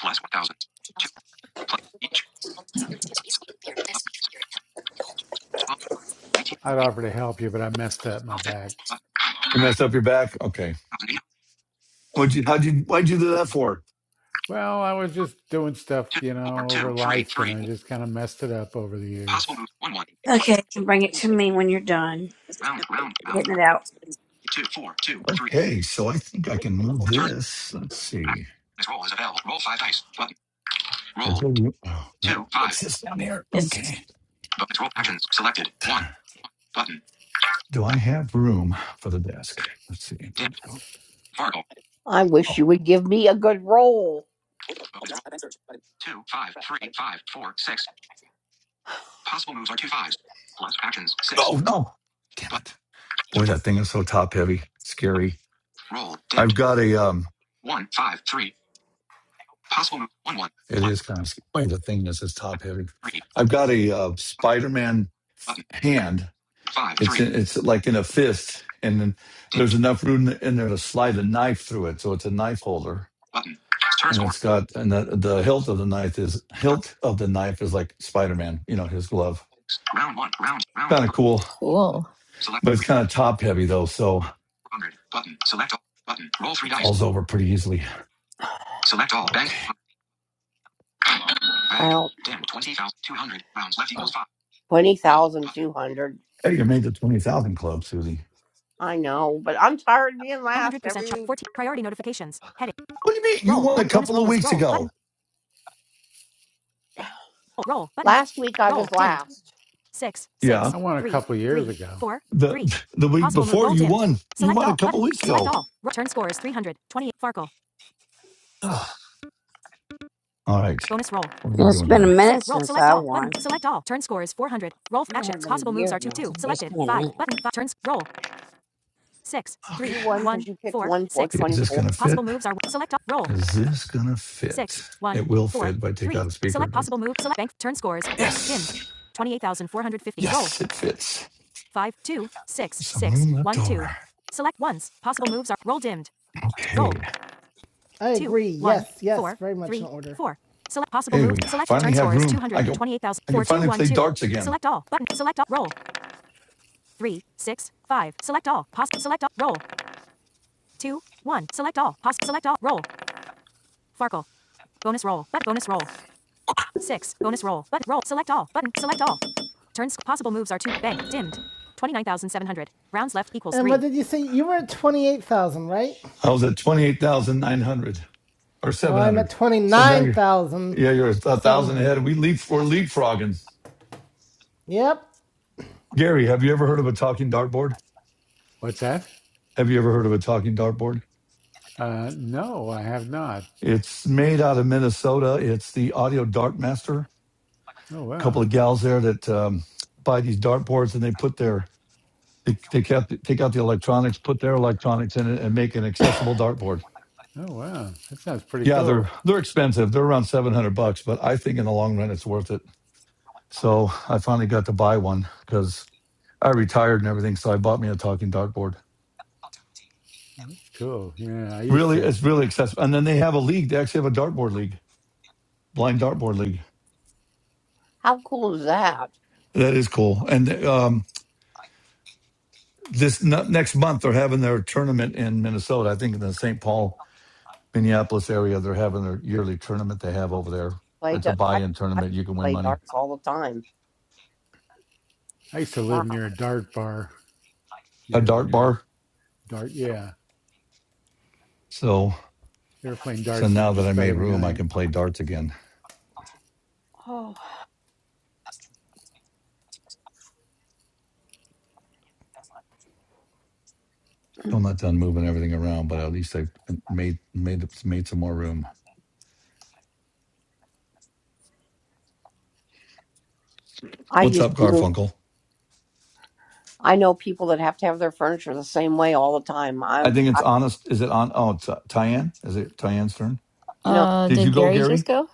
Plus 1000. Two. Plus each. Select button. twelve nineteen I'd eight offer to help you, but I messed up my twelve fifty Nineteen. Eight. back. Button. You Back. messed up your back. Okay. one Thousand eight. What'd you? How'd you? Why'd you do that Button. for? Well, I was just doing stuff, you know, over life, and I One. just kind of messed it up over the Possible years. move. One. One. Plus. Okay, and bring it to me when you're done Round. Round. Round. getting it out. two four two three Okay, so I think I can move Return. this. Let's Action. see. Bonus roll is available. Roll five dice. Button. Is Roll. there room- Oh, Two. no. Five. What's this down here? It's, Okay. Bonus roll actions selected. One. Button. Do I have room for the desk? Let's see. Dimmed. Fargo. Oh, Bonus roll. Two, five, three, five, four, six. Possible moves are two fives. Plus actions. Six. oh no! Damn it! two, Boy, four. that thing is so top heavy. Scary. roll. I've Dimmed. got a um. One, five, three. Possible move. One, one. It Plus is kind of scary. The thing is, it's top heavy. three. I've got a uh, Spider-Man Button. f- hand. Five, It's three. in, it's like in a fist, and then there's Dimmed. enough room in there to slide a knife through it. So it's a knife holder, Button. Turn and score. it's got and the, the hilt of the knife is Three. hilt of the knife is like Spider-Man, you know, his glove. Six. Round one. Round. Round. Kind of cool, Cool. Select but it's three. kind of top heavy though, so 400. Button. Select all. Button. Roll three it dice. falls over pretty easily. Select all. Bank. Okay, 400. Bank. Dimmed. 20,200. Rounds left equals five. hey, you made the twenty thousand club, Susie. 100% sharp. 14. Priority notifications. Heading. What do you mean? You Roll. won a Button. Bonus couple of roll is weeks roll. Button. ago. Roll. Button. Roll. Dimmed. 6. Yeah, 6. I won a 3. couple years 3. ago. 4. the 3. the week Possible move. before Roll you dimmed. won. You Select won a all. couple Button. weeks Select ago. all. Turn score is 328. Farkle. Ugh. All right. Bonus roll. What are we It's doing been a here? 6. minute Roll. since Select I all. Button. won. Select all. Turn score is 400. Roll. I mean, it Actions. had been a Possible moves year are 2. or 2. nothing, but it's Selected. been a 5. minute. Button. Five. Turns. Roll. 6. Okay. 3. 1. 4. 6. Is this gonna fit? Possible moves are select all. Roll. Is this gonna six, fit? one, It will four, fit if I take three. out a speaker, Select but possible move. Select bank. Turn scores. Bank dimmed. yes. 28,450. Roll. Yes, it fits. Five, two, six, Some six, room left one, two. over. Select ones. Possible moves are roll dimmed. Roll. Okay. I Two, agree. one, yes, One, yes, four, very much three, in order. Four. Select possible Hey, moves. we Select finally turn have scores room. 200, I go 28,000, I can finally play darts again. Select all button. Select all. Roll. Three, six, five. Select all. Pos. Select all. Roll. Two, one. Select all. Pos. Select all. Roll. Farkle. Bonus roll. But bonus roll. Six. Bonus roll. Button. Roll. Select all. Button. Select all. Turns. Possible moves are two. Bang. Dimmed. 29,700. Rounds left equals three. And what did you say? You were at 28,000, right? I was at twenty eight thousand nine hundred or Well, seven I'm hundred. at So now you're yeah, you're a thousand ahead. 29,700. We leap we're leapfrogging. Yep. Gary, have you ever heard of a talking dartboard? What's that? Have you ever heard of a talking dartboard? Uh, no, I have not. It's made out of Minnesota. It's the Audio Dartmaster. Oh, A wow. couple of gals there that um, buy these dartboards and they put their they take out take out the electronics, put their electronics in it, and make an accessible dartboard. Oh, wow. That sounds pretty Yeah, they're cool. they're expensive. They're around seven hundred bucks, but I think in the long run it's worth it. So I finally got to buy one because I retired and everything. So I bought me a talking dartboard. Cool. Yeah, I used Really, to it's really accessible. And then they have a league. They actually have a dartboard league, blind dartboard league. That is cool. And um, this n- next month they're having their tournament in Minnesota. I think in the St. Paul, Minneapolis area, they're having their yearly tournament they have over there. It's a buy-in tournament. You can win money. I used to live near a dart bar A years dart ago. bar. Dart, yeah. So They were playing so darts and they're now that just I about made every room, I night. can play darts again. So I'm not done moving everything around, but at least I made made made some more room. What's up, Garfunkel? I think it's honest. Is it on? Oh, it's uh, Tyann. Is it Tyann's turn? Uh, Did you did go, Gary just Gary? go?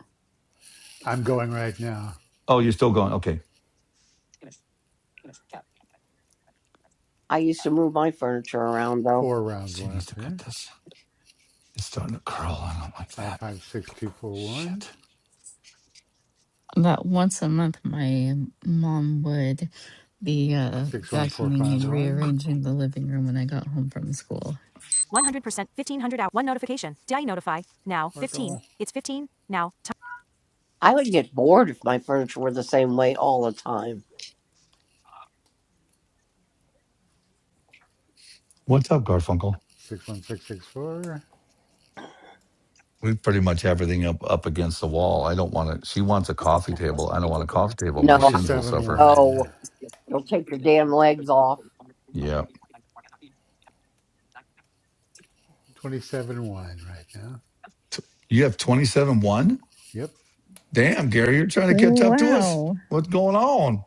I'm going right now. Oh, you're still going. Okay. Four rounds She needs left to cut here. this. It's starting to curl. I don't like Five that. five six two four one. Shit. About once a month, my mom would be uh, Six one four vacuuming five and one. rearranging the living room when I got home from school. 100%. 1,500 out. One notification. Did I notify? Now. 15. Sparkle. It's 15. Now. Time. What's up, Garfunkel? Six one six six four. We pretty much have everything up up against the wall. I don't want to. She wants a coffee table. I don't want a coffee table. My Twenty shins will seven suffer. one. Yeah. Twenty seven one right now. T- You have twenty seven one. Yep. Damn, Gary, you're trying to catch up to us. Wow. What's going on?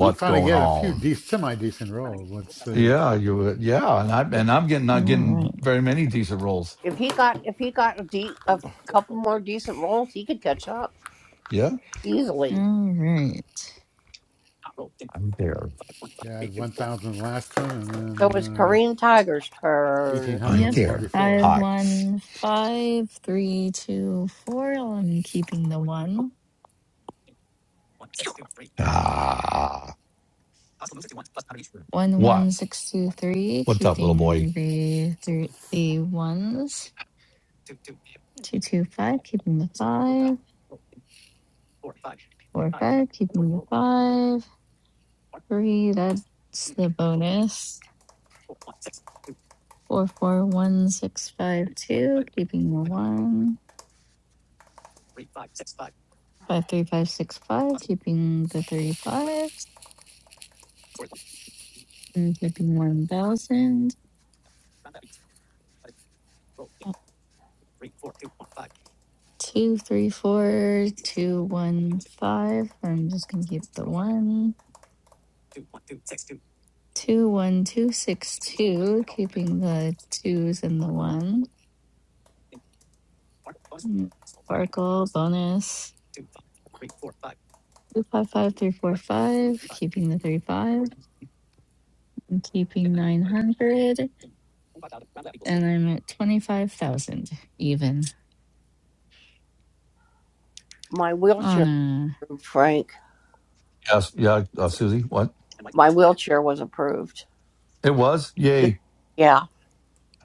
I'm finally going getting a few on? de- semi decent rolls. Let's see. Yeah, you. Yeah, and I and I'm getting All not getting right. very many decent rolls. Yeah, All right. I'm there. Yeah, I had one thousand the last one and then uh eighteen hundred I'm on Yep. the one there. before. Five, Hi. one, five, three, two, four. Well, I'm keeping the one. Ah, One, what? one, six, two, three. What's up, little boy? Keeping the three, the ones. Two, two, five. Keeping the five. Four, five, keeping the five. Three, that's the bonus. Four, four, one, six, five, two, keeping the one. Five, three, five, six, five, keeping the three fives. And keeping one thousand. Two, three, four, two, one, five. I'm just gonna keep the one. Two, one, two, six, two, keeping the twos and the one. Mm, Sparkle bonus. Two five five three four five, keeping the thirty five. I'm keeping nine hundred, and I'm at twenty five thousand even Anna. Yes. Yeah, uh, Susie. What? It was. Yay.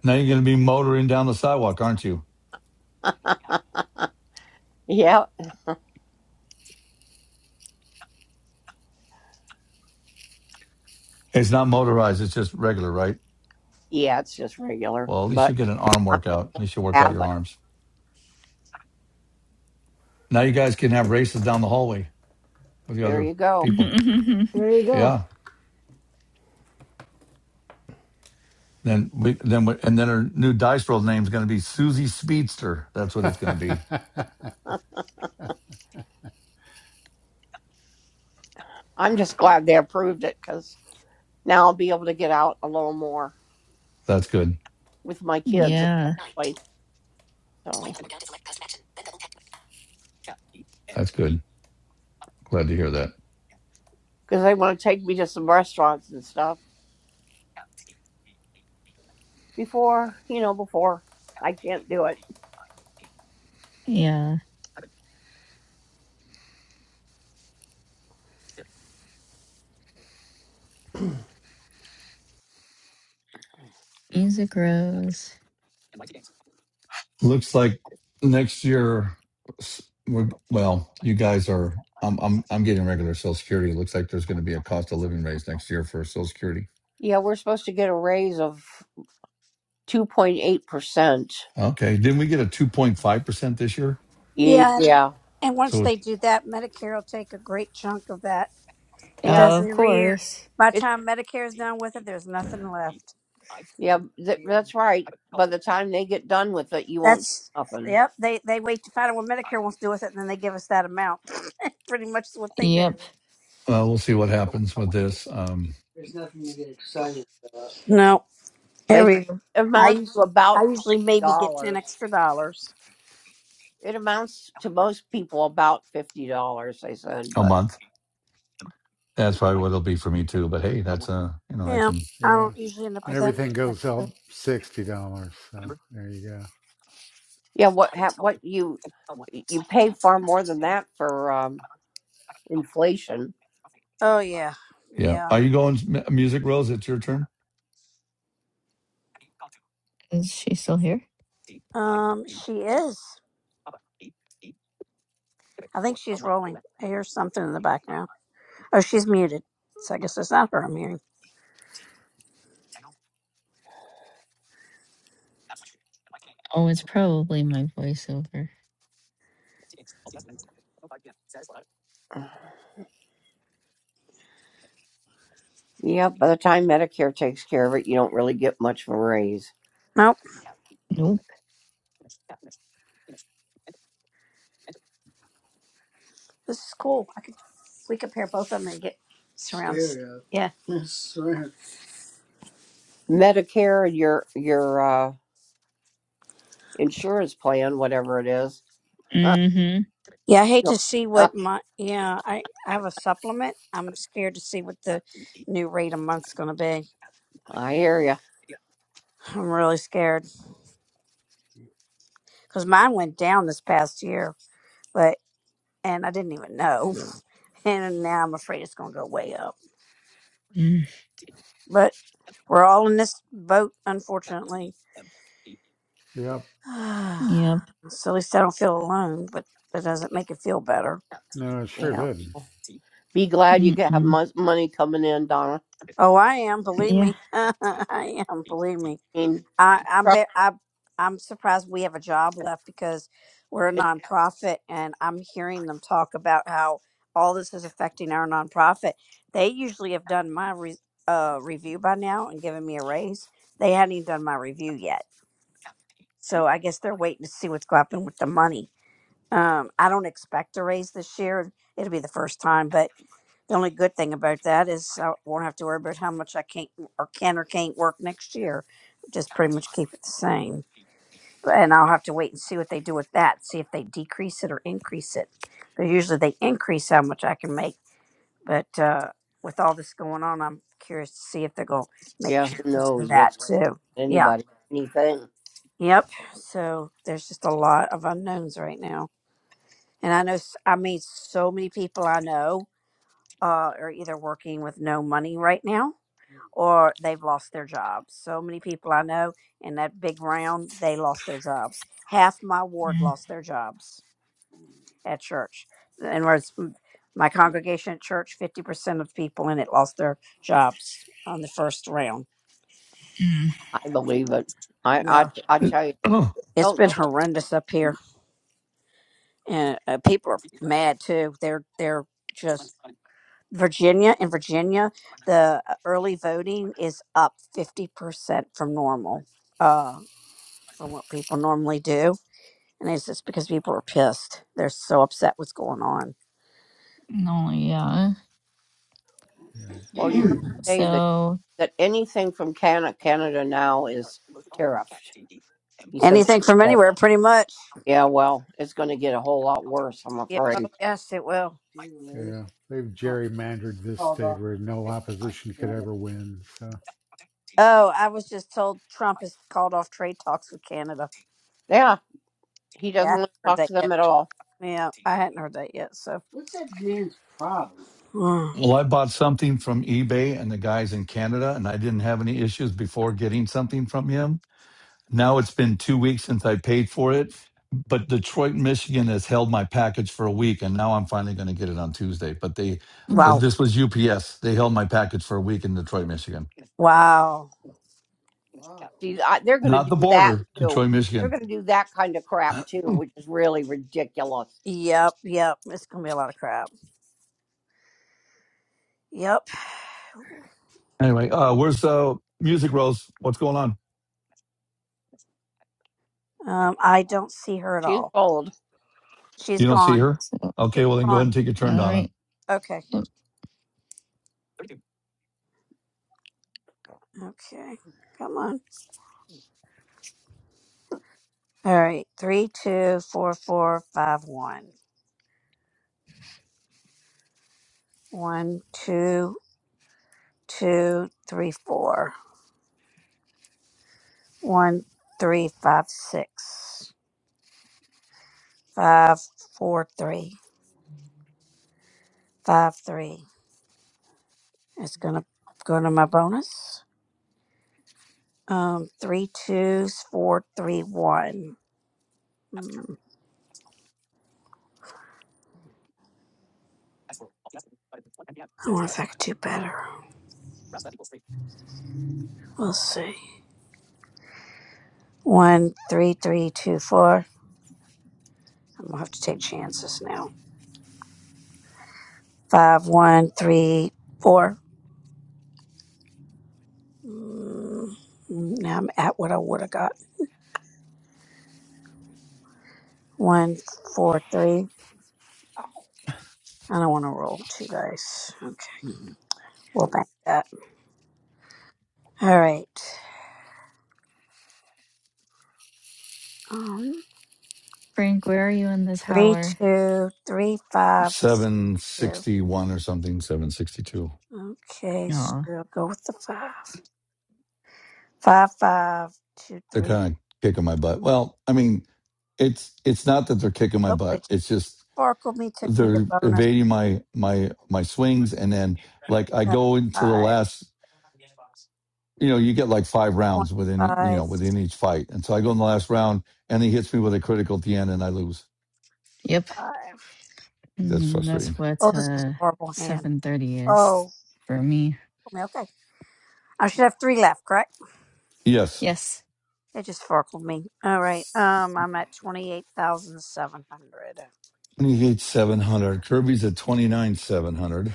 Now you're going to be motoring down the sidewalk, aren't you? It's not motorized, it's just regular, right? Well, at least you get an arm workout. At least you work out your arms. Now you guys can have races down the hallway with the other people. a. There you go. Yeah. Then we then we, and then her new dice roll name is going to be Susie Speedster. That's what it's going to be. That's good. yeah, That's good. Glad to hear that. yeah. Music rose. Looks like next year we're well. You guys are. I'm I'm I'm getting regular Social Security. It looks like there's going to be a cost of living raise next year for Social Security Okay. Didn't we get a 2.5% this year? yeah, and once So uh, they do that, Medicare will take a great chunk of that. It Oh, does of every year. course. By the time Medicare is done with it, there's nothing left. That's yep. They they wait to find out what Medicare wants to do with it, and then they give us that amount. Pretty much is what they do. Yep. we'll see what happens with this um, There's nothing to get excited about. No, every I usually I usually maybe get ten extra dollars. a month. That's probably what it'll be for me too. But hey, that's uh you know, I Yeah, can, I yeah. don't usually end up And with that. everything much goes up extra. sixty dollars. So there you go. Oh yeah, yeah. yeah. Are you going M- Music Rose? It's your turn. Is she still here? Um, she is. I think she's rolling. I hear something in the background. Oh, she's muted. So I guess it's not her I'm hearing. Oh, it's probably my voiceover. No, Nope. This is cool. I could we could pair both of them and get surrounds. Stereo. Yeah. Yes, surround. Mm-hmm. Yeah, I hate to see what my yeah, I, I have a supplement. I'm scared to see what the new rate a month's going to be. I'm really scared cuz mine went down this past year, but and I didn't even know. And now I'm afraid it's going to go way up. Mm. But we're all in this boat unfortunately. Yep. so Yep. at least I don't feel alone, but that doesn't make it feel better. No, it sure did. Mm-mm. Oh, I am. Believe Yeah. me, I am. Believe me. I I bet I I'm surprised we have a job left because we're a nonprofit, and I'm hearing them talk about how all this is affecting our nonprofit. They usually have done my re, uh, review by now and given me a raise. They hadn't even done my review yet, so I guess they're waiting to see what's going to happen with the money. Um, I don't expect a raise this year. It'll be the first time, but the only good thing about that is I won't have to worry about how much I can't or can or can't work next year. Just pretty much keep it the same. And I'll have to wait and see what they do with that, see if they decrease it or increase it. Because usually they increase how much I can make. But uh, with all this going on, I'm curious to see if they're going to make changes to that too. Yeah. Yep. So there's just a lot of unknowns right now. And I know, s- I mean, so many people I know uh, are either working with no money right now or they've lost their jobs. So many people I know in that big round, they lost their jobs. Half my ward lost their jobs at church. In words, m- my congregation at church, 50% of people in it lost their jobs on the first round. Mm-mm. Yeah. It's been horrendous up here. And uh, people are mad too. They're, they're just, Virginia, in Virginia, the uh, early voting is up 50% from normal, uh, from what people normally do And it's just because people are pissed. They're so upset what's going on. No. Yeah. Yeah. They've So. Anything from anywhere, pretty much. Yeah. Oh, yes, it will. yeah, they've gerrymandered this state where no opposition could ever win. So Oh, I was just told Trump has called off trade talks with Canada. Yeah, I haven't heard that yet. Yeah, I hadn't heard that yet. So. Mm. Well, I bought something from eBay and the guys in Canada, and I didn't have any issues before getting something from him. Now it's been two weeks since I paid for it, but Detroit, Michigan has held my package for a week, and now I'm finally going to get it on Tuesday. But they, mm, uh, Wow. this was UPS. They held my package for a week in Detroit, Michigan, Wow. not the border, Detroit, Michigan. Yep. Yep. It's gonna be a lot of crap. Yep. Anyway, uh, where's uh, Music Rose? What's going on? Um, I don't see her at all. She's You don't see gone. her? So. All She's Okay, well then go ahead gone. and take your turn, Donna. right. Okay. Okay, come on. All right, three, two, four, four, five, one. One, two, two, three, four. One, three, five, six. Five, four, three. Five, three. It's gonna go to my bonus. Um, three twos, four, three, one. Hmm, I wonder if I could do better. We'll see. One, three, three, two, four. I'm gonna have to take chances now. Five, one, three, four. Mm, Now I'm at what I would have got. One, four, three. I don't want to roll two dice. Okay. We'll bank that. All right. Um, Frank, where are you in the three, tower? two, three, five, six, Seven two. sixty-one or something, seven sixty-two. Okay, so Oh, we'll go with the five. Five, five, two, They're three. kind of kicking my butt. Well, I mean, it's it's not that they're kicking my Oh, it butt. just It's just sparkled me, took me to they're bonus. evading my my my swings and then like i Uh, go into the Five, last you know you get like five one, rounds within e- you know five, within each fight and so i go three, in the last round and he hits me with a critical at the end and i lose yep. five. that's Mm, frustrating that's Oh, what this is a uh horrible hand. 7:30 is Oh, for me. okay. I should have three left, correct? yes Yes. It just forkled me. All right. Um, I'm at twenty eight thousand seven hundred. 28 700 kirby's at 29 700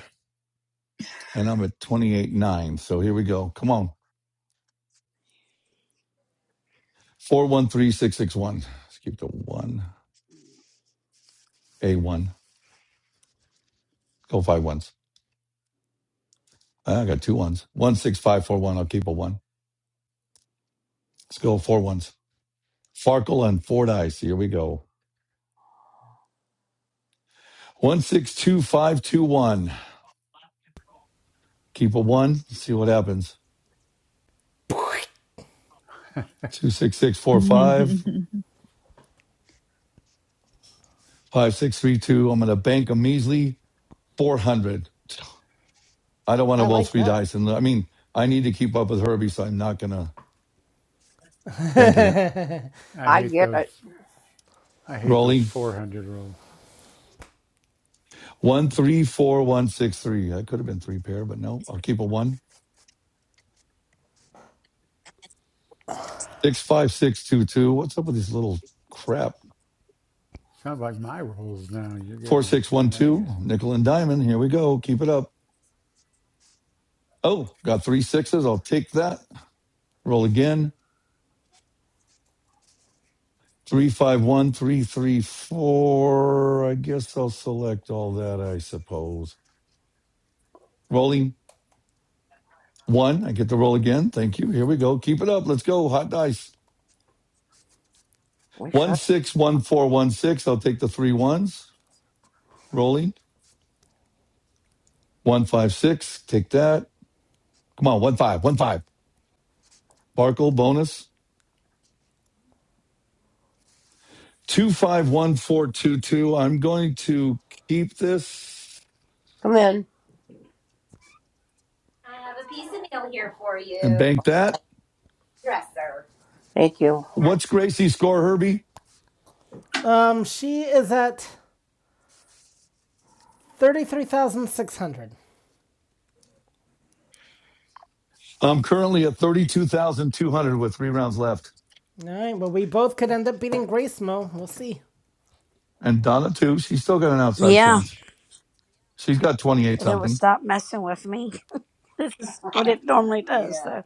and i'm at 28 9 so here we go come on 413661 let's keep the one a one go five ones i got two ones one six five four one i'll keep a one let's go four ones Farkle and Fordice. Here we go. 162521. Keep a one. See what happens. 26645. 5632. I'm going to bank a measly 400. I don't want to I roll like three that. dice. And I mean, I need to keep up with Herbie, so I'm not going to bank it. I hate those I hate those Rolling four hundred rules. 134163. I could have been three pair, but no, I'll keep a one. 65622. What's up with this little crap? Sounds like my rules now. You're getting the kind I get. 4612. Nickel and diamond. Here we go. Keep it up. Oh, got three sixes. I'll take that. Roll again. Three, five, one, three, three, four. I guess I'll select all that, I suppose. Rolling one. I get to roll again. Thank you. Here we go. Keep it up. Let's go. Hot dice. One, six, one, four, one, six. I'll take the three ones. Rolling. One, five, six. Take that. Come on. One, five, one, five. Barkle bonus. Two, five, one, four, two, two. I'm going to keep this I have a piece of mail here for and you. bank that. Dresser. What's Gracie's score, Herbie? Um, she is at 33,600. I'm currently at 32,200 with three rounds left. All right, well, we both could end up beating Grace Mo. We'll see. And Donna, too, she's still got an outside Yeah. chance. She's got 28 If it would something. stop messing with me, it's what Button. it normally does. Yeah. So.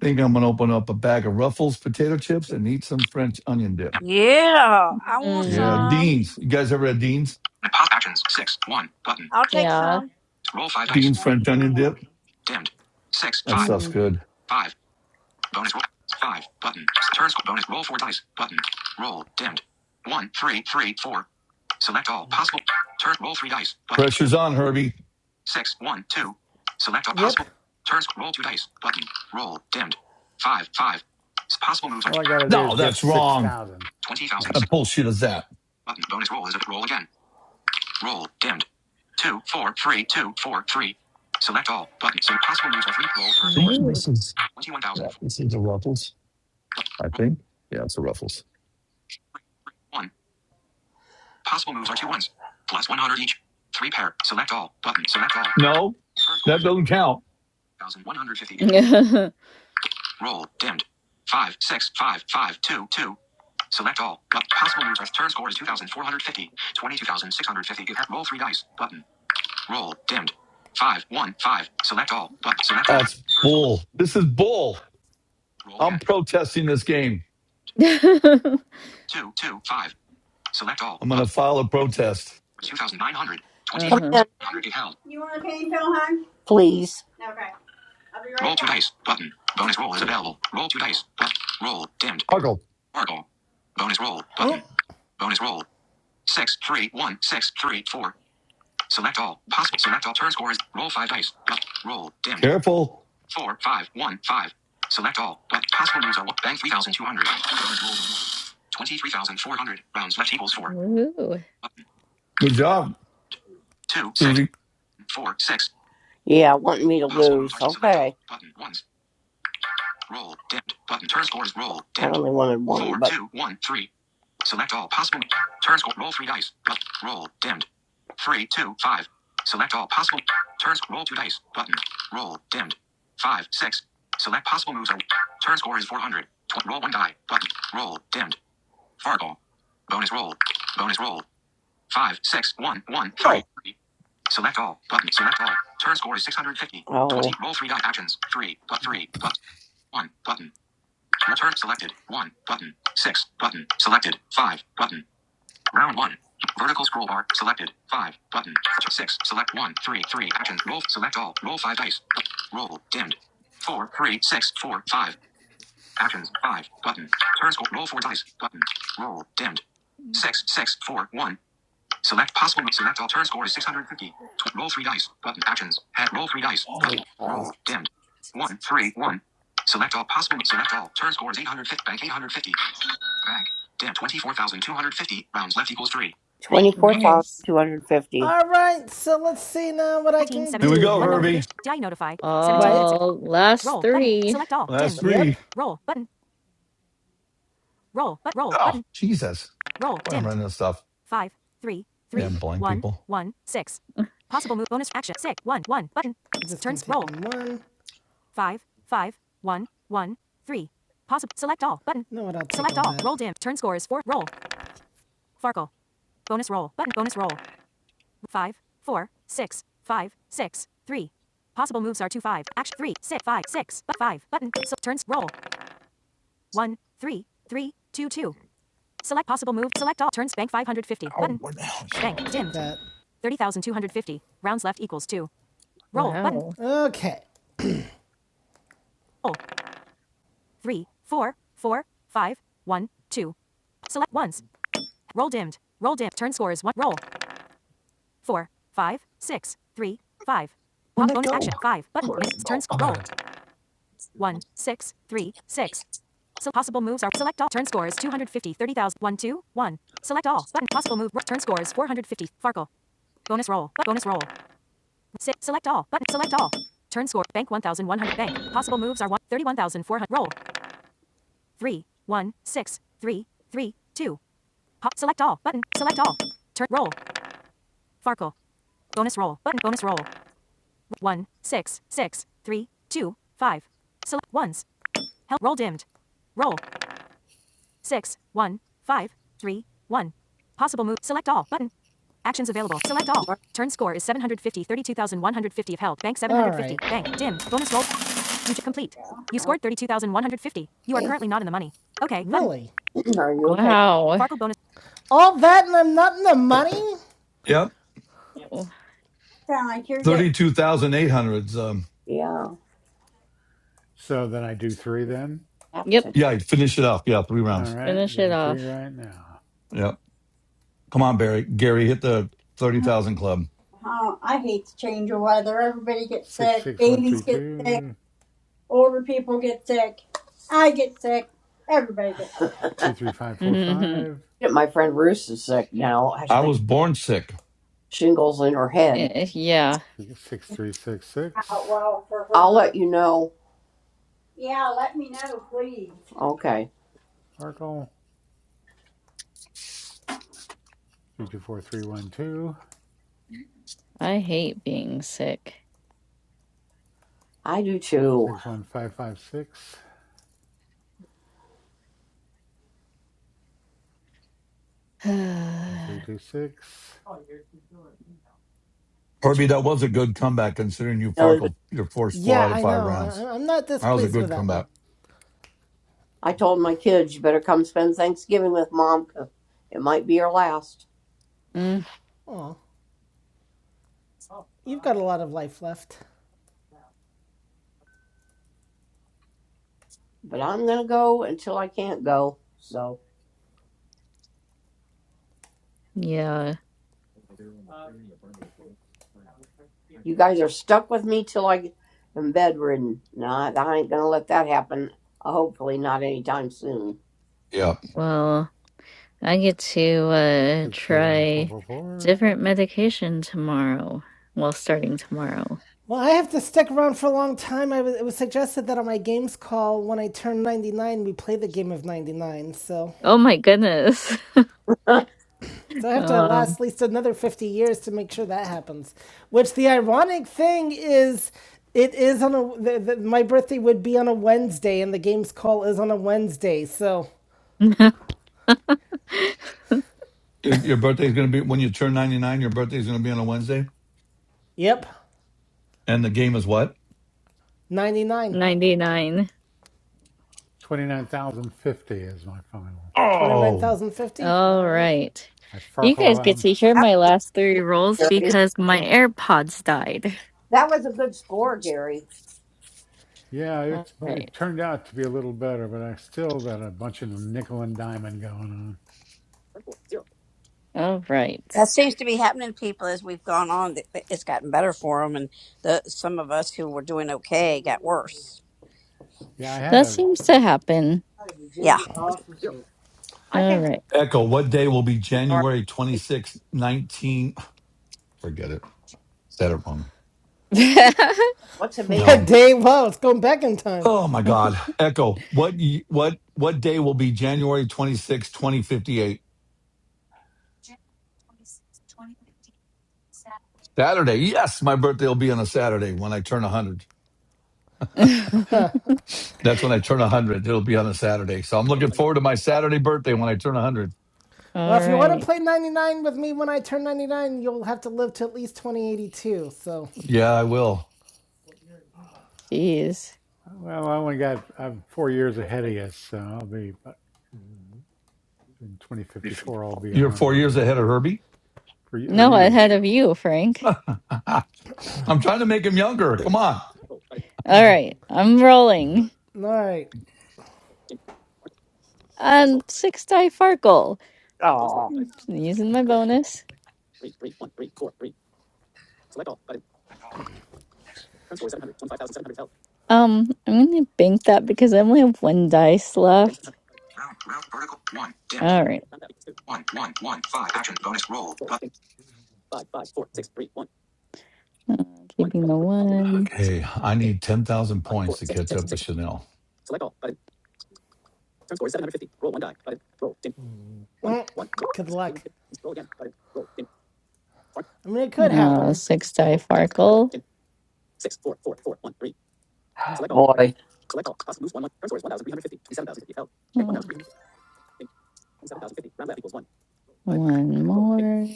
Think I'm going to open up a bag of Ruffles potato chips and eat some French onion dip. Yeah, I want Yeah, Mm, some. Dean's. You guys ever had Dean's? Pop actions. Six. One. Button. I'll take yeah. some. Roll five Yeah, dice. Dean's French onion dip? Dimmed. Six. That Five. stuff's Mm, good. Five. Bonus roll. Five. Button. Turn score. Bonus roll four dice. Button. Roll. Dimmed. One. Three. Three. Four. Select all possible. Turn roll three dice. Button. Pressure's on, Herbie. Six. One. Two. Select all possible. Yep. Turn score. Roll two dice. Button. Roll. Dimmed. Five. Five. Possible moves are All I gotta do is No, get that's six wrong. thousand. twenty What thousand Yeah. kind of six. bullshit is that? Button. Bonus roll is a roll again. Roll. Dimmed. Two. Four. Three. Two. Four. Three. Select all. Button. So possible moves are three. Roll first I score. think ooh. this is yeah, 21,004. this is a Ruffles. I Roll. think. Yeah, it's a Ruffles. Three. three, One. Possible moves are two ones. Plus 100 each. Three pair. Select all. Button. Select all. No, Current score that is nine doesn't count. thousand one hundred fifty. Roll. Dimmed. Five, six, five, five, two, two. Select all. But possible moves are turn score is 2,450. 22,650. Roll three dice. Button. Roll. Dimmed. Five, one, five. Select all. Button. select all. Current That's score. bull. This is bull. Roll I'm again. protesting this game. Two, two, five. Select all. I'm going to Button. file a protest. 2,900. 20. uh-huh. 100. held. You want to pay Phil, hon? Okay. Roll two dice. Button. Bonus roll is available. Roll two dice. Left. Roll. Dimmed. Huckle. Sparkle. Bonus roll. Button. Bonus roll. Six, three, one, six, three, four. Select all. Possible. Select all. Turn scores. Roll five dice. Left. Roll. Dimmed. Careful. Four, five, one, five. Select all. Left. Possible moves are one. Bank 3,200. Bonus roll. 23,400. Rounds left equals four. Ooh, Button. Good job, Two, six, Susie. four, six. Button. Ones. Roll. Dimmed. Button. Turn scores. Roll. two, one, three. Select all possible. Turn score. Roll three dice. But roll dimmed. Three, two, five. Select all possible. Turn score. Roll two dice. Button. Roll dimmed. Five, six. Select possible moves. turn score is 400. roll one die. Button. Roll dimmed. Fargo. Bonus roll. Bonus roll. Five, six, one, one, three. Oh, Select all. Button. Select all. Turn score is 650. Roll three die actions. Three, but three, but one. Button. Return selected. One button. Six button. Selected. Five button. Round one. Vertical scroll bar selected. Five button. Six select one three three action roll select all roll five dice roll dimmed four three six four five actions five button turn score roll four dice button roll dimmed six six four one select possible select all turn score is six hundred fifty roll three dice button actions head roll three dice button Dimmed. One, three, one. Select all possible. Select all. Turn score is 850. Bank 850. Bank. Dim 24,250. Rounds left equals three. nice. All right, so let's see now what fourteen, I can 15, Here do we here. go, One Herbie. notification. Did I notify? 17 Wait. minutes ago. All last Roll button. three. Select all. Last Dimmed. three. Yep. Roll button. Roll but roll Oh, button. Jesus. Roll Boy, I'm dimmed. running this stuff. Five, three, three, Damn blind one, people. one, six. Possible move bonus action. Six, one, one button. Turns gonna roll. take One. Five, five, one, one, three. Possible select all button. No, what I'll take Select all. that. Roll dim. Turn score is four. Roll. Farkle. Bonus roll. Button. Bonus roll. five, four, six, five, six, three. Possible moves are two, five, action, three, six, five, six, but five, button, so turns, roll, one, three, three, two, two. Select possible move, select all, turns, bank 550, oh, button, where the hell bank, dimmed, That. 30,250, rounds left equals two. Roll, button, Wow. Okay. roll, three, four, four, five, one, two. Select once, roll dimmed, roll dimmed, turn score is one, roll, four, five, six, three, five. where'd Pop that bonus action, go? five, button, Where'd it turn, go? sc- Oh, there roll, it is. one, six, three, six. So possible moves are select all. Turn score is 250, Select all. Button possible move. Turn score is 450. Farkle. Bonus roll. bonus roll. Si- select all. Button select all. Turn score. Bank 1,100. Bank. Possible moves are 1, 31,400. Roll. three one six three three two pop. select all. Button. Select all. Turn. Roll. Farkle. Bonus roll. Button. Bonus roll. One 6 6 3 2 5. Select ones. Help. Roll dimmed. Roll. six, one, five, three, one. Possible move. Select all button. Actions available. Select all. Turn score is 750, 32,150 of held. Bank 750. Bank. Dim. Bonus roll. You to complete. You scored 32,150. You are currently not in the money. Okay. button. Really? Wow. Farkle bonus. All that and I'm not in the money? Yep. Ew. Like you're mm, getting, thirty-two thousand eight hundred. Um, So then I do three then. Yep, yeah, finish it up. Yeah, three All rounds. right, finish it doing three off. right now. Yeah, Come on, Barry. Gary, hit the 30,000 club. uh, I hate to change the weather. Everybody gets Six sick. six one Babies three get sick. two. Older people get sick. I get sick. Everybody gets sick. Two three five four five I was born sick. Eh, eh, Yeah, six three six Oh, six. well, for, her. yeah, let me know, please. Sparkle three two four three one two I hate being sick. six one five five six one three two six Herbie, that was a good comeback considering you farkled your forced four Yeah, out of I five know. rounds. I, I'm not That was a displeased good with that one. comeback. Mm, Oh, you've got a lot of life left. yeah, Yeah. well, I get to uh six three one four try four four. different medication tomorrow. Well, starting tomorrow. Well, I have to stick around for a long time. I was, it was suggested that on my games call, when I turn 99, we play the game of 99. So, Oh my goodness. so I have to last Um, at least another 50 years to make sure that happens. Which the ironic thing is, it is on a the, the, my birthday would be on a Wednesday, and the games call is on a Wednesday. So, Your, your birthday's going to be when you turn 99, your birthday's going to be on a Wednesday. yep, And the game is what? ninety-nine, 99. Twenty nine thousand fifty is my final. Oh, twenty-nine thousand fifty. All All right. right. I You farkled guys get on. to hear my last three rolls because my AirPods died. Yeah, All it's right. it turned out to be a little better, but I still got a bunch of nickel and diamond going on. All right. That seems to be happening to people as we've gone on. that- that It's gotten better for them, and the some of us who were doing okay got worse. Yeah, I had That a seems to happen. Yeah. All right. Echo, what day will be January 26, 19? What No. day? Wow, it's going back in time. Oh my God. Echo, what y- what what day will be January 26, 2058? Saturday. Yes, my birthday will be on a Saturday when I turn 100. That's when I turn 100. It'll be on a Saturday. So I'm looking forward to my Saturday birthday when I turn 100. Well, All if you want to right. play 99 with me when I turn 99, you'll have to live to at least 2082. So, Yeah, I will. Jeez. well, I only got I'm four years ahead of you, so I'll be but in 2054 I'll be a You're 4 hundred, years but ahead of Herbie. for of No, you. ahead of you, Frank. I'm trying to make him younger. Come on. All right, I'm rolling. all right. Um, six die Farkle. Using my bonus. Select Um, I'm gonna bank that because I only have one dice left. Round, round, vertical, one, dimmed, All right, one, one, one, five, action, bonus roll, button, uh, keeping the one. Okay, I need 10,000 points to catch up to Chanel. Good luck. I mean, it could No, happen. six die Farkle. Uh, One more.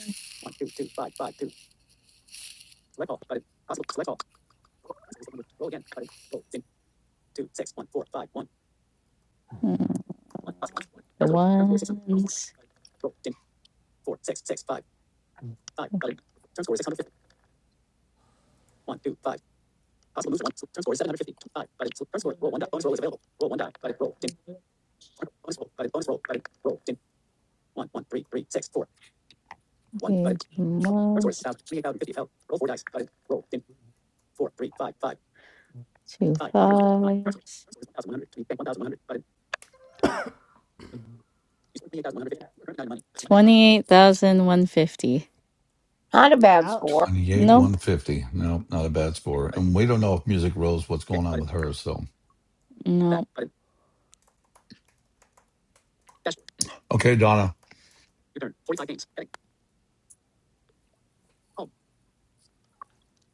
Uh, The ones. Okay, two more. Two fives. Twenty-eight thousand one fifty. Ouch. 28, Nope. 150. No, not a bad score. And we don't know if Music Rose, what's going on with her. So, Nope. okay, Donna,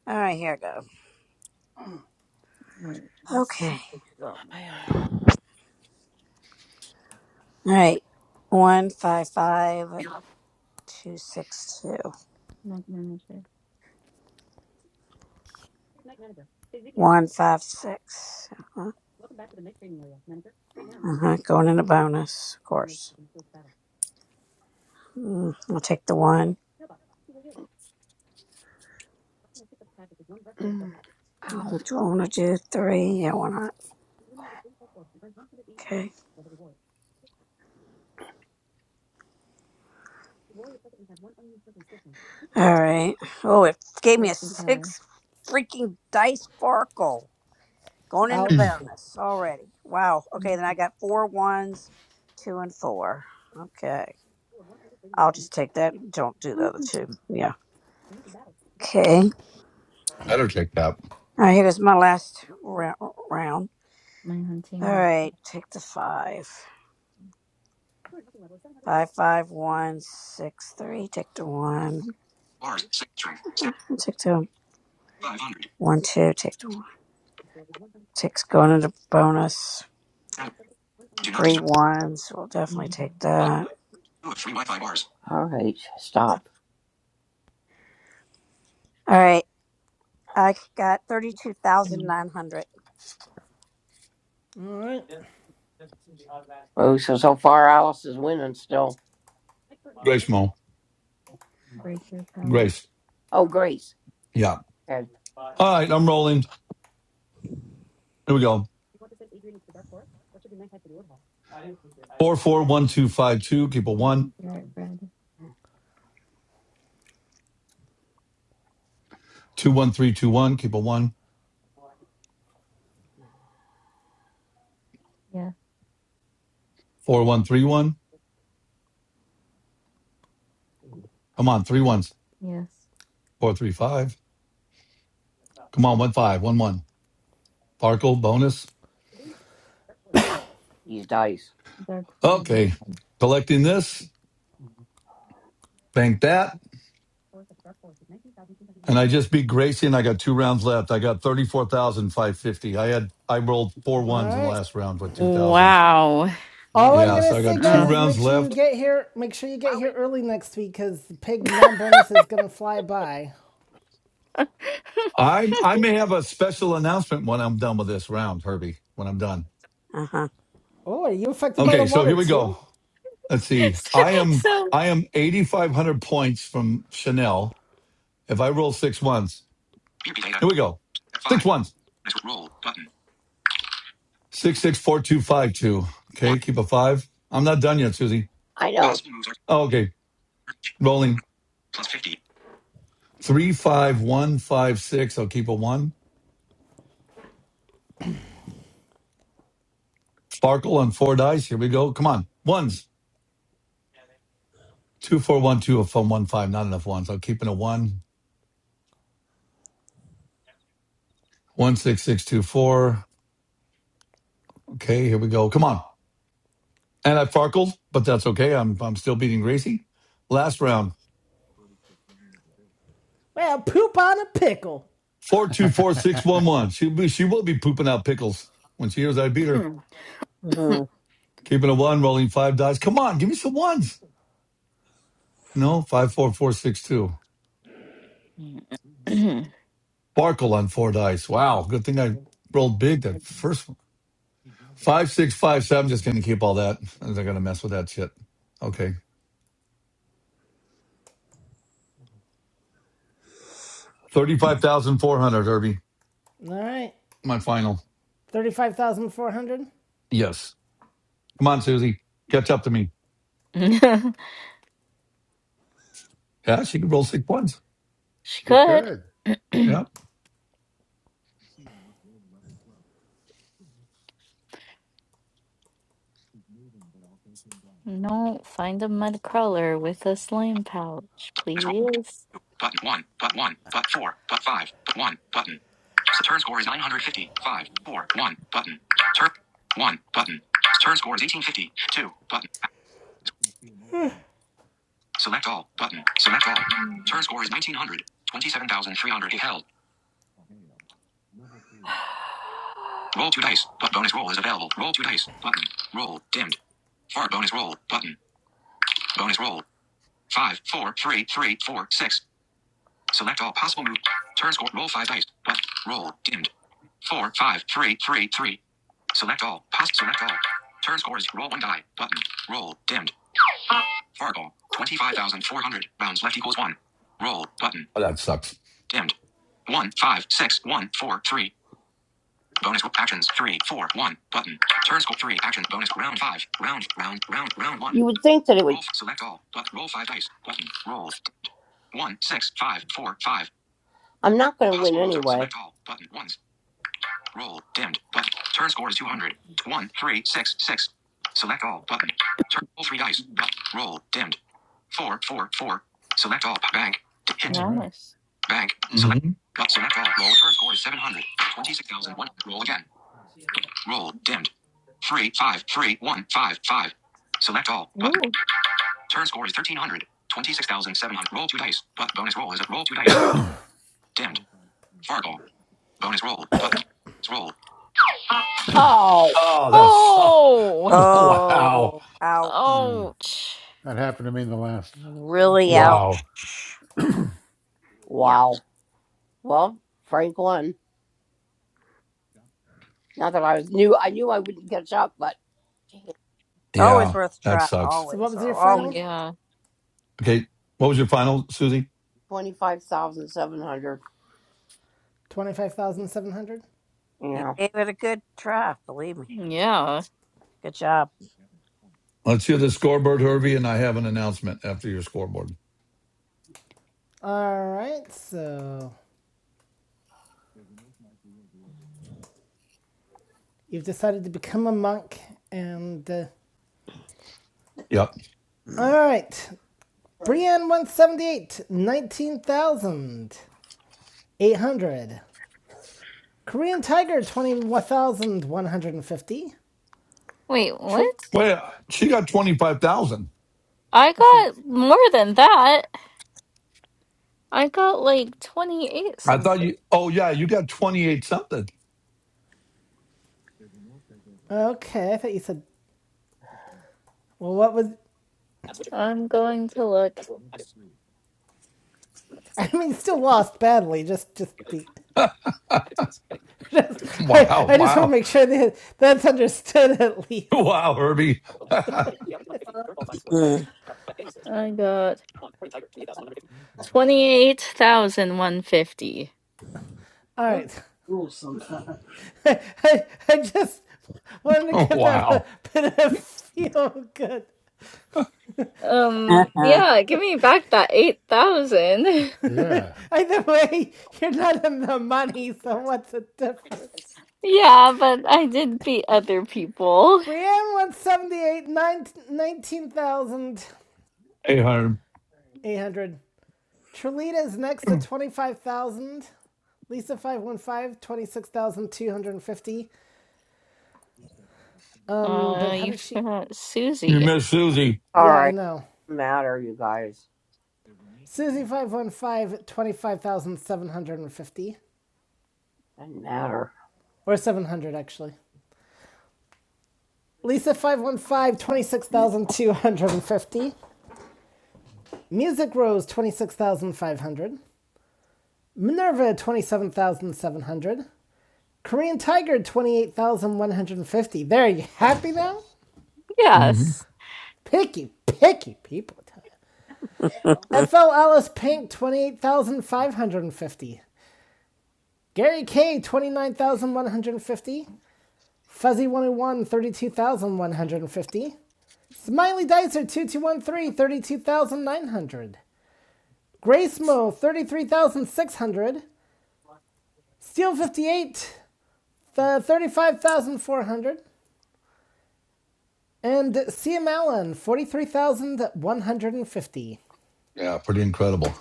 All right. Here I go. Okay. All right. One five five. Two six two one five six. Uh-huh. uh-huh. Going in a bonus, of course. Mm, I'll take the one. Uh, Ow. Do I want to do three? Yeah, why not? Okay. All right. Oh, it gave me a six freaking dice sparkle. Going into Ouch. bonus already. Wow. Okay, then I got four ones, two and four. Okay. I'll just take that. Don't do the other two. Yeah. Okay. All better check that. right, here's my last rou- round. All right, take the five. Five, five, one, six, three. Take the one. bars, six, string, Uh, step, Take the 500, one, two. Take the one. Takes going into bonus. do not disturb. Three ones. We'll definitely take Select that. two of three Wi-Fi bars. All right, I got thirty-two thousand nine hundred. All right. Grace Mo. Grace. Yeah. All right, I'm rolling. Here we go. 441252, keep a one. 21321, keep a one. 4131. Come on, three ones. 435. Come on, One One five. one. one. Farkle bonus. Okay, collecting this. Bank that. And I just beat Gracie, and I got two rounds left. I got thirty-four thousand five hundred fifty. I had I rolled four All ones in the right. last round with two thousand. Wow. All All I'm Yeah, going right. so to I say, got two guys, Ugh. is rounds make sure you left. get here. Make sure you get here early next week because the pig non bonus is going to fly by. I I may have a special announcement when I'm done with this round, Herbie. When I'm done. Uh huh. Oh, are you affected by the Okay, so water here we too? go. Let's see. I am I am eighty-five hundred points from Chanel. If I roll six ones, PP data. here we go. Six Five. ones. Bonus roll button. Six six four two five two. One. Okay, keep a five. I'm not done yet, Susie. moves are Oh, okay, rolling. plus fifty. 35156. I'll keep a one. Sparkle on four dice. Here we go. Come on. Ones. 2412 from one five. Not enough ones. I'll keep in a one. 16624. Okay, here we go. Come on. And I farkled, but that's okay. I'm I'm still beating Gracie. Last round. Well, poop on a pickle. 424611. She be, she will be pooping out pickles when she hears I beat her. hmm Keeping a one, rolling five dice. Come on, give me some ones. No, 54462. Sparkle on four dice. Wow, good thing I rolled big that first one. Five, six, five, seven. Just gonna keep all that. I'm not gonna mess with that shit. Okay. Thirty-five thousand four hundred, Herbie. All right. My final. 35,400. Yes. Come on, Susie. Catch up to me. Yeah, she can roll six points. she she could. could. Yeah. No, find a mud crawler with a slime pouch, Bonus roll action. please. Two. Button one. But one. But four. But five. But one. Button. So turn score is 950. Five. Four. One. Button. Turn. One. Button. Turn score is 1850. Two. Button. Select all. Button. Select all. Turn score is 1900. 27,300 if held. Roll two dice. But bonus roll is available. Roll two dice. Button. Roll. Dimmed. Fart bonus roll. Button. Bonus roll. Five, four, three, three, four, six. Select all possible moves. Turn score. Roll five dice. Left. Roll. Dimmed. Four, five, three, three, three. Select all. Pass. Select all. Turn scores. Roll one die. Button. Roll. Dimmed. Fargo. 25,400. Rounds left equals one. Roll. Button. Oh, that sucks. Dimmed. One, five, six, one, four, three. Bonus actions. Three, four, one. Button. Turn score. Three. Action. Bonus. Round five. Round. Round. Round. Round one. Select all. But roll five dice. Button. Roll. dimmed. One, six, five, four, five. All. Button. Ones. Roll. Dimmed. Button. Turn score is 200. One, three, six, six. Select all. Button. Turn. Roll three dice. Button. Roll. Dimmed. Four, four, four. Select all. Bank. D- All Hint. right. Nice. Bank. Select. hmm But select all. Roll. Turn score is 700. 26,001. Roll again. Roll. Dimmed. Three, five, three, one, five, five. Select all. Button. Turn score is 1300. 26,700. Roll two dice. But bonus roll is a roll two dice. Dimmed. Fargo. Bonus roll. Button. roll. Oh, that sucks. Oh! wow. Oh, ouch! Uh, Ouch. that happened to me in the last last Really row. ouch. Wow. Yeah, it's always Yeah, worth a that try. sucks. So what Always was or your final? always worth. Yeah. Okay. What was your final, Susie? 25,700? You gave it a good try, believe me. Yeah. Good job. Let's hear the scoreboard, Herbie, and I have an announcement after your scoreboard. Alright, so you've decided to become a monk and. Uh, Yep. Alright, Right. Brienne178, 19,800. Korean Tiger, 21,150. Wait, what? True. Well, she got twenty-five thousand. I Oh, she. got more than that. I got like 28 I thought something. you. Oh yeah, you got twenty-eight something. Okay, I thought you said. Well, what was. Look, I mean, still lost badly, just. just be. Just, I, Wow, I just want to wow, make sure that that's understood at least. wow, Herbie. I got Twenty-eight thousand one fifty. All Her right. rules sometimes. I, I, I just wanted to give them a wow. bit of feel good. Oh Uh-huh. yeah, give me back that eight thousand. Yeah. Either way, you're not in the money, so what's the difference? Yeah, but I did beat other people. Brienne 178, nine- 19,800. Hey, Herb, Trelita is next at 25,000. Lisa 515 26,250. Um, but Uh, how you did she. forgot you Susie. miss Susie. Yeah, I know. Susie 515 25,750, Or 700, actually. Lisa 515 26,250. Music Rose, 26,500. Minerva, 27,700. Korean Tiger, 28,150. There, you happy now? hmm Yes. Picky, picky people. I tell ya. FL Alice Pink, Mhm. 28,550. Gary K, 29,150. Fuzzy 101, 32,150. Smiley Dicer 2213 32,900. Gracemo, 33,600. Steel 58, th- 35,400. And CM Allen, 43,150. Yeah, pretty incredible.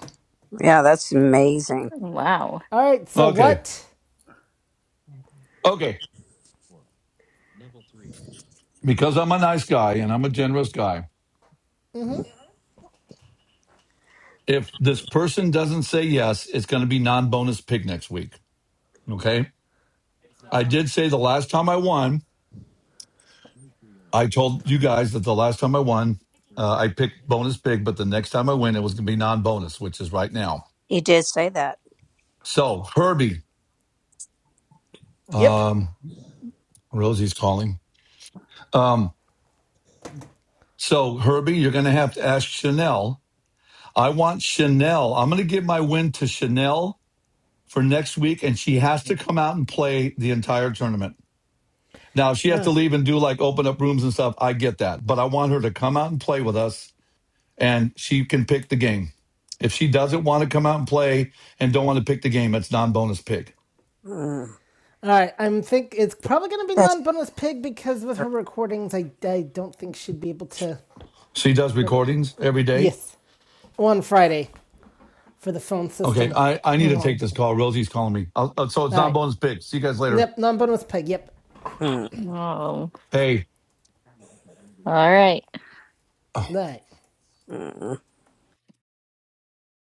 yeah, that's amazing. Wow. All right, so Okay, what? okay. Because I'm a nice guy and I'm a generous guy, if this person doesn't say yes, it's going to be non bonus pick next week. Okay. I did say the last time I won, I told you guys that the last time I won, uh, I picked bonus pig, but the next time I win, it was going to be non bonus, which is right now. He did say that. So, Herbie, Yep. um, Rosie's calling. Um, So, Herbie, you're going to have to ask Chanel. I want Chanel. I'm going to give my win to Chanel for next week, and she has to come out and play the entire tournament. Now, if she has to leave and do like open up rooms and stuff, I get that. But I want her to come out and play with us, and she can pick the game. If she doesn't want to come out and play and don't want to pick the game, it's non bonus pick. Mm, All right, I'm think it's probably going to be that's non-bonus pig because with true. her recordings, I, I don't think she'd be able to. She does But recordings every day. yes, on Friday for the phone Okay, system. I, I need Yeah. to take Oh, this call. Rosie's calling me. I'll, uh, so it's All non right. bonus pick. See you guys later. Yep, non-bonus pig. Yep. Mm, wow. Hey. all right. All right. mm,